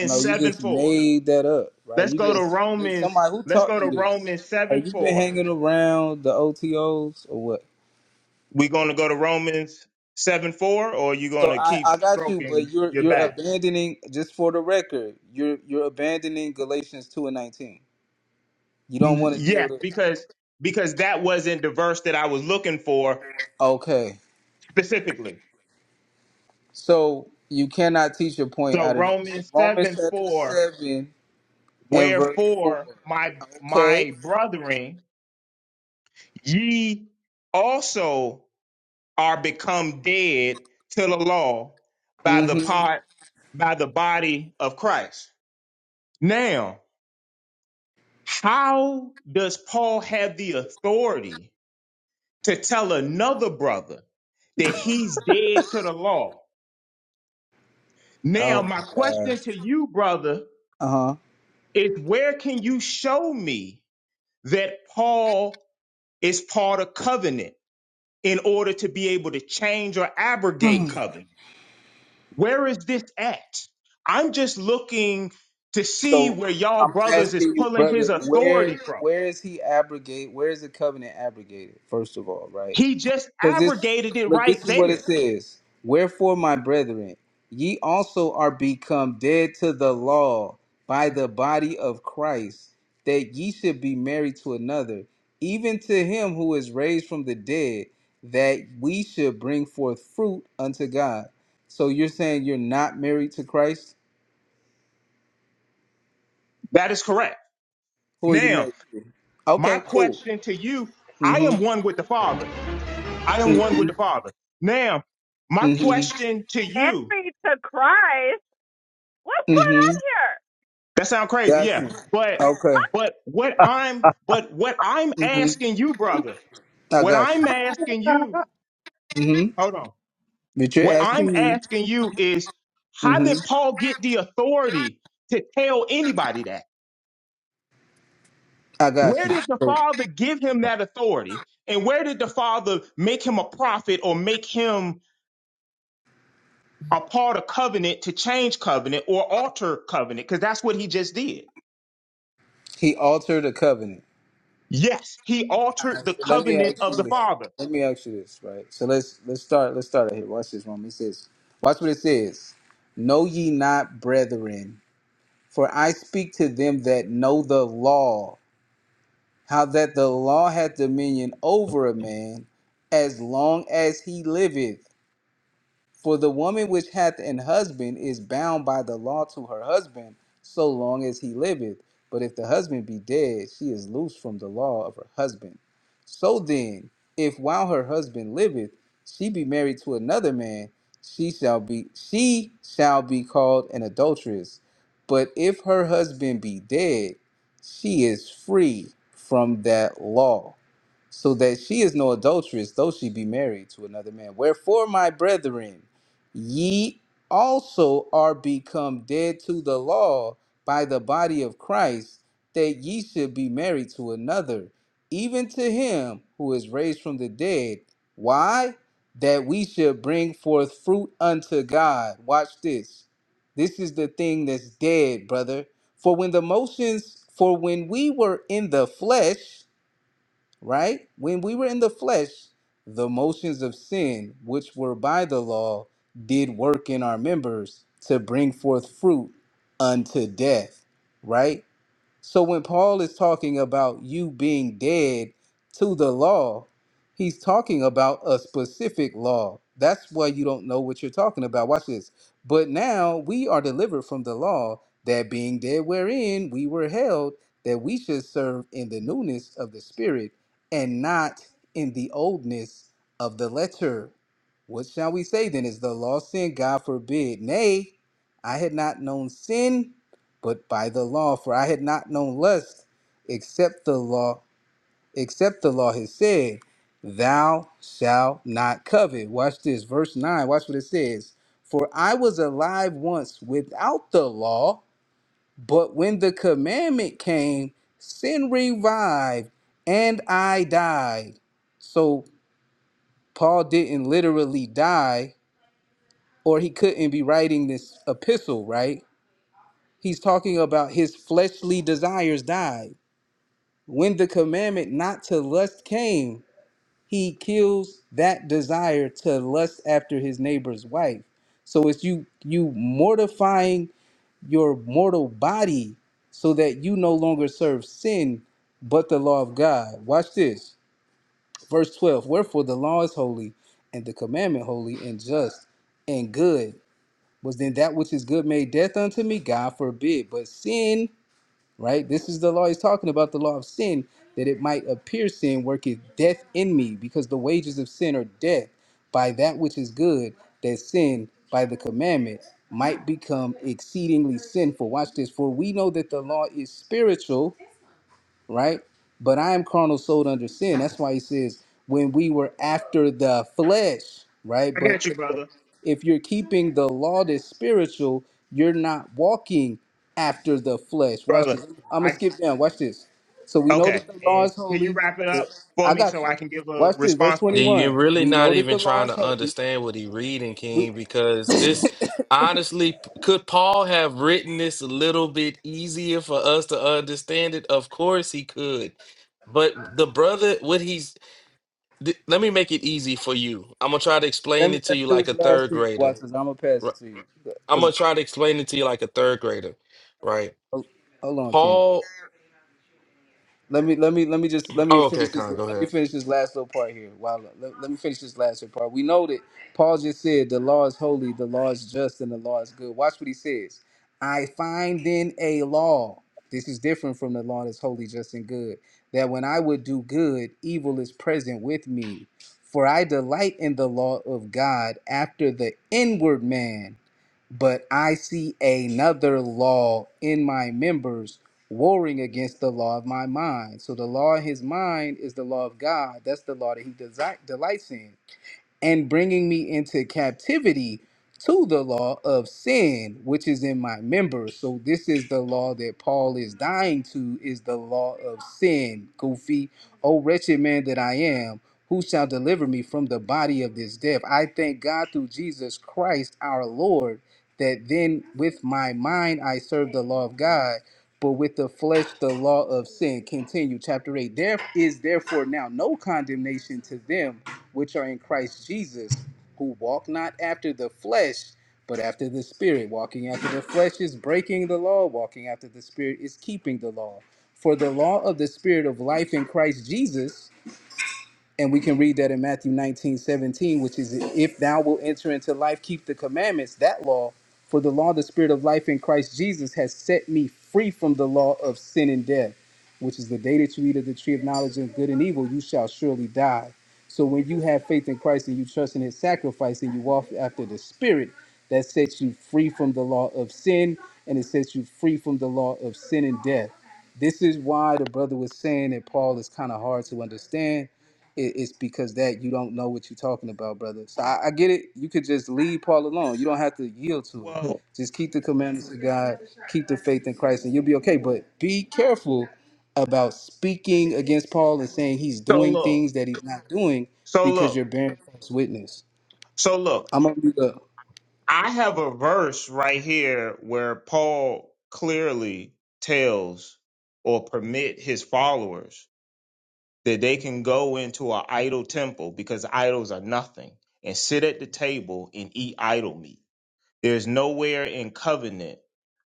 Speaker 11: I know you
Speaker 17: seven
Speaker 11: just
Speaker 17: four.
Speaker 11: made that up, right?
Speaker 17: Let's
Speaker 11: You
Speaker 17: go to
Speaker 11: just
Speaker 17: Romans.
Speaker 11: somebody who
Speaker 17: Let's
Speaker 11: taught
Speaker 17: go to
Speaker 11: you this.
Speaker 17: Romans
Speaker 11: Hey,
Speaker 17: seven
Speaker 11: you been
Speaker 17: four.
Speaker 11: hanging around the OTOs or what?
Speaker 17: we going to go to Romans 7 4, or you going
Speaker 11: So
Speaker 17: to
Speaker 11: I, I
Speaker 17: keep
Speaker 11: got you, but
Speaker 17: stroking
Speaker 11: you're
Speaker 17: your
Speaker 11: you're
Speaker 17: back?
Speaker 11: abandoning just for the record, you're you're abandoning Galatians two and nineteen. You don't
Speaker 17: N-
Speaker 11: want to deal
Speaker 17: Yes,
Speaker 11: with it.
Speaker 17: because because that wasn't the verse that I was looking for
Speaker 11: Okay.
Speaker 17: specifically.
Speaker 11: So you cannot teach your point
Speaker 17: So
Speaker 11: out of this. So
Speaker 17: Romans
Speaker 11: Romans
Speaker 17: 7
Speaker 11: chapter
Speaker 17: 4,
Speaker 11: seven and verse four.
Speaker 17: wherefore my
Speaker 11: Okay.
Speaker 17: my brethren, ye also are become dead to the law by the
Speaker 11: Mm-hmm.
Speaker 17: part by the body of Christ. Now, how does Paul have the authority? to tell another brother that he's dead to the law. Now,
Speaker 11: Oh my
Speaker 17: my
Speaker 11: God.
Speaker 17: question to you, brother,
Speaker 11: Uh-huh.
Speaker 17: is where can you show me that Paul is part of covenant in order to be able to change or abrogate covenant? Where is this at? I'm just looking to see
Speaker 11: So
Speaker 17: where y'all
Speaker 11: I'm
Speaker 17: brothers is
Speaker 11: asking you,
Speaker 17: pulling
Speaker 11: brother,
Speaker 17: his
Speaker 11: where
Speaker 17: authority from.
Speaker 11: where is he abrogate? Where is the covenant abrogated? First of all, right?
Speaker 17: He just
Speaker 11: Because this
Speaker 17: abrogated it
Speaker 11: look,
Speaker 17: right
Speaker 11: this is what it
Speaker 17: there.
Speaker 11: says. Wherefore, my brethren, ye also are become dead to the law by the body of Christ, that ye should be married to another, even to him who is raised from the dead, that we should bring forth fruit unto God. So you're saying you're not married to Christ?
Speaker 17: That is correct.
Speaker 11: Who are you
Speaker 17: Now,
Speaker 11: married to?
Speaker 17: my
Speaker 11: Okay, cool.
Speaker 17: question to you I
Speaker 11: Mm-hmm.
Speaker 17: am one with the Father. I am one with
Speaker 11: Mm-hmm.
Speaker 17: the Father. Now, my
Speaker 11: Mm-hmm.
Speaker 17: question to you,
Speaker 15: Henry to Christ. What's going
Speaker 11: Mm-hmm.
Speaker 15: on here?
Speaker 17: that sounds crazy,
Speaker 11: Got
Speaker 17: yeah.
Speaker 11: you.
Speaker 17: But
Speaker 11: Okay.
Speaker 17: but what I'm but what I'm
Speaker 11: Mm-hmm.
Speaker 17: asking you, brother,
Speaker 11: I
Speaker 17: what
Speaker 11: got you.
Speaker 17: I'm asking you,
Speaker 11: Mm-hmm.
Speaker 17: hold on.
Speaker 11: But you're
Speaker 17: What I'm
Speaker 11: asking me.
Speaker 17: asking you is how
Speaker 11: Mm-hmm.
Speaker 17: did Paul get the authority to tell anybody that?
Speaker 11: I got
Speaker 17: Where
Speaker 11: you.
Speaker 17: did the
Speaker 11: So
Speaker 17: Father give him that authority? And where did the Father make him a prophet or make him a part of covenant to change covenant or alter covenant? Because that's what he just did.
Speaker 11: he altered a covenant.
Speaker 17: Yes, he
Speaker 11: All
Speaker 17: altered
Speaker 11: right,
Speaker 17: the
Speaker 11: so let me
Speaker 17: covenant
Speaker 11: ask
Speaker 17: of
Speaker 11: you
Speaker 17: the
Speaker 11: this.
Speaker 17: Father.
Speaker 11: Let me ask you this, right? So let's let's start let's start it here. Watch this one. It says, watch what it says. Know ye not, brethren, for I speak to them that know the law, how that the law hath dominion over a man as long as he liveth. For the woman which hath an husband is bound by the law to her husband so long as he liveth. But if the husband be dead, she is loose from the law of her husband. So then, if while her husband liveth, she be married to another man, she shall be she shall be called an adulteress. But if her husband be dead, she is free from that law so that she is no adulteress, though she be married to another man. Wherefore, my brethren, ye also are become dead to the law by the body of Christ, that ye should be married to another, even to him who is raised from the dead. Why? That we should bring forth fruit unto God. Watch this. This is the thing that's dead, brother. For when the motions, for when we were in the flesh, right? When we were in the flesh, the motions of sin, which were by the law, did work in our members to bring forth fruit unto death, right? So when Paul is talking about you being dead to the law, he's talking about a specific law. That's why you don't know what you're talking about. Watch this. But now we are delivered from the law, that being dead wherein we were held, that we should serve in the newness of the spirit and not in the oldness of the letter. What shall we say then? Is the law sin? God forbid. Nay, I had not known sin but by the law, for I had not known lust except the law, except the law has said, Thou shalt not covet. Watch this, verse 9. Watch what it says. For I was alive once without the law, but when the commandment came, sin revived and I died. So Paul didn't literally die, or he couldn't be writing this epistle, right? He's talking about his fleshly desires died When the commandment not to lust came, he kills that desire to lust after his neighbor's wife. So it's you you mortifying your mortal body so that you no longer serve sin but the law of God. Watch this. Verse 12. Wherefore the law is holy and the commandment holy and just and good. Was then that which is good made death unto me? God forbid. But sin right? This is the law he's talking about, the law of sin, that it might appear sin worketh death in me, because the wages of sin are death, by that which is good, that sin by the commandment might become exceedingly sinful. Watch this, for we know that the law is spiritual, right? But I am carnal, sold under sin. That's why he says, when we were after the flesh, right?
Speaker 17: I
Speaker 11: But
Speaker 17: got you, brother.
Speaker 11: if you're keeping the law that's spiritual, you're not walking after the flesh. Watch
Speaker 17: Brother,
Speaker 11: this. I'm gonna
Speaker 17: I
Speaker 11: skip down. Watch this. So we know
Speaker 17: okay.
Speaker 11: that the law
Speaker 17: And
Speaker 11: is
Speaker 17: can you
Speaker 11: holy.
Speaker 17: wrap it up for
Speaker 11: I
Speaker 17: me
Speaker 11: got
Speaker 17: so
Speaker 11: you.
Speaker 17: I can give a
Speaker 11: Watch this. Verse
Speaker 17: response for you?
Speaker 14: Then You're
Speaker 11: 21.
Speaker 14: really
Speaker 11: We
Speaker 14: not
Speaker 11: know that
Speaker 14: even
Speaker 11: the law
Speaker 14: trying
Speaker 11: is
Speaker 14: to
Speaker 11: holy.
Speaker 14: understand what he reading, King, because this honestly, p- could Paul have written this a little bit easier for us to understand it? Of course he could. But the brother, what he's, th- let me make it easy for you. I'm gonna try to
Speaker 11: Let
Speaker 14: explain
Speaker 11: me
Speaker 14: it to
Speaker 11: let
Speaker 14: you
Speaker 11: me do
Speaker 14: like
Speaker 11: this
Speaker 14: a
Speaker 11: last
Speaker 14: third
Speaker 11: thing. Watch
Speaker 14: grader.
Speaker 11: this. I'm gonna pass
Speaker 14: ri-
Speaker 11: it to you.
Speaker 14: I'm gonna
Speaker 11: Cause
Speaker 14: try to explain it to you like a third grader, right?
Speaker 11: oh, hold on, King.
Speaker 14: Paul,
Speaker 11: let me let me let me just let me
Speaker 14: oh, okay,
Speaker 11: finish this
Speaker 14: Con, go
Speaker 11: let
Speaker 14: ahead.
Speaker 11: me finish this last little part here. Wow, let, let me finish this last little part. We know that Paul just said the law is holy, the law is just, and the law is good. Watch what he says. I find in a law. This is different from the law that's holy, just, and good. That when I would do good, evil is present with me. For I delight in the law of God after the inward man, but I see another law in my members warring against the law of my mind. So the law of his mind is the law of God. That's the law that he desi- delights in and bringing me into captivity to the law of sin which is in my members so this is the law that paul is dying to is the law of sin goofy oh wretched man that i am who shall deliver me from the body of this death i thank god through jesus christ our lord that then with my mind i serve the law of god but with the flesh the law of sin. Continue, chapter 8. There is therefore now no condemnation to them which are in Christ Jesus, who walk not after the flesh, but after the Spirit. Walking after the flesh is breaking the law, walking after the Spirit is keeping the law. For the law of the Spirit of life in Christ Jesus and we can read that in Matthew 19 17, which is, If thou wilt enter into life, keep the commandments, that law. For the law, the spirit of life in Christ Jesus, has set me free from the law of sin and death, which is the day that you eat of the tree of knowledge of good and evil, you shall surely die. So when you have faith in Christ and you trust in his sacrifice and you walk after the spirit, that sets you free from the law of sin and it sets you free from the law of sin and death. This is why the brother was saying that Paul is kind of hard to understand it, it's because that you don't know what you're talking about, brother. So I, I get it. You could just leave Paul alone. You don't have to yield to it.
Speaker 17: Well,
Speaker 11: Just keep the commandments of God, keep the faith in Christ, and you'll be okay. But be careful about speaking against Paul and saying he's
Speaker 17: so
Speaker 11: doing
Speaker 17: look,
Speaker 11: things that he's not doing
Speaker 17: so
Speaker 11: because
Speaker 17: look,
Speaker 11: you're bearing false witness.
Speaker 17: so look.
Speaker 11: I'm gonna be the
Speaker 17: I have a verse right here where Paul clearly tells or permit his followers that they can go into an idol temple because idols are nothing and sit at the table and eat idol meat. There's nowhere in covenant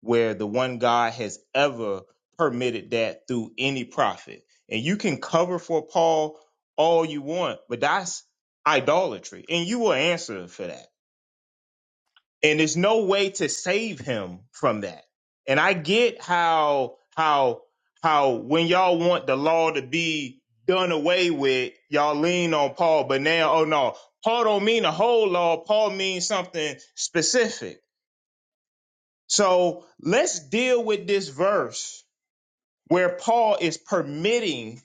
Speaker 17: where the one God has ever permitted that through any prophet. And you can cover for Paul all you want, but that's idolatry. And you will answer for that. And there's no way to save him from that. And I get how how how when y'all want the law to be done away with, y'all lean on Paul, but now oh no, Paul don't mean the whole law. Paul means something specific so let's deal with this verse where Paul is permitting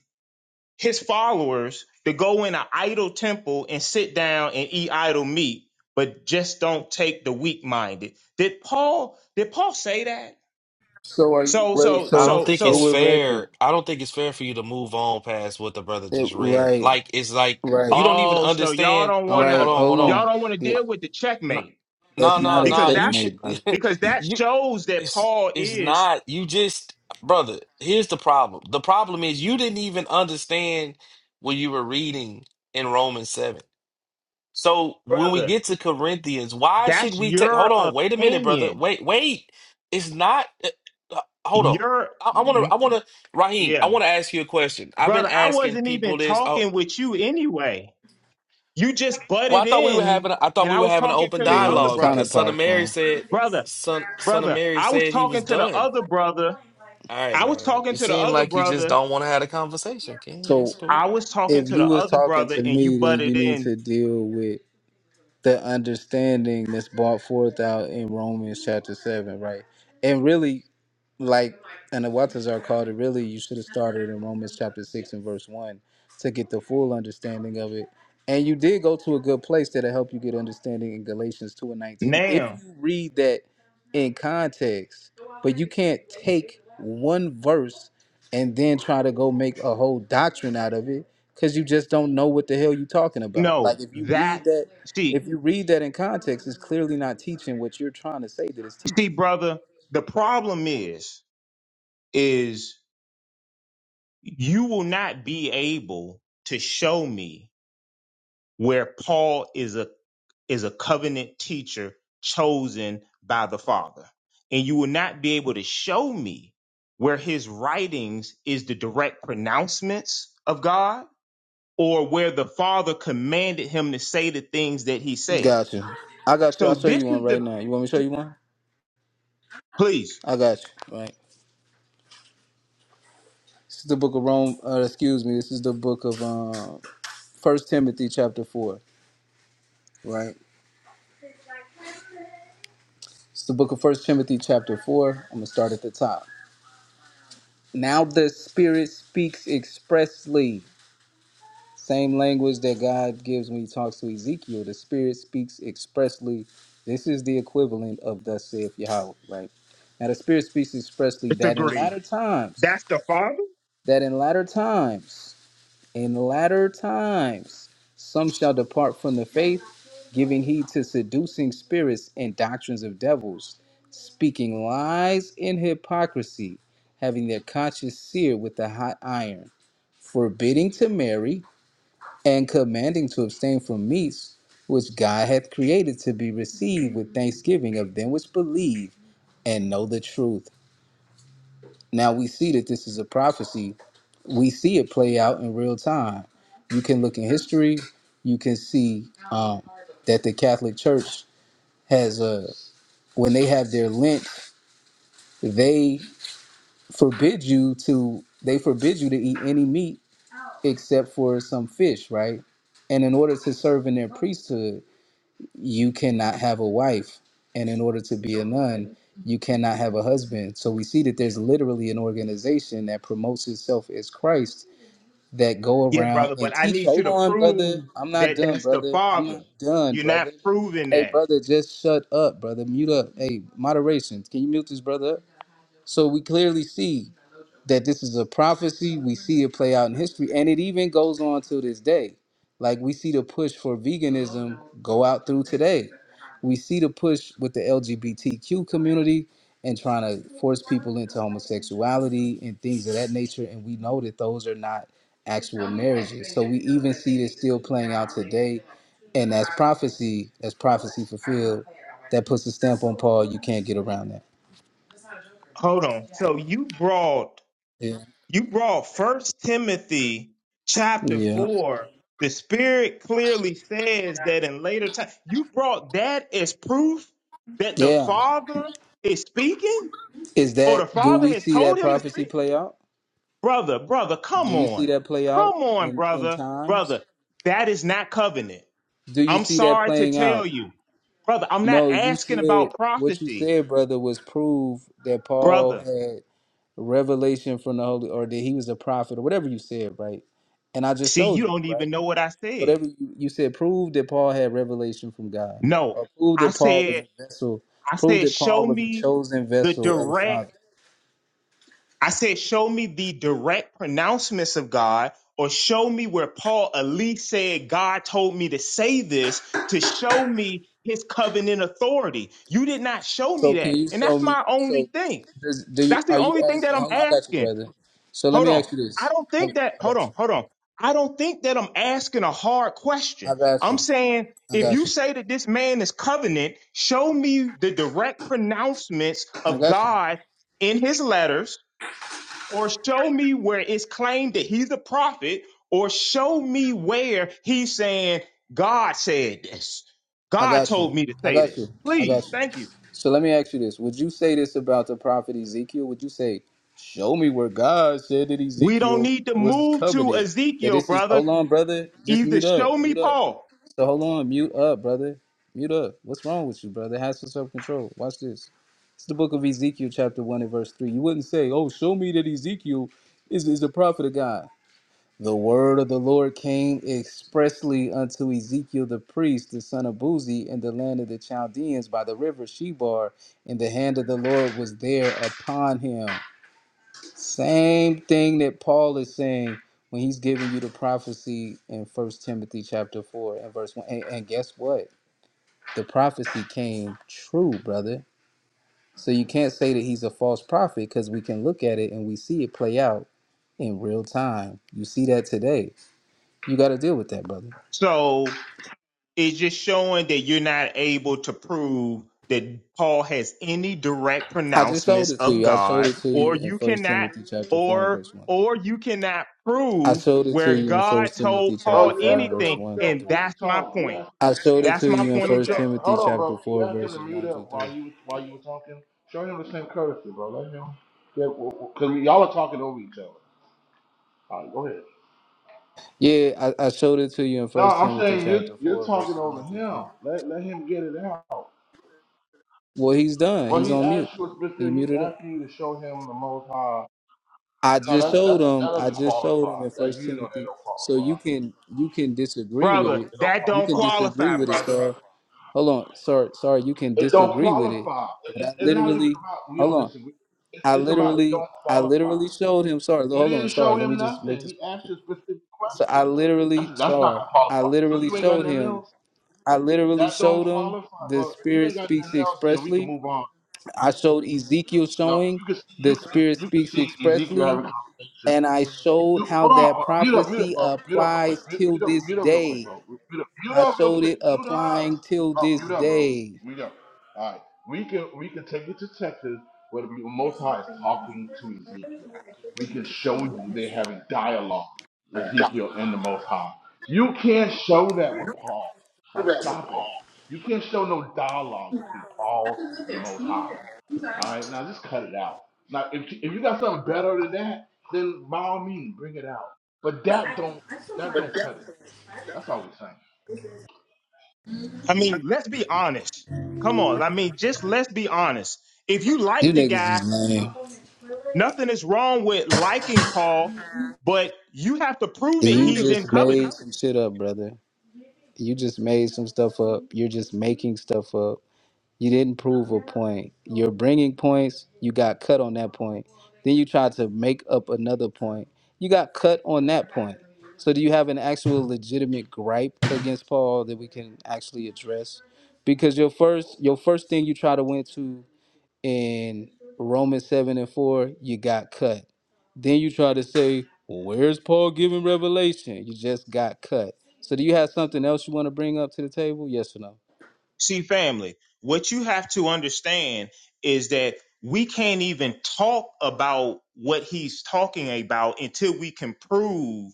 Speaker 17: his followers to go in an idol temple and sit down and eat idol meat, but just don't take the weak minded. Did Paul did Paul say that?
Speaker 11: so are you
Speaker 17: So
Speaker 11: wait
Speaker 17: so
Speaker 14: I
Speaker 11: so
Speaker 14: don't
Speaker 17: so
Speaker 14: think
Speaker 11: so
Speaker 17: so
Speaker 14: it's
Speaker 11: we're record.
Speaker 14: fair. I don't think it's fair for you to move on past what the brother
Speaker 11: Eh,
Speaker 14: just read.
Speaker 11: Right,
Speaker 14: Like it's like
Speaker 11: right,
Speaker 14: you don't even
Speaker 17: oh so y'all
Speaker 14: understand.
Speaker 17: don't
Speaker 14: Oh, hold
Speaker 17: wanna
Speaker 11: right.
Speaker 14: on, hold
Speaker 11: Hold
Speaker 14: on.
Speaker 17: y'all
Speaker 11: on.
Speaker 17: don't wanna
Speaker 11: Yeah,
Speaker 17: deal with the
Speaker 14: No,
Speaker 17: checkmate
Speaker 14: no,
Speaker 11: that's
Speaker 14: no.
Speaker 11: not a
Speaker 17: because
Speaker 14: no, You
Speaker 17: that's
Speaker 14: should.
Speaker 11: checkmate, brother.
Speaker 17: because that
Speaker 14: you
Speaker 17: shows that
Speaker 14: it's
Speaker 17: Paul
Speaker 14: it's
Speaker 17: is
Speaker 14: not. You just brother. Here's the problem. The problem is you didn't even understand what you were reading in Romans seven. So when we
Speaker 17: brother.
Speaker 14: get to Corinthians, why should
Speaker 17: That's
Speaker 14: we take?
Speaker 17: your
Speaker 14: Hold on, wait a minute, brother.
Speaker 17: opinion.
Speaker 14: Wait, wait. It's not. uh, uh, hold on.
Speaker 17: Your
Speaker 14: I want to. I want to. Raheem,
Speaker 17: yeah
Speaker 14: I want to ask you a question. I've been
Speaker 17: brother, I
Speaker 14: asking
Speaker 17: wasn't
Speaker 14: people
Speaker 17: even
Speaker 14: this. Oh,
Speaker 17: talking with you anyway. You just
Speaker 14: well, I
Speaker 17: butted
Speaker 14: thought we were
Speaker 17: in,
Speaker 14: having. A, I thought
Speaker 17: and
Speaker 14: we
Speaker 17: I
Speaker 14: were
Speaker 17: was
Speaker 14: having an
Speaker 17: talking
Speaker 14: open
Speaker 17: to the
Speaker 11: Yeah, It
Speaker 17: other
Speaker 11: was
Speaker 14: dialogue
Speaker 11: kind
Speaker 17: brother.
Speaker 11: of
Speaker 14: because Son of Mary
Speaker 11: popcorn.
Speaker 14: said.
Speaker 17: Brother,
Speaker 14: Son, Son of
Speaker 17: brother,
Speaker 14: Mary
Speaker 17: I was
Speaker 14: said he was
Speaker 17: talking to the
Speaker 14: done.
Speaker 17: other brother.
Speaker 14: All right,
Speaker 17: I was
Speaker 14: man.
Speaker 17: talking
Speaker 14: You
Speaker 17: to the
Speaker 14: seem
Speaker 17: other
Speaker 14: like you just
Speaker 17: brother.
Speaker 14: don't want to have a conversation, King. That's
Speaker 11: So
Speaker 14: cool.
Speaker 17: I was talking
Speaker 11: if
Speaker 17: to
Speaker 11: you
Speaker 17: the
Speaker 11: was
Speaker 17: other
Speaker 11: talking
Speaker 17: brother,
Speaker 11: to
Speaker 17: and you
Speaker 11: me, then
Speaker 17: butted
Speaker 11: you need
Speaker 17: in
Speaker 11: to deal with the understanding that's brought forth out in Romans chapter seven, right? And really, like and the waters are called it really you should have started in romans chapter 6 and verse 1 to get the full understanding of it and you did go to a good place that'll help you get understanding in galatians 2 and 19 if
Speaker 17: now.
Speaker 11: you read that in context but you can't take one verse and then try to go make a whole doctrine out of it because you just don't know what the hell you're talking about like
Speaker 17: No,
Speaker 11: if you
Speaker 17: that,
Speaker 11: read that
Speaker 17: see,
Speaker 11: if you read that in context it's clearly not teaching what you're trying to say that it's
Speaker 17: see,
Speaker 11: teaching
Speaker 17: brother, the problem is, is you will not be able to show me where Paul is a is a covenant teacher chosen by the Father. And you will not be able to show me where his writings is the direct pronouncements of God or where the Father commanded him to say the things that he said.
Speaker 11: Got you. I got you.
Speaker 17: So
Speaker 11: I'll show
Speaker 17: this
Speaker 11: you
Speaker 17: is
Speaker 11: one right
Speaker 17: the
Speaker 11: now. You want me to show you one?
Speaker 17: please
Speaker 11: I got you. Right. This is the book of Rome. Uh, excuse me. This is the book of um, First Timothy chapter four. Right. It's the book of First Timothy chapter four. I'm gonna start at the top. Now the Spirit speaks expressly. Same language that God gives when He talks to Ezekiel. The Spirit speaks expressly. This is the equivalent of thus saith Yahweh. Right. Now the Spirit speaks expressly that in
Speaker 17: disagree.
Speaker 11: latter times,
Speaker 17: That's the Father?
Speaker 11: that in latter times. In latter times, some shall depart from the faith, giving heed to seducing spirits and doctrines of devils, speaking lies in hypocrisy, having their conscience seared with a hot iron, forbidding to marry, and commanding to abstain from meats which God hath created to be received with thanksgiving of them which believe and know the truth. Now we see that this is a prophecy we see it play out in real time. You can look in history, you can see um, that the Catholic Church has a when they have their Lent, they forbid you to they forbid you to eat any meat except for some fish, right? And in order to serve in their priesthood, you cannot have a wife. And in order to be a nun, you cannot have a husband. So we see that there's literally an organization that promotes itself as Christ that go
Speaker 17: Yeah,
Speaker 11: around
Speaker 17: brother, but
Speaker 11: and
Speaker 17: I
Speaker 11: teach.
Speaker 17: need you
Speaker 11: Hold
Speaker 17: to
Speaker 11: on, brother.
Speaker 17: prove
Speaker 11: I'm not
Speaker 17: that
Speaker 11: done,
Speaker 17: that's the
Speaker 11: brother. I'm
Speaker 17: Father.
Speaker 11: not done,
Speaker 17: You're not
Speaker 11: brother.
Speaker 17: proving
Speaker 11: Hey,
Speaker 17: that.
Speaker 11: brother, just shut up, brother. Mute up. Hey, moderation. Can you mute this brother up? So we clearly see that this is a prophecy. We see it play out in history, and it even goes on to this day. Like we see the push for veganism go out through today. We see the push with the LGBTQ community and trying to force people into homosexuality and things of that nature. And we know that those are not actual marriages. So we even see this still playing out today. And that's prophecy, that's prophecy fulfilled. That puts a stamp on Paul. You can't get around that.
Speaker 17: Hold on. So you brought
Speaker 11: Yeah.
Speaker 17: You brought First Timothy chapter
Speaker 11: Yeah.
Speaker 17: four. The Spirit clearly says that in later time. You brought that as proof that the
Speaker 11: Yeah.
Speaker 17: Father is speaking,
Speaker 11: Is
Speaker 17: or
Speaker 11: that
Speaker 17: the
Speaker 11: do
Speaker 17: Father
Speaker 11: we
Speaker 17: has
Speaker 11: see
Speaker 17: told
Speaker 11: that
Speaker 17: him to
Speaker 11: prophecy
Speaker 17: speak.
Speaker 11: play out?
Speaker 17: Brother, brother, come
Speaker 11: Do you see
Speaker 17: on,
Speaker 11: that play out
Speaker 17: come on,
Speaker 11: in, in
Speaker 17: brother, brother.
Speaker 11: times?
Speaker 17: That is not covenant.
Speaker 11: Do you
Speaker 17: I'm
Speaker 11: see that
Speaker 17: sorry to
Speaker 11: playing
Speaker 17: tell
Speaker 11: out?
Speaker 17: you, brother. I'm not
Speaker 11: No, you
Speaker 17: asking about
Speaker 11: said what you
Speaker 17: prophecy,
Speaker 11: said, brother, was prove that Paul
Speaker 17: brother.
Speaker 11: had revelation from the Holy or that he was a prophet or whatever you said, right? And I just
Speaker 17: See,
Speaker 11: showed
Speaker 17: you
Speaker 11: you,
Speaker 17: don't
Speaker 11: right?
Speaker 17: even know what I said.
Speaker 11: Whatever you, you said, prove that Paul had revelation from God.
Speaker 17: No,
Speaker 11: Or prove
Speaker 17: I
Speaker 11: that Paul
Speaker 17: said
Speaker 11: was a vessel,
Speaker 17: I
Speaker 11: prove
Speaker 17: said,
Speaker 11: that Paul
Speaker 17: show
Speaker 11: was a
Speaker 17: me
Speaker 11: chosen
Speaker 17: the
Speaker 11: vessel of the Father.
Speaker 17: direct, I said, show me the direct pronouncements of God, or show me where Paul at least said, God told me to say this to show me his covenant authority. You did not show me
Speaker 11: So
Speaker 17: that.
Speaker 11: can you
Speaker 17: And that's
Speaker 11: show me?
Speaker 17: my
Speaker 11: So
Speaker 17: only thing.
Speaker 11: does, do you,
Speaker 17: That's the
Speaker 11: are you
Speaker 17: only thing that
Speaker 11: asking?
Speaker 17: I'm
Speaker 11: Hold on, I got you,
Speaker 17: asking.
Speaker 11: brother. So let
Speaker 17: Hold
Speaker 11: me
Speaker 17: on.
Speaker 11: ask you
Speaker 17: I
Speaker 11: this.
Speaker 17: don't
Speaker 11: I,
Speaker 17: think that,
Speaker 11: I
Speaker 17: hold
Speaker 11: got
Speaker 17: on,
Speaker 11: you.
Speaker 17: hold on. I don't think that I'm asking a hard question.
Speaker 11: I got
Speaker 17: I'm
Speaker 11: you.
Speaker 17: saying
Speaker 11: I
Speaker 17: if
Speaker 11: got
Speaker 17: you
Speaker 11: you.
Speaker 17: say that this man is covenant, show me the direct pronouncements
Speaker 11: I
Speaker 17: of
Speaker 11: got you.
Speaker 17: God in his letters, or show me where it's claimed that he's a prophet, or show me where he's saying, God said this.
Speaker 11: I
Speaker 17: God
Speaker 11: got you.
Speaker 17: told me to
Speaker 11: I
Speaker 17: say
Speaker 11: got you.
Speaker 17: this.
Speaker 11: I
Speaker 17: Please,
Speaker 11: got you.
Speaker 17: thank you.
Speaker 11: So let me ask you this. Would you say this about the prophet Ezekiel? Would you say, show me where God said that
Speaker 17: We don't
Speaker 11: Ezekiel
Speaker 17: need to
Speaker 11: was
Speaker 17: move to
Speaker 11: covenant? That
Speaker 17: Ezekiel,
Speaker 11: this is,
Speaker 17: brother.
Speaker 11: hold on, brother. Just
Speaker 17: Either
Speaker 11: mute up.
Speaker 17: show me
Speaker 11: Mute up.
Speaker 17: Paul.
Speaker 11: So hold on. Mute up, brother. Mute up. What's wrong with you, brother? Have some self control. Watch this. It's the book of Ezekiel, chapter 1 and verse 3. You wouldn't say, oh, show me that Ezekiel is, is a prophet of God. The word of the Lord came expressly unto Ezekiel the priest, the son of Buzi, in the land of the Chaldeans by the river Shebar, and the hand of the Lord was there upon him. Same thing that Paul is saying when he's giving you the prophecy in First Timothy chapter 4 and verse 1. And, and guess what? The prophecy came true, brother. So you can't say that he's a false prophet because we can look at it and we see it play out in real time. You see that today you got to deal with that, brother.
Speaker 17: So It's just showing that you're not able to prove that Paul has any direct
Speaker 11: I just
Speaker 17: pronouncements
Speaker 11: showed it to
Speaker 17: of
Speaker 11: you. I showed
Speaker 17: God,
Speaker 11: it to
Speaker 17: or
Speaker 11: you in
Speaker 17: you
Speaker 11: First
Speaker 17: cannot,
Speaker 11: Timothy chapter four and
Speaker 17: or
Speaker 11: verse one.
Speaker 17: or you cannot
Speaker 11: I
Speaker 17: prove
Speaker 11: showed it to
Speaker 17: where
Speaker 11: you in
Speaker 17: God
Speaker 11: First Timothy
Speaker 17: told
Speaker 11: chapter
Speaker 17: Paul
Speaker 21: Bro, you
Speaker 11: four and
Speaker 21: asked him
Speaker 11: verse
Speaker 17: anything.
Speaker 21: to
Speaker 11: one
Speaker 21: mute
Speaker 11: through
Speaker 21: up
Speaker 17: And
Speaker 11: three.
Speaker 21: while you
Speaker 17: that's my
Speaker 21: talk. You
Speaker 17: point.
Speaker 21: asked him
Speaker 11: I showed it
Speaker 17: That's
Speaker 11: to
Speaker 17: my
Speaker 11: you in
Speaker 21: show,
Speaker 17: point
Speaker 11: First
Speaker 21: show,
Speaker 17: exactly.
Speaker 11: Timothy
Speaker 21: hold on, bro.
Speaker 11: chapter
Speaker 21: You
Speaker 11: four
Speaker 21: asked him to
Speaker 11: verses
Speaker 21: mute
Speaker 11: one through
Speaker 21: up while
Speaker 11: three.
Speaker 21: you while you were talking. Show him the same courtesy, bro. Let him. Yeah, because y'all are talking over each other. All right, go ahead.
Speaker 11: Yeah, I, I showed it to you in
Speaker 21: No,
Speaker 11: First
Speaker 21: I'm
Speaker 11: Timothy
Speaker 21: saying you
Speaker 11: chapter
Speaker 21: you're
Speaker 11: four
Speaker 21: talking
Speaker 11: verses
Speaker 21: over
Speaker 11: one through
Speaker 21: him.
Speaker 11: three.
Speaker 21: Let let him get it out.
Speaker 11: Well, he's done.
Speaker 21: Well,
Speaker 11: He's
Speaker 21: he
Speaker 11: on mute.
Speaker 21: asked you a
Speaker 11: He
Speaker 21: specific. He's
Speaker 11: muted up.
Speaker 21: asking you to show him the Most High.
Speaker 11: I
Speaker 21: No,
Speaker 11: just
Speaker 21: that that
Speaker 11: showed
Speaker 21: that
Speaker 11: him. I
Speaker 21: doesn't
Speaker 11: just showed him
Speaker 21: qualify.
Speaker 11: in
Speaker 21: That
Speaker 11: First
Speaker 21: you know that
Speaker 11: Timothy.
Speaker 21: don't
Speaker 11: So you
Speaker 21: qualify.
Speaker 11: can you can disagree
Speaker 21: It
Speaker 11: with
Speaker 21: don't
Speaker 17: Brother,
Speaker 11: it.
Speaker 21: it don't
Speaker 17: that
Speaker 11: You
Speaker 17: don't
Speaker 11: can
Speaker 21: qualify.
Speaker 11: disagree
Speaker 17: qualify,
Speaker 11: with it,
Speaker 17: brother.
Speaker 11: sir. Hold on, sorry, sorry, you can
Speaker 21: It don't
Speaker 11: disagree with it,
Speaker 21: qualify. It,
Speaker 11: but I
Speaker 21: it's it's not even
Speaker 11: literally,
Speaker 21: about we
Speaker 11: hold
Speaker 21: don't
Speaker 11: on,
Speaker 21: disagree. It's,
Speaker 11: I
Speaker 21: it's about it
Speaker 11: literally,
Speaker 21: don't
Speaker 11: I
Speaker 21: qualify.
Speaker 11: literally showed him. Sorry,
Speaker 21: You
Speaker 11: hold on,
Speaker 21: didn't
Speaker 11: sorry,
Speaker 21: show
Speaker 11: let me
Speaker 21: him
Speaker 11: just make
Speaker 21: nothing.
Speaker 11: this
Speaker 21: He
Speaker 11: point.
Speaker 21: asked
Speaker 11: here.
Speaker 21: you a specific
Speaker 11: So
Speaker 21: question.
Speaker 11: I
Speaker 21: That's,
Speaker 11: literally,
Speaker 21: that's not
Speaker 11: sorry,
Speaker 21: gonna
Speaker 11: I
Speaker 21: qualify. So
Speaker 11: literally
Speaker 21: you ain't got
Speaker 11: showed
Speaker 21: nothing
Speaker 11: him.
Speaker 21: else.
Speaker 11: I literally
Speaker 21: That don't
Speaker 11: showed him
Speaker 21: qualify,
Speaker 11: the
Speaker 21: bro. If you
Speaker 11: Spirit
Speaker 21: ain't got
Speaker 11: speaks
Speaker 21: nothing else, then we can
Speaker 11: expressly.
Speaker 21: move on.
Speaker 11: I showed Ezekiel
Speaker 21: No,
Speaker 11: showing
Speaker 21: you can see
Speaker 11: the
Speaker 21: you can
Speaker 11: Spirit
Speaker 21: you can
Speaker 11: speaks
Speaker 21: see Ezekiel
Speaker 11: expressly,
Speaker 21: having conversations
Speaker 11: and I
Speaker 21: you
Speaker 11: showed how
Speaker 21: hold on,
Speaker 11: that
Speaker 21: uh, mute up, mute up,
Speaker 11: prophecy
Speaker 21: bro. Mute up real quick.
Speaker 11: applies
Speaker 21: Mute,
Speaker 11: till
Speaker 21: mute up,
Speaker 11: this
Speaker 21: mute up real quick,
Speaker 11: day.
Speaker 21: bro. Mute up, mute
Speaker 11: I
Speaker 21: up real
Speaker 11: showed
Speaker 21: quick.
Speaker 11: it
Speaker 21: Mute up.
Speaker 11: applying till
Speaker 21: Bro,
Speaker 11: this
Speaker 21: mute up, bro.
Speaker 11: day.
Speaker 21: Mute up. All right, we can we can take it to Texas where the Most High is talking to Ezekiel. We can show you they have a dialogue, Ezekiel and the Most High. You can't show that with Paul. Like, stop it. You can't show no dialogue between Paul and the Most High. All right, now just cut it out. Now, if if you got something better than that, then by all means bring it out. But that don't that don't cut it. That's all we're saying.
Speaker 17: I mean, let's be honest. Come on. I mean, just let's be honest. If you
Speaker 11: You
Speaker 17: like the
Speaker 11: niggas is
Speaker 17: guy,
Speaker 11: lame.
Speaker 17: nothing is wrong with liking Paul but you have to prove that
Speaker 11: You
Speaker 17: he's in
Speaker 11: just
Speaker 17: covenant.
Speaker 11: made some shit up, brother. You just made some stuff up. You're just making stuff up. You didn't prove a point. You're bringing points. You got cut on that point. Then you tried to make up another point. You got cut on that point. So do you have an actual legitimate gripe against Paul that we can actually address? Because your first your first thing you try to went to in Romans 7 and 4, you got cut. Then you try to say, well, where's Paul giving revelation? You just got cut. So do you have something else you want to bring up to the table? Yes or no?
Speaker 17: See, family, what you have to understand is that we can't even talk about what he's talking about until we can prove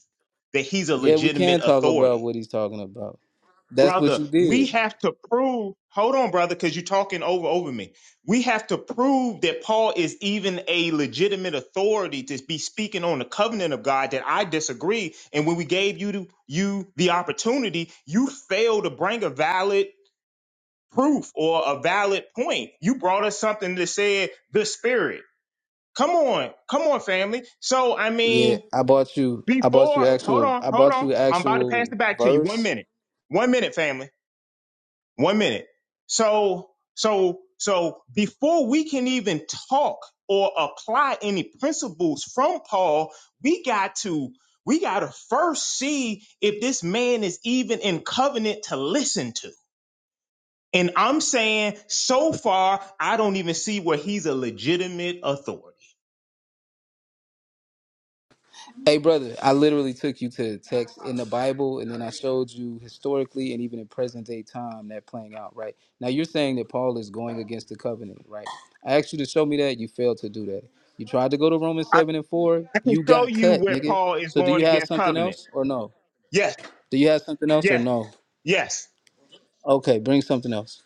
Speaker 17: that he's a
Speaker 11: Yeah, we
Speaker 17: legitimate
Speaker 11: can talk about
Speaker 17: authority.
Speaker 11: what he's talking about. That's what
Speaker 17: Brother,
Speaker 11: you
Speaker 17: we
Speaker 11: did.
Speaker 17: have to prove, hold on, brother, because you're talking over over me. We have to prove that Paul is even a legitimate authority to be speaking on the covenant of God that I disagree. And when we gave you you the opportunity, you failed to bring a valid proof or a valid point. You brought us something that said the spirit. Come on, come on, family. So I
Speaker 11: Yeah,
Speaker 17: mean,
Speaker 11: I bought you I bought you
Speaker 17: before hold
Speaker 11: actual
Speaker 17: on,
Speaker 11: I
Speaker 17: hold
Speaker 11: bought
Speaker 17: on.
Speaker 11: you
Speaker 17: I'm about to pass
Speaker 11: actual
Speaker 17: it back to you. One
Speaker 11: verse
Speaker 17: minute. One minute, family. One minute. So so so before we can even talk or apply any principles from Paul, we got to we got to first see if this man is even in covenant to listen to and I'm saying so far, I don't even see where he's a legitimate authority.
Speaker 11: Hey brother, I literally took you to the text in the Bible and then I showed you historically and even in present day time that playing out, right? Now you're saying that Paul is going against the covenant, right? I asked you to show me that, you failed to do that. You tried to go to Romans
Speaker 17: I,
Speaker 11: 7 and 4,
Speaker 17: I can
Speaker 11: you
Speaker 17: show
Speaker 11: got
Speaker 17: you
Speaker 11: cut,
Speaker 17: where
Speaker 11: nigga.
Speaker 17: Paul is
Speaker 11: So do
Speaker 17: going
Speaker 11: you have
Speaker 17: against
Speaker 11: something
Speaker 17: covenant.
Speaker 11: else or no?
Speaker 17: Yes,
Speaker 11: Do you have something else or
Speaker 17: yes,
Speaker 11: no?
Speaker 17: yes.
Speaker 11: Okay, bring something else.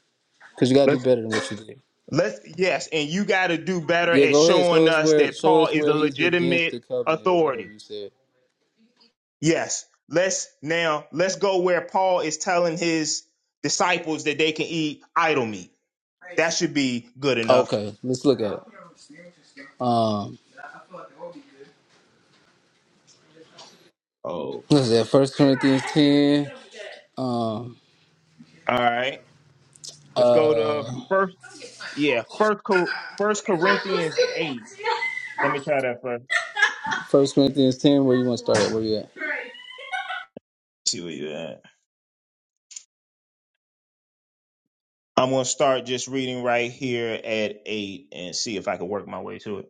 Speaker 11: Cause you gotta do
Speaker 17: Let's
Speaker 11: better than what you did.
Speaker 17: let's yes, and you gotta do better
Speaker 11: Yeah,
Speaker 17: at
Speaker 11: go ahead. Show
Speaker 17: showing
Speaker 11: us
Speaker 17: us
Speaker 11: where
Speaker 17: that
Speaker 11: show
Speaker 17: Paul
Speaker 11: us
Speaker 17: is a
Speaker 11: where he's against
Speaker 17: legitimate
Speaker 11: the covenant or whatever
Speaker 17: authority.
Speaker 11: you said.
Speaker 17: Yes. Let's now let's go where Paul is telling his disciples that they can eat idol meat. That should be good enough.
Speaker 11: Okay, let's look at it. Um.
Speaker 17: Oh.
Speaker 11: What is that? First Corinthians ten. Um.
Speaker 17: All right. Let's go to
Speaker 11: Uh.
Speaker 17: First. Yeah, first Cor- First Corinthians eight. Let me try that first.
Speaker 11: First Corinthians ten. Where you want to start at? Where you at?
Speaker 17: See where you at. I'm gonna start just reading right here at eight and see if I can work my way to it.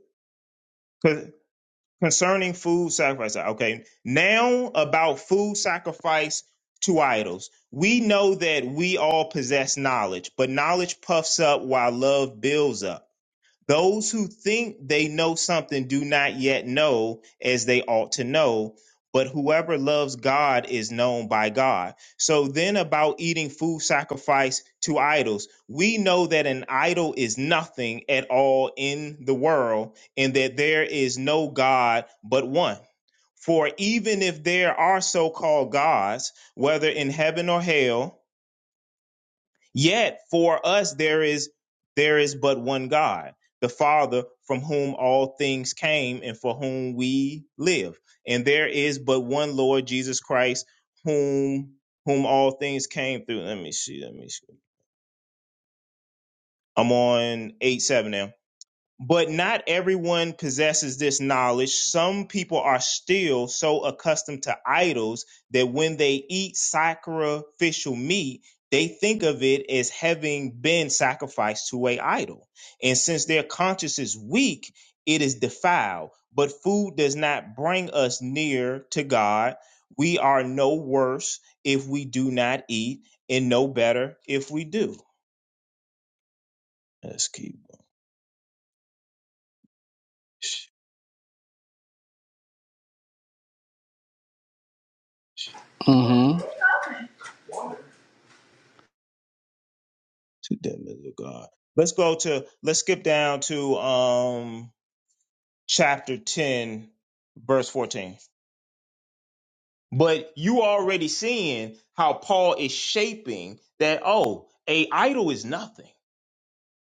Speaker 17: Con- Concerning food sacrifice. Okay, now about food sacrifice to idols. We know that we all possess knowledge, but knowledge puffs up while love builds up. Those who think they know something do not yet know as they ought to know, but whoever loves God is known by God. So then, about eating food sacrificed to idols, we know that an idol is nothing at all in the world, and that there is no God but one. For even if there are so called gods, whether in heaven or hell, Yet for us there is there is but one God, the Father, from whom all things came and for whom we live. And there is but one Lord Jesus Christ, whom whom all things came through. Let me see. Let me see. I'm on eight seven now. But not everyone possesses this knowledge. Some people are still so accustomed to idols that when they eat sacrificial meat, they think of it as having been sacrificed to a idol. And since their conscience is weak, it is defiled. But food does not bring us near to God. We are no worse if we do not eat, and no better if we do. Let's keep. going.
Speaker 11: Mm-hmm.
Speaker 17: Too dim is a God. Let's go to let's skip down to um chapter 10, verse 14. But you already seeing how Paul is shaping that, oh, a idol is nothing.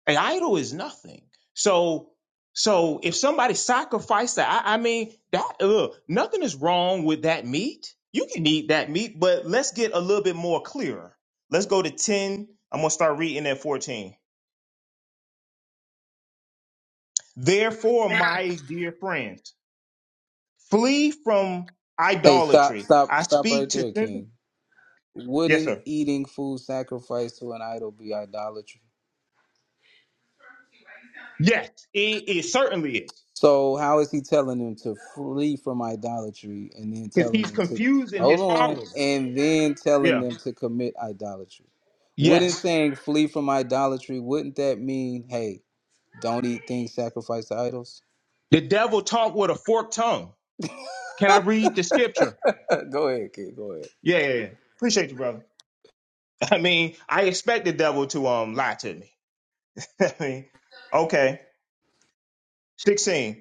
Speaker 17: A idol is nothing. So so if somebody sacrificed that, I, I mean that ugh, nothing is wrong with that meat. You can eat that meat, but let's get a little bit more clearer. Let's go to 10. I'm gonna start reading at 14. Therefore, my dear friends, flee from
Speaker 11: Hey, stop!
Speaker 17: idolatry.
Speaker 11: Stop!
Speaker 17: I
Speaker 11: Stop
Speaker 17: speak
Speaker 11: right
Speaker 17: to
Speaker 11: there,
Speaker 17: sensitive.
Speaker 11: King.
Speaker 17: Yes,
Speaker 11: Wouldn't
Speaker 17: sir.
Speaker 11: eating food sacrificed to an idol be idolatry?
Speaker 17: Yes, it, it certainly is.
Speaker 11: So how is he telling them to flee from idolatry and then
Speaker 17: Because
Speaker 11: telling
Speaker 17: he's
Speaker 11: them to
Speaker 17: confusing
Speaker 11: hold
Speaker 17: his
Speaker 11: on
Speaker 17: followers.
Speaker 11: and then telling
Speaker 17: Yeah.
Speaker 11: them to commit idolatry? Wouldn't
Speaker 17: Yes.
Speaker 11: saying flee from idolatry, wouldn't that mean, hey, don't eat things sacrificed to idols?
Speaker 17: The devil talked with a forked tongue. Can I read the scripture?
Speaker 11: Go ahead, kid. Go ahead.
Speaker 17: Yeah, yeah, yeah. Appreciate you, brother. I mean, I expect the devil to um lie to me. I mean, okay. 16.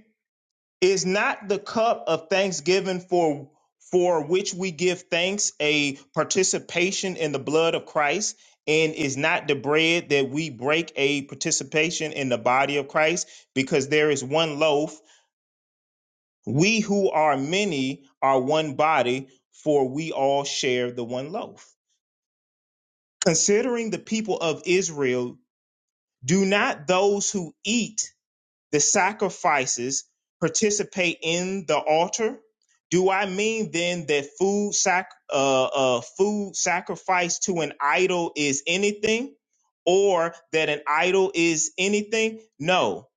Speaker 17: Is not the cup of thanksgiving for for which we give thanks a participation in the blood of Christ? And is not the bread that we break a participation in the body of Christ? Because there is one loaf. We who are many are one body, for we all share the one loaf. Considering the people of Israel, do not those who eat the sacrifices participate in the altar? Do I mean then that food sac uh, uh, food sacrifice to an idol is anything, or that an idol is anything? No,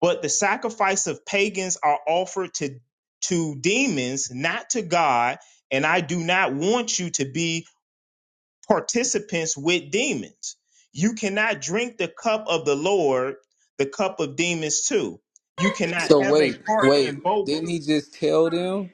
Speaker 17: but the sacrifice of pagans are offered to to demons, not to God. And I do not want you to be participants with demons. You cannot drink the cup of the Lord, the cup of demons too. You cannot
Speaker 11: So
Speaker 17: have a
Speaker 11: wait,
Speaker 17: part
Speaker 11: wait.
Speaker 17: in both.
Speaker 11: Didn't he just tell them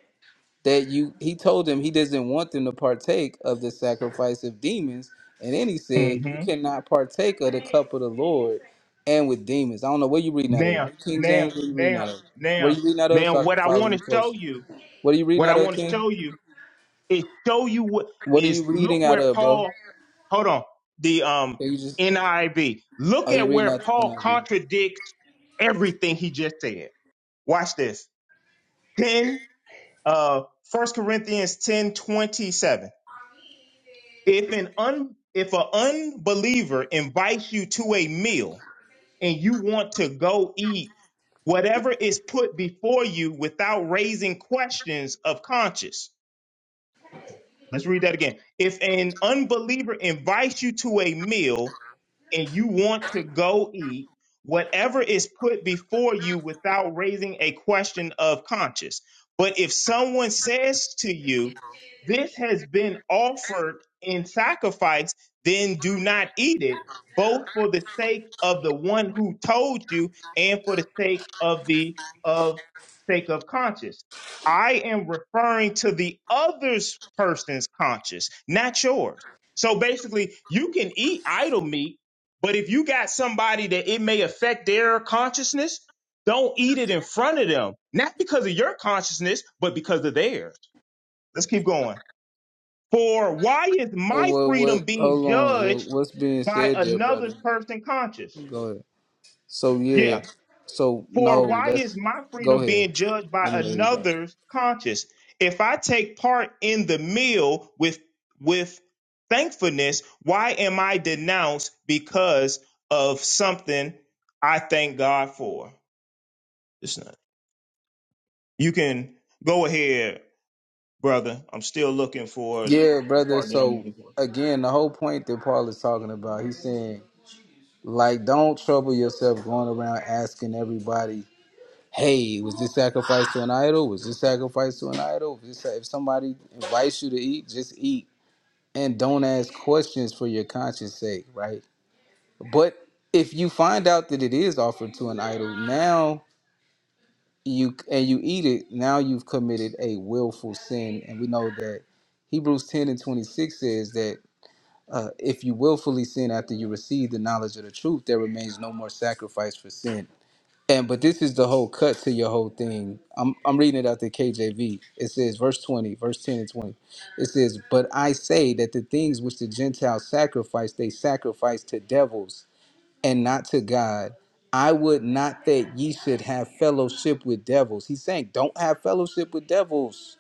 Speaker 11: that you? He told them he doesn't want them to partake of the sacrifice of demons, and then he said you
Speaker 17: hmm
Speaker 11: cannot partake of the cup of the Lord and with demons. I don't know what you reading out of the
Speaker 17: Now,
Speaker 11: New King
Speaker 17: now,
Speaker 11: James. What are you reading
Speaker 17: now,
Speaker 11: out of? What are
Speaker 17: now,
Speaker 11: you reading out of?
Speaker 17: now,
Speaker 11: So I
Speaker 17: what
Speaker 11: can
Speaker 17: I
Speaker 11: follow
Speaker 17: want
Speaker 11: you
Speaker 17: to show
Speaker 11: close.
Speaker 17: you,
Speaker 11: What are you reading
Speaker 17: what I
Speaker 11: out of,
Speaker 17: want to
Speaker 11: King?
Speaker 17: show you is show you what
Speaker 11: What are
Speaker 17: is
Speaker 11: you
Speaker 17: look
Speaker 11: reading out
Speaker 17: where
Speaker 11: of, bro?
Speaker 17: Paul, hold on, the um
Speaker 11: Can you just?
Speaker 17: NIV. Look
Speaker 11: Are you
Speaker 17: at
Speaker 11: reading
Speaker 17: where
Speaker 11: out the
Speaker 17: Paul
Speaker 11: NIV?
Speaker 17: contradicts everything he just said. Watch this. 10 Uh, 1 Corinthians 10 27. If an un if an unbeliever invites you to a meal and you want to go eat whatever is put before you without raising questions of conscience, Let's read that again. If an unbeliever invites you to a meal and you want to go eat, whatever is put before you without raising a question of conscience. But if someone says to you, This has been offered in sacrifice, then do not eat it, both for the sake of the one who told you and for the sake of the of sake of conscience. I am referring to the other's person's conscience, not yours. So basically, you can eat idle meat, but if you got somebody that it may affect their consciousness, don't eat it in front of them, not because of your consciousness, but because of theirs. Let's keep going. For why is
Speaker 11: Oh
Speaker 17: my
Speaker 11: well, what?
Speaker 17: freedom being
Speaker 11: Hold on.
Speaker 17: judged
Speaker 11: What, what's being
Speaker 17: by
Speaker 11: said there,
Speaker 17: another's
Speaker 11: brother?
Speaker 17: person conscious?
Speaker 11: Go ahead. So
Speaker 17: Yeah,
Speaker 11: yeah. So
Speaker 17: For
Speaker 11: no,
Speaker 17: why is
Speaker 11: that's
Speaker 17: my
Speaker 11: go
Speaker 17: freedom
Speaker 11: ahead.
Speaker 17: being judged by
Speaker 11: Let me know you got.
Speaker 17: another's conscience? If I take part in the meal with with thankfulness, why am I denounced because of something I thank God for? It's not. You can go ahead, brother. I'm still looking for
Speaker 11: Yeah,
Speaker 17: the
Speaker 11: brother.
Speaker 17: part that I'm
Speaker 11: So
Speaker 17: looking for.
Speaker 11: again, the whole point that Paul is talking about, he's saying like, don't trouble yourself going around asking everybody, "Hey, was this sacrifice to an idol? Was this sacrifice to an idol?" If, if somebody invites you to eat, just eat, and don't ask questions for your conscience sake, right? But if you find out that it is offered to an idol, now you and you eat it, now you've committed a willful sin. And we know that Hebrews 10 and 26 says that uh, if you willfully sin after you receive the knowledge of the truth, there remains no more sacrifice for sin. And but this is the whole cut to your whole thing. I'm I'm reading it out the KJV. It says verse 20, verse 10 and 20. It says, "But I say that the things which the Gentiles sacrifice, they sacrifice to devils and not to God. I would not that ye should have fellowship with devils. He's saying, don't have fellowship with devils.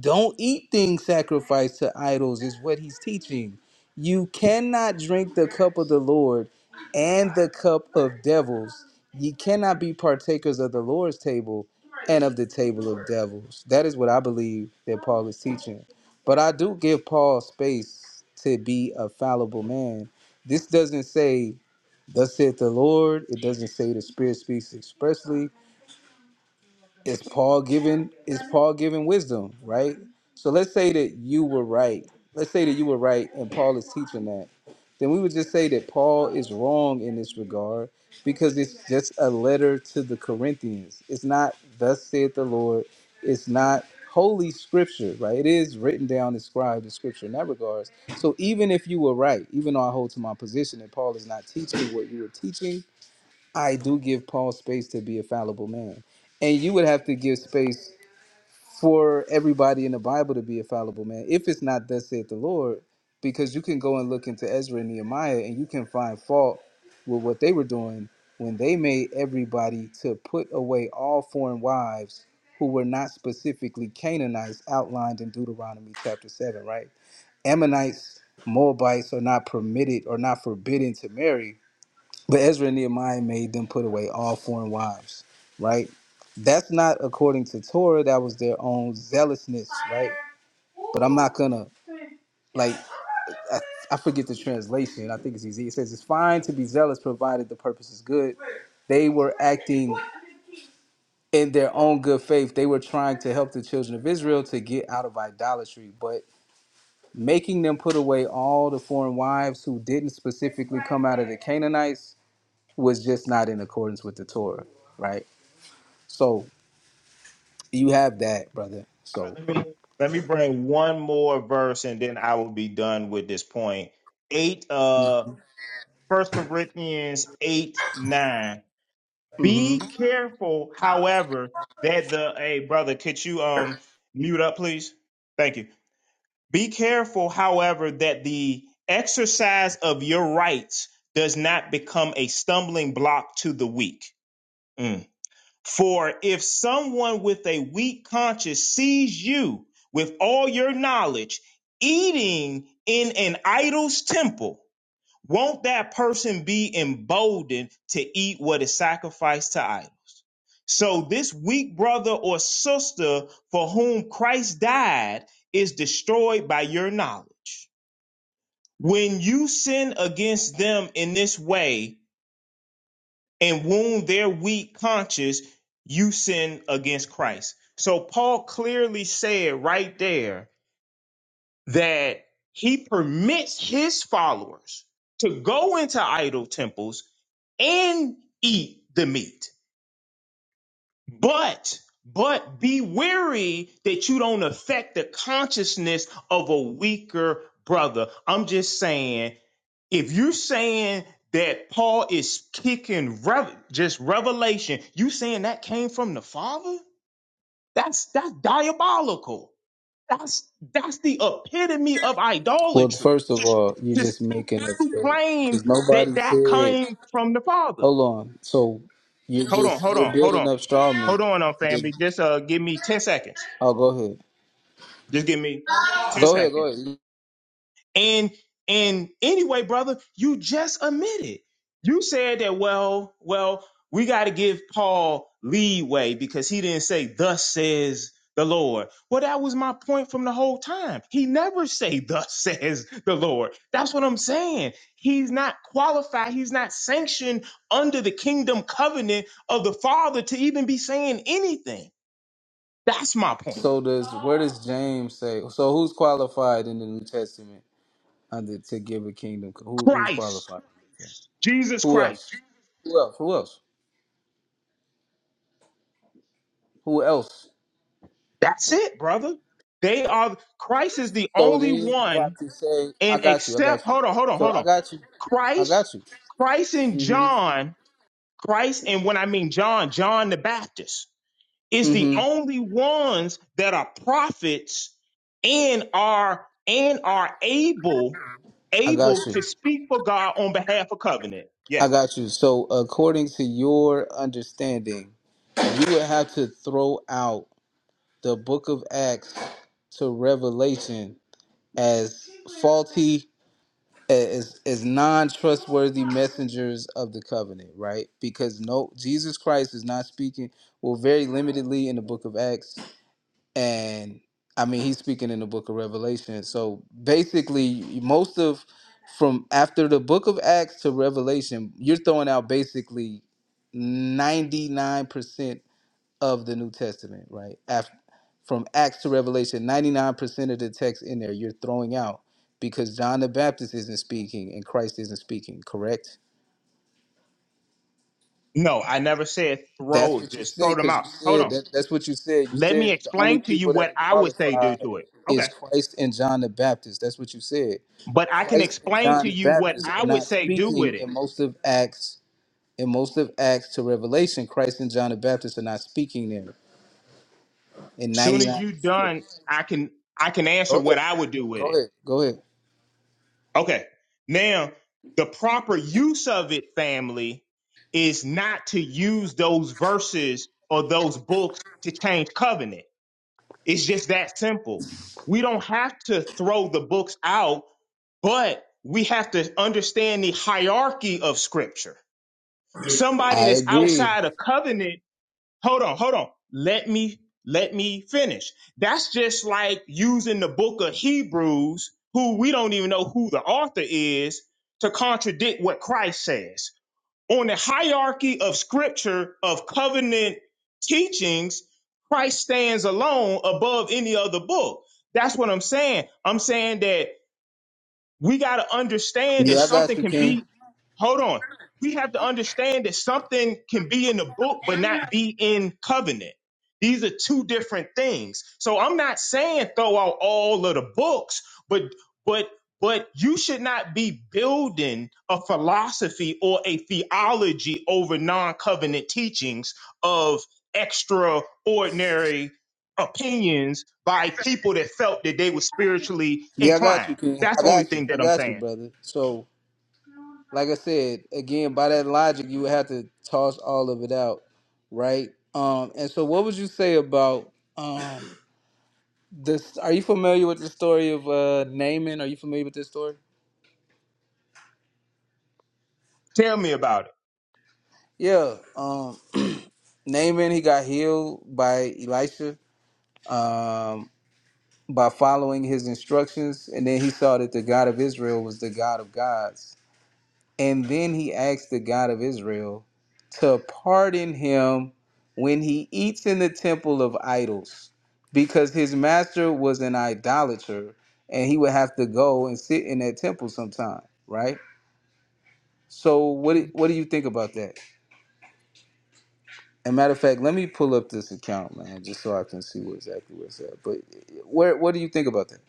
Speaker 11: Don't eat things sacrificed to idols, is what he's teaching. You cannot drink the cup of the Lord and the cup of devils. Ye cannot be partakers of the Lord's table and of the table of devils. That is what I believe that Paul is teaching. But I do give Paul space to be a fallible man. This doesn't say Thus saith the Lord. It doesn't say the Spirit speaks expressly. Is Paul given? Is Paul given wisdom? Right. So let's say that you were right. Let's say that you were right, and Paul is teaching that. Then we would just say that Paul is wrong in this regard because it's just a letter to the Corinthians. It's not thus saith the Lord. It's not holy scripture, right? It is written down, inscribed in scripture in that regards. So even if you were right, even though I hold to my position that Paul is not teaching what you were teaching, I do give Paul space to be a fallible man. And you would have to give space for everybody in the Bible to be a fallible man. If it's not thus saith the Lord, because you can go and look into Ezra and Nehemiah and you can find fault with what they were doing when they made everybody to put away all foreign wives who were not specifically Canaanites outlined in Deuteronomy chapter 7, right? Ammonites, Moabites are not permitted or not forbidden to marry, but Ezra and Nehemiah made them put away all foreign wives, right? That's not according to Torah. That was their own zealousness, right? But I'm not gonna like I, I forget the translation. I think it's easy. It says it's fine to be zealous provided the purpose is good. They were acting in their own good faith. They were trying to help the children of Israel to get out of idolatry, but making them put away all the foreign wives who didn't specifically come out of the Canaanites was just not in accordance with the Torah, right? So you have that, brother.
Speaker 17: All right,
Speaker 11: So,
Speaker 17: let me let me bring one more verse and then I will be done with this point. Eight uh First Corinthians eight nine.
Speaker 11: hmm
Speaker 17: Be careful, however, that the hey brother, could you um mute up, please? Thank you. Be careful, however, that the exercise of your rights does not become a stumbling block to the weak. Mm. For if someone with a weak conscience sees you with all your knowledge eating in an idol's temple, won't that person be emboldened to eat what is sacrificed to idols? So this weak brother or sister for whom Christ died is destroyed by your knowledge. When you sin against them in this way and wound their weak conscience, you sin against Christ. So Paul clearly said right there that he permits his followers to go into idol temples and eat the meat. But but be wary that you don't affect the consciousness of a weaker brother. I'm just saying, if you're saying that Paul is kicking rev- just revelation, you saying that came from the Father? That's that's diabolical. That's that's the epitome of
Speaker 11: well,
Speaker 17: idolatry.
Speaker 11: first of all, you're
Speaker 17: Just
Speaker 11: just making up
Speaker 17: to
Speaker 11: stuff
Speaker 17: claim
Speaker 11: because
Speaker 17: that
Speaker 11: nobody
Speaker 17: that
Speaker 11: said.
Speaker 17: came from the Father.
Speaker 11: Hold on. So you're
Speaker 17: Hold on,
Speaker 11: just
Speaker 17: hold
Speaker 11: you're
Speaker 17: on, hold
Speaker 11: building
Speaker 17: on,
Speaker 11: up straw men.
Speaker 17: hold on, um,
Speaker 11: You're-
Speaker 17: family. Just uh, give me ten seconds.
Speaker 11: oh, go ahead.
Speaker 17: Just give me ten
Speaker 11: Go ahead.
Speaker 17: seconds.
Speaker 11: Go ahead.
Speaker 17: And and anyway, brother, you just admitted. You said that, well, well, we got to give Paul leeway because he didn't say, thus says the Lord. Well, that was my point from the whole time. He never say, thus says the Lord. That's what I'm saying. He's not qualified. He's not sanctioned under the kingdom covenant of the Father to even be saying anything. That's my point.
Speaker 11: So does where does James say? So who's qualified in the New Testament under to give a kingdom? Who, who's
Speaker 17: Christ,
Speaker 11: qualified?
Speaker 17: Jesus
Speaker 11: Who
Speaker 17: Christ.
Speaker 11: else? Who else? Who else? Who else?
Speaker 17: That's it, brother. They are Christ is the
Speaker 11: So
Speaker 17: only
Speaker 11: then you have
Speaker 17: one
Speaker 11: to say, I
Speaker 17: and
Speaker 11: got you, I
Speaker 17: except
Speaker 11: got you.
Speaker 17: hold on, hold on,
Speaker 11: So
Speaker 17: hold
Speaker 11: I
Speaker 17: on.
Speaker 11: got you. I
Speaker 17: Christ,
Speaker 11: got you.
Speaker 17: Christ and
Speaker 11: Mm-hmm.
Speaker 17: John, Christ and when I mean John, John the Baptist is the
Speaker 11: Mm-hmm.
Speaker 17: only ones that are prophets and are and are able
Speaker 11: I got
Speaker 17: able
Speaker 11: you.
Speaker 17: to speak for God on behalf of covenant.
Speaker 11: I
Speaker 17: Yes.
Speaker 11: got you. So according to your understanding, you would have to throw out the book of Acts to Revelation as faulty as as non-trustworthy messengers of the covenant, right? Because no Jesus Christ is not speaking well very limitedly in the book of Acts and I mean he's speaking in the book of Revelation. So basically, most of from after the book of Acts to Revelation, you're throwing out basically 99% of the New Testament, right? Af from Acts to Revelation, 99% of the text in there you're throwing out because John the Baptist isn't speaking and Christ isn't speaking, correct?
Speaker 17: No, I never said
Speaker 11: That's
Speaker 17: throw,
Speaker 11: what you
Speaker 17: just
Speaker 11: said,
Speaker 17: throw them
Speaker 11: because
Speaker 17: out.
Speaker 11: you
Speaker 17: Hold
Speaker 11: said
Speaker 17: on.
Speaker 11: that. That's what you said. You
Speaker 17: Let me
Speaker 11: said the only
Speaker 17: explain to you
Speaker 11: people that
Speaker 17: what
Speaker 11: are
Speaker 17: I would say due
Speaker 11: qualified
Speaker 17: to it. Okay
Speaker 11: is Christ and John the Baptist. That's what you said.
Speaker 17: but I can
Speaker 11: Christ and
Speaker 17: explain
Speaker 11: John
Speaker 17: to
Speaker 11: the
Speaker 17: you what
Speaker 11: Baptist are
Speaker 17: I would
Speaker 11: not
Speaker 17: say do with
Speaker 11: speaking
Speaker 17: it.
Speaker 11: in most of Acts. In most of Acts to Revelation, Christ and John the Baptist are not speaking there. In
Speaker 17: Soon
Speaker 11: ninety
Speaker 17: as
Speaker 11: nine
Speaker 17: you
Speaker 11: percent of it.
Speaker 17: done, I can I can answer
Speaker 11: Go ahead.
Speaker 17: what I would do with
Speaker 11: Go
Speaker 17: it.
Speaker 11: ahead. Go ahead.
Speaker 17: Okay. Now, the proper use of it, family, is not to use those verses or those books to change covenant. It's just that simple. We don't have to throw the books out, but we have to understand the hierarchy of scripture. Somebody
Speaker 11: I
Speaker 17: that's
Speaker 11: agree.
Speaker 17: outside of covenant hold on, hold on. Let me let me finish. That's just like using the book of Hebrews, who we don't even know who the author is, to contradict what Christ says. On the hierarchy of scripture of covenant teachings, Christ stands alone above any other book. That's what I'm saying. I'm saying that we got to understand that
Speaker 11: Yeah, I got
Speaker 17: something
Speaker 11: you,
Speaker 17: can
Speaker 11: King.
Speaker 17: be, hold on. We have to understand that something can be in the book, but not be in covenant. These are two different things. So I'm not saying throw out all of the books, but, but, but you should not be building a philosophy or a theology over non covenant teachings of extraordinary opinions by people that felt that they were spiritually
Speaker 11: Yeah, I got
Speaker 17: inclined.
Speaker 11: you, King.
Speaker 17: That's
Speaker 11: I
Speaker 17: the only
Speaker 11: got you.
Speaker 17: thing
Speaker 11: I
Speaker 17: that I'm
Speaker 11: got you,
Speaker 17: saying.
Speaker 11: brother. So like I said, again, by that logic, you would have to toss all of it out, right? Um, and so, what would you say about um, this? Are you familiar with the story of uh, Naaman? Are you familiar with this story?
Speaker 17: Tell me about it.
Speaker 11: Yeah, um, Naaman he got healed by Elisha um, by following his instructions, and then he saw that the God of Israel was the God of gods And then he asked the God of Israel to pardon him when he eats in the temple of idols, because his master was an idolater and he would have to go and sit in that temple sometime, right? So what do- what do you think about that? And matter of fact, let me pull up this account, man, just so I can see what exactly what's at. But eh, where what do you think about that?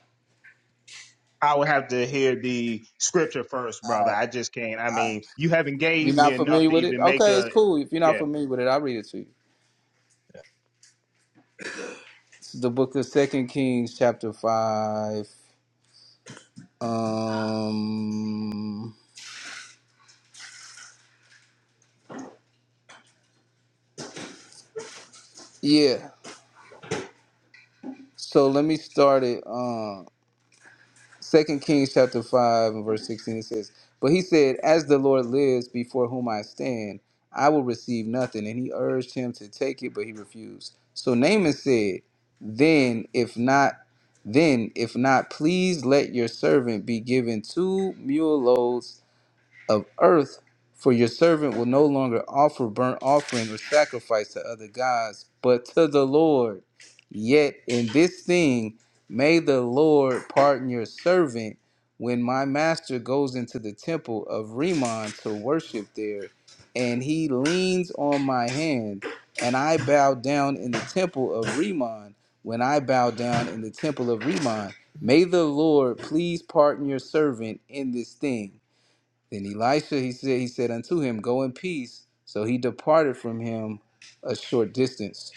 Speaker 17: I would have to hear the scripture first,
Speaker 11: All
Speaker 17: brother.
Speaker 11: right,
Speaker 17: I just can't. I
Speaker 11: all
Speaker 17: mean,
Speaker 11: right.
Speaker 17: you haven't
Speaker 11: You're
Speaker 17: gave me
Speaker 11: not
Speaker 17: enough
Speaker 11: familiar
Speaker 17: to
Speaker 11: with it?
Speaker 17: even make
Speaker 11: Okay, it's
Speaker 17: a
Speaker 11: cool. If you're not
Speaker 17: yeah.
Speaker 11: familiar with it, I'll read it to you. the book of Second Kings, chapter five. Um, yeah. So let me start it. Um, Second Kings, chapter five, and verse sixteen. It says, "But he said, As the Lord lives, before whom I stand, I will receive nothing." And he urged him to take it, but he refused. So Naaman said, "Then, if not, then if not, please let your servant be given two mule loads." of earth, for your servant will no longer offer burnt offering or sacrifice to other gods, but to the Lord. Yet in this thing may the Lord pardon your servant when my master goes into the temple of Rimmon to worship there, and he leans on my hand, and I bow down in the temple of Rimmon. When I bow down in the temple of Rimmon, may the Lord please pardon your servant in this thing. Then Elisha, he said, he said unto him, Go in peace. So he departed from him a short distance.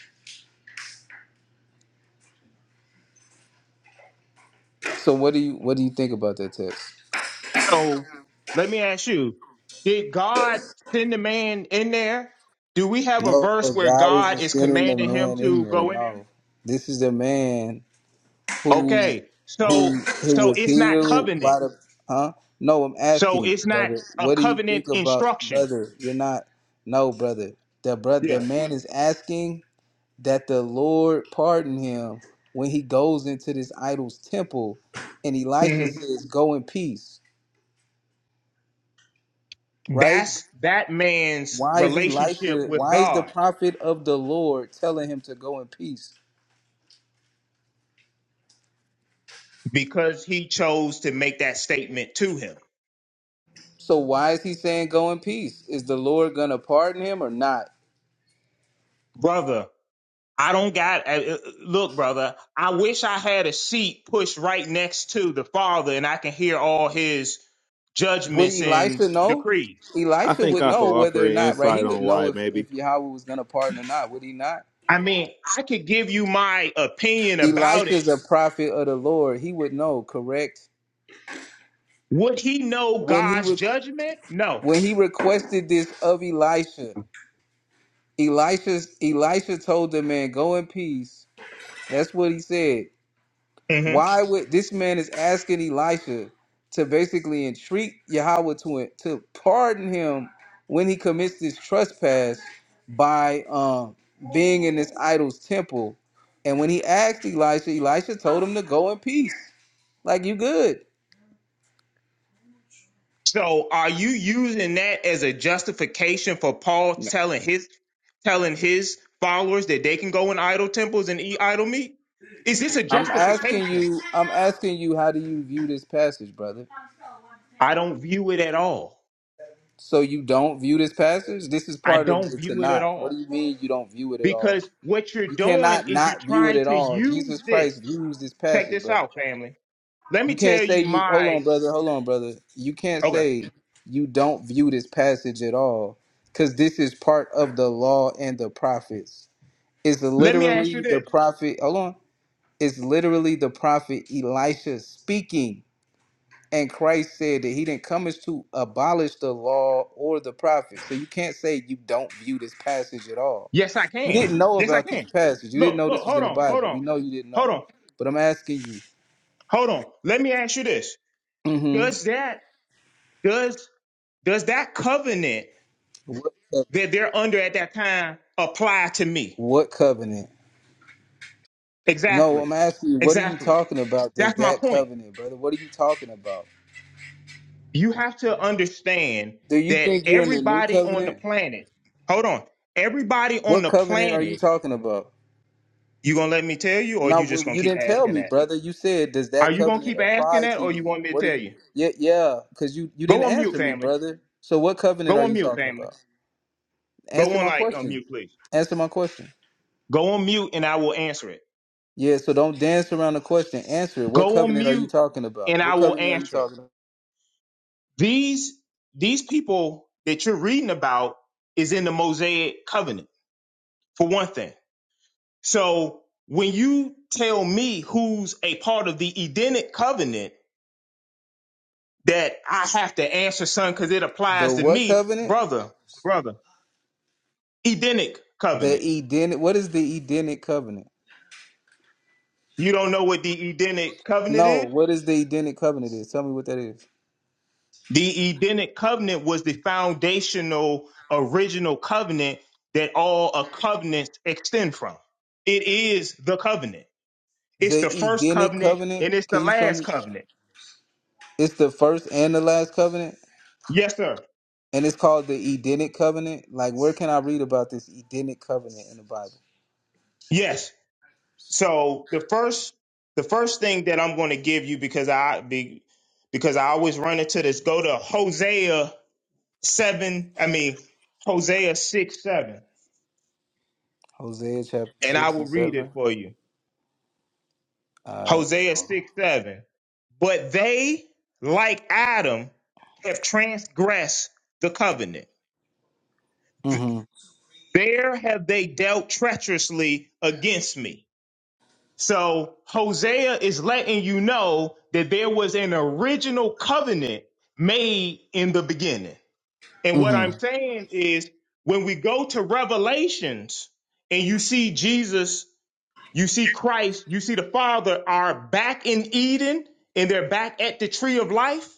Speaker 11: So what do you what do you think about that text?
Speaker 17: So let me ask you: Did God send the man in there? Do we have a
Speaker 11: No,
Speaker 17: verse where
Speaker 11: God isn't
Speaker 17: God is
Speaker 11: sending the
Speaker 17: commanding him
Speaker 11: man in
Speaker 17: to
Speaker 11: there.
Speaker 17: go in there?
Speaker 11: No, this is the man who
Speaker 17: Okay,
Speaker 11: who
Speaker 17: so
Speaker 11: who
Speaker 17: so
Speaker 11: was
Speaker 17: it's not
Speaker 11: healed
Speaker 17: covenant.
Speaker 11: by the huh? No, I'm asking
Speaker 17: So
Speaker 11: you,
Speaker 17: it's not
Speaker 11: brother.
Speaker 17: a
Speaker 11: What do you
Speaker 17: covenant
Speaker 11: think about
Speaker 17: instruction.
Speaker 11: brother? You're not. No, brother. The brother, the
Speaker 17: Yeah.
Speaker 11: man is asking that the Lord pardon him when he goes into this idol's temple and Elisha
Speaker 17: hmm
Speaker 11: says, Go in peace, right?
Speaker 17: That's that man's
Speaker 11: Why is
Speaker 17: relationship
Speaker 11: Elisha,
Speaker 17: with
Speaker 11: why is the
Speaker 17: God.
Speaker 11: prophet of the Lord telling him to go in peace?
Speaker 17: because he chose to make that statement to him.
Speaker 11: So why is he saying go in peace? Is the Lord gonna pardon him or not?
Speaker 17: Brother, I don't got, uh, uh, look, brother, I wish I had a seat pushed right next to the Father and I can hear all his
Speaker 11: Would
Speaker 17: judgments and
Speaker 11: Elisha know?
Speaker 17: decrees.
Speaker 22: I
Speaker 11: Elisha
Speaker 22: think
Speaker 11: would
Speaker 22: I could
Speaker 11: know whether
Speaker 22: offer
Speaker 11: or
Speaker 22: an
Speaker 11: not, right? He
Speaker 22: insight on
Speaker 11: would know
Speaker 22: why
Speaker 11: if,
Speaker 22: maybe.
Speaker 11: if Yahweh was gonna pardon or not, would he not?
Speaker 17: I mean, I could give you my opinion about it.
Speaker 11: Elisha's a prophet of the Lord. He would know, correct?
Speaker 17: Would he know
Speaker 11: When he
Speaker 17: God's
Speaker 11: was
Speaker 17: judgment? No.
Speaker 11: when he requested this of Elisha, Elisha, Elisha told the man, "Go in peace." That's what he said.
Speaker 17: Mm-hmm.
Speaker 11: Why would this man is asking Elisha to basically entreat Yahweh to to pardon him when he commits this trespass by um, being in this idol's temple? And when he asked Elisha, Elisha told him to go in peace. Like you good.
Speaker 17: So are you using that as a justification for Paul telling his telling his followers that they can go in idol temples and eat idol meat? Is this a
Speaker 11: I'm asking
Speaker 17: justification?
Speaker 11: you. I'm asking you. How do you view this passage, brother?
Speaker 17: I don't view it at all.
Speaker 11: So you don't view this passage? This is
Speaker 17: I
Speaker 11: part of
Speaker 17: don't
Speaker 11: the
Speaker 17: view it at
Speaker 11: Tanakh. What do
Speaker 17: all.
Speaker 11: you mean you don't view it at all?
Speaker 17: Because what you're
Speaker 11: You
Speaker 17: doing
Speaker 11: cannot
Speaker 17: is you're
Speaker 11: not view it
Speaker 17: trying
Speaker 11: at
Speaker 17: to
Speaker 11: all.
Speaker 17: use
Speaker 11: Jesus
Speaker 17: this.
Speaker 11: Christ views this
Speaker 17: Check
Speaker 11: passage,
Speaker 17: this
Speaker 11: brother.
Speaker 17: out, family. Let me
Speaker 11: You can't
Speaker 17: tell
Speaker 11: say
Speaker 17: you
Speaker 11: you hold on,
Speaker 17: my
Speaker 11: brother, hold on, brother. You can't
Speaker 17: okay.
Speaker 11: say you don't view this passage at all. Cause this is part of the law and the prophets. It's
Speaker 17: Let me ask
Speaker 11: literally
Speaker 17: you
Speaker 11: the
Speaker 17: this.
Speaker 11: prophet hold on. It's literally the prophet Elisha speaking. And Christ said that he didn't come as to abolish the law or the prophets. So you can't say you don't view this passage at all.
Speaker 17: Yes, I
Speaker 11: You
Speaker 17: can.
Speaker 11: didn't know
Speaker 17: Yes, I
Speaker 11: about this
Speaker 17: can.
Speaker 11: passage. You didn't
Speaker 17: Look,
Speaker 11: know
Speaker 17: look,
Speaker 11: this was
Speaker 17: hold
Speaker 11: in the
Speaker 17: on, hold
Speaker 11: Bible.
Speaker 17: on,
Speaker 11: We know you didn't
Speaker 17: hold
Speaker 11: know.
Speaker 17: on,
Speaker 11: But I'm asking you,
Speaker 17: hold on. Let me ask you this.
Speaker 11: hmm
Speaker 17: Does that does does that covenant
Speaker 11: what, co-
Speaker 17: that they're under at that time apply to me
Speaker 11: what covenant? No,
Speaker 17: exactly
Speaker 11: I'm asking you, what are you
Speaker 17: exactly
Speaker 11: talking about? That's
Speaker 17: that's my
Speaker 11: that
Speaker 17: point
Speaker 11: covenant, brother. What are you talking about?
Speaker 17: you have to understand
Speaker 11: Do you
Speaker 17: that
Speaker 11: think you're in the new
Speaker 17: everybody on the
Speaker 11: covenant?
Speaker 17: planet hold on everybody on
Speaker 11: What
Speaker 17: the
Speaker 11: covenant are you
Speaker 17: planet
Speaker 11: talking about?
Speaker 17: you gonna let me tell you or
Speaker 11: No,
Speaker 17: you
Speaker 11: well,
Speaker 17: just gonna
Speaker 11: you
Speaker 17: keep
Speaker 11: didn't tell
Speaker 17: asking
Speaker 11: me,
Speaker 17: that
Speaker 11: brother. You said, "Does
Speaker 17: are
Speaker 11: that
Speaker 17: you gonna
Speaker 11: covenant
Speaker 17: keep asking
Speaker 11: apply
Speaker 17: that
Speaker 11: to
Speaker 17: or you
Speaker 11: you?"
Speaker 17: want me to
Speaker 11: What are
Speaker 17: tell
Speaker 11: you?
Speaker 17: you
Speaker 11: Yeah, yeah, because you you
Speaker 17: go
Speaker 11: didn't
Speaker 17: on mute
Speaker 11: answer me,
Speaker 17: family
Speaker 11: brother. So, what covenant
Speaker 17: go
Speaker 11: are
Speaker 17: on
Speaker 11: you
Speaker 17: mute
Speaker 11: talking
Speaker 17: family
Speaker 11: about?
Speaker 17: go
Speaker 11: Answer
Speaker 17: on
Speaker 11: my
Speaker 17: like on
Speaker 11: question.
Speaker 17: mute please
Speaker 11: Answer my question.
Speaker 17: go on mute and i will answer it
Speaker 11: Yeah, so don't dance around the question. Answer it. What
Speaker 17: go on
Speaker 11: covenant are you
Speaker 17: mute
Speaker 11: talking
Speaker 17: and
Speaker 11: about? What
Speaker 17: i will
Speaker 11: covenant are you
Speaker 17: answer it
Speaker 11: talking about?
Speaker 17: These these people that you're reading about is in the Mosaic covenant, for one thing. So when you tell me who's a part of the Edenic covenant that I have to answer, son, because it
Speaker 11: The
Speaker 17: applies to
Speaker 11: what
Speaker 17: me,
Speaker 11: covenant?
Speaker 17: brother, brother, Edenic
Speaker 11: The
Speaker 17: covenant.
Speaker 11: Edenic. What is the Edenic covenant?
Speaker 17: You don't know what the Edenic covenant
Speaker 11: No,
Speaker 17: is?
Speaker 11: what is the Edenic covenant? Is tell me what that is.
Speaker 17: The Edenic covenant was the foundational original covenant that all a covenants extend from. It is the covenant. It's
Speaker 11: The
Speaker 17: the first
Speaker 11: Edenic
Speaker 17: covenant
Speaker 11: covenant.
Speaker 17: and it's the
Speaker 11: Can you show
Speaker 17: last
Speaker 11: me?
Speaker 17: covenant.
Speaker 11: It's the first and the last covenant.
Speaker 17: Yes, sir.
Speaker 11: And it's called the Edenic covenant. Like, where can I read about this Edenic covenant in the Bible?
Speaker 17: Yes. So the first the first thing that I'm going to give you because I be because I always run into this, go to Hosea seven, I mean Hosea six seven,
Speaker 11: Hosea chapter
Speaker 17: and I
Speaker 11: six
Speaker 17: will
Speaker 11: and
Speaker 17: read
Speaker 11: seven.
Speaker 17: it for you.
Speaker 11: All right.
Speaker 17: Hosea six seven. But they, like Adam, have transgressed the covenant.
Speaker 11: Mm-hmm.
Speaker 17: There have they dealt treacherously against me. So Hosea is letting you know that there was an original covenant made in the beginning. And what I'm
Speaker 11: Mm-hmm.
Speaker 17: saying is when we go to Revelations and you see Jesus, you see Christ, you see the Father are back in Eden and they're back at the tree of life.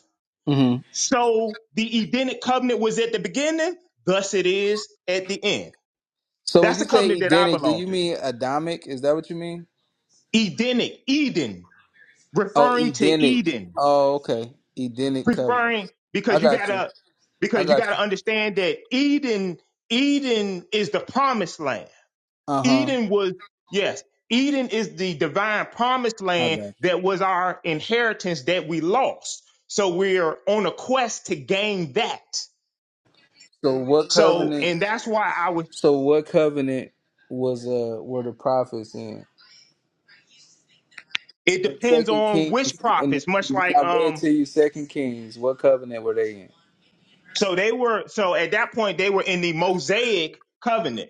Speaker 11: Mm-hmm.
Speaker 17: So the Edenic covenant was at the beginning, thus it is at the end.
Speaker 11: So when
Speaker 17: That's
Speaker 11: you
Speaker 17: the
Speaker 11: say
Speaker 17: covenant that I
Speaker 11: Edenic, do
Speaker 17: belong
Speaker 11: you
Speaker 17: to.
Speaker 11: mean Adamic? Is that what you mean?
Speaker 17: Edenic, Eden,
Speaker 11: Oh,
Speaker 17: referring to
Speaker 11: Edenic.
Speaker 17: Eden.
Speaker 11: Oh, okay. Edenic covenant.
Speaker 17: preferring
Speaker 11: I
Speaker 17: because you
Speaker 11: got you.
Speaker 17: gotta
Speaker 11: I
Speaker 17: because you
Speaker 11: got
Speaker 17: gotta
Speaker 11: you.
Speaker 17: understand that Eden Eden is the promised land.
Speaker 11: Uh huh.
Speaker 17: Eden was yes, Eden is the divine promised
Speaker 11: I got.
Speaker 17: land
Speaker 11: You.
Speaker 17: that was our inheritance that we lost. So we're on a quest to gain that.
Speaker 11: So what
Speaker 17: So
Speaker 11: covenant?
Speaker 17: and that's why I was
Speaker 11: So what covenant was uh were the prophets in?
Speaker 17: it
Speaker 11: In
Speaker 17: depends
Speaker 11: Second
Speaker 17: on which
Speaker 11: Kings, and
Speaker 17: prophets, much
Speaker 11: when
Speaker 17: like
Speaker 11: I read
Speaker 17: um
Speaker 11: to you Second Kings, what covenant were they in?
Speaker 17: so they were so at that point they were in the Mosaic covenant.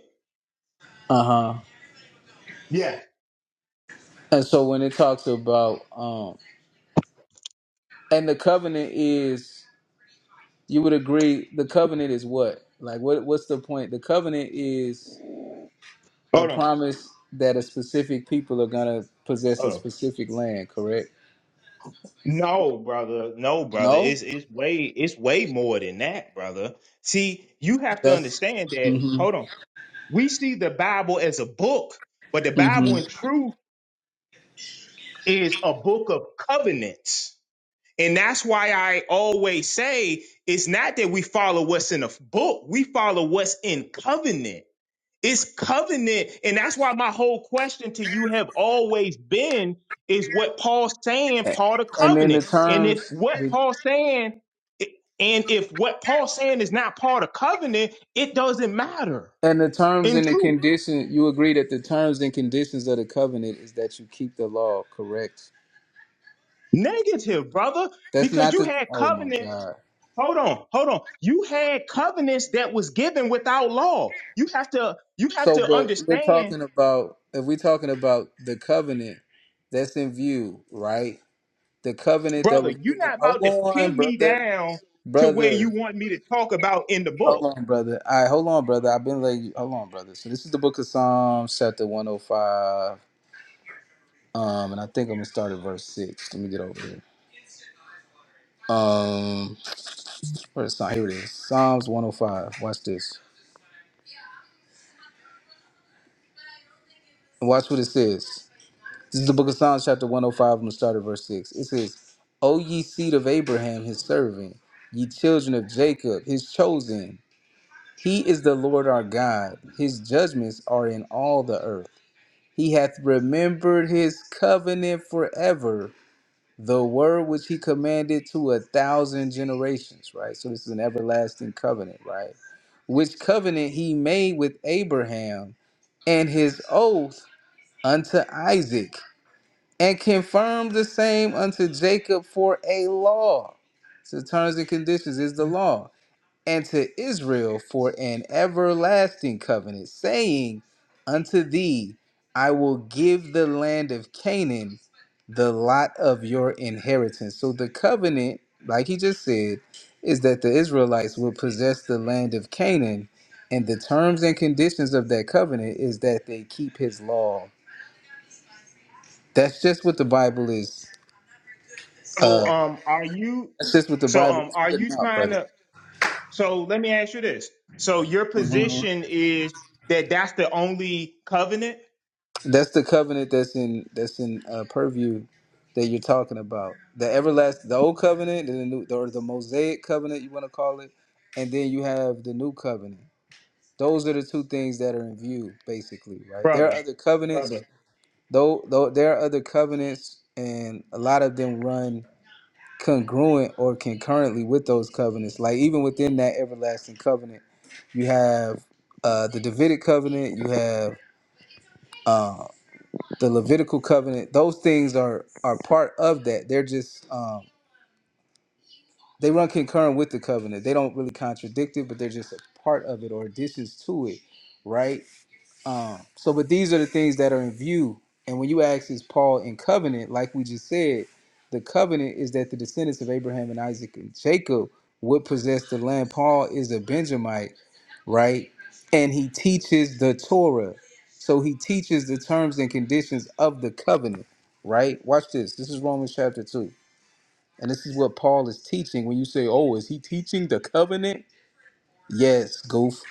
Speaker 11: Uh huh.
Speaker 17: Yes.
Speaker 11: And so when it talks about um, and the covenant is, you would agree, the covenant is what? Like, what? What's the point? The covenant is a
Speaker 17: Hold on.
Speaker 11: promise that a specific people are gonna possess a
Speaker 17: Hold on.
Speaker 11: specific land. Correct?
Speaker 17: No, brother. No, brother.
Speaker 11: No,
Speaker 17: It's it's way it's way more than that, brother. See, you have to
Speaker 11: that's.
Speaker 17: understand that.
Speaker 11: hmm
Speaker 17: Hold on. We see the Bible as a book, but the Bible
Speaker 11: hmm
Speaker 17: in truth is a book of covenants. And that's why I always say it's not that we follow what's in a book, we follow what's in covenant. It's covenant. And that's why my whole question to you have always been is what Paul's saying, part of
Speaker 11: And then the
Speaker 17: covenant. And if
Speaker 11: terms,
Speaker 17: what
Speaker 11: the,
Speaker 17: Paul's saying, and if what Paul's saying is not part of covenant, it doesn't matter.
Speaker 11: and the terms
Speaker 17: In
Speaker 11: and the
Speaker 17: truth,
Speaker 11: condition. You agree that the terms and conditions of the covenant is that you keep the law. Correct?
Speaker 17: negative, brother,
Speaker 11: That's
Speaker 17: because
Speaker 11: not
Speaker 17: you
Speaker 11: the.
Speaker 17: had
Speaker 11: Oh my
Speaker 17: covenants.
Speaker 11: God.
Speaker 17: Hold on, hold on. You had covenants that was given without law. You have to, you have
Speaker 11: So,
Speaker 17: to
Speaker 11: but we're
Speaker 17: understand
Speaker 11: talking about if we're talking about the covenant that's in view, right? The covenant that
Speaker 17: brother,
Speaker 11: was
Speaker 17: you're
Speaker 11: given.
Speaker 17: not about to
Speaker 11: Hold on,
Speaker 17: pin me
Speaker 11: brother,
Speaker 17: down to where you
Speaker 11: brother.
Speaker 17: want me to talk about in the book.
Speaker 11: Hold on, brother. All right, hold on, brother. I've been like, hold on, brother. So this is the Book of Psalms, chapter one hundred five. Um, and I think I'm gonna start at verse six. Let me get over here. Um, where's Psalm? Here it is. Psalms one hundred five. Watch this. Watch what it says. This is the book of Psalms, chapter 105, and the start of verse 6. It says, O ye seed of Abraham, his servant, ye children of Jacob, his chosen. He is the Lord our God. His judgments are in all the earth. He hath remembered his covenant forever, the word which he commanded to a thousand generations, right? So this is an everlasting covenant, right? Which covenant he made with Abraham and his oath unto Isaac and confirmed the same unto Jacob for a law. So terms and conditions is the law. And to Israel for an everlasting covenant, saying, Unto thee I will give the land of Canaan, the lot of your inheritance. So the covenant, like he just said, is that the Israelites will possess the land of Canaan. And the terms and conditions of that covenant is that they keep his law. That's just what the Bible is. Uh.
Speaker 17: So, um, are you?
Speaker 11: That's just what the
Speaker 17: So,
Speaker 11: Bible
Speaker 17: um,
Speaker 11: is
Speaker 17: are you
Speaker 11: putting out,
Speaker 17: trying
Speaker 11: brother.
Speaker 17: to? So, let me ask you this. So, your position is that that's the only covenant,
Speaker 11: That's the covenant that's in that's in uh, purview that you're talking about. The everlasting, the old covenant, and the new, or the Mosaic covenant, you want to call it, and then you have the new covenant. Those are the two things that are in view, basically, right? There are
Speaker 17: brother,
Speaker 11: other covenants,
Speaker 17: brother.
Speaker 11: though. Though there are other covenants, and a lot of them run congruent or concurrently with those covenants. Like even within that everlasting covenant, you have uh, the Davidic covenant, you have uh, the Levitical covenant, those things are are part of that. They're just um, they run concurrent with the covenant. They don't really contradict it, but they're just a part of it or additions to it, right? Um, so, but these are the things that are in view. And when you ask, is Paul in covenant? Like we just said, the covenant is that the descendants of Abraham and Isaac and Jacob would possess the land. Paul is a Benjamite, right? And he teaches the Torah. So he teaches the terms and conditions of the covenant, right? Watch this. This is Romans chapter 2. And this is what Paul is teaching when you say, oh, is he teaching the covenant? Yes, goof.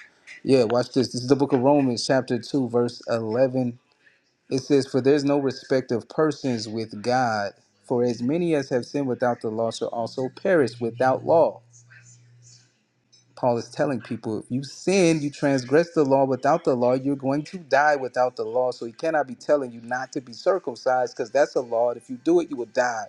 Speaker 11: Yeah, watch this. This is the book of Romans, chapter 2, verse 11. It says, For there's no respect of persons with God, for as many as have sinned without the law shall also perish without law. Paul is telling people, if you sin, you transgress the law without the law, you're going to die without the law. So he cannot be telling you not to be circumcised because that's a law. And if you do it, you will die.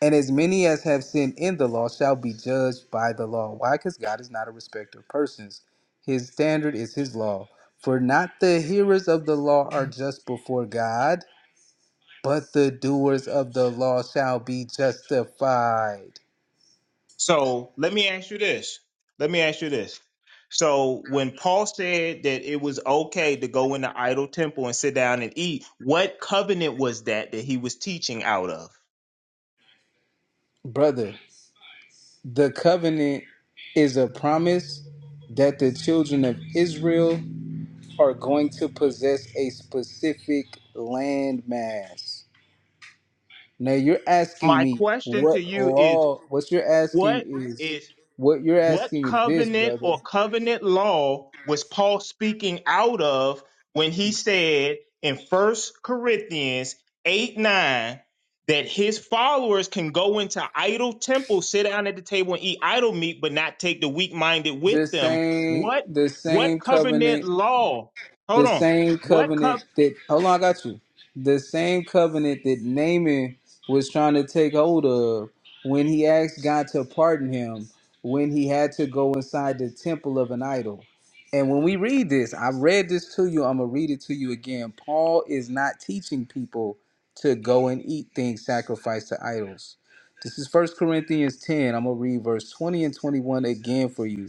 Speaker 11: And as many as have sinned in the law shall be judged by the law. Why? Because God is not a respecter of persons. His standard is his law. For not the hearers of the law are just before God, but the doers of the law shall be justified.
Speaker 17: So, let me ask you this. Let me ask you this. So, when Paul said that it was okay to go in the idol temple and sit down and eat, what covenant was that that he was teaching out of?
Speaker 11: Brother, the covenant is a promise that the children of Israel are going to possess a specific landmass. Now you're asking
Speaker 17: My
Speaker 11: me
Speaker 17: question to
Speaker 11: what
Speaker 17: you is
Speaker 11: law? What you're asking
Speaker 17: What
Speaker 11: is
Speaker 17: is
Speaker 11: what you're
Speaker 17: what
Speaker 11: asking is this,
Speaker 17: covenant or
Speaker 11: brother.
Speaker 17: covenant law was Paul speaking out of when he said in First Corinthians 8 9 that his followers can go into idol temples, sit down at the table and eat idol meat, but not take the weak minded
Speaker 11: The
Speaker 17: with them?
Speaker 11: same,
Speaker 17: What
Speaker 11: the
Speaker 17: what
Speaker 11: same
Speaker 17: covenant
Speaker 11: covenant
Speaker 17: law? Hold
Speaker 11: the
Speaker 17: on.
Speaker 11: same
Speaker 17: What
Speaker 11: covenant
Speaker 17: cup
Speaker 11: that hold on, I got you. The same covenant that Naaman was trying to take hold of when he asked God to pardon him when he had to go inside the temple of an idol. And when we read this, I read this to you, I'm gonna read it to you again. Paul is not teaching people to go and eat things sacrificed to idols. This is First Corinthians 10. I'm gonna read verse 20 and 21 again for you.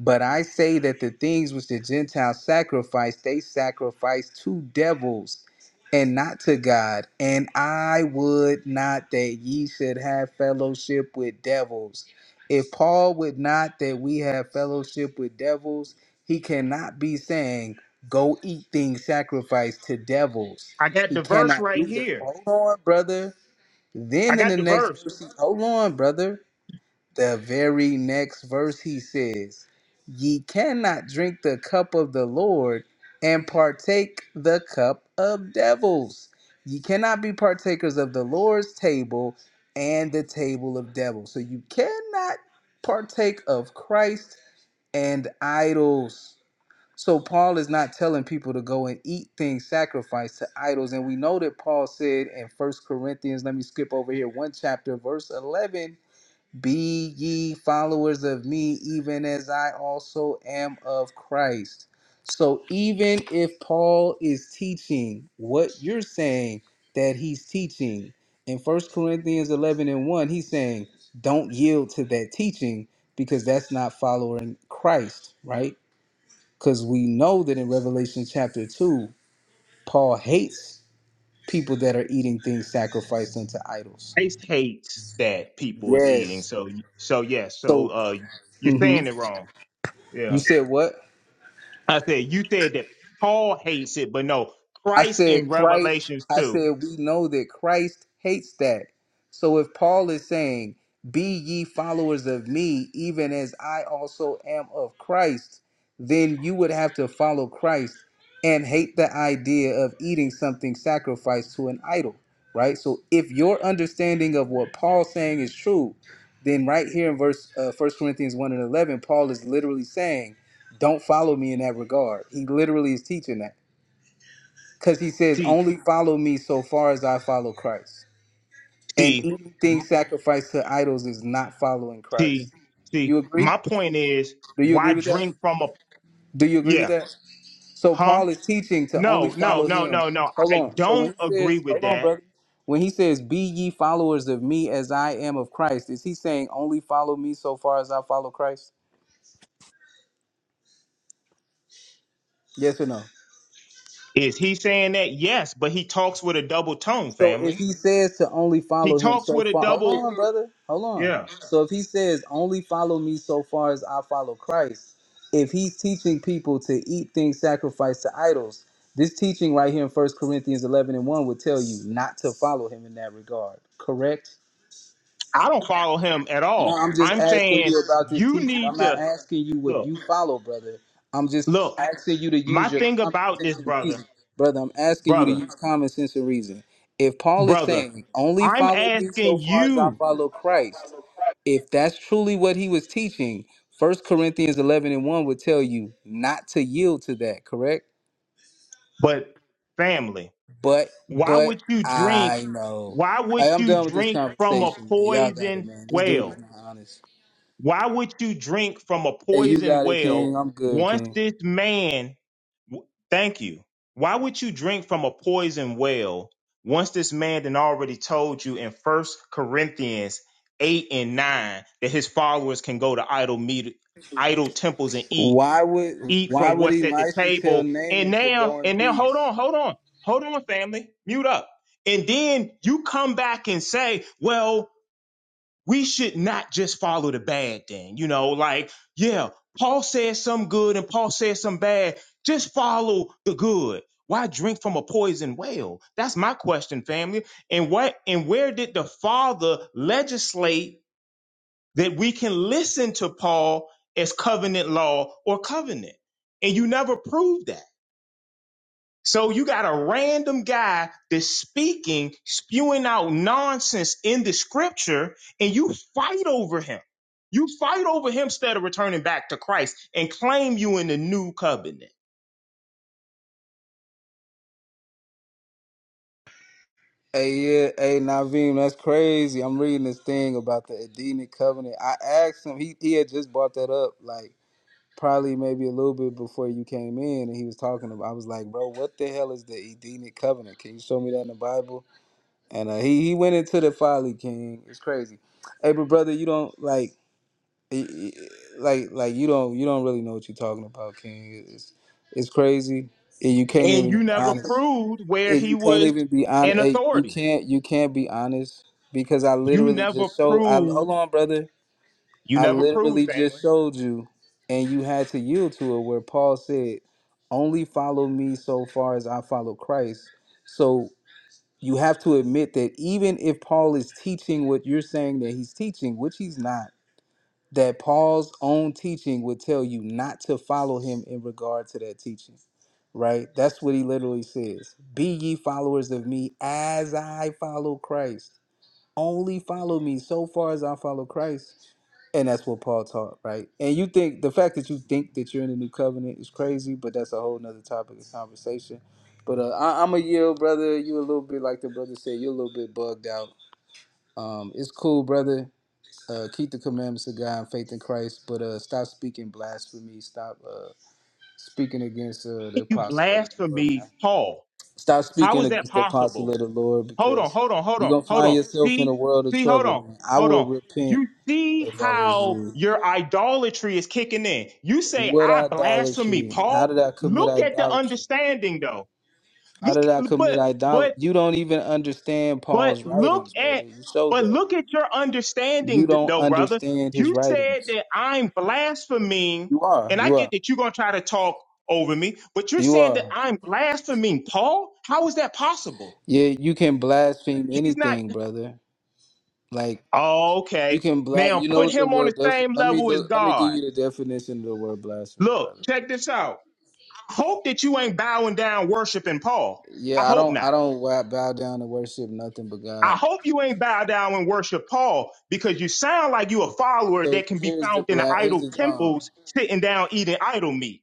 Speaker 11: But I say that the things which the Gentiles sacrifice, they sacrifice to devils and not to God. And I would not that ye should have fellowship with devils. If Paul would not that we have fellowship with devils, he cannot be saying, Go eat things sacrificed to devils.
Speaker 17: I got
Speaker 11: He
Speaker 17: the verse
Speaker 11: cannot
Speaker 17: right
Speaker 11: do that.
Speaker 17: here.
Speaker 11: Hold on, brother.
Speaker 17: I
Speaker 11: Then in
Speaker 17: got
Speaker 11: the
Speaker 17: the
Speaker 11: next
Speaker 17: verse.
Speaker 11: verse, he- hold on, brother. The very next verse he says, Ye cannot drink the cup of the Lord and partake the cup of devils. Ye cannot be partakers of the Lord's table and the table of devils. So you cannot partake of Christ and idols. So Paul is not telling people to go and eat things sacrificed to idols. And we know that Paul said in First Corinthians, let me skip over here, one chapter, verse 11 be ye followers of me, even as I also am of Christ. So, even if Paul is teaching what you're saying that he's teaching in First Corinthians 11 and 1, he's saying, don't yield to that teaching because that's not following Christ, right? Because we know that in Revelation chapter 2, Paul hates people that are eating things sacrificed unto idols.
Speaker 17: Christ hates that people is eating.
Speaker 11: Yes.
Speaker 17: So so yes. so
Speaker 11: So,
Speaker 17: uh you're
Speaker 11: hmm
Speaker 17: saying it wrong.
Speaker 11: you
Speaker 17: Yeah.
Speaker 11: said what?
Speaker 17: I said you said that Paul hates it, but no,
Speaker 11: I
Speaker 17: Christ in
Speaker 11: said Christ,
Speaker 17: Revelation
Speaker 11: I
Speaker 17: 2.
Speaker 11: said we know that Christ hates that. So if Paul is saying, Be ye followers of me, even as I also am of Christ, then you would have to follow Christ and hate the idea of eating something sacrificed to an idol, right? So if your understanding of what Paul's saying is true, then right here in verse uh, 1 Corinthians 1 and 11, Paul is literally saying, Don't follow me in that regard. He literally is teaching that. Because he says,
Speaker 17: See,
Speaker 11: only follow me so far as I follow Christ. And
Speaker 17: see,
Speaker 11: anything sacrificed to idols is not following
Speaker 17: see,
Speaker 11: Christ.
Speaker 17: see.
Speaker 11: You agree?
Speaker 17: My point is
Speaker 11: Do you agree
Speaker 17: why
Speaker 11: with that?
Speaker 17: drink from a
Speaker 11: Do you agree with
Speaker 17: yeah,
Speaker 11: that? So
Speaker 17: huh?
Speaker 11: Paul is teaching to only
Speaker 17: No, no,
Speaker 11: follow
Speaker 17: no,
Speaker 11: him.
Speaker 17: no, no. I
Speaker 11: Hold on. So when
Speaker 17: don't
Speaker 11: he
Speaker 17: agree
Speaker 11: says,
Speaker 17: with
Speaker 11: hold on,
Speaker 17: that.
Speaker 11: brother. When he says, be ye followers of me as I am of Christ, is he saying only follow me so far as I follow Christ? Yes or no?
Speaker 17: Is he saying that? Yes, but he talks with a double tone,
Speaker 11: So if
Speaker 17: family.
Speaker 11: he says to only
Speaker 17: He
Speaker 11: follow him
Speaker 17: talks
Speaker 11: so
Speaker 17: with a
Speaker 11: far, hold
Speaker 17: double
Speaker 11: on, brother, hold on.
Speaker 17: yeah.
Speaker 11: So if he says only follow me so far as I follow Christ, if he's teaching people to eat things sacrificed to idols, this teaching right here in First Corinthians 11 and 1 would tell you not to follow him in that regard, correct?
Speaker 17: I don't follow him at
Speaker 11: No,
Speaker 17: all.
Speaker 11: I'm just
Speaker 17: I'm
Speaker 11: asking
Speaker 17: saying
Speaker 11: you about this
Speaker 17: you
Speaker 11: teaching. I'm
Speaker 17: need
Speaker 11: not
Speaker 17: to
Speaker 11: asking you what
Speaker 17: look,
Speaker 11: you follow, brother. I'm just
Speaker 17: look,
Speaker 11: asking you to use
Speaker 17: my
Speaker 11: your
Speaker 17: thing
Speaker 11: common
Speaker 17: about this
Speaker 11: sense and
Speaker 17: brother,
Speaker 11: reason, brother. I'm asking you to
Speaker 17: brother,
Speaker 11: use common sense and reason. If Paul is
Speaker 17: brother,
Speaker 11: saying, only
Speaker 17: I'm
Speaker 11: follow me so
Speaker 17: asking
Speaker 11: far as I
Speaker 17: you,
Speaker 11: follow Christ, if that's truly what he was teaching, First Corinthians 11 and 1 would tell you not to yield to that, correct?
Speaker 17: but family,
Speaker 11: But,
Speaker 17: why
Speaker 11: but
Speaker 17: would you drink?
Speaker 11: I know.
Speaker 17: Why would
Speaker 11: Hey, I'm
Speaker 17: you
Speaker 11: done with this
Speaker 17: drink from a
Speaker 11: conversation, man. Y'all got it,
Speaker 17: poison
Speaker 11: man. This dude is
Speaker 17: well?
Speaker 11: not honest.
Speaker 17: Why would you drink from a
Speaker 11: Hey, you
Speaker 17: poison
Speaker 11: got it,
Speaker 17: well
Speaker 11: King. I'm good,
Speaker 17: once
Speaker 11: King.
Speaker 17: this man W- Thank you. Why would you drink from a poison well once this man then already told you in First Corinthians 8 and 9 that his followers can go to idol meet idol temples and eat
Speaker 11: Why would
Speaker 17: eat
Speaker 11: why
Speaker 17: from
Speaker 11: would
Speaker 17: what's at the
Speaker 11: Elisha tell
Speaker 17: table and
Speaker 11: Naaman to
Speaker 17: now
Speaker 11: go in
Speaker 17: and now hold
Speaker 11: peace?
Speaker 17: on hold on hold on family mute up and then you come back and say well we should not just follow the bad thing. You know, like, yeah, Paul says some good and Paul says some bad. Just follow the good. Why drink from a poison well? That's my question, family. And what and where did the Father legislate that we can listen to Paul as covenant law or covenant? And you never proved that. So you got a random guy that's speaking, spewing out nonsense in the scripture, and you fight over him. You fight over him instead of returning back to Christ and claim you in the new covenant.
Speaker 11: Hey yeah, hey Naveem, that's crazy. I'm reading this thing about the Edenic covenant. I asked him, he, he had just brought that up, like probably maybe a little bit before you came in and he was talking about I was like, bro, what the hell is the Edenic covenant? Can you show me that in the Bible? And uh, he he went into the folly king. It's crazy. Hey but brother, you don't like y- y- like like you don't you don't really know what you're talking about, King. It's it's crazy, and you can't
Speaker 17: And
Speaker 11: even
Speaker 17: you
Speaker 11: be
Speaker 17: never
Speaker 11: honest.
Speaker 17: proved where
Speaker 11: And
Speaker 17: he
Speaker 11: you can't
Speaker 17: was
Speaker 11: even be
Speaker 17: an
Speaker 11: honest. You
Speaker 17: authority.
Speaker 11: can't you can't be honest because I
Speaker 17: You
Speaker 11: literally
Speaker 17: never
Speaker 11: just showed. I hold
Speaker 17: proved,
Speaker 11: on, brother.
Speaker 17: you
Speaker 11: I
Speaker 17: never proved,
Speaker 11: literally
Speaker 17: family.
Speaker 11: just showed you, and you had to yield to it. Where Paul said, "Only follow me so far as I follow Christ." So you have to admit that even if Paul is teaching what you're saying that he's teaching, which he's not that Paul's own teaching would tell you not to follow him in regard to that teaching. Right? That's what he literally says. Be ye followers of me as I follow Christ. Only follow me so far as I follow Christ. And that's what Paul taught, right? And you think the fact that you think that you're in the new covenant is crazy, but that's a whole nother topic of conversation. But uh, I, I'm a yield, brother. You a little bit like the brother said. You're a little bit bugged out. Um, it's cool, brother uh, keep the commandments of God and faith in Christ, but uh, stop speaking blasphemy. Stop uh, speaking against uh, the
Speaker 17: You
Speaker 11: apostle of the Lord,
Speaker 17: blasphemy
Speaker 11: man.
Speaker 17: Paul.
Speaker 11: Stop
Speaker 17: How
Speaker 11: speaking
Speaker 17: is that
Speaker 11: against the apostle
Speaker 17: possible?
Speaker 11: of the Lord
Speaker 17: Hold on,
Speaker 11: because
Speaker 17: hold on, hold
Speaker 11: you're
Speaker 17: on,
Speaker 11: going to
Speaker 17: hold
Speaker 11: find
Speaker 17: on.
Speaker 11: yourself in a
Speaker 17: See,
Speaker 11: world of
Speaker 17: see, hold
Speaker 11: trouble,
Speaker 17: on,
Speaker 11: man. I
Speaker 17: hold on.
Speaker 11: would repent
Speaker 17: You see
Speaker 11: if I was
Speaker 17: how
Speaker 11: you.
Speaker 17: your idolatry is kicking in. You say,
Speaker 11: What
Speaker 17: I blasphemy,
Speaker 11: idolatry? How
Speaker 17: Paul.
Speaker 11: did I commit
Speaker 17: Look at the
Speaker 11: idolatry?
Speaker 17: understanding though.
Speaker 11: How
Speaker 17: Look,
Speaker 11: did I commit
Speaker 17: but,
Speaker 11: idolatry?
Speaker 17: but,
Speaker 11: You don't even understand
Speaker 17: but
Speaker 11: Paul's
Speaker 17: look
Speaker 11: writings, brother.
Speaker 17: at,
Speaker 11: You showed
Speaker 17: but
Speaker 11: that.
Speaker 17: look at your
Speaker 11: You
Speaker 17: understanding th-
Speaker 11: don't
Speaker 17: though, brother.
Speaker 11: understand his
Speaker 17: You said
Speaker 11: writings.
Speaker 17: that I'm blaspheming,
Speaker 11: You are.
Speaker 17: and I
Speaker 11: You
Speaker 17: get
Speaker 11: are.
Speaker 17: that you're going to try to talk over me, but you're
Speaker 11: You
Speaker 17: saying that
Speaker 11: are.
Speaker 17: I'm blaspheming Paul? How is that possible?
Speaker 11: Yeah, you can blaspheme
Speaker 17: He's not.
Speaker 11: anything, brother. Like
Speaker 17: Oh,
Speaker 11: you
Speaker 17: Okay.
Speaker 11: can blas.
Speaker 17: Now
Speaker 11: You know
Speaker 17: put
Speaker 11: what the
Speaker 17: him on the
Speaker 11: word? Def-
Speaker 17: same
Speaker 11: let me
Speaker 17: level as
Speaker 11: look. Let me give
Speaker 17: God.
Speaker 11: you the definition of the word blasphemy,
Speaker 17: Look,
Speaker 11: brother.
Speaker 17: check this out. I hope that you ain't bowing down worshiping Paul. I
Speaker 11: Yeah, I
Speaker 17: hope
Speaker 11: don't.
Speaker 17: not.
Speaker 11: I don't wa- bow down and worship nothing but
Speaker 17: I
Speaker 11: God.
Speaker 17: hope you ain't bow down and worship Paul because you sound like you a follower
Speaker 11: So
Speaker 17: that can be
Speaker 11: here's the
Speaker 17: found in the
Speaker 11: bla. Here's
Speaker 17: idol
Speaker 11: the uh.
Speaker 17: temples sitting down eating idol meat.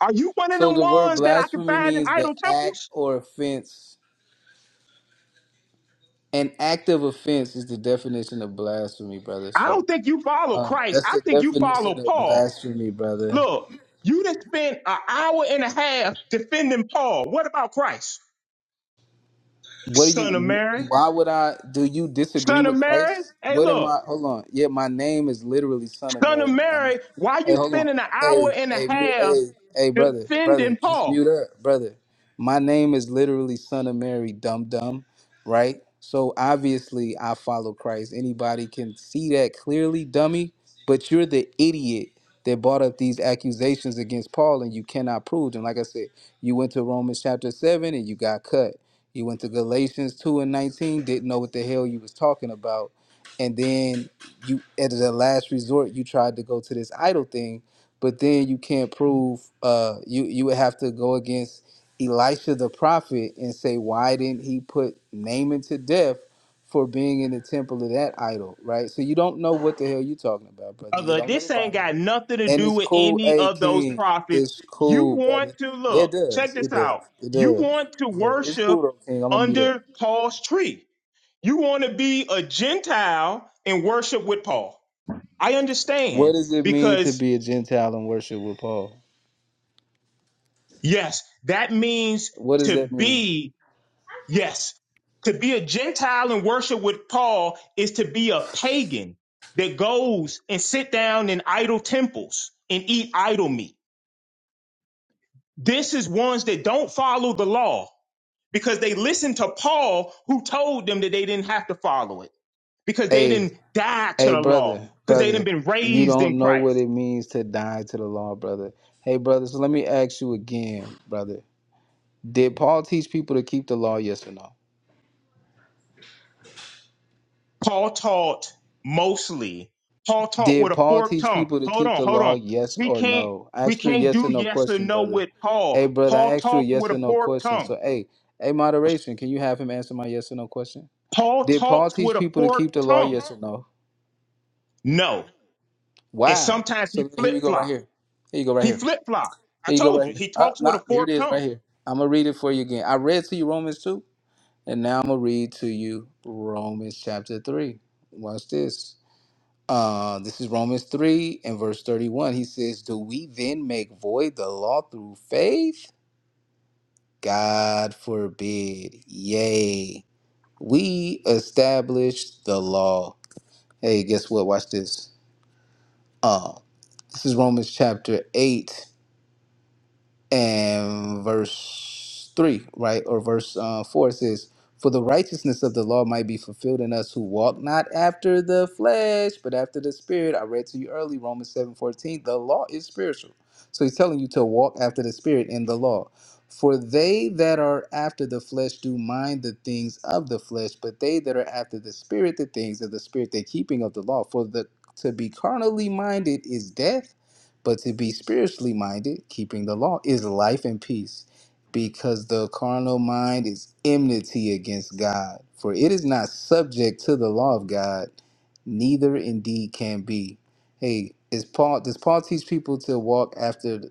Speaker 17: Are you one of
Speaker 11: So
Speaker 17: them
Speaker 11: the word
Speaker 17: ones that I can
Speaker 11: blasphemy
Speaker 17: find in
Speaker 11: means the
Speaker 17: idol
Speaker 11: act
Speaker 17: temples?
Speaker 11: or offense. An act of offense is the definition of blasphemy, brother.
Speaker 17: I
Speaker 11: So
Speaker 17: don't think you follow
Speaker 11: uh,
Speaker 17: Christ.
Speaker 11: that's
Speaker 17: I
Speaker 11: the
Speaker 17: think you
Speaker 11: definition
Speaker 17: follow
Speaker 11: of
Speaker 17: Paul.
Speaker 11: blasphemy, brother.
Speaker 17: Look, you just spent an hour and a half defending Paul. What about Christ?
Speaker 11: What do
Speaker 17: Son of
Speaker 11: you?
Speaker 17: Mary.
Speaker 11: Why would I? Do you disagree
Speaker 17: Son of
Speaker 11: with
Speaker 17: Mary.
Speaker 11: Christ?
Speaker 17: Hey,
Speaker 11: What am I?
Speaker 17: look.
Speaker 11: Hold on. Yeah, my name is literally Son of
Speaker 17: Son of
Speaker 11: Mary. Dumb.
Speaker 17: Mary, why
Speaker 11: Hey,
Speaker 17: you
Speaker 11: hold on.
Speaker 17: spending an
Speaker 11: Hey,
Speaker 17: hour and a
Speaker 11: hey, mute.
Speaker 17: half
Speaker 11: Hey, hey, brother, brother,
Speaker 17: defending
Speaker 11: just
Speaker 17: Paul?
Speaker 11: mute up, brother. My name is literally Son of Mary. Dumb, dumb. Right. So obviously, I follow Christ. Anybody can see that clearly, dummy. But you're the idiot that brought up these accusations against Paul, and you cannot prove them. Like I said, you went to Romans chapter seven, and you got cut. You went to Galatians 2 and 19, didn't know what the hell you was talking about. And then you at the last resort you tried to go to this idol thing, but then you can't prove uh you you would have to go against Elisha the prophet and say why didn't he put Naaman to death for being in the temple of that idol, right? So you don't know what the hell you're talking about, brother. You
Speaker 17: Brother,
Speaker 11: don't know the
Speaker 17: this ain't
Speaker 11: Bible.
Speaker 17: got nothing to
Speaker 11: And
Speaker 17: do
Speaker 11: it's
Speaker 17: with
Speaker 11: cool,
Speaker 17: any
Speaker 11: hey
Speaker 17: of those
Speaker 11: King,
Speaker 17: prophets.
Speaker 11: it's
Speaker 17: You
Speaker 11: cool, brother.
Speaker 17: want to
Speaker 11: Yeah,
Speaker 17: look,
Speaker 11: it
Speaker 17: check
Speaker 11: does.
Speaker 17: this
Speaker 11: It does.
Speaker 17: out.
Speaker 11: It
Speaker 17: You
Speaker 11: does.
Speaker 17: want to
Speaker 11: Yeah, It's cool
Speaker 17: worship
Speaker 11: though, King. I'm gonna meet up.
Speaker 17: under Paul's tree. You want to be a Gentile and worship with Paul. I
Speaker 11: What
Speaker 17: understand
Speaker 11: does it mean to
Speaker 17: because,
Speaker 11: be a Gentile and worship with Paul?
Speaker 17: yes, that means
Speaker 11: What does
Speaker 17: to
Speaker 11: that mean?
Speaker 17: be Yes. To be a Gentile and worship with Paul is to be a pagan that goes and sit down in idol temples and eat idol meat. This is ones that don't follow the law because they listened to Paul who told them that they didn't have to follow it because they
Speaker 11: Hey,
Speaker 17: didn't die to
Speaker 11: hey,
Speaker 17: the law
Speaker 11: brother,
Speaker 17: because they didn't
Speaker 11: brother,
Speaker 17: been
Speaker 11: you
Speaker 17: raised in
Speaker 11: don't know what
Speaker 17: Christ.
Speaker 11: it means to die to the law, brother. Hey, brother. So let me ask you again, brother. Did Paul teach people to keep the law? Yes or no?
Speaker 17: Paul taught mostly. Paul taught with
Speaker 11: Did
Speaker 17: a
Speaker 11: Paul
Speaker 17: forked
Speaker 11: teach
Speaker 17: tongue.
Speaker 11: people to
Speaker 17: Hold
Speaker 11: keep
Speaker 17: on,
Speaker 11: the
Speaker 17: hold
Speaker 11: law?
Speaker 17: on.
Speaker 11: Yes
Speaker 17: We
Speaker 11: or
Speaker 17: can't
Speaker 11: no? I
Speaker 17: we
Speaker 11: asked you a
Speaker 17: can't
Speaker 11: yes
Speaker 17: do
Speaker 11: or no
Speaker 17: yes or
Speaker 11: question,
Speaker 17: no
Speaker 11: brother.
Speaker 17: with Paul.
Speaker 11: Hey, brother, I
Speaker 17: Paul
Speaker 11: asked you a
Speaker 17: talks
Speaker 11: yes
Speaker 17: with
Speaker 11: or
Speaker 17: a
Speaker 11: no
Speaker 17: forked
Speaker 11: question.
Speaker 17: tongue.
Speaker 11: So, hey, hey, moderation, can you have him answer my yes or no question?
Speaker 17: Paul
Speaker 11: Did Paul
Speaker 17: talks
Speaker 11: teach
Speaker 17: with a
Speaker 11: people to
Speaker 17: forked
Speaker 11: keep the law?
Speaker 17: tongue.
Speaker 11: Yes or no?
Speaker 17: No. And
Speaker 11: Wow.
Speaker 17: sometimes he
Speaker 11: So here we
Speaker 17: flip
Speaker 11: go right
Speaker 17: flop.
Speaker 11: here. Here you go right
Speaker 17: He
Speaker 11: here.
Speaker 17: flip flop. I
Speaker 11: Here you go
Speaker 17: told
Speaker 11: right
Speaker 17: you,
Speaker 11: here.
Speaker 17: he
Speaker 11: Up,
Speaker 17: talks with a
Speaker 11: not here it
Speaker 17: forked
Speaker 11: is right
Speaker 17: tongue.
Speaker 11: here. I'm gonna read it for you again. I read to you Romans two, and now I'm gonna read to you Romans chapter three. Watch this. Uh, this is Romans three and verse thirty-one. He says, "Do we then make void the law through faith? God forbid. Yea, we established the law. Hey, guess what? Watch this. Um, This is Romans chapter 8 and verse 3, right? Or verse uh, 4 it says, For the righteousness of the law might be fulfilled in us who walk not after the flesh, but after the spirit. I read to you early, Romans seven fourteen. The law is spiritual. So he's telling you to walk after the spirit in the law. For they that are after the flesh do mind the things of the flesh, but they that are after the spirit, the things of the spirit, the keeping of the law. For the to be carnally minded is death but to be spiritually minded, keeping the law, is life and peace, because the carnal mind is enmity against God. For it is not subject to the law of God, neither indeed can be. Hey, is Paul does Paul teach people to walk after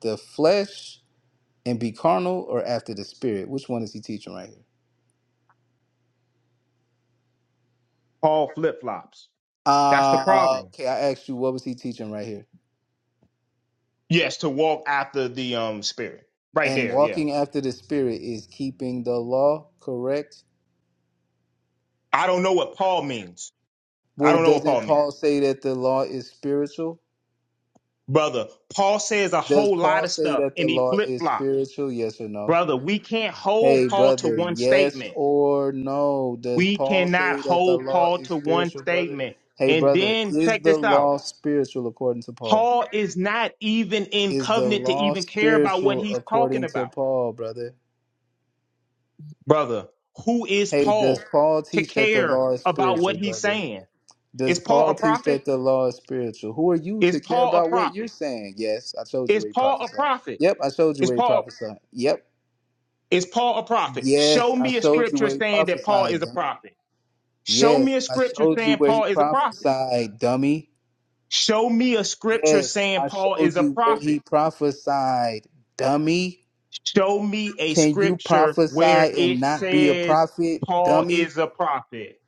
Speaker 11: the flesh and be carnal or after the spirit? Which one is he teaching right here?
Speaker 17: Paul flip flops. That's the
Speaker 11: Uh
Speaker 17: problem.
Speaker 11: okay, I asked you what was he teaching right here?
Speaker 17: Yes, to walk after the um spirit. Right
Speaker 11: And
Speaker 17: there, yeah.
Speaker 11: walking after the spirit is keeping the law, correct?
Speaker 17: I don't know what Paul means. I
Speaker 11: Well,
Speaker 17: don't know what Paul
Speaker 11: doesn't
Speaker 17: means.
Speaker 11: Paul say that the law is spiritual?
Speaker 17: brother. Paul says a
Speaker 11: Does
Speaker 17: whole lot
Speaker 11: Paul
Speaker 17: of
Speaker 11: say
Speaker 17: stuff
Speaker 11: that
Speaker 17: and
Speaker 11: the
Speaker 17: he
Speaker 11: law
Speaker 17: flip
Speaker 11: is
Speaker 17: flops.
Speaker 11: spiritual? Yes or no?
Speaker 17: Brother, we can't hold
Speaker 11: Hey,
Speaker 17: Paul to
Speaker 11: brother,
Speaker 17: one
Speaker 11: yes
Speaker 17: statement.
Speaker 11: or no? Does
Speaker 17: We
Speaker 11: Paul
Speaker 17: cannot
Speaker 11: say that the
Speaker 17: hold
Speaker 11: law
Speaker 17: Paul
Speaker 11: is
Speaker 17: to one
Speaker 11: spiritual, brother?
Speaker 17: statement.
Speaker 11: Hey,
Speaker 17: And
Speaker 11: brother,
Speaker 17: then
Speaker 11: is
Speaker 17: check
Speaker 11: the
Speaker 17: this out.
Speaker 11: law spiritual according to Paul?
Speaker 17: Paul is not even in
Speaker 11: Is the
Speaker 17: covenant to
Speaker 11: law
Speaker 17: even care about what
Speaker 11: spiritual
Speaker 17: he's talking
Speaker 11: according to
Speaker 17: about.
Speaker 11: Paul, brother?
Speaker 17: Brother, who is
Speaker 11: Hey, does
Speaker 17: Paul
Speaker 11: Paul
Speaker 17: to
Speaker 11: teach that the
Speaker 17: care
Speaker 11: law is
Speaker 17: about what
Speaker 11: spiritual,
Speaker 17: he's
Speaker 11: brother?
Speaker 17: saying? Is
Speaker 11: Does
Speaker 17: Paul a
Speaker 11: Paul teach that
Speaker 17: prophet?
Speaker 11: the law is spiritual? Who are you
Speaker 17: Is
Speaker 11: to care
Speaker 17: Paul a
Speaker 11: about what you're
Speaker 17: prophet?
Speaker 11: saying? Yes, I told you
Speaker 17: Is
Speaker 11: where he
Speaker 17: Paul a
Speaker 11: prophesied.
Speaker 17: prophet?
Speaker 11: Yep, I showed you
Speaker 17: Is
Speaker 11: where he
Speaker 17: Paul
Speaker 11: prophesied. Yep.
Speaker 17: is Paul a prophet?
Speaker 11: Yes,
Speaker 17: Show
Speaker 11: I
Speaker 17: me a
Speaker 11: showed you
Speaker 17: scripture
Speaker 11: where he
Speaker 17: saying that Paul
Speaker 11: prophesied,
Speaker 17: is a
Speaker 11: dummy.
Speaker 17: prophet. Show
Speaker 11: Yes,
Speaker 17: me a
Speaker 11: I
Speaker 17: scripture
Speaker 11: showed you
Speaker 17: saying
Speaker 11: where he
Speaker 17: Paul is a prophet.
Speaker 11: prophesied, dummy.
Speaker 17: Show me a scripture
Speaker 11: Yes,
Speaker 17: saying
Speaker 11: I
Speaker 17: Paul
Speaker 11: showed
Speaker 17: is a
Speaker 11: you where he
Speaker 17: prophet.
Speaker 11: prophesied, dummy.
Speaker 17: Show me a
Speaker 11: Can you
Speaker 17: scripture where
Speaker 11: prophesy and
Speaker 17: it
Speaker 11: not be a
Speaker 17: says
Speaker 11: prophet,
Speaker 17: Paul
Speaker 11: dummy?
Speaker 17: is a prophet.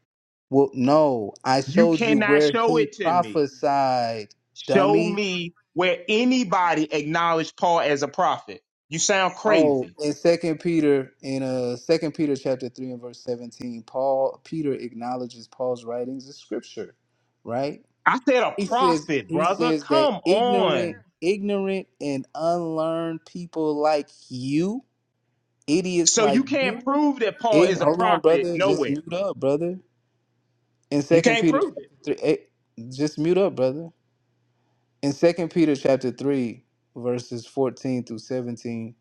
Speaker 11: Well, no, I
Speaker 17: You
Speaker 11: showed you
Speaker 17: cannot
Speaker 11: where
Speaker 17: show
Speaker 11: he
Speaker 17: it to me.
Speaker 11: prophesied,
Speaker 17: Show
Speaker 11: dummy.
Speaker 17: me where anybody acknowledged Paul as a prophet. You sound
Speaker 11: Oh,
Speaker 17: crazy.
Speaker 11: in Second Peter, in uh Second Peter chapter three and verse seventeen, Paul Peter acknowledges Paul's writings as scripture, right?
Speaker 17: I said a
Speaker 11: He says
Speaker 17: prophet,
Speaker 11: he
Speaker 17: brother.
Speaker 11: says that
Speaker 17: Come
Speaker 11: ignorant,
Speaker 17: on.
Speaker 11: ignorant and unlearned people like you, idiots
Speaker 17: So you
Speaker 11: like
Speaker 17: can't
Speaker 11: you,
Speaker 17: prove that Paul is
Speaker 11: ign-
Speaker 17: a
Speaker 11: hold on,
Speaker 17: prophet
Speaker 11: brother, just
Speaker 17: nowhere.
Speaker 11: mute up, brother. In
Speaker 17: You
Speaker 11: Second
Speaker 17: can't
Speaker 11: Peter
Speaker 17: prove it.
Speaker 11: chapter three, eh, just mute up, brother. In Second Peter chapter three, verses fourteen through seventeen,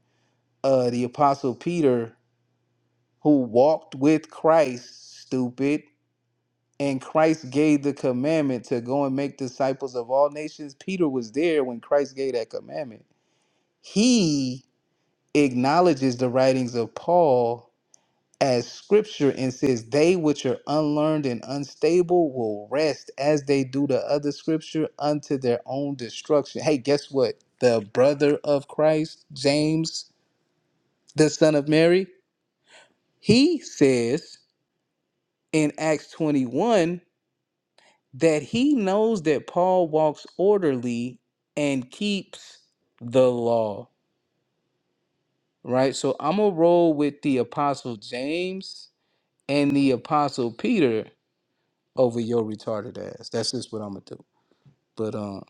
Speaker 11: uh, the apostle Peter. who walked with Christ, stupid, and Christ gave the commandment to go and make disciples of all nations. Peter was there when Christ gave that commandment. He acknowledges the writings of Paul as scripture and says, They which are unlearned and unstable will rest as they do the other scripture unto their own destruction. Hey, guess what? The brother of Christ, James, the son of Mary, he says in Acts 21 that he knows that Paul walks orderly and keeps the law, right? So I'm going to roll with the Apostle James and the Apostle Peter over your retarded ass. That's just what I'm going to do. But, um,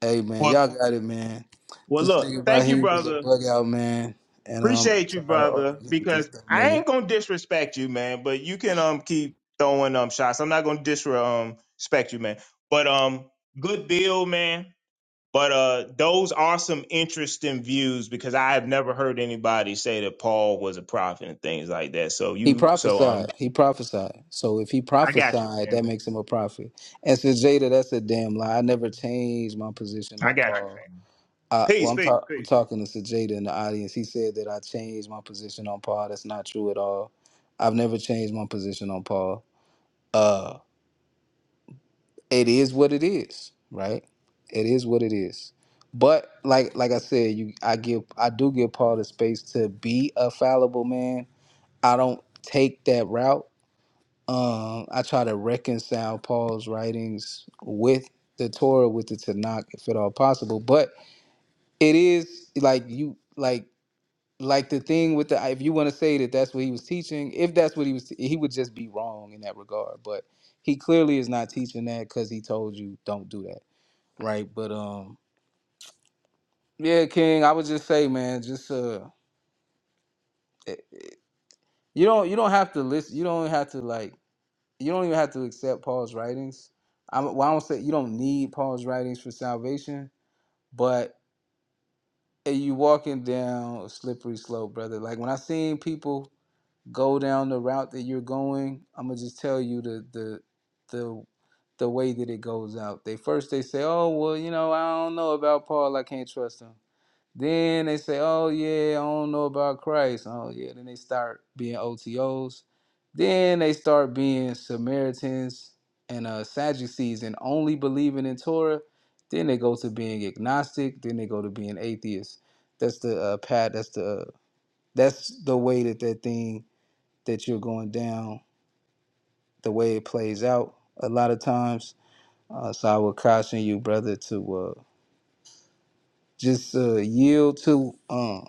Speaker 11: hey, man,
Speaker 17: Well,
Speaker 11: y'all got it, man.
Speaker 17: well
Speaker 11: This
Speaker 17: look,
Speaker 11: nigga right
Speaker 17: thank you,
Speaker 11: here was a
Speaker 17: brother.
Speaker 11: bug out, man. And um,
Speaker 17: Appreciate you,
Speaker 11: I'm tired of
Speaker 17: brother,
Speaker 11: arguing with this
Speaker 17: because
Speaker 11: dumb
Speaker 17: I
Speaker 11: nigga.
Speaker 17: ain't gonna disrespect you, man. But you can um keep throwing um shots. I'm not gonna disrespect you, man. But um, good bill, man. But uh, those are some interesting views because I have never heard anybody say that Paul was a prophet and things like that. So
Speaker 11: He
Speaker 17: you, so um,
Speaker 11: prophesied. He prophesied. So if he
Speaker 17: I got you,
Speaker 11: prophesied, that
Speaker 17: family.
Speaker 11: makes him a prophet. And so Jada, that's a damn lie. I never changed my position
Speaker 17: I
Speaker 11: on
Speaker 17: got you,
Speaker 11: Paul.
Speaker 17: family.
Speaker 11: Uh, well,
Speaker 17: Peace,
Speaker 11: I'm,
Speaker 17: peace,
Speaker 11: ta- I'm
Speaker 17: peace.
Speaker 11: talking to Jada in the audience. He said that I changed my position on Paul. That's not true at all. I've never changed my position on Paul. Uh, it is what it is, right? It is what it is. But like like I said, you I give I do give Paul the space to be a fallible man. I don't take that route Um, I try to reconcile Paul's writings with the Torah, with the Tanakh, if at all possible. But it is like you like like the thing with the if you want to say that that's what he was teaching, if that's what he was, he would just be wrong in that regard. But he clearly is not teaching that because he told you don't do that, right? But um, yeah, King, I would just say, man, just uh, eh, you don't you don't have to listen, you don't have to like you don't even have to accept Paul's writings. I'm, well, I don't say you don't need Paul's writings for salvation, but eh, you walking down a slippery slope, brother. Like when I seen people go down the route that you're going, I'm gonna just tell you the the the the way that it goes out. They first they say, "Oh well, you know, I don't know about Paul. I can't trust him." Then they say, "Oh yeah, I don't know about Christ." Oh yeah. Then they start being OTOs. Then they start being Samaritans and uh, Sadducees and only believing in Torah. Then they go to being agnostic. Then they go to being atheist. That's the uh, path. That's the uh, that's the way that that thing that you're going down. The way it plays out a lot of times. Uh, so I would caution you, brother, to uh, just uh, yield to. uh,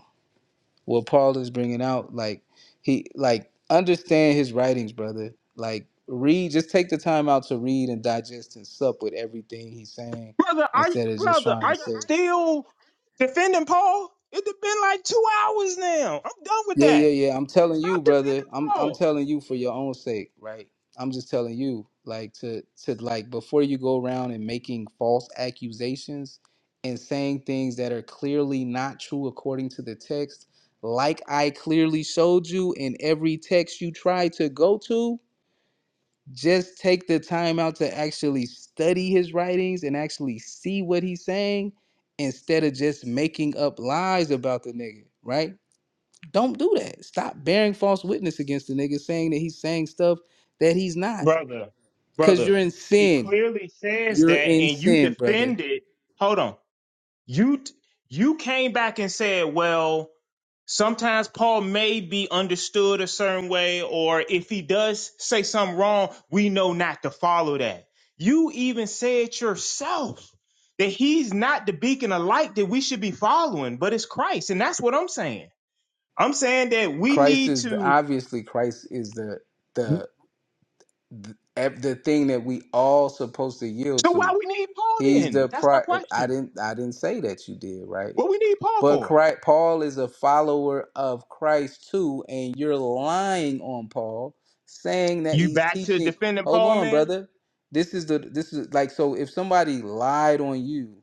Speaker 11: what Paul is bringing out. Like he like understand his writings, brother. Like read, just take the time out to read and digest and sup with everything he's saying
Speaker 17: Brother, are you,
Speaker 11: instead of just
Speaker 17: brother,
Speaker 11: trying
Speaker 17: are
Speaker 11: to
Speaker 17: you
Speaker 11: say.
Speaker 17: still defending Paul? It's been like two hours now. I'm done with
Speaker 11: Yeah,
Speaker 17: that.
Speaker 11: yeah, yeah. I'm telling you,
Speaker 17: Stop
Speaker 11: brother.
Speaker 17: defending
Speaker 11: I'm I'm
Speaker 17: Paul.
Speaker 11: telling you for your own sake, right? I'm just telling you, like to to like before you go around and making false accusations and saying things that are clearly not true according to the text, like I clearly showed you in every text you try to go to, just take the time out to actually study his writings and actually see what he's saying instead of just making up lies about the nigga, right? Don't do that. Stop bearing false witness against the nigga saying that he's saying stuff that he's not.
Speaker 17: brother,
Speaker 11: Cause
Speaker 17: brother.
Speaker 11: you're in
Speaker 17: It
Speaker 11: sin.
Speaker 17: clearly says
Speaker 11: You're
Speaker 17: that,
Speaker 11: in
Speaker 17: and you
Speaker 11: sin, brother.
Speaker 17: defended. Hold on, you t- you came back and said, well, sometimes Paul may be understood a certain way, or if he does say something wrong, we know not to follow that. You even said yourself that he's not the beacon of light that we should be following, but it's Christ, and that's what I'm saying. I'm saying that we
Speaker 11: Christ
Speaker 17: need
Speaker 11: is the
Speaker 17: to.
Speaker 11: obviously Christ is the the the, ev- the thing that we all supposed to yield
Speaker 17: So
Speaker 11: to.
Speaker 17: why we need Paul
Speaker 11: He's
Speaker 17: then?
Speaker 11: the
Speaker 17: That's my
Speaker 11: pri I
Speaker 17: question.
Speaker 11: didn't I didn't say that you did, right?
Speaker 17: What we need Paul
Speaker 11: But
Speaker 17: for?
Speaker 11: Christ, Paul is a follower of Christ too, and you're lying on Paul, saying that
Speaker 17: You
Speaker 11: he's
Speaker 17: back to
Speaker 11: teaching.
Speaker 17: defending
Speaker 11: Hold
Speaker 17: Paul,
Speaker 11: on,
Speaker 17: man?
Speaker 11: brother. This is the this is like so. If somebody lied on you,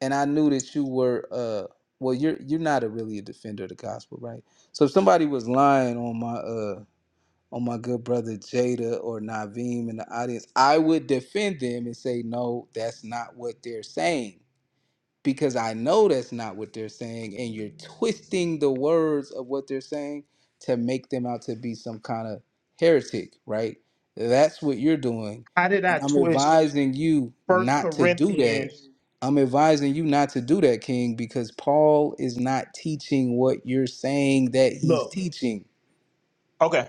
Speaker 11: and I knew that you were uh well, you're you're not a really a defender of the gospel, right? So if somebody was lying on my uh on my good brother Jada or Naveem in the audience, I would defend them and say, no, that's not what they're saying because I know that's not what they're saying, and you're twisting the words of what they're saying to make them out to be some kind of heretic, right? That's what you're doing.
Speaker 17: How did
Speaker 11: And
Speaker 17: I
Speaker 11: I'm
Speaker 17: twist
Speaker 11: advising you
Speaker 17: First
Speaker 11: not to do that.
Speaker 17: Corinthians?
Speaker 11: I'm advising you not to do that, King, because Paul is not teaching what you're saying that he's
Speaker 17: Look,
Speaker 11: teaching.
Speaker 17: okay.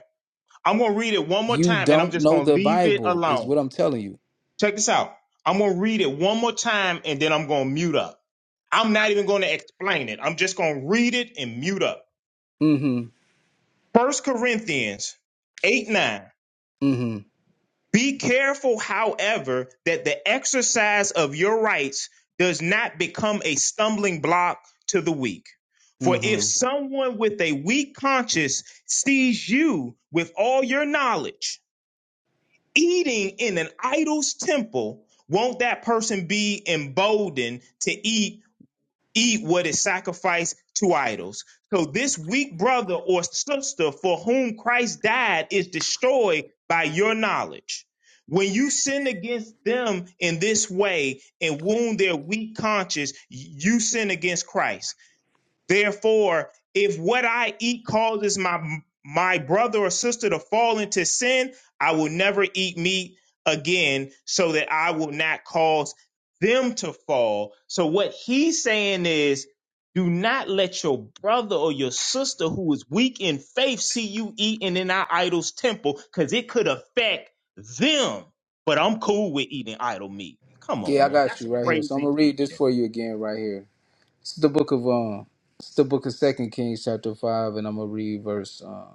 Speaker 17: I'm gonna read it one more
Speaker 11: You
Speaker 17: time, and I'm
Speaker 11: don't
Speaker 17: just
Speaker 11: know
Speaker 17: gonna
Speaker 11: the
Speaker 17: leave it
Speaker 11: Bible, is
Speaker 17: alone.
Speaker 11: what I'm telling you.
Speaker 17: Check this out. I'm gonna read it one more time, and then I'm gonna mute up. I'm not even gonna explain it. I'm just gonna read it and mute up.
Speaker 11: Mm hmm.
Speaker 17: First Corinthians eight nine.
Speaker 11: Mm hmm.
Speaker 17: Be careful, however, that the exercise of your rights does not become a stumbling block to the weak. For
Speaker 11: Mm
Speaker 17: if
Speaker 11: hmm.
Speaker 17: someone with a weak conscience sees you with all your knowledge eating in an idol's temple, won't that person be emboldened to eat eat what is sacrificed to idols. So this weak brother or sister for whom Christ died is destroyed by your knowledge. When you sin against them in this way and wound their weak conscience, you sin against Christ. Therefore, if what I eat causes my my brother or sister to fall into sin, I will never eat meat again, so that I will not cause them to fall. So what he's saying is, do not let your brother or your sister who is weak in faith see you eating in our idol's temple, because it could affect them. But I'm cool with eating idol meat. Come on,
Speaker 11: Yeah, I
Speaker 17: man,
Speaker 11: got
Speaker 17: that's a
Speaker 11: you right here. So I'm
Speaker 17: crazy
Speaker 11: going to read this
Speaker 17: teaching.
Speaker 11: for you again right here. It's the book of um, it's the book of Second Kings, chapter five, and I'm gonna read verse uh,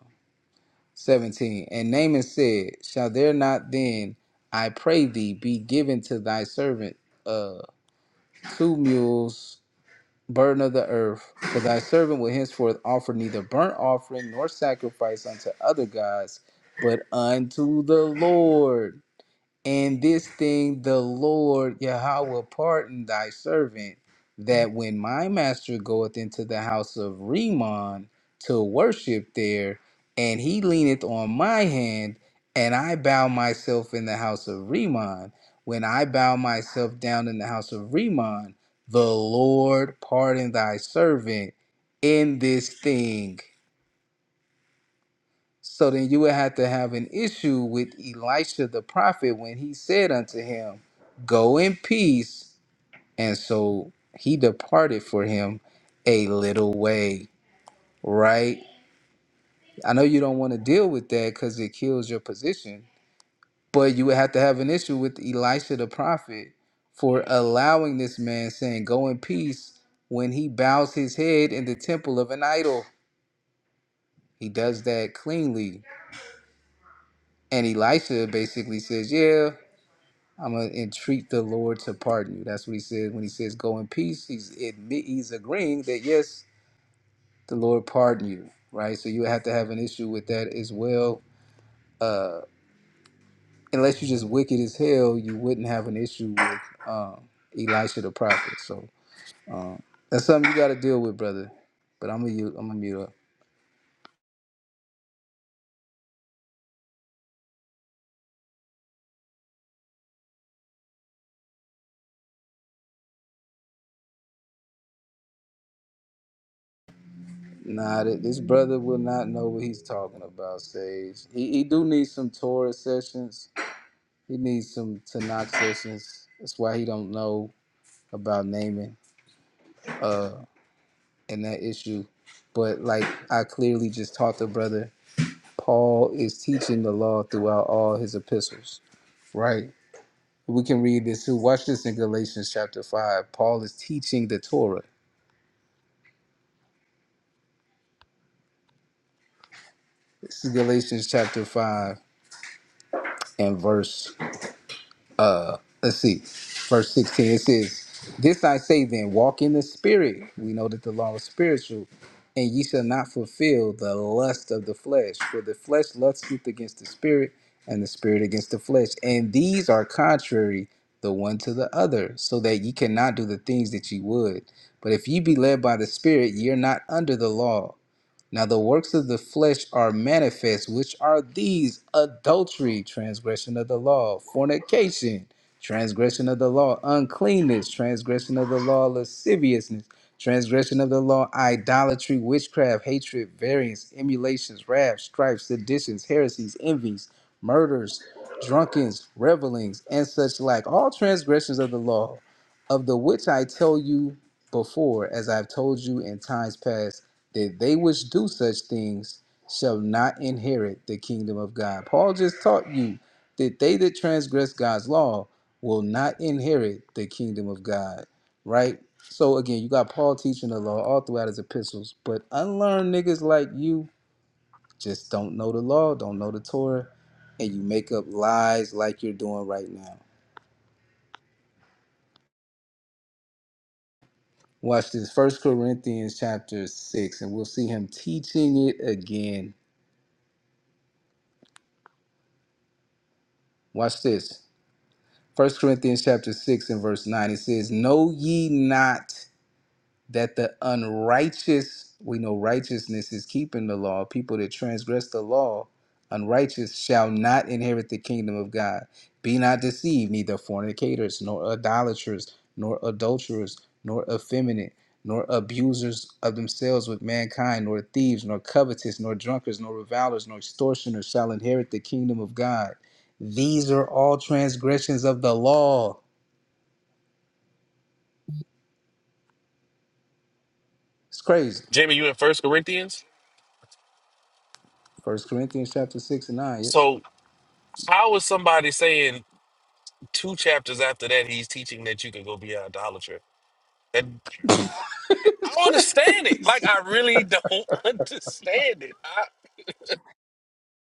Speaker 11: seventeen. And Naaman said, "Shall there not then, I pray thee, be given to thy servant uh, two mules, burden of the earth? For thy servant will henceforth offer neither burnt offering nor sacrifice unto other gods, but unto the Lord." And this thing the Lord Yahweh pardon thy servant, that when my master goeth into the house of Rimmon to worship there, and he leaneth on my hand, and I bow myself in the house of Rimmon, when I bow myself down in the house of Rimmon, the Lord pardon thy servant in this thing. So then you would have to have an issue with Elisha the prophet when he said unto him, Go in peace. And so he departed for him a little way, right? I know you don't want to deal with that because it kills your position, but you would have to have an issue with Elisha the prophet for allowing this man saying, Go in peace when he bows his head in the temple of an idol. He does that cleanly. And Elisha basically says, Yeah. I'm gonna entreat the Lord to pardon you. That's what he said when he says go in peace. He's admit he's agreeing that yes, the Lord pardon you, right? So you have to have an issue with that as well. Uh, unless you are just wicked as hell, you wouldn't have an issue with um, Elisha the prophet. So that's something you got to deal with, brother. But I'm gonna u- I'm gonna mute up. Nah, th- this brother will not know what he's talking about. Sage, he, he do need some Torah sessions. He needs some Tanakh sessions. That's why he don't know about naming uh and that issue. But like I clearly just taught the brother, Paul is teaching the law throughout all his epistles, right? We can read this too. Watch this in Galatians chapter five. Paul is teaching the Torah. This is Galatians chapter five and verse uh let's see verse 16 it says this i say then walk in the spirit we know that the law is spiritual and ye shall not fulfill the lust of the flesh for the flesh lusteth against the spirit and the spirit against the flesh and these are contrary the one to the other so that ye cannot do the things that ye would but if ye be led by the spirit ye are not under the law now the works of the flesh are manifest, which are these adultery, transgression of the law, fornication, transgression of the law, uncleanness, transgression of the law, lasciviousness, transgression of the law, idolatry, witchcraft, hatred, variance, emulations, wrath, strife, seditions, heresies, envies, murders, drunkens, revelings, and such like, all transgressions of the law, of the which I tell you before, as I have told you in times past that they which do such things shall not inherit the kingdom of God. Paul just taught you that they that transgress God's law will not inherit the kingdom of God, right? So again, you got Paul teaching the law all throughout his epistles, but unlearned niggas like you just don't know the law, don't know the Torah, and you make up lies like you're doing right now. Watch this, First Corinthians chapter 6, and we'll see him teaching it again. Watch this. First Corinthians chapter 6 and verse 9, it says, Know ye not that the unrighteous, we know righteousness is keeping the law, people that transgress the law, unrighteous shall not inherit the kingdom of God. Be not deceived, neither fornicators, nor idolaters, nor adulterers, nor effeminate, nor abusers of themselves with mankind, nor thieves, nor covetous, nor drunkards, nor revilers, nor extortioners shall inherit the kingdom of God. These are all transgressions of the law. It's crazy.
Speaker 14: Jamie, you in First Corinthians?
Speaker 11: First Corinthians chapter six and nine. Yes.
Speaker 14: So how is somebody saying? Two chapters after that, he's teaching that you can go be an idolater. And I
Speaker 11: it's
Speaker 14: don't understand it. Like
Speaker 11: crazy.
Speaker 14: I really don't understand it. I,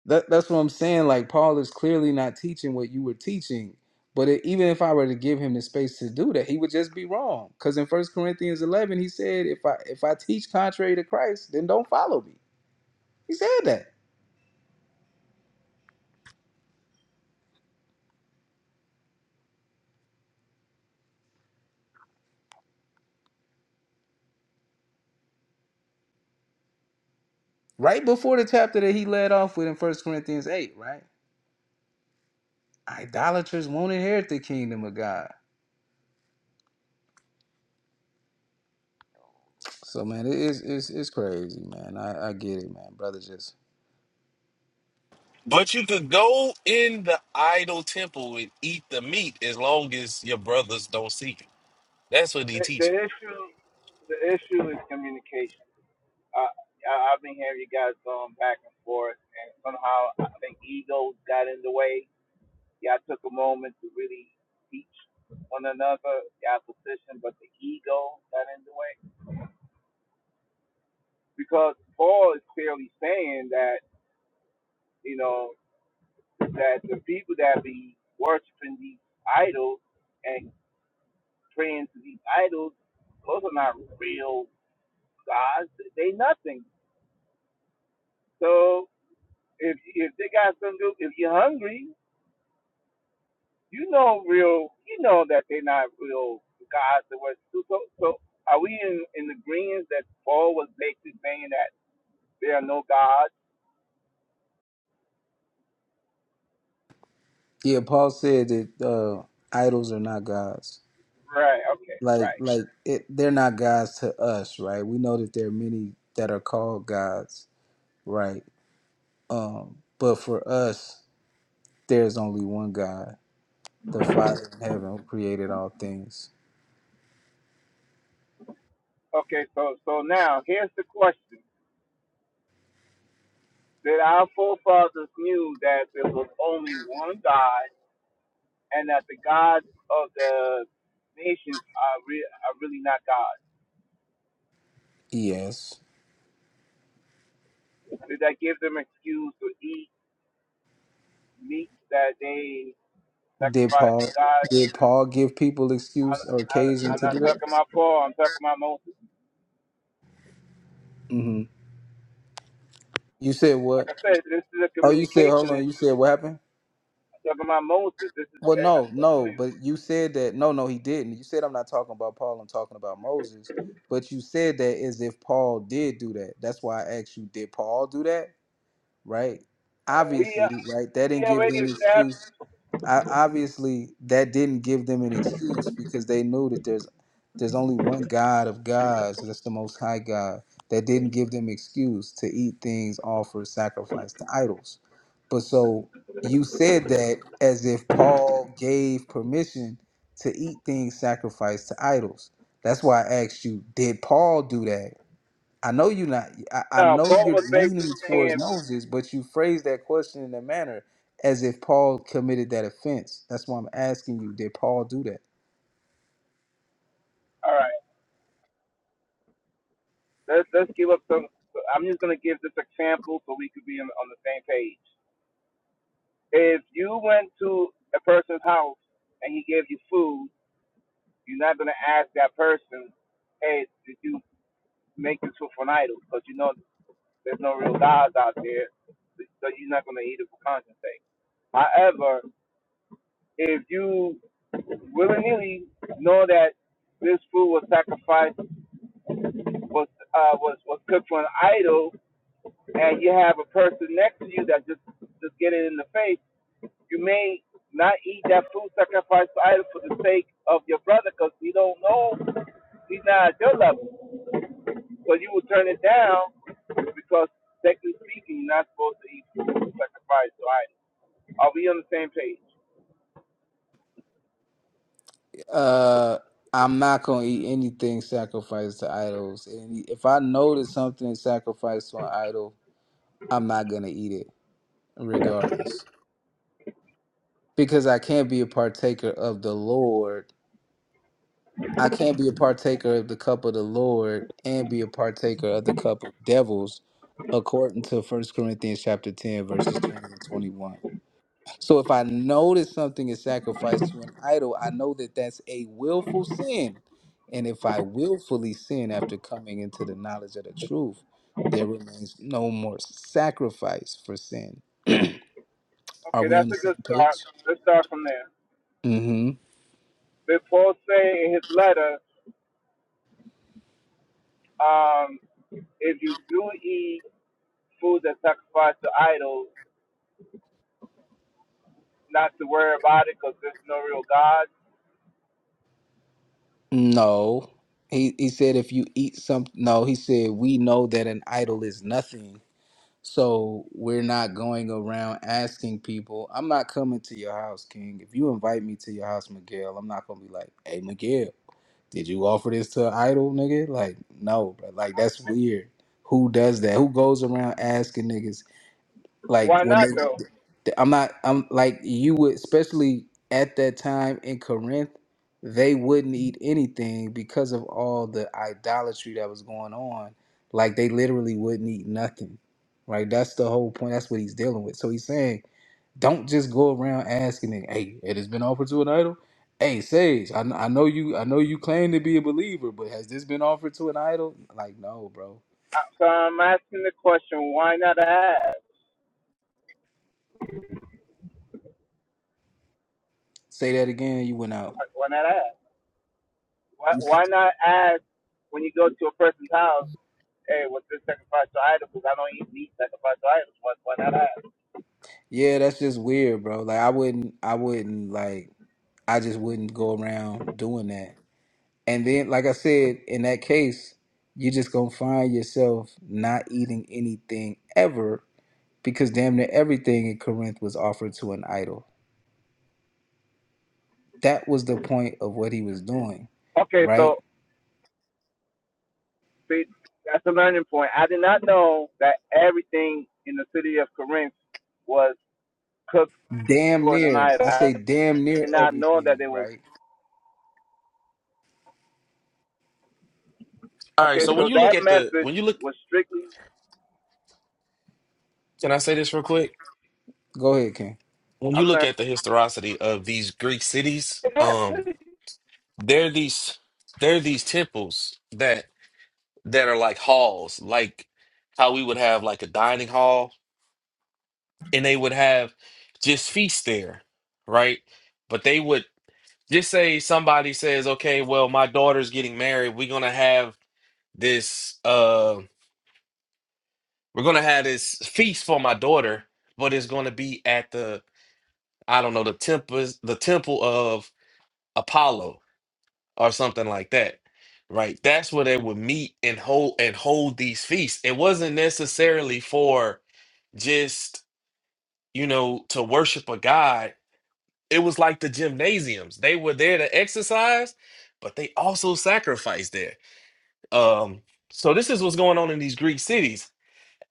Speaker 11: That, that's what I'm saying. Like Paul is clearly not teaching what you were teaching. But it, even if I were to give him the space to do that, he would just be wrong. Because in First Corinthians 11, he said, "If I if I teach contrary to Christ, then don't follow me." He said that right before the chapter that he led off with in First Corinthians 8. Right? Idolaters won't inherit the kingdom of God. So man, it is it's, it's crazy, man. I, I get it, man. Brother, just
Speaker 14: but you could go in the idol temple and eat the meat as long as your brothers don't see you. That's what he
Speaker 23: The, the
Speaker 14: teaches.
Speaker 23: issue, the issue is communication. I, I I've been hearing you guys going back and forth, and somehow I think egos got in the way. Y'all took a moment to really teach one another y'all position, but the ego got in the way because Paul is clearly saying that you know that the people that be worshiping these idols and praying to these idols, those are not real gods. They nothing. So if if they got some do if you're hungry, you know real you know that they're not real gods or what so so so are we in in agreement that Paul was basically saying that there are no gods?
Speaker 11: yeah. Paul said that uh, idols are not gods.
Speaker 23: Right, okay,
Speaker 11: like
Speaker 23: right.
Speaker 11: like it, they're not gods to us right we know that there are many that are called gods right um but for us there's only one god the father in heaven who created all things
Speaker 23: Okay, so so now here's the question. That our forefathers knew that there was only one God and that the gods of the nations are, re- are really not gods.
Speaker 11: yes
Speaker 23: Did that give them an excuse to eat meat that they
Speaker 11: did
Speaker 23: sacrifice
Speaker 11: paul
Speaker 23: to God.
Speaker 11: did paul give people
Speaker 23: I,
Speaker 11: excuse or
Speaker 23: I,
Speaker 11: occasion
Speaker 23: I'm
Speaker 11: to
Speaker 23: not
Speaker 11: do that
Speaker 23: talking about Paul. I'm talking about Moses.
Speaker 11: hmm you said
Speaker 23: Like
Speaker 11: what
Speaker 23: I said, this is a
Speaker 11: oh you said hold
Speaker 23: communication
Speaker 11: on you
Speaker 23: issue.
Speaker 11: said what happened
Speaker 23: I'm talking about Moses. This is
Speaker 11: Well,
Speaker 23: I,
Speaker 11: no,
Speaker 23: I told
Speaker 11: no,
Speaker 23: you.
Speaker 11: but you said that. No, no, he didn't. You said I'm not talking about Paul. I'm talking about Moses. But you said that as if Paul did do that. That's why I asked you, did Paul do that? Right?
Speaker 23: No, we uh,
Speaker 11: Obviously, right? That
Speaker 23: we
Speaker 11: didn't give
Speaker 23: already
Speaker 11: them
Speaker 23: established.
Speaker 11: excuse. I, obviously that didn't give them an excuse because they knew that there's there's only one God of gods, that's the most high God. That didn't give them excuse to eat things offered sacrifice to idols. But so you said that as if Paul gave permission to eat things sacrificed to idols. That's why I asked you, did Paul do that? I know you're not. I, I
Speaker 23: No,
Speaker 11: know
Speaker 23: Paul
Speaker 11: you're
Speaker 23: was
Speaker 11: leaning
Speaker 23: basically
Speaker 11: towards
Speaker 23: saying,
Speaker 11: Moses, but you phrase that question in a manner as if Paul committed that offense. That's why I'm asking you, did Paul do that?
Speaker 23: all right, let's let's give up some. I'm just gonna give this example so we could be on, on the same page. If you went to a person's house and he gave you food, you're not gonna ask that person, hey, did you make this food for an idol? Because you know There's no real gods out there, so you're not going to eat it for conscience sake. However, if you willingly know that this food was sacrificed, was uh, was was cooked for an idol, and you have a person next to you that just just get it in the face, you may not eat that food sacrificed to idol for the sake of your brother because you don't know he's not at your level, so you will turn it down because technically speaking, you're not supposed to eat food sacrificed to idol. Are we on the same page?
Speaker 11: Uh, I'm not gonna eat anything sacrificed to idols, and if I know that something is sacrificed to an idol, I'm not gonna eat it, regardless, because I can't be a partaker of the Lord I can't be a partaker of the cup of the Lord and be a partaker of the cup of devils, according to First Corinthians chapter 10, verses 20 and 21. So if I know that something is sacrificed to an idol, I know that that's a willful sin. And if I willfully sin after coming into the knowledge of the truth, there remains no more sacrifice for sin. Are
Speaker 23: Okay,
Speaker 11: we
Speaker 23: that's
Speaker 11: on the
Speaker 23: a
Speaker 11: same
Speaker 23: good start.
Speaker 11: page?
Speaker 23: Let's start from there.
Speaker 11: Mm-hmm.
Speaker 23: But Paul say in his letter, um, if you do eat food that's sacrificed to idols, not to worry about it because there's no real God.
Speaker 11: No. He he said if you eat some no, he said we know that an idol is nothing. So we're not going around asking people. I'm not coming to your house, King. If you invite me to your house, Miguel, I'm not gonna be like, hey Miguel, did you offer this to an idol, nigga? Like, no, bro. Like that's weird. Who does that? Who goes around asking niggas like
Speaker 23: Why
Speaker 11: when
Speaker 23: not
Speaker 11: they
Speaker 23: though?
Speaker 11: Th- I'm not. I'm like you would, especially at that time in Corinth, they wouldn't eat anything because of all the idolatry that was going on. Like they literally wouldn't eat nothing. Right. That's the whole point. That's what he's dealing with. So he's saying, don't just go around asking, it, "Hey, it has been offered to an idol." Hey, Sage, I, kn- I know you. I know you claim to be a believer, but has this been offered to an idol? Like, no, bro.
Speaker 23: Uh, So I'm asking the question, why not ask?
Speaker 11: Say that again. You went out.
Speaker 23: Like, Why not ask? Why, why not ask when you go to a person's house, hey, what's this sacrifice to idols? Because I don't eat meat sacrificed to idols. Why, why not ask?
Speaker 11: Yeah, that's just weird, bro. Like, I wouldn't. I wouldn't like. I just wouldn't go around doing that. And then, like I said, in that case, you're just gonna find yourself not eating anything ever because damn near everything in Corinth was offered to an idol. That was the point of what he was doing,
Speaker 23: Okay, so
Speaker 11: right?
Speaker 23: that's a learning point. I did not know that everything in the city of Corinth was cooked
Speaker 11: Damn
Speaker 23: towards an
Speaker 11: near.
Speaker 23: idol.
Speaker 11: I
Speaker 23: I
Speaker 11: say damn near
Speaker 23: did not know that
Speaker 11: everything,
Speaker 23: it was.
Speaker 11: right?
Speaker 14: All right.
Speaker 23: Okay,
Speaker 14: So when
Speaker 23: so
Speaker 14: you look
Speaker 23: that
Speaker 14: at the
Speaker 23: message
Speaker 14: when you look,
Speaker 23: was strictly.
Speaker 14: can I say this real quick?
Speaker 11: Go ahead, Ken.
Speaker 14: When you
Speaker 23: I'm
Speaker 14: look
Speaker 23: learning.
Speaker 14: at the historicity of these Greek cities,
Speaker 23: Hey,
Speaker 14: um, they're these they're these temples that that are like halls, like how we would have like a dining hall and they would have just feast there, right? But they would just say somebody says, "Okay, well, my daughter's getting married. We're gonna have this. Uh, we're gonna have this feast for my daughter, but it's gonna be at the I don't know the temple, the temple of Apollo or something like that." Right, that's where they would meet and hold and hold these feasts. It wasn't necessarily for just you know to worship a god It was like the gymnasiums. They were there to exercise, but they also sacrificed there. Um, so this is what's going on in these Greek cities.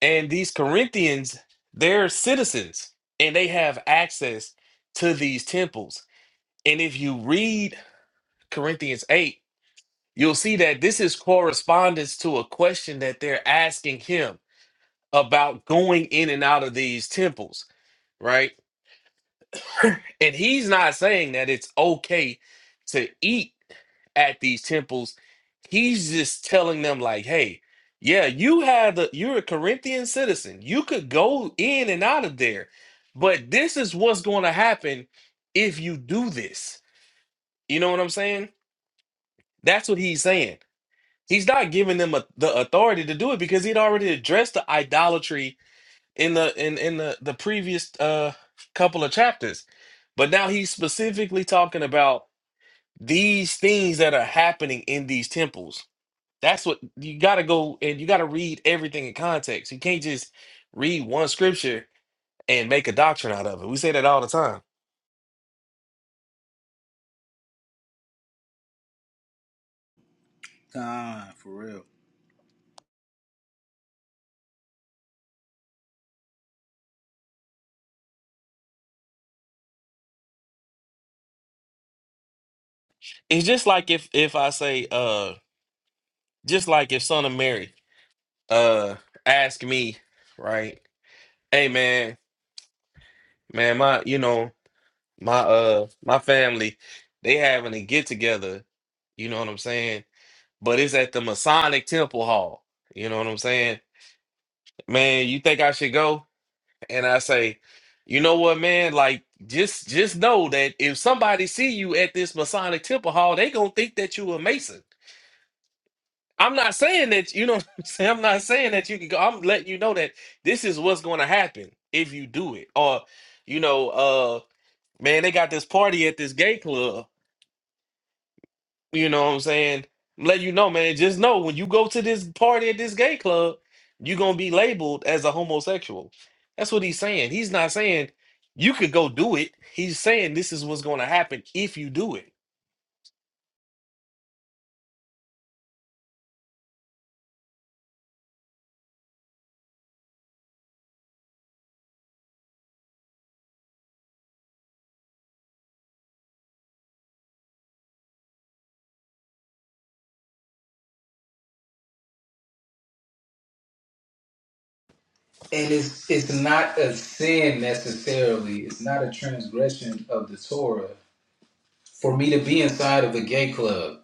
Speaker 14: And these Corinthians, they're citizens and they have access to these temples. And if you read Corinthians 8, you'll see that this is correspondence to a question that they're asking him about going in and out of these temples, right? and he's not saying that it's okay to eat at these temples, he's just telling them like, "Hey, yeah, you have the you're a Corinthian citizen. You could go in and out of there, but this is what's going to happen if you do this." You know what I'm saying? That's what he's saying. He's not giving them a, the authority to do it because he'd already addressed the idolatry in the in in the the previous uh couple of chapters. But now he's specifically talking about these things that are happening in these temples That's what you got to go and you got to read everything in context. You can't just read one scripture and make a doctrine out of it. We say that all the time.
Speaker 11: Time for real.
Speaker 14: It's just like if if I say uh just like if son of Mary uh ask me, right? Hey man, man my you know, my uh my family they having a get together, you know what I'm saying? But it's at the Masonic Temple Hall. You know what I'm saying? Man, you think I should go? and I say, you know what, man? Like, just just know that if somebody see you at this Masonic Temple Hall, they gonna think that you a Mason. I'm not saying that you know. what I'm saying? I'm not saying that you can go. I'm letting you know that this is what's going to happen if you do it. Or, you know, uh, man, they got this party at this gay club You know what I'm saying? Let you know, man. Just know when you go to this party at this gay club, you're gonna be labeled as a homosexual. That's what he's saying. He's not saying you could go do it. He's saying this is what's gonna happen if you do it.
Speaker 11: And it's it's not a sin necessarily. It's not a transgression of the Torah for me to be inside of the gay club.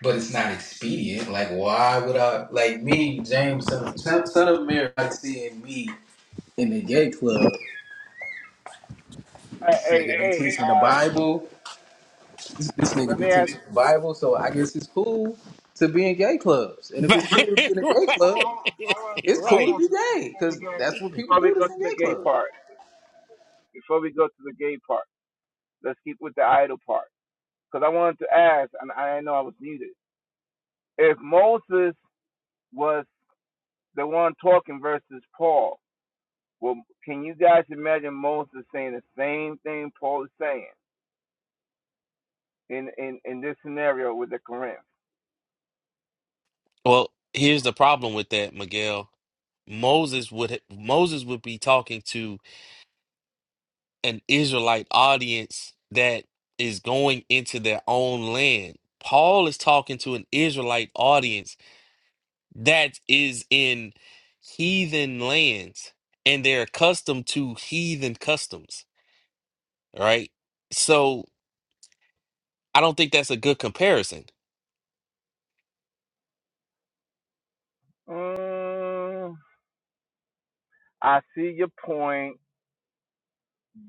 Speaker 11: but it's not expedient. Like, why would I? Like me, James, son of, son son of Mary, like seeing me in the gay club.
Speaker 23: Hey,
Speaker 11: This
Speaker 23: hey,
Speaker 11: nigga be
Speaker 23: hey,
Speaker 11: teaching the
Speaker 23: uh,
Speaker 11: Bible. This, this nigga
Speaker 23: let
Speaker 11: be
Speaker 23: me ask.
Speaker 11: teaching the Bible. So I guess it's cool to be in gay clubs. And if it's cool to be in a
Speaker 14: right,
Speaker 11: gay club,
Speaker 23: Hold on,
Speaker 14: right.
Speaker 23: hold on,
Speaker 11: it's
Speaker 23: hold
Speaker 11: cool to
Speaker 14: right.
Speaker 23: on, hold
Speaker 11: be
Speaker 23: on.
Speaker 11: gay
Speaker 23: Before we
Speaker 11: because
Speaker 23: get,
Speaker 11: that's what people
Speaker 23: before we
Speaker 11: do.
Speaker 23: go
Speaker 11: That's in
Speaker 23: to the
Speaker 11: gay
Speaker 23: gay
Speaker 11: clubs.
Speaker 23: part, before we go to the gay part, let's keep with the idol part. Because I wanted to ask, and I didn't know I was needed. If Moses was the one talking versus Paul. Well, can you guys imagine Moses saying the same thing Paul is saying in in, in this scenario with the Corinth?
Speaker 14: Well, here's the problem with that, Miguel. Moses would Moses would be talking to an Israelite audience that is going into their own land. Paul is talking to an Israelite audience that is in heathen lands and they're accustomed to heathen customs, right? So I don't think that's a good comparison.
Speaker 23: Mm, I see your point,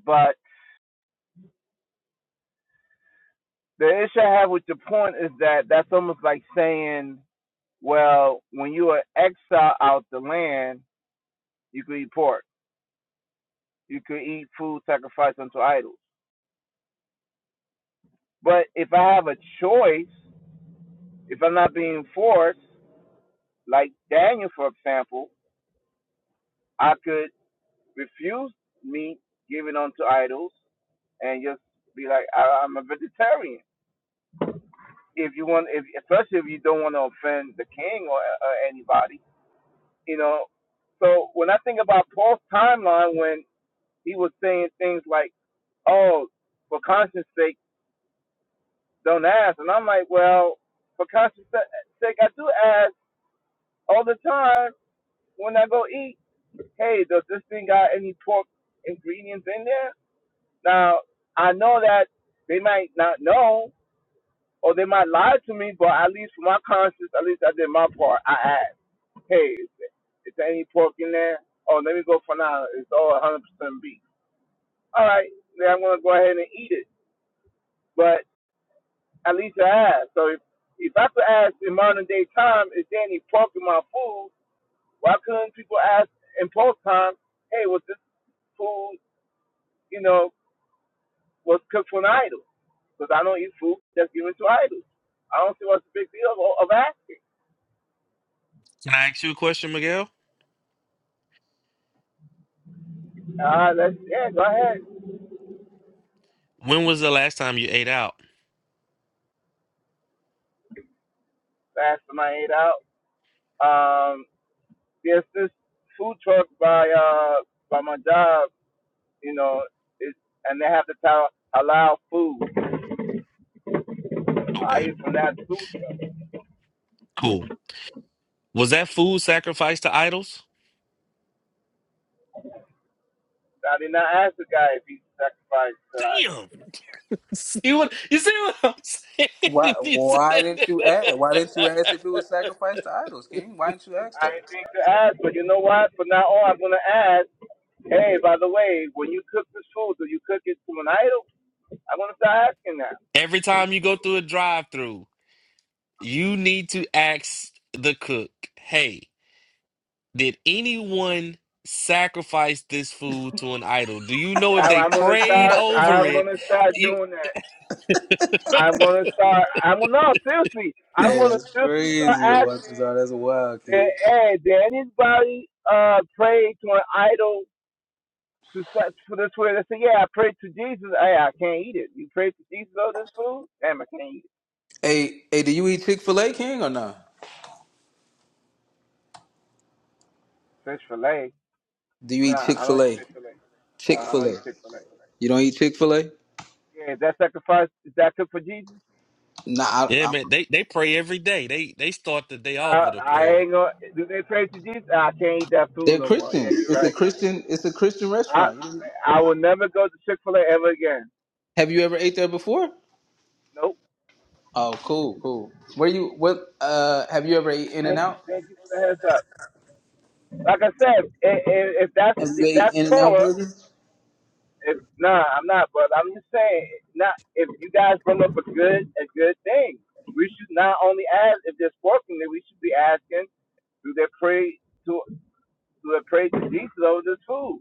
Speaker 23: but the issue I have with your point is that that's almost like saying, well, when you are exiled out the land, you could eat pork, you could eat food sacrificed unto idols. But if I have a choice, if I'm not being forced, like Daniel, for example, I could refuse meat given unto idols and just be like, I, I'm a vegetarian. If you want, if especially if you don't want to offend the king or uh, anybody, you know. So when I think about Paul's timeline, when he was saying things like, "Oh, for conscience sake, don't ask," and I'm like, "Well, for conscience sake, I do ask all the time when I go eat. Hey, does this thing got any pork ingredients in there?" Now, I know that they might not know or they might lie to me, but at least for my conscience, at least I did my part. I asked, hey, is there, is there any pork in there? Oh, let me go for now. It's all 100% beef. All right, then I'm going to go ahead and eat it. But at least I asked. So if, if I could ask in modern day time, is there any pork in my food? Why couldn't people ask in post time, hey, was this food, you know, was cooked for an idol. Because I don't eat food that's given to idols. I don't see what's the big deal of, of asking.
Speaker 14: Can I ask you a question, Miguel?
Speaker 23: Uh, let's, yeah, go ahead.
Speaker 14: When was the last time you ate out?
Speaker 23: Fast my eight out. Um, there's this food truck by, uh, by my job, you know, it, and they have the title Halal Food.
Speaker 14: Okay,
Speaker 23: I eat from that food truck.
Speaker 14: cool. Was that food sacrificed to idols?
Speaker 23: I did not ask the guy if he sacrificed tonight.
Speaker 14: Damn. See what you see what I'm
Speaker 11: Why?
Speaker 14: saying? You
Speaker 11: Why didn't you ask?
Speaker 14: see-
Speaker 11: Why didn't you ask if it was sacrificed to idols, King? Why didn't you ask
Speaker 23: I
Speaker 11: that?
Speaker 23: didn't think to ask, but you know what? From now on, I'm going to ask, hey, by the way, when you cook this food, do you cook it to an idol? I'm gonna start asking that.
Speaker 14: Every time you go through a drive-through, you need to ask the cook, "Hey, Did anyone sacrifice this food to an idol? Do you know if
Speaker 23: I,
Speaker 14: they
Speaker 23: I'm gonna
Speaker 14: prayed
Speaker 23: start.
Speaker 14: over
Speaker 23: I'm
Speaker 14: it?
Speaker 23: gonna start
Speaker 14: You,
Speaker 23: doing that. I'm gonna start. I'm gonna no seriously. I'm
Speaker 11: Hey,
Speaker 23: gonna
Speaker 11: that's
Speaker 23: seriously start
Speaker 11: crazy,
Speaker 23: asking
Speaker 11: Watson. That's wild,
Speaker 23: that.
Speaker 11: King.
Speaker 23: Hey, did anybody uh pray to an idol to such for this food? They say, yeah, I prayed to Jesus. Hey, I can't eat it. You prayed to Jesus over this food? Damn, I can't eat it.
Speaker 11: Hey, hey, do you eat Chick Fil A, King, or not?
Speaker 23: Fish fillet?
Speaker 11: Do you eat
Speaker 23: Nah,
Speaker 11: Chick
Speaker 23: I don't
Speaker 11: Fil
Speaker 23: eat
Speaker 11: A?
Speaker 23: fish fillet.
Speaker 11: Chick
Speaker 23: Nah, I
Speaker 11: Fil
Speaker 23: don't eat
Speaker 11: A.
Speaker 23: Chick Fil A.
Speaker 11: You don't eat Chick Fil A?
Speaker 23: Yeah, is that sacrifice is that cooked for Jesus?
Speaker 11: Nah, I,
Speaker 14: yeah,
Speaker 11: i
Speaker 14: man, they, they pray every day. They they start the day off
Speaker 23: I,
Speaker 14: with a
Speaker 23: I
Speaker 14: prayer.
Speaker 23: ain't gonna. Do they pray to Jesus? Uh, I can't eat that food
Speaker 11: they're
Speaker 23: no more. Yeah,
Speaker 11: Christians.
Speaker 23: you're
Speaker 11: It's a
Speaker 23: right.
Speaker 11: Christian. It's a Christian
Speaker 23: I
Speaker 11: restaurant. You
Speaker 23: I will never go to Chick Fil A ever again.
Speaker 11: Have you ever ate there before?
Speaker 23: Nope.
Speaker 11: Oh, cool, cool. Where you? What? Uh, have you ever ate In and
Speaker 23: Thank, you,
Speaker 11: Out?
Speaker 23: thank you for the heads up. Like I said, i- i- if that's
Speaker 11: Have you
Speaker 23: if
Speaker 11: ate
Speaker 23: that's
Speaker 11: In and Out
Speaker 23: Torah,
Speaker 11: burgers?
Speaker 23: if nah, I'm not. But I'm just saying, not if you guys bring up a good a good thing, we should not only ask if they're working, then we should be asking, do they pray to do they pray to Jesus over this food?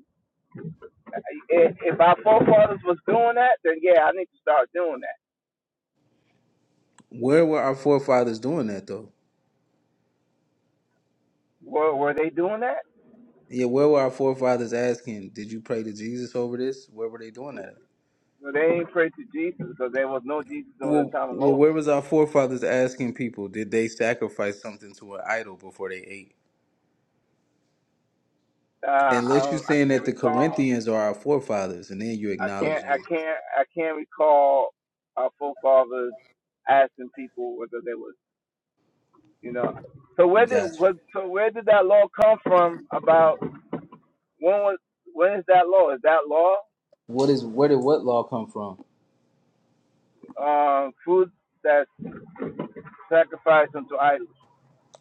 Speaker 23: If, if our forefathers was doing that, then yeah, I need to start doing that.
Speaker 11: Where were our forefathers doing that though?
Speaker 23: Were, were they doing that?
Speaker 11: Yeah, where were our forefathers asking? Did you pray to Jesus over this? Where were they doing that? At?
Speaker 23: Well, they ain't prayed to Jesus because there was no Jesus during the
Speaker 11: Well,
Speaker 23: time of
Speaker 11: well,
Speaker 23: Moses.
Speaker 11: where was our forefathers asking people? Did they sacrifice something to an idol before they ate?
Speaker 23: Uh, I
Speaker 11: Unless you're
Speaker 23: don't, I
Speaker 11: saying
Speaker 23: can't
Speaker 11: that the
Speaker 23: recall.
Speaker 11: Corinthians are our forefathers, and then you're
Speaker 23: I can't.
Speaker 11: acknowledging.
Speaker 23: I can't. I can't recall our forefathers asking people whether they was, you know. So where did
Speaker 11: Gotcha.
Speaker 23: what, so where did that law come from? About when was when is that law? Is that law
Speaker 11: What is where did what law come from?
Speaker 23: um, food that's sacrificed unto idols?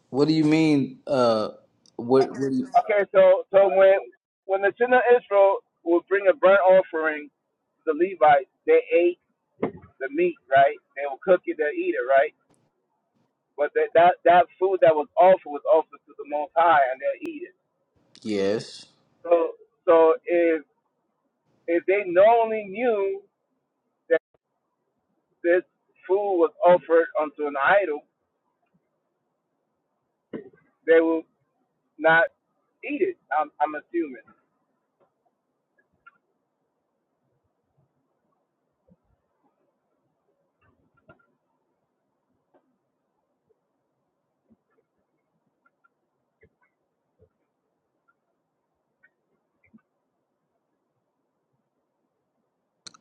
Speaker 11: What do you mean? Uh, what? what do you,
Speaker 23: Okay, so so when when the children of Israel would bring a burnt offering to the Levites, they ate the meat, right? They would cook it, they eat it, right? But that that that food that was offered was offered to the Most High, and they eat it.
Speaker 11: yes.
Speaker 23: So so if if they knowingly knew that this food was offered unto an idol, they would not eat it. I'm I'm assuming.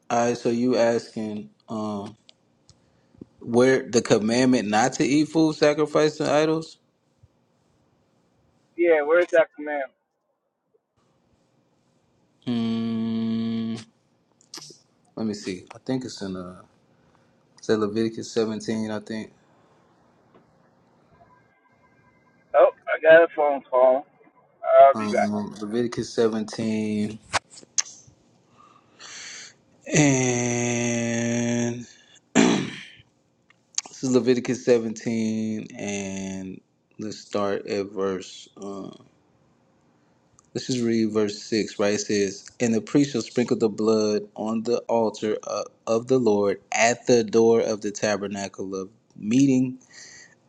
Speaker 11: All right. So you asking um where the commandment not to eat food sacrificed to idols?
Speaker 23: Yeah, where's that command?
Speaker 11: Hmm. Let me see. I think it's in uh, is that Leviticus 17? I think
Speaker 23: Oh, I got a phone call. I'll be back.
Speaker 11: um Leviticus 17 and This is Leviticus 17, and let's start at verse. Uh, let's just read verse 6, right? It says, And the priest shall sprinkle the blood on the altar of, of the Lord at the door of the tabernacle of meeting,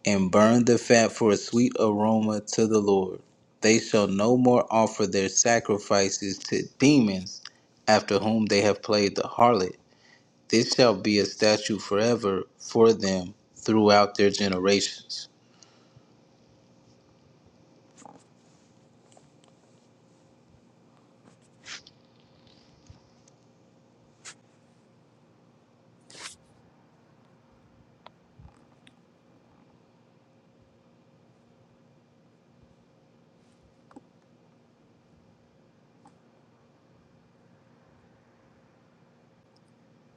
Speaker 11: and burn the fat for a sweet aroma to the Lord. They shall no more offer their sacrifices to demons after whom they have played the harlot. This shall be a statute forever for them throughout their generations.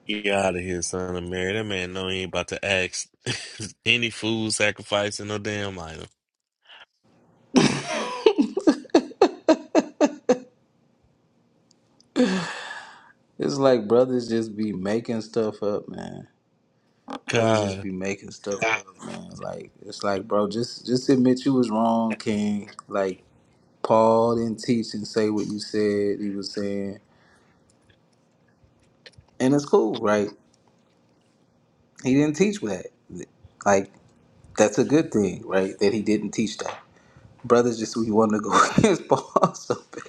Speaker 14: You out of here, son of Mary. That man know he ain't about to ask any food sacrificing no damn idol.
Speaker 11: It's like brothers just be making stuff up, man. Brothers just
Speaker 14: God.
Speaker 11: be making stuff up, man. Like it's like, bro, just just admit you was wrong, King. Like Paul didn't teach and say what you said he was saying, and it's cool, right? He didn't teach that. Like that's a good thing, right? That he didn't teach that. Brothers just we want to go against Paul so bad.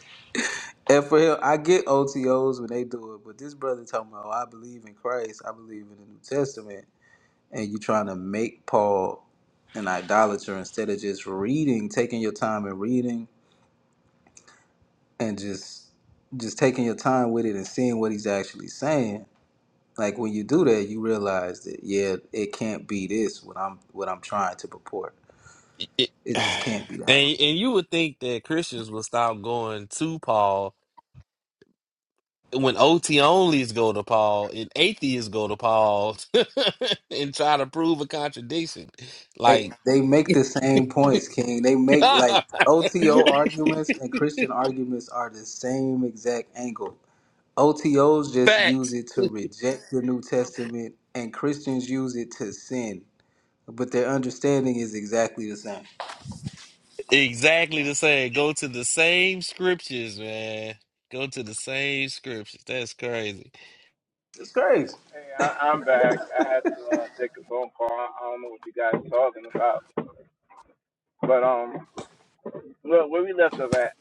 Speaker 11: And for him, I get OTOs when they do it, but this brother talking about, "Oh, I believe in Christ, I believe in the New Testament. and you're trying to make Paul an idolater instead of just reading, taking your time and reading and just just taking your time with it and seeing what he's actually saying. Like when you do that, you realize that yeah, it can't be this what I'm what I'm trying to purport.
Speaker 14: It-
Speaker 11: It
Speaker 14: and
Speaker 11: just can't be that.
Speaker 14: and you would think that Christians would stop going to Paul when OT onlys go to Paul and atheists go to Paul and try to prove a contradiction.
Speaker 11: They,
Speaker 14: Like
Speaker 11: they make the same points, King. They make like OTO arguments and Christian arguments are the same exact angle. O T Os just use
Speaker 14: facts.
Speaker 11: it to reject the New Testament, and Christians use it to sin. But their understanding is exactly the same.
Speaker 14: Exactly the same. Go to the same scriptures, man. Go to the same scriptures. That's crazy.
Speaker 11: It's crazy.
Speaker 23: Hey, I, I'm back. I had to uh, take a phone call. I, I don't know what you guys are talking about, but um, look where we left off at.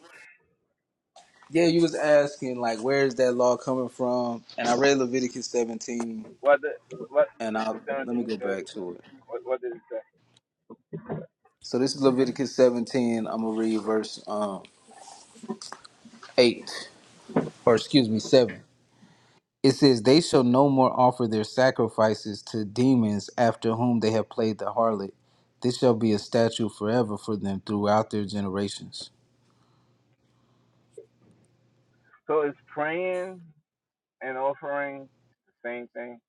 Speaker 11: Yeah, you was asking like, where is that law coming from? And I read Leviticus 17,
Speaker 23: What the what
Speaker 11: and I
Speaker 23: Leviticus
Speaker 11: let me
Speaker 23: 17
Speaker 11: go
Speaker 23: said.
Speaker 11: back to it.
Speaker 23: What, what did it say?
Speaker 11: So this is Leviticus 17. I'm gonna read verse um, eight, or excuse me, seven. It says, They shall no more offer their sacrifices to demons after whom they have played the harlot. This shall be a statute forever for them throughout their generations.
Speaker 23: So is praying and offering the same thing?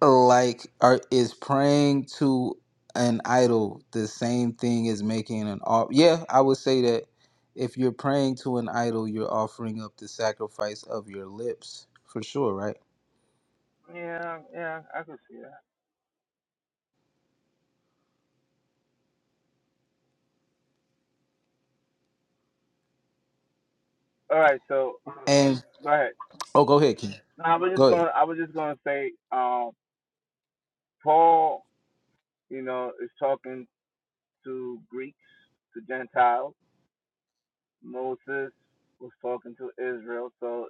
Speaker 11: Like, are, is praying to an idol the same thing as making an off? Yeah, I would say that if you're praying to an idol, you're offering up the sacrifice of your lips for sure, right?
Speaker 23: Yeah, yeah, I can see that. All right, so
Speaker 11: And
Speaker 23: go ahead.
Speaker 11: oh, go ahead, King.
Speaker 23: No, I was just
Speaker 11: Go ahead.
Speaker 23: gonna I was just gonna say, um, Paul, you know, is talking to Greeks, to Gentiles. Moses was talking to Israel, so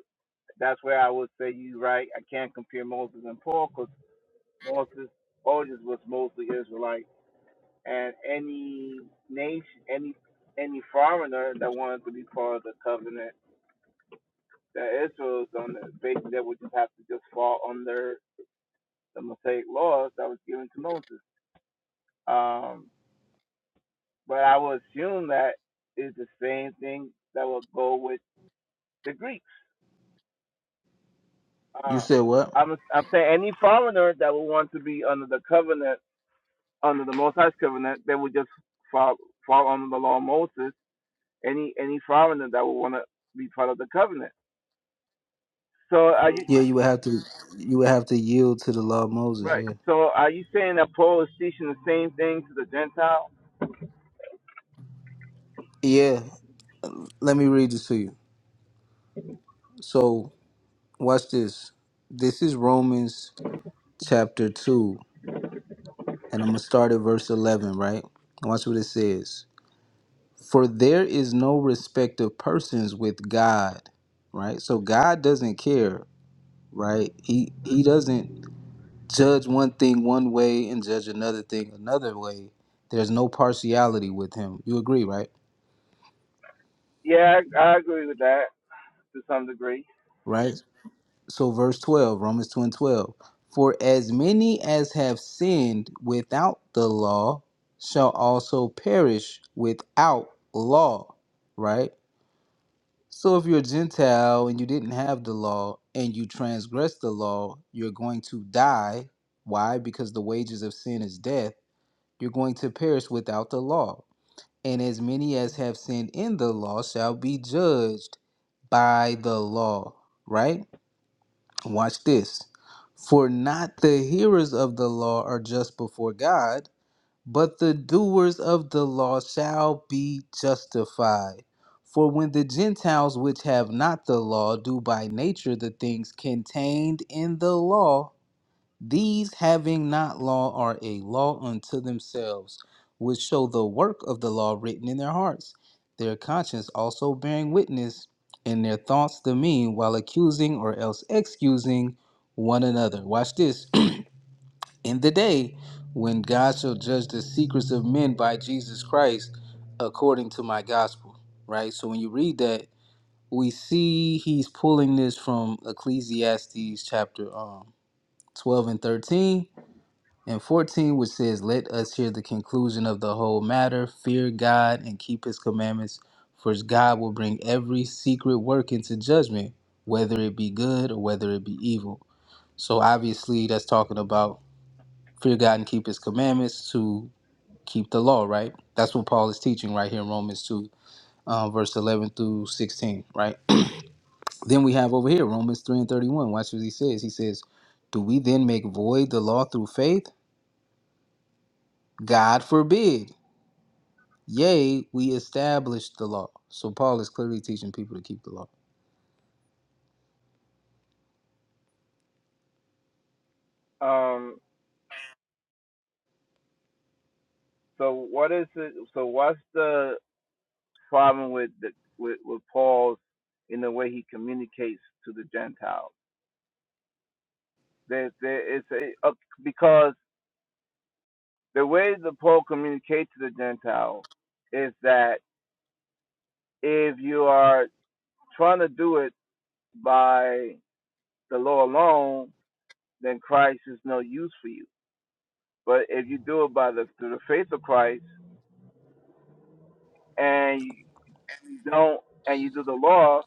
Speaker 23: That's where I would say you right. I can't compare Moses and Paul because Moses, Moses was mostly Israelite, and any nation, any any foreigner that wanted to be part of the covenant that Israel is under, basically that would just have to just fall under the Mosaic laws that was given to Moses. Um, but I would assume that is the same thing that would go with the Greeks.
Speaker 11: You
Speaker 23: Uh,
Speaker 11: said what?
Speaker 23: I'm I'm saying any foreigner that would want to be under the covenant under the Most High's covenant, they would just fall fall under the law of Moses. Any any foreigner that would want to be part of the covenant. So are you
Speaker 11: Yeah, you would have to you would have to yield to the law of Moses.
Speaker 23: right?
Speaker 11: Yeah.
Speaker 23: So are you saying that Paul is teaching the same thing to the Gentile?
Speaker 11: Yeah, let me read this to you. So, watch this. This is Romans chapter 2, and I'm going to start at verse 11, right? Watch what it says. For there is no respect of persons with God, right? So God doesn't care, right? He he doesn't judge one thing one way and judge another thing another way. There's no partiality with him. You agree, right?
Speaker 23: Yeah, I, I agree with that to some degree.
Speaker 11: Right? so verse 12 romans 2 and 12 for as many as have sinned without the law shall also perish without law right so if you're a gentile and you didn't have the law and you transgress the law you're going to die why because the wages of sin is death you're going to perish without the law and as many as have sinned in the law shall be judged by the law right Watch this. For not the hearers of the law are just before God, but the doers of the law shall be justified. For when the Gentiles which have not the law do by nature the things contained in the law, these having not law are a law unto themselves, which show the work of the law written in their hearts, their conscience also bearing witness, and their thoughts the mean, while accusing or else excusing one another. Watch this. in the day when God shall judge the secrets of men by Jesus Christ according to my gospel. Right? So when you read that, we see he's pulling this from Ecclesiastes chapter um, 12 and 13 and 14, which says, Let us hear the conclusion of the whole matter, fear God and keep his commandments, for God will bring every secret work into judgment, whether it be good or whether it be evil. So obviously, that's talking about fear God and keep his commandments to keep the law, right? That's what Paul is teaching right here in Romans 2, uh, verse 11 through 16, right? then we have over here Romans 3 and 31. Watch what he says. He says, Do we then make void the law through faith? God forbid. Yea, we established the law. So Paul is clearly teaching people to keep the law.
Speaker 23: Um, so what is it? So what's the problem with the with, with Paul's in the way he communicates to the Gentiles? There, there is a, a because the way the Pope communicates to the Gentile is that if you are trying to do it by the law alone, then Christ is no use for you. But if you do it by the through the faith of Christ and you don't and you do the law,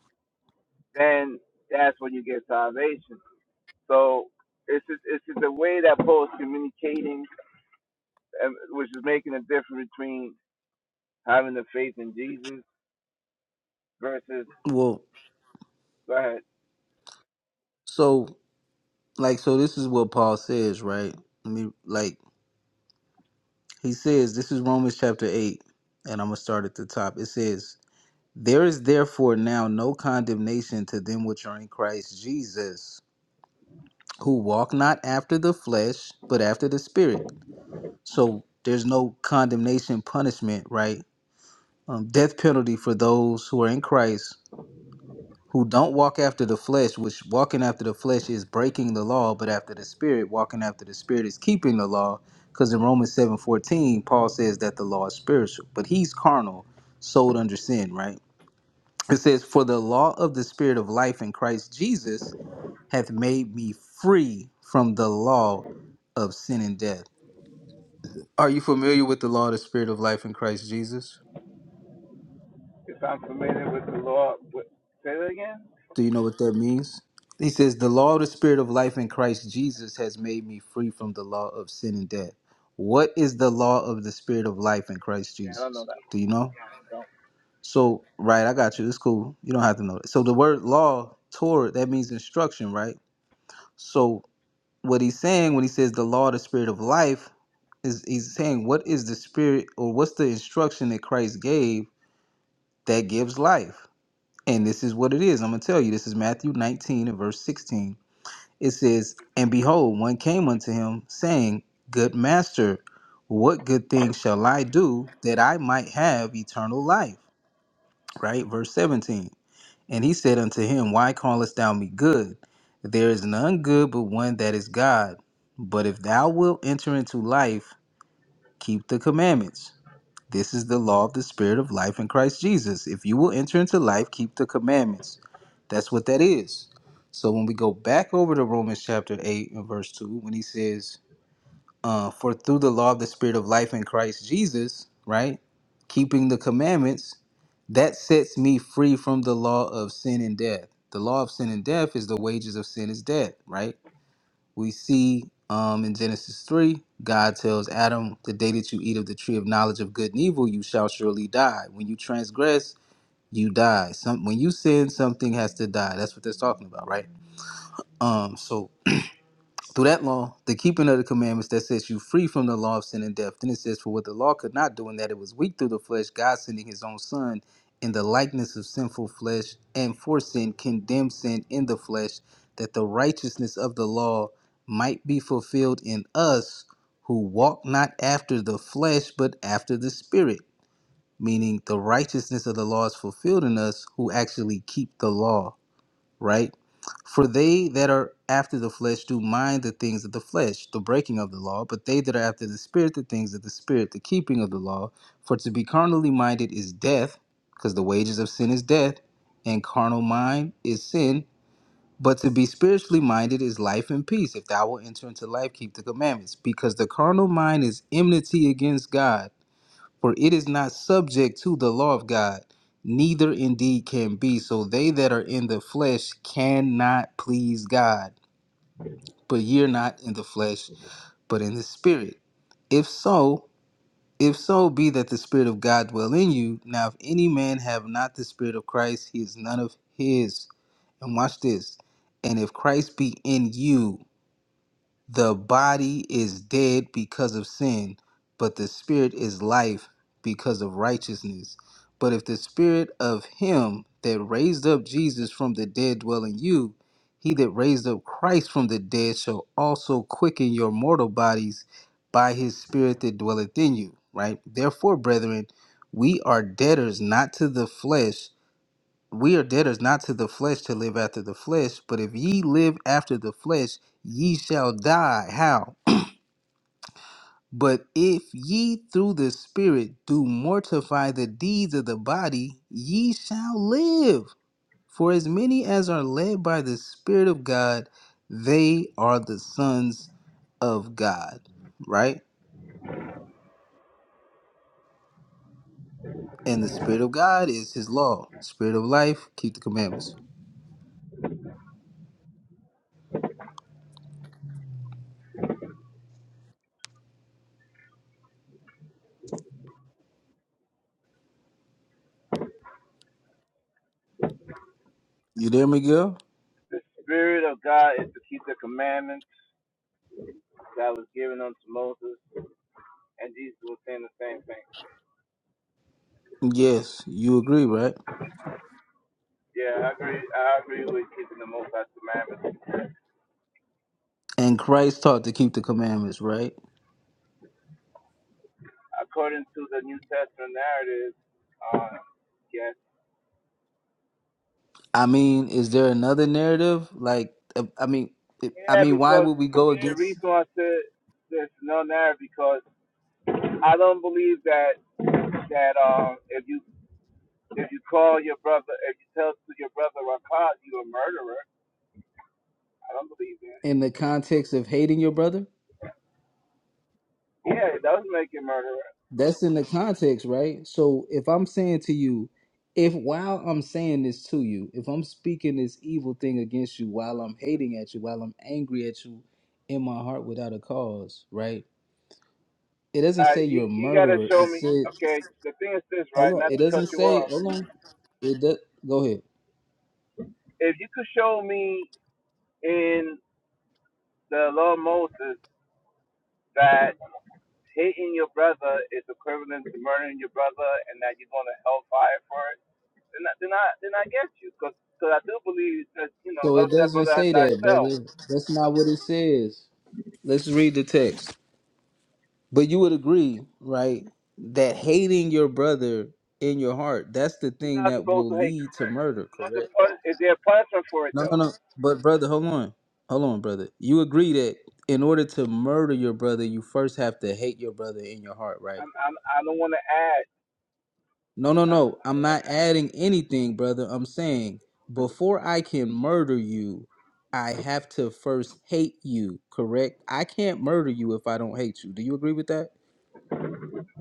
Speaker 23: then that's when you get salvation. So it's just, it's just the way that Paul is communicating, which is making a difference between having the faith in Jesus versus
Speaker 11: Well,
Speaker 23: go ahead.
Speaker 11: so like so this is what Paul says, right? Let me like he says this is Romans chapter 8 and I'm going to start at the top. It says, "There is therefore now no condemnation to them which are in Christ Jesus, who walk not after the flesh, but after the spirit." So there's no condemnation punishment, right? Um, death penalty for those who are in Christ who don't walk after the flesh, which walking after the flesh is breaking the law, but after the spirit, walking after the spirit is keeping the law. Because in Romans seven fourteen, Paul says that the law is spiritual, but he's carnal, sold under sin, right? It says, For the law of the spirit of life in Christ Jesus hath made me free from the law of sin and death. Are you familiar with the law of the spirit of life in Christ Jesus?
Speaker 23: If I'm familiar with the law, what, say that again?
Speaker 11: Do you know what that means? He says, The law of the Spirit of life in Christ Jesus has made me free from the law of sin and death. What is the law of the Spirit of life in Christ
Speaker 23: Yeah, I don't know
Speaker 11: Jesus?
Speaker 23: that
Speaker 11: Do you know?
Speaker 23: one. Don't.
Speaker 11: So, right, I got you. It's cool. You don't have to know that. So, the word law, Torah, that means instruction, right? So, what he's saying when he says the law of the Spirit of life is he's saying, What is the Spirit or what's the instruction that Christ gave that gives life? And this is what it is. I'm going to tell you. This is Matthew 19 and verse 16 It says, And behold, one came unto him, saying, Good master, what good thing shall I do that I might have eternal life? Right? Verse 17. And he said unto him, Why callest thou me good? There is none good but one that is God. But if thou wilt enter into life, keep the commandments. This is the law of the Spirit of life in Christ Jesus. If you will enter into life, keep the commandments. That's what that is. So when we go back over to Romans chapter 8 and verse 2, when he says, uh, For through the law of the Spirit of life in Christ Jesus, right, keeping the commandments, that sets me free from the law of sin and death. The law of sin and death is the wages of sin is death, right? we see um, in Genesis 3, God tells Adam, The day that you eat of the tree of knowledge of good and evil, you shall surely die. When you transgress, you die. Some, when you sin, something has to die. That's what they're talking about, right? Um, so through that law, the keeping of the commandments that sets you free from the law of sin and death. Then it says, For what the law could not do, in that it was weak through the flesh, God sending his own Son in the likeness of sinful flesh, and for sin condemned sin in the flesh, that the righteousness of the law might be fulfilled in us who walk not after the flesh, but after the Spirit. Meaning, the righteousness of the law is fulfilled in us who actually keep the law right? For they that are after the flesh do mind the things of the flesh, the breaking of the law, but they that are after the spirit, the things of the spirit, the keeping of the law. For to be carnally minded is death, because the wages of sin is death, and carnal mind is sin. But to be spiritually minded is life and peace. If thou wilt enter into life, keep the commandments. Because the carnal mind is enmity against God for it is not subject to the law of God, neither indeed can be. So they that are in the flesh cannot please God. But ye are not in the flesh, but in the spirit. If so, if so be that the spirit of God dwell in you. Now if any man have not the spirit of Christ, he is none of his. And watch this. And if Christ be in you, the body is dead because of sin, but the spirit is life because of righteousness. But if the spirit of him that raised up Jesus from the dead dwell in you, he that raised up Christ from the dead shall also quicken your mortal bodies by his spirit that dwelleth in you. Right? Therefore, brethren, we are debtors not to the flesh we are debtors not to the flesh to live after the flesh, but if ye live after the flesh, ye shall die. How? But if ye through the Spirit do mortify the deeds of the body, ye shall live. For as many as are led by the Spirit of God, they are the sons of God. Right? And the Spirit of God is his law. Spirit of life, keep the commandments. You there, Miguel?
Speaker 23: The Spirit of God is to keep the commandments that was given unto Moses, and Jesus was saying the same thing.
Speaker 11: Yes, you agree, right?
Speaker 23: Yeah, I agree. I agree with keeping the Most High commandments.
Speaker 11: And Christ taught to keep the commandments, right?
Speaker 23: According to the New Testament narrative, uh, yes.
Speaker 11: I mean, is there another narrative? Like, uh, I mean, it- I
Speaker 23: Yeah,
Speaker 11: mean, why
Speaker 23: because
Speaker 11: would we go
Speaker 23: the
Speaker 11: against
Speaker 23: reason why I said there's no narrative because I don't believe that that um if you if you call your brother if you tell to your brother Rakat you a murderer I don't believe that.
Speaker 11: in the context of hating your brother?
Speaker 23: Yeah, it does make it murder.
Speaker 11: That's in the context, right? So if I'm saying to you, if while I'm saying this to you, if I'm speaking this evil thing against you while I'm hating at you, while I'm angry at you in my heart without a cause, right? It doesn't
Speaker 23: Uh,
Speaker 11: say you're
Speaker 23: you
Speaker 11: a
Speaker 23: you gotta
Speaker 11: murderer. It
Speaker 23: show me.
Speaker 11: said,
Speaker 23: Okay, the thing is this,
Speaker 11: hold
Speaker 23: right?
Speaker 11: on.
Speaker 23: Not
Speaker 11: It
Speaker 23: to cut
Speaker 11: doesn't
Speaker 23: you
Speaker 11: say,
Speaker 23: off.
Speaker 11: hold on. It does. Go ahead.
Speaker 23: If you could show me in the law of Moses that hating your brother is equivalent to murdering your brother, and that you're going to hellfire for it, then I, then I then I get you, because I do believe that you know
Speaker 11: So
Speaker 23: love
Speaker 11: it
Speaker 23: that
Speaker 11: doesn't
Speaker 23: brother as
Speaker 11: say that,
Speaker 23: thyself.
Speaker 11: brother. That's not what it says. Let's read the text. But you would agree, right, that hating your brother in your heart, that's the
Speaker 23: You're
Speaker 11: thing
Speaker 23: not
Speaker 11: that
Speaker 23: supposed
Speaker 11: will
Speaker 23: to hate.
Speaker 11: lead to murder,
Speaker 23: What's the
Speaker 11: correct?
Speaker 23: Is there a punishment for it
Speaker 11: No, no,
Speaker 23: though?
Speaker 11: no. But brother, hold on. Hold on, brother. You agree that in order to murder your brother, you first have to hate your brother in your heart, right?
Speaker 23: I'm, I'm I don't want to add.
Speaker 11: No, no,
Speaker 23: I don't,
Speaker 11: no.
Speaker 23: I
Speaker 11: I'm
Speaker 23: don't want
Speaker 11: not
Speaker 23: to.
Speaker 11: adding anything, brother. I'm saying before I can murder you, I have to first hate you, correct? I can't murder you if I don't hate you. Do you agree with that?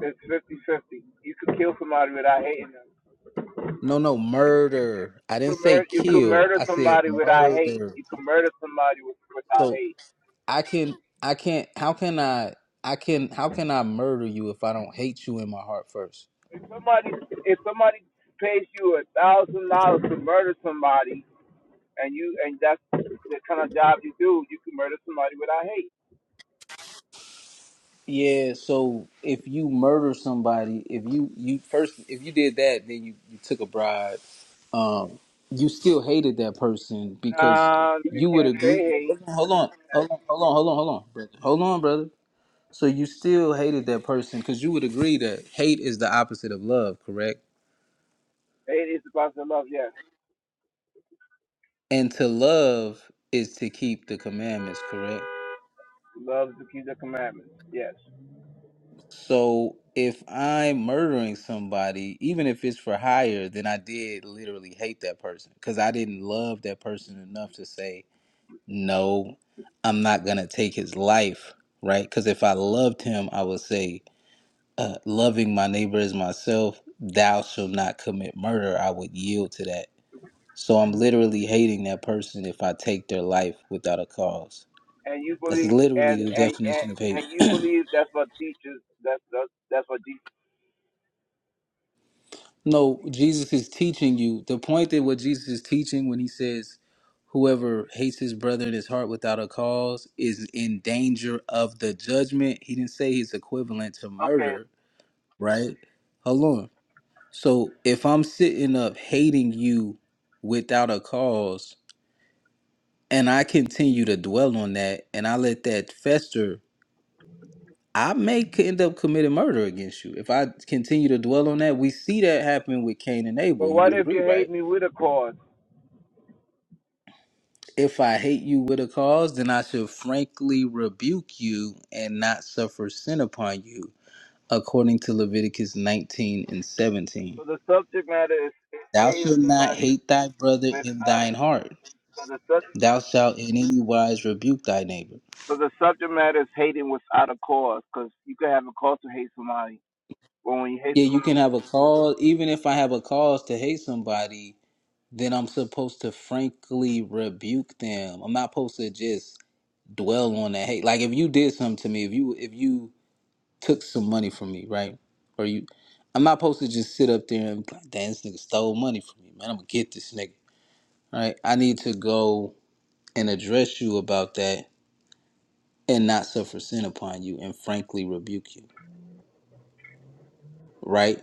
Speaker 23: It's fifty-fifty. You could kill somebody without hating them.
Speaker 11: No, no, murder. I didn't
Speaker 23: You could,
Speaker 11: say
Speaker 23: mur- you could
Speaker 11: kill.
Speaker 23: murder
Speaker 11: I said
Speaker 23: somebody without hate.
Speaker 11: murder.
Speaker 23: You could murder somebody without
Speaker 11: So
Speaker 23: hate.
Speaker 11: I can I can't how can I I can how can I murder you if I don't hate you in my heart first?
Speaker 23: If somebody if somebody pays you a thousand dollars to murder somebody, and you and that's the kind of job you do, you can murder somebody without hate.
Speaker 11: Yeah, so if you murder somebody, if you you first if you did that, then you you took a bribe. Um, you still hated that person because
Speaker 23: Nah, you
Speaker 11: you would
Speaker 23: can't say
Speaker 11: agree.
Speaker 23: hate.
Speaker 11: Hold on, hold on, hold on, hold on, hold on, hold on, brother. Hold on, brother. So you still hated that person because you would agree that hate is the opposite of love, correct?
Speaker 23: Hate is about to love. Yes,
Speaker 11: And to love is to keep the commandments, correct?
Speaker 23: love is the key to commandments. Yes,
Speaker 11: So if I'm murdering somebody, even if it's for hire, then I did literally hate that person because I didn't love that person enough to say, no, I'm not going to take his life, right? Because if I loved him, I would say, uh, loving my neighbor as myself, thou shalt not commit murder. I would yield to that. So I'm literally hating that person if I take their life without a cause.
Speaker 23: and you
Speaker 11: That's
Speaker 23: believe
Speaker 11: literally
Speaker 23: and
Speaker 11: the
Speaker 23: and and,
Speaker 11: definition of hate.
Speaker 23: and you believe that's what teaches. That's that's, that's what Jesus.
Speaker 11: No, Jesus is teaching you. The point that what Jesus is teaching when he says, whoever hates his brother in his heart without a cause is in danger of the judgment. He didn't say he's equivalent to
Speaker 23: okay,
Speaker 11: murder, right? Hold on. So if I'm sitting up hating you without a cause and I continue to dwell on that and I let that fester, I may c- end up committing murder against you. If I continue to dwell on that, we see that happen with Cain and
Speaker 23: But
Speaker 11: Abel. You
Speaker 23: what
Speaker 11: would
Speaker 23: if
Speaker 11: agree,
Speaker 23: you hate
Speaker 11: right?
Speaker 23: me with a cause?
Speaker 11: If I hate you with a cause, then I should frankly rebuke you and not suffer sin upon you, according to Leviticus 19 and 17.
Speaker 23: So the subject matter is, is
Speaker 11: Thou
Speaker 23: hating
Speaker 11: shalt not
Speaker 23: somebody
Speaker 11: hate thy brother in
Speaker 23: without a,
Speaker 11: thine heart.
Speaker 23: so the subject
Speaker 11: Thou shalt in any wise rebuke thy neighbor.
Speaker 23: so the subject matter is hating without a cause, because you can have a cause to hate somebody, but when you hate
Speaker 11: Yeah, you
Speaker 23: somebody,
Speaker 11: can have a cause. Even if I have a cause to hate somebody, then I'm supposed to frankly rebuke them. I'm not supposed to just dwell on that hate. Like if you did something to me, if you if you took some money from me, right? Or you, I'm not supposed to just sit up there and be like, damn, this nigga stole money from me, man. I'm gonna get this nigga, right? I need to go and address you about that and not suffer sin upon you and frankly rebuke you, right?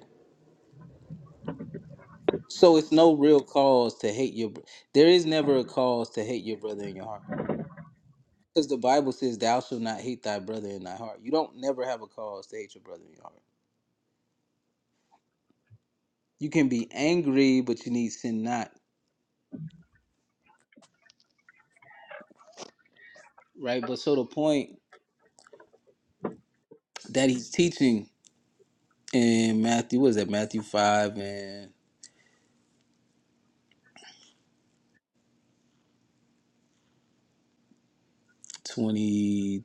Speaker 11: So it's no real cause to hate your. br- There is never a cause to hate your brother in your heart, because the Bible says, "Thou shalt not hate thy brother in thy heart." You don't never have a cause to hate your brother in your heart. You can be angry, but you need sin not, right? But so the point that he's teaching in Matthew, was that Matthew 5 and 21?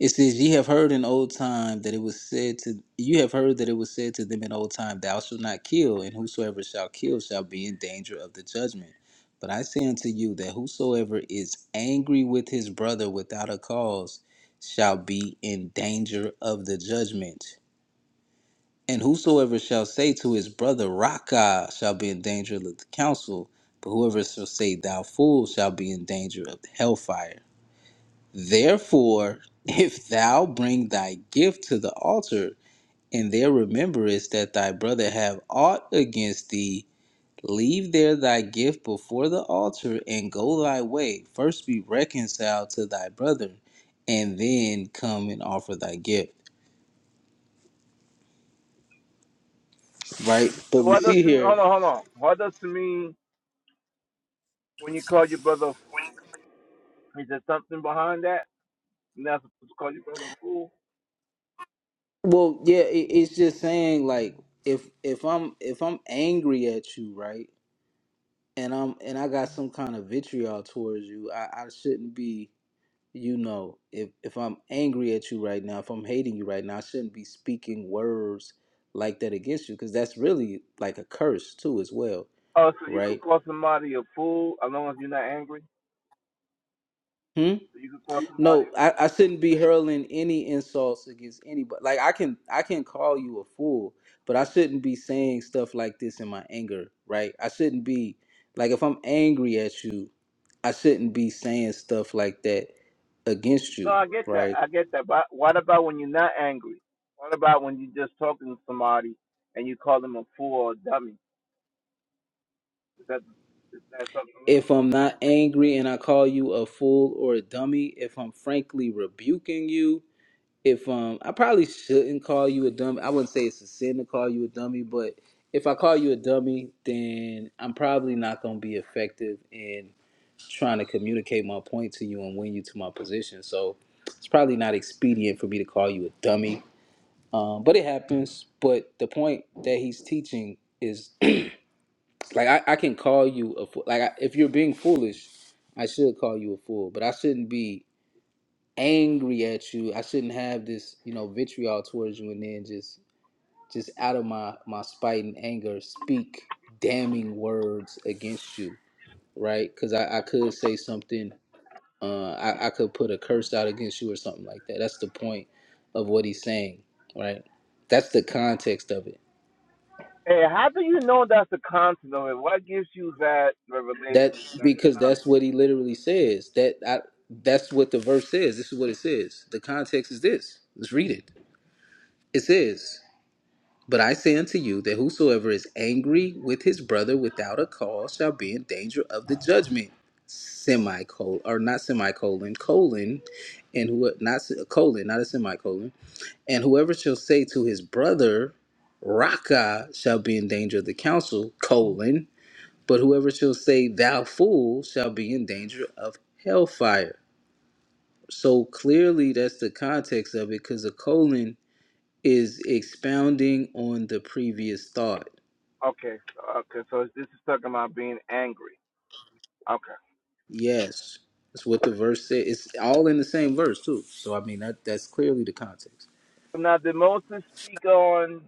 Speaker 11: It says, Ye have heard in old time that it was said to you have heard that it was said to them in old time, Thou shalt not kill, and whosoever shall kill shall be in danger of the judgment. But I say unto you that whosoever is angry with his brother without a cause shall be in danger of the judgment. And whosoever shall say to his brother, Raka, shall be in danger of the council, but whoever shall say, Thou fool, shall be in danger of the hellfire. Therefore, if thou bring thy gift to the altar, and there rememberest that thy brother have aught against thee, leave there thy gift before the altar, and go thy way. First be reconciled to thy brother, and then come and offer thy gift. Right? But
Speaker 23: so
Speaker 11: we
Speaker 23: what does
Speaker 11: see
Speaker 23: to me?
Speaker 11: here
Speaker 23: Hold on, hold on. What does to mean when you call your brother? Is there something behind that? You're not supposed to call your brother a fool.
Speaker 11: Well, yeah, it, it's just saying like if if I'm if I'm angry at you, right, and I'm and I got some kind of vitriol towards you, I, I shouldn't be, you know, if if I'm angry at you right now, if I'm hating you right now, I shouldn't be speaking words like that against you because that's really like a curse too, as well,
Speaker 23: Oh, so you could
Speaker 11: right?
Speaker 23: call somebody a fool as long as you're not angry.
Speaker 11: Hmm?
Speaker 23: So you could call somebody
Speaker 11: No, I, I shouldn't be hurling any insults against anybody. Like I can I can call you a fool, but I shouldn't be saying stuff like this in my anger, right? I shouldn't be like if I'm angry at you, I shouldn't be saying stuff like that against
Speaker 23: No,
Speaker 11: you,
Speaker 23: I get that.
Speaker 11: right?
Speaker 23: I get that. But what about when you're not angry? What about when you're just talking to somebody and you call them a fool or a dummy? Is that is that something wrong?
Speaker 11: If I'm not angry and I call you a fool or a dummy, if I'm frankly rebuking you, if um I probably shouldn't call you a dummy. I wouldn't say it's a sin to call you a dummy, but if I call you a dummy, then I'm probably not gonna be effective in trying to communicate my point to you and win you to my position. So it's probably not expedient for me to call you a dummy. Um, but it happens. But the point that he's teaching is like I, I can call you a fool. Like I, if you're being foolish, I should call you a fool. But I shouldn't be angry at you. I shouldn't have this, you know, vitriol towards you, and then just just out of my my spite and anger, speak damning words against you, right? Because I, I could say something. Uh, I, I could put a curse out against you or something like that. That's the point of what he's saying, right? That's the context of it.
Speaker 23: Hey, how do you know that's the content of it? What gives you that
Speaker 11: That
Speaker 23: revelation that's the
Speaker 11: because that's
Speaker 23: content?
Speaker 11: what he literally says. That I, that's what the verse says. This is what it says. The context is this. Let's read it. It says. But I say unto you that whosoever is angry with his brother without a cause shall be in danger of the judgment. Semicolon or not semicolon colon, and who not se- colon not a semicolon, and whoever shall say to his brother, Raka, shall be in danger of the council colon, but whoever shall say thou fool shall be in danger of hellfire. So clearly that's the context of it, because a colon is expounding on the previous thought
Speaker 23: Okay, okay. So this is talking about being angry. Okay.
Speaker 11: Yes, that's what the verse said. It's all in the same verse too. So I mean, that that's clearly the context.
Speaker 23: Now, did Moses speak on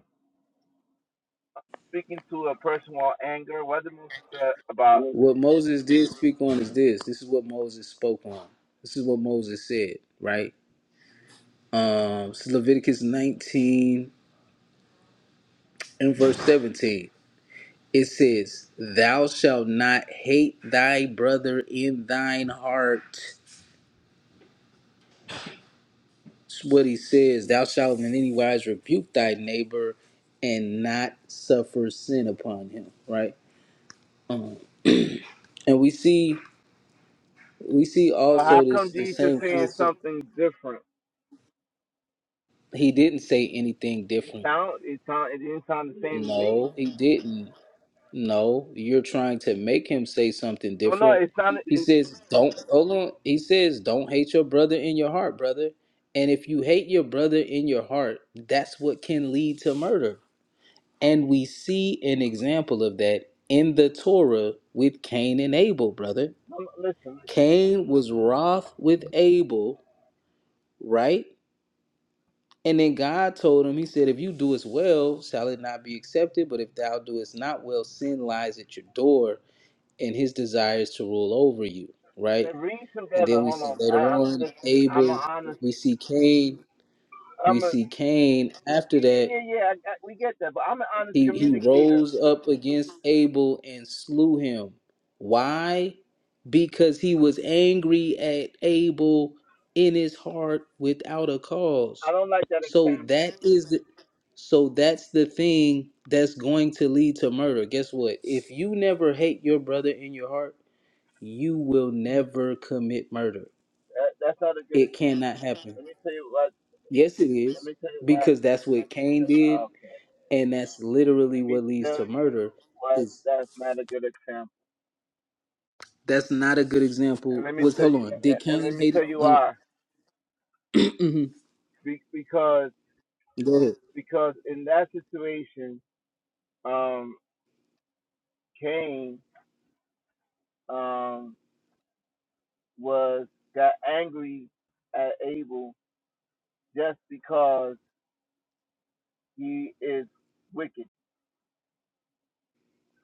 Speaker 23: speaking to a person while anger? What did Moses say about?
Speaker 11: What Moses did speak on is this. This is what Moses spoke on. This is what Moses said. Right. Um. This is Leviticus 19 and verse 17. It says, "Thou shalt not hate thy brother in thine heart." It's what he says. Thou shalt in any wise rebuke thy neighbor, and not suffer sin upon him. Right. Um, and we see. we see
Speaker 23: So how
Speaker 11: also
Speaker 23: come
Speaker 11: this the
Speaker 23: Jesus is
Speaker 11: same
Speaker 23: saying
Speaker 11: concept.
Speaker 23: something different?
Speaker 11: He didn't say anything
Speaker 23: It
Speaker 11: different.
Speaker 23: sound it sound it didn't sound the same to me.
Speaker 11: No, he didn't. No, you're trying to make him say something
Speaker 23: No, no,
Speaker 11: different.
Speaker 23: it sounded.
Speaker 11: He
Speaker 23: It,
Speaker 11: says, "Don't hold on." He says, "Don't hate your brother in your heart, brother." And if you hate your brother in your heart, that's what can lead to murder. And we see an example of that in the Torah with Cain and Abel, brother.
Speaker 23: no, no, listen,
Speaker 11: Cain was wroth with Abel, right? And then God told him, He said, If you do as well, shall it not be accepted? But if thou doest not well, sin lies at your door, and his desires to rule over you, right?
Speaker 23: listen, read
Speaker 11: And
Speaker 23: together.
Speaker 11: then we
Speaker 23: Hold
Speaker 11: see
Speaker 23: on.
Speaker 11: later
Speaker 23: I, I,
Speaker 11: on
Speaker 23: listen, I'm an
Speaker 11: Abel,
Speaker 23: honest.
Speaker 11: we see Cain, we
Speaker 23: I'm a
Speaker 11: see Cain after
Speaker 23: yeah,
Speaker 11: that.
Speaker 23: yeah, yeah. yeah, I, I, we get that, but I'm an honest
Speaker 11: He he
Speaker 23: communicator.
Speaker 11: rose up against Abel and slew him. Why? Because he was angry at Abel in his heart without a
Speaker 23: I
Speaker 11: cause.
Speaker 23: don't like that
Speaker 11: So
Speaker 23: example.
Speaker 11: that is the so that's the thing that's going to lead to murder. Guess what? If you never hate your brother in your heart, you will never commit murder.
Speaker 23: That, that's not a good
Speaker 11: It
Speaker 23: example.
Speaker 11: cannot happen.
Speaker 23: Let me tell you what.
Speaker 11: Yes, it
Speaker 23: Let
Speaker 11: is.
Speaker 23: me tell you what.
Speaker 11: Because that's
Speaker 23: let
Speaker 11: what
Speaker 23: me-
Speaker 11: Cain did,
Speaker 23: Okay.
Speaker 11: and that's literally
Speaker 23: Let me
Speaker 11: what leads
Speaker 23: tell
Speaker 11: to
Speaker 23: you
Speaker 11: murder
Speaker 23: why that's not a good example.
Speaker 11: That's not a good
Speaker 23: And
Speaker 11: example.
Speaker 23: let me
Speaker 11: Was
Speaker 23: tell
Speaker 11: hold
Speaker 23: you.
Speaker 11: on? Did
Speaker 23: And let
Speaker 11: Cain
Speaker 23: me
Speaker 11: hate?
Speaker 23: tell
Speaker 11: it?
Speaker 23: you
Speaker 11: Hold
Speaker 23: why.
Speaker 11: on.
Speaker 23: Be, because
Speaker 11: Go ahead.
Speaker 23: because in that situation, um, Cain um, was got angry at Abel just because he is wicked.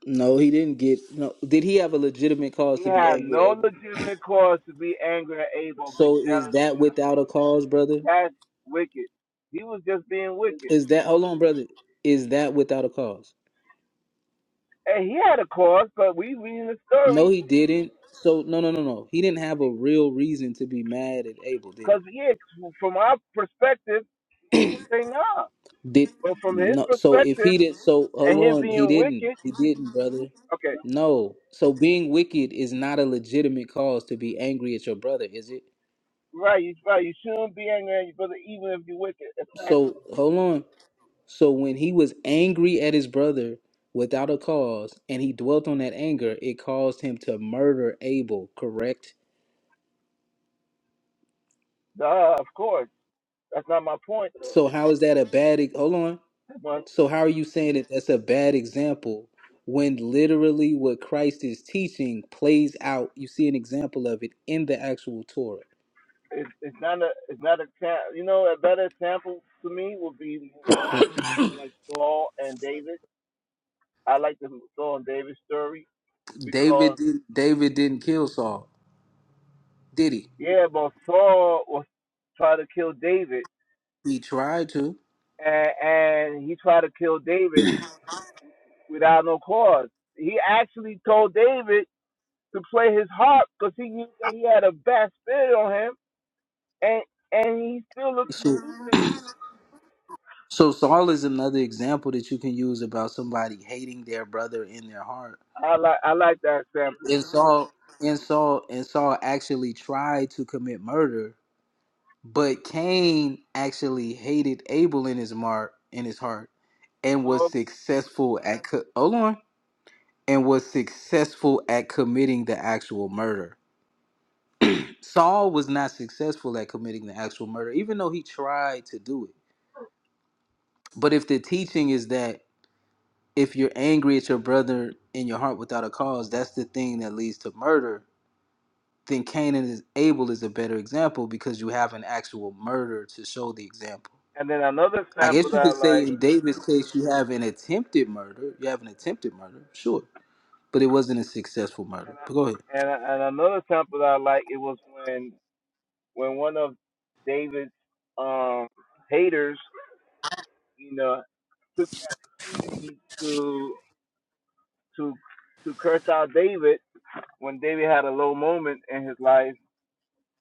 Speaker 11: No, he didn't get. No, did he have a legitimate cause
Speaker 23: He
Speaker 11: to be
Speaker 23: had
Speaker 11: angry at
Speaker 23: no
Speaker 11: Abel?
Speaker 23: legitimate cause to be angry at Abel, be
Speaker 11: So is
Speaker 23: jealous or
Speaker 11: that without
Speaker 23: nothing.
Speaker 11: a cause, brother?
Speaker 23: That's wicked. He was just being wicked.
Speaker 11: Is that hold on, brother? Is that without a cause?
Speaker 23: And he had a cause, but we reading the
Speaker 11: No,
Speaker 23: story
Speaker 11: he didn't. So no, no, no, no. He didn't have a real reason to be mad at Abel, did he?
Speaker 23: because, yeah, from our perspective, we would say nah.
Speaker 11: Did
Speaker 23: But from his
Speaker 11: no? So if
Speaker 23: perspective
Speaker 11: he did, so
Speaker 23: and
Speaker 11: hold
Speaker 23: him
Speaker 11: on, he
Speaker 23: being
Speaker 11: didn't.
Speaker 23: wicked,
Speaker 11: He didn't, brother.
Speaker 23: okay,
Speaker 11: No. So being wicked is not a legitimate cause to be angry at your brother, is it?
Speaker 23: right, right, you shouldn't be angry at your brother even if you're wicked. Exactly.
Speaker 11: So hold on. So when he was angry at his brother without a cause, and he dwelt on that anger, it caused him to murder Abel. Correct.
Speaker 23: Uh, of course, that's not my point.
Speaker 11: So how is that a bad? e- Hold on.
Speaker 23: But
Speaker 11: So how are you saying that that's a bad example when literally what Christ is teaching plays out? You see an example of it in the actual Torah.
Speaker 23: it's it's not a it's not a cha- you know a better example to me would be like Saul and David. I like the Saul and David story
Speaker 11: David
Speaker 23: because
Speaker 11: didn't, David didn't kill Saul, did he?
Speaker 23: yeah, but Saul was trying to kill David,
Speaker 11: He tried to.
Speaker 23: and, and he tried to kill David without no cause. He actually told David to play his harp because he knew that he had a bad spirit on him, and and he still looked to sue
Speaker 11: So,
Speaker 23: David.
Speaker 11: So Saul is another example that you can use about somebody hating their brother in their heart.
Speaker 23: I like I like that example.
Speaker 11: And Saul and Saul and Saul actually tried to commit murder, but Cain actually hated Abel in his mark in his heart and was
Speaker 23: Um,
Speaker 11: successful at co- hold on and was successful at committing the actual murder. Saul was not successful at committing the actual murder, even though he tried to do it. But if the teaching is that if you're angry at your brother in your heart without a cause, that's the thing that leads to murder. Then Cain and his Abel is a better example because you have an actual murder to show the example.
Speaker 23: and then another
Speaker 11: I
Speaker 23: sample
Speaker 11: guess
Speaker 23: that
Speaker 11: you
Speaker 23: I
Speaker 11: could say
Speaker 23: like,
Speaker 11: in David's case, you have an attempted murder. You have an attempted murder, sure, but it wasn't a successful
Speaker 23: and
Speaker 11: murder. But go ahead.
Speaker 23: I, and and another sample that I like, it was when when one of David's um haters, you know, took the opportunity to to to curse out David when David had a low moment in his life,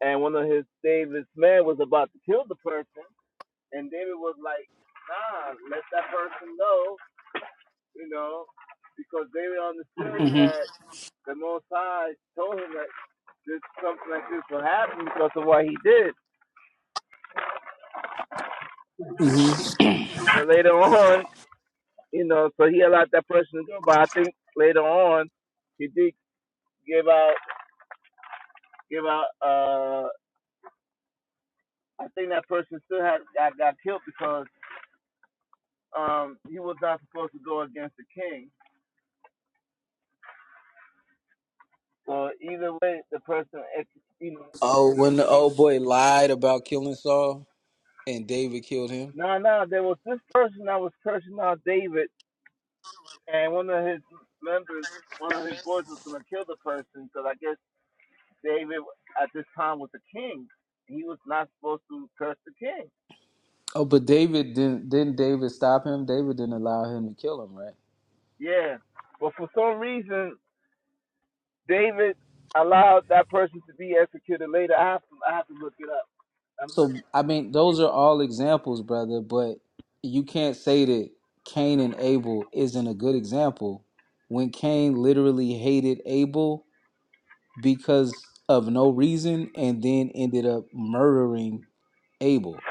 Speaker 23: and one of his David's men was about to kill the person, and David was like, Nah, let that person know, you know, because David understood
Speaker 11: hmm
Speaker 23: that the Most High told him that this something like this will happen because of what he did.
Speaker 11: hmm
Speaker 23: But later on, you know, so he allowed that person to go. But I think later on, he did give out, give out. Uh, I think that person still had got, got killed because um he was not supposed to go against the king. So either way, the person, eh, you know,
Speaker 11: Oh, when the old boy lied about killing Saul and David killed him.
Speaker 23: no, no, there was this person that was cursing out David, and one of his members, one of his boys was gonna kill the person. Because I guess David at this time was a king. He was not supposed to curse the king.
Speaker 11: Oh, but David didn't. Didn't David stop him? David didn't allow him to kill him, right?
Speaker 23: Yeah. But for some reason, David allowed that person to be executed later. I have to, I have to look it up. I'm not,
Speaker 11: So I mean, those are all examples, brother. But you can't say that Cain and Abel isn't a good example when Cain literally hated Abel because of no reason, and then ended up murdering Abel.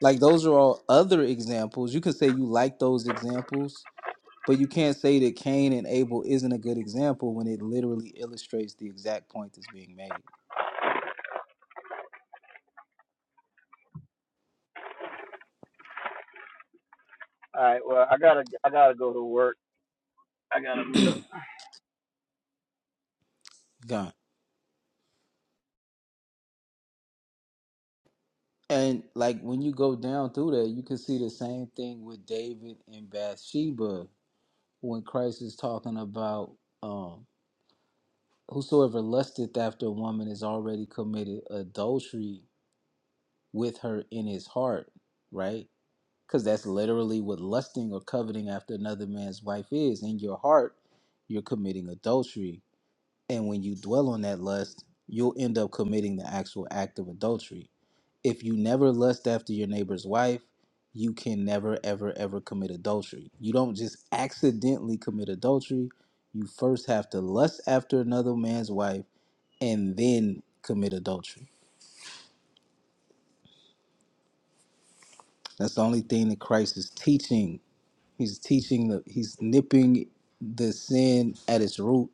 Speaker 11: Like those are all other examples. You can say you like those examples, but you can't say that Cain and Abel isn't a good example when it literally illustrates the exact point that's being made.
Speaker 23: all right. Well, I gotta I gotta go to work. I gotta meet up
Speaker 11: Gone. And like when you go down through that, you can see the same thing with David and Bathsheba when Christ is talking about um whosoever lusteth after a woman is already committed adultery with her in his heart, right? Because that's literally what lusting or coveting after another man's wife is. In your heart, you're committing adultery And when you dwell on that lust, you'll end up committing the actual act of adultery. If you never lust after your neighbor's wife, you can never, ever, ever commit adultery. You don't just accidentally commit adultery. You first have to lust after another man's wife and then commit adultery. That's the only thing that Christ is teaching. He's teaching the he's nipping the sin at its root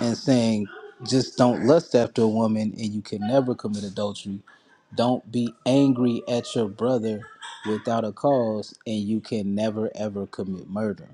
Speaker 11: and saying just don't lust after a woman and you can never commit adultery don't be angry at your brother without a cause and you can never ever commit murder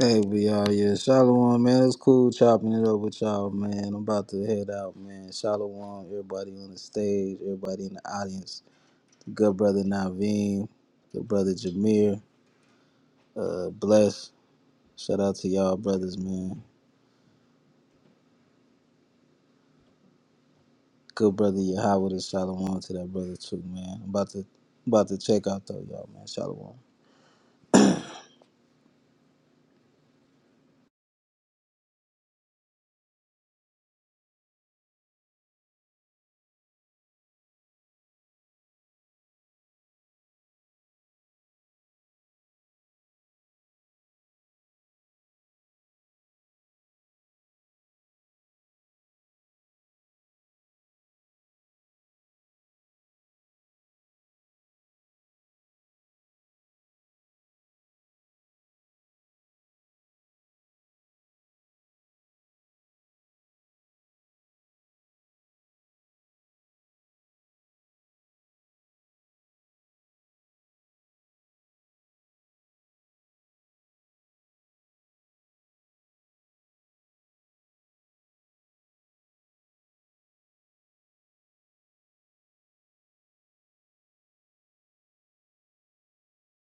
Speaker 11: hey we are yeah shalom man it's cool chopping it up with y'all man i'm about to head out man shalom everybody on the stage everybody in the audience good brother naveen good brother jameer uh bless shout out to y'all brothers man Good brother Yahweh and Shalom to that brother too, man. I'm about to about to check out though, y'all, man. Shalom.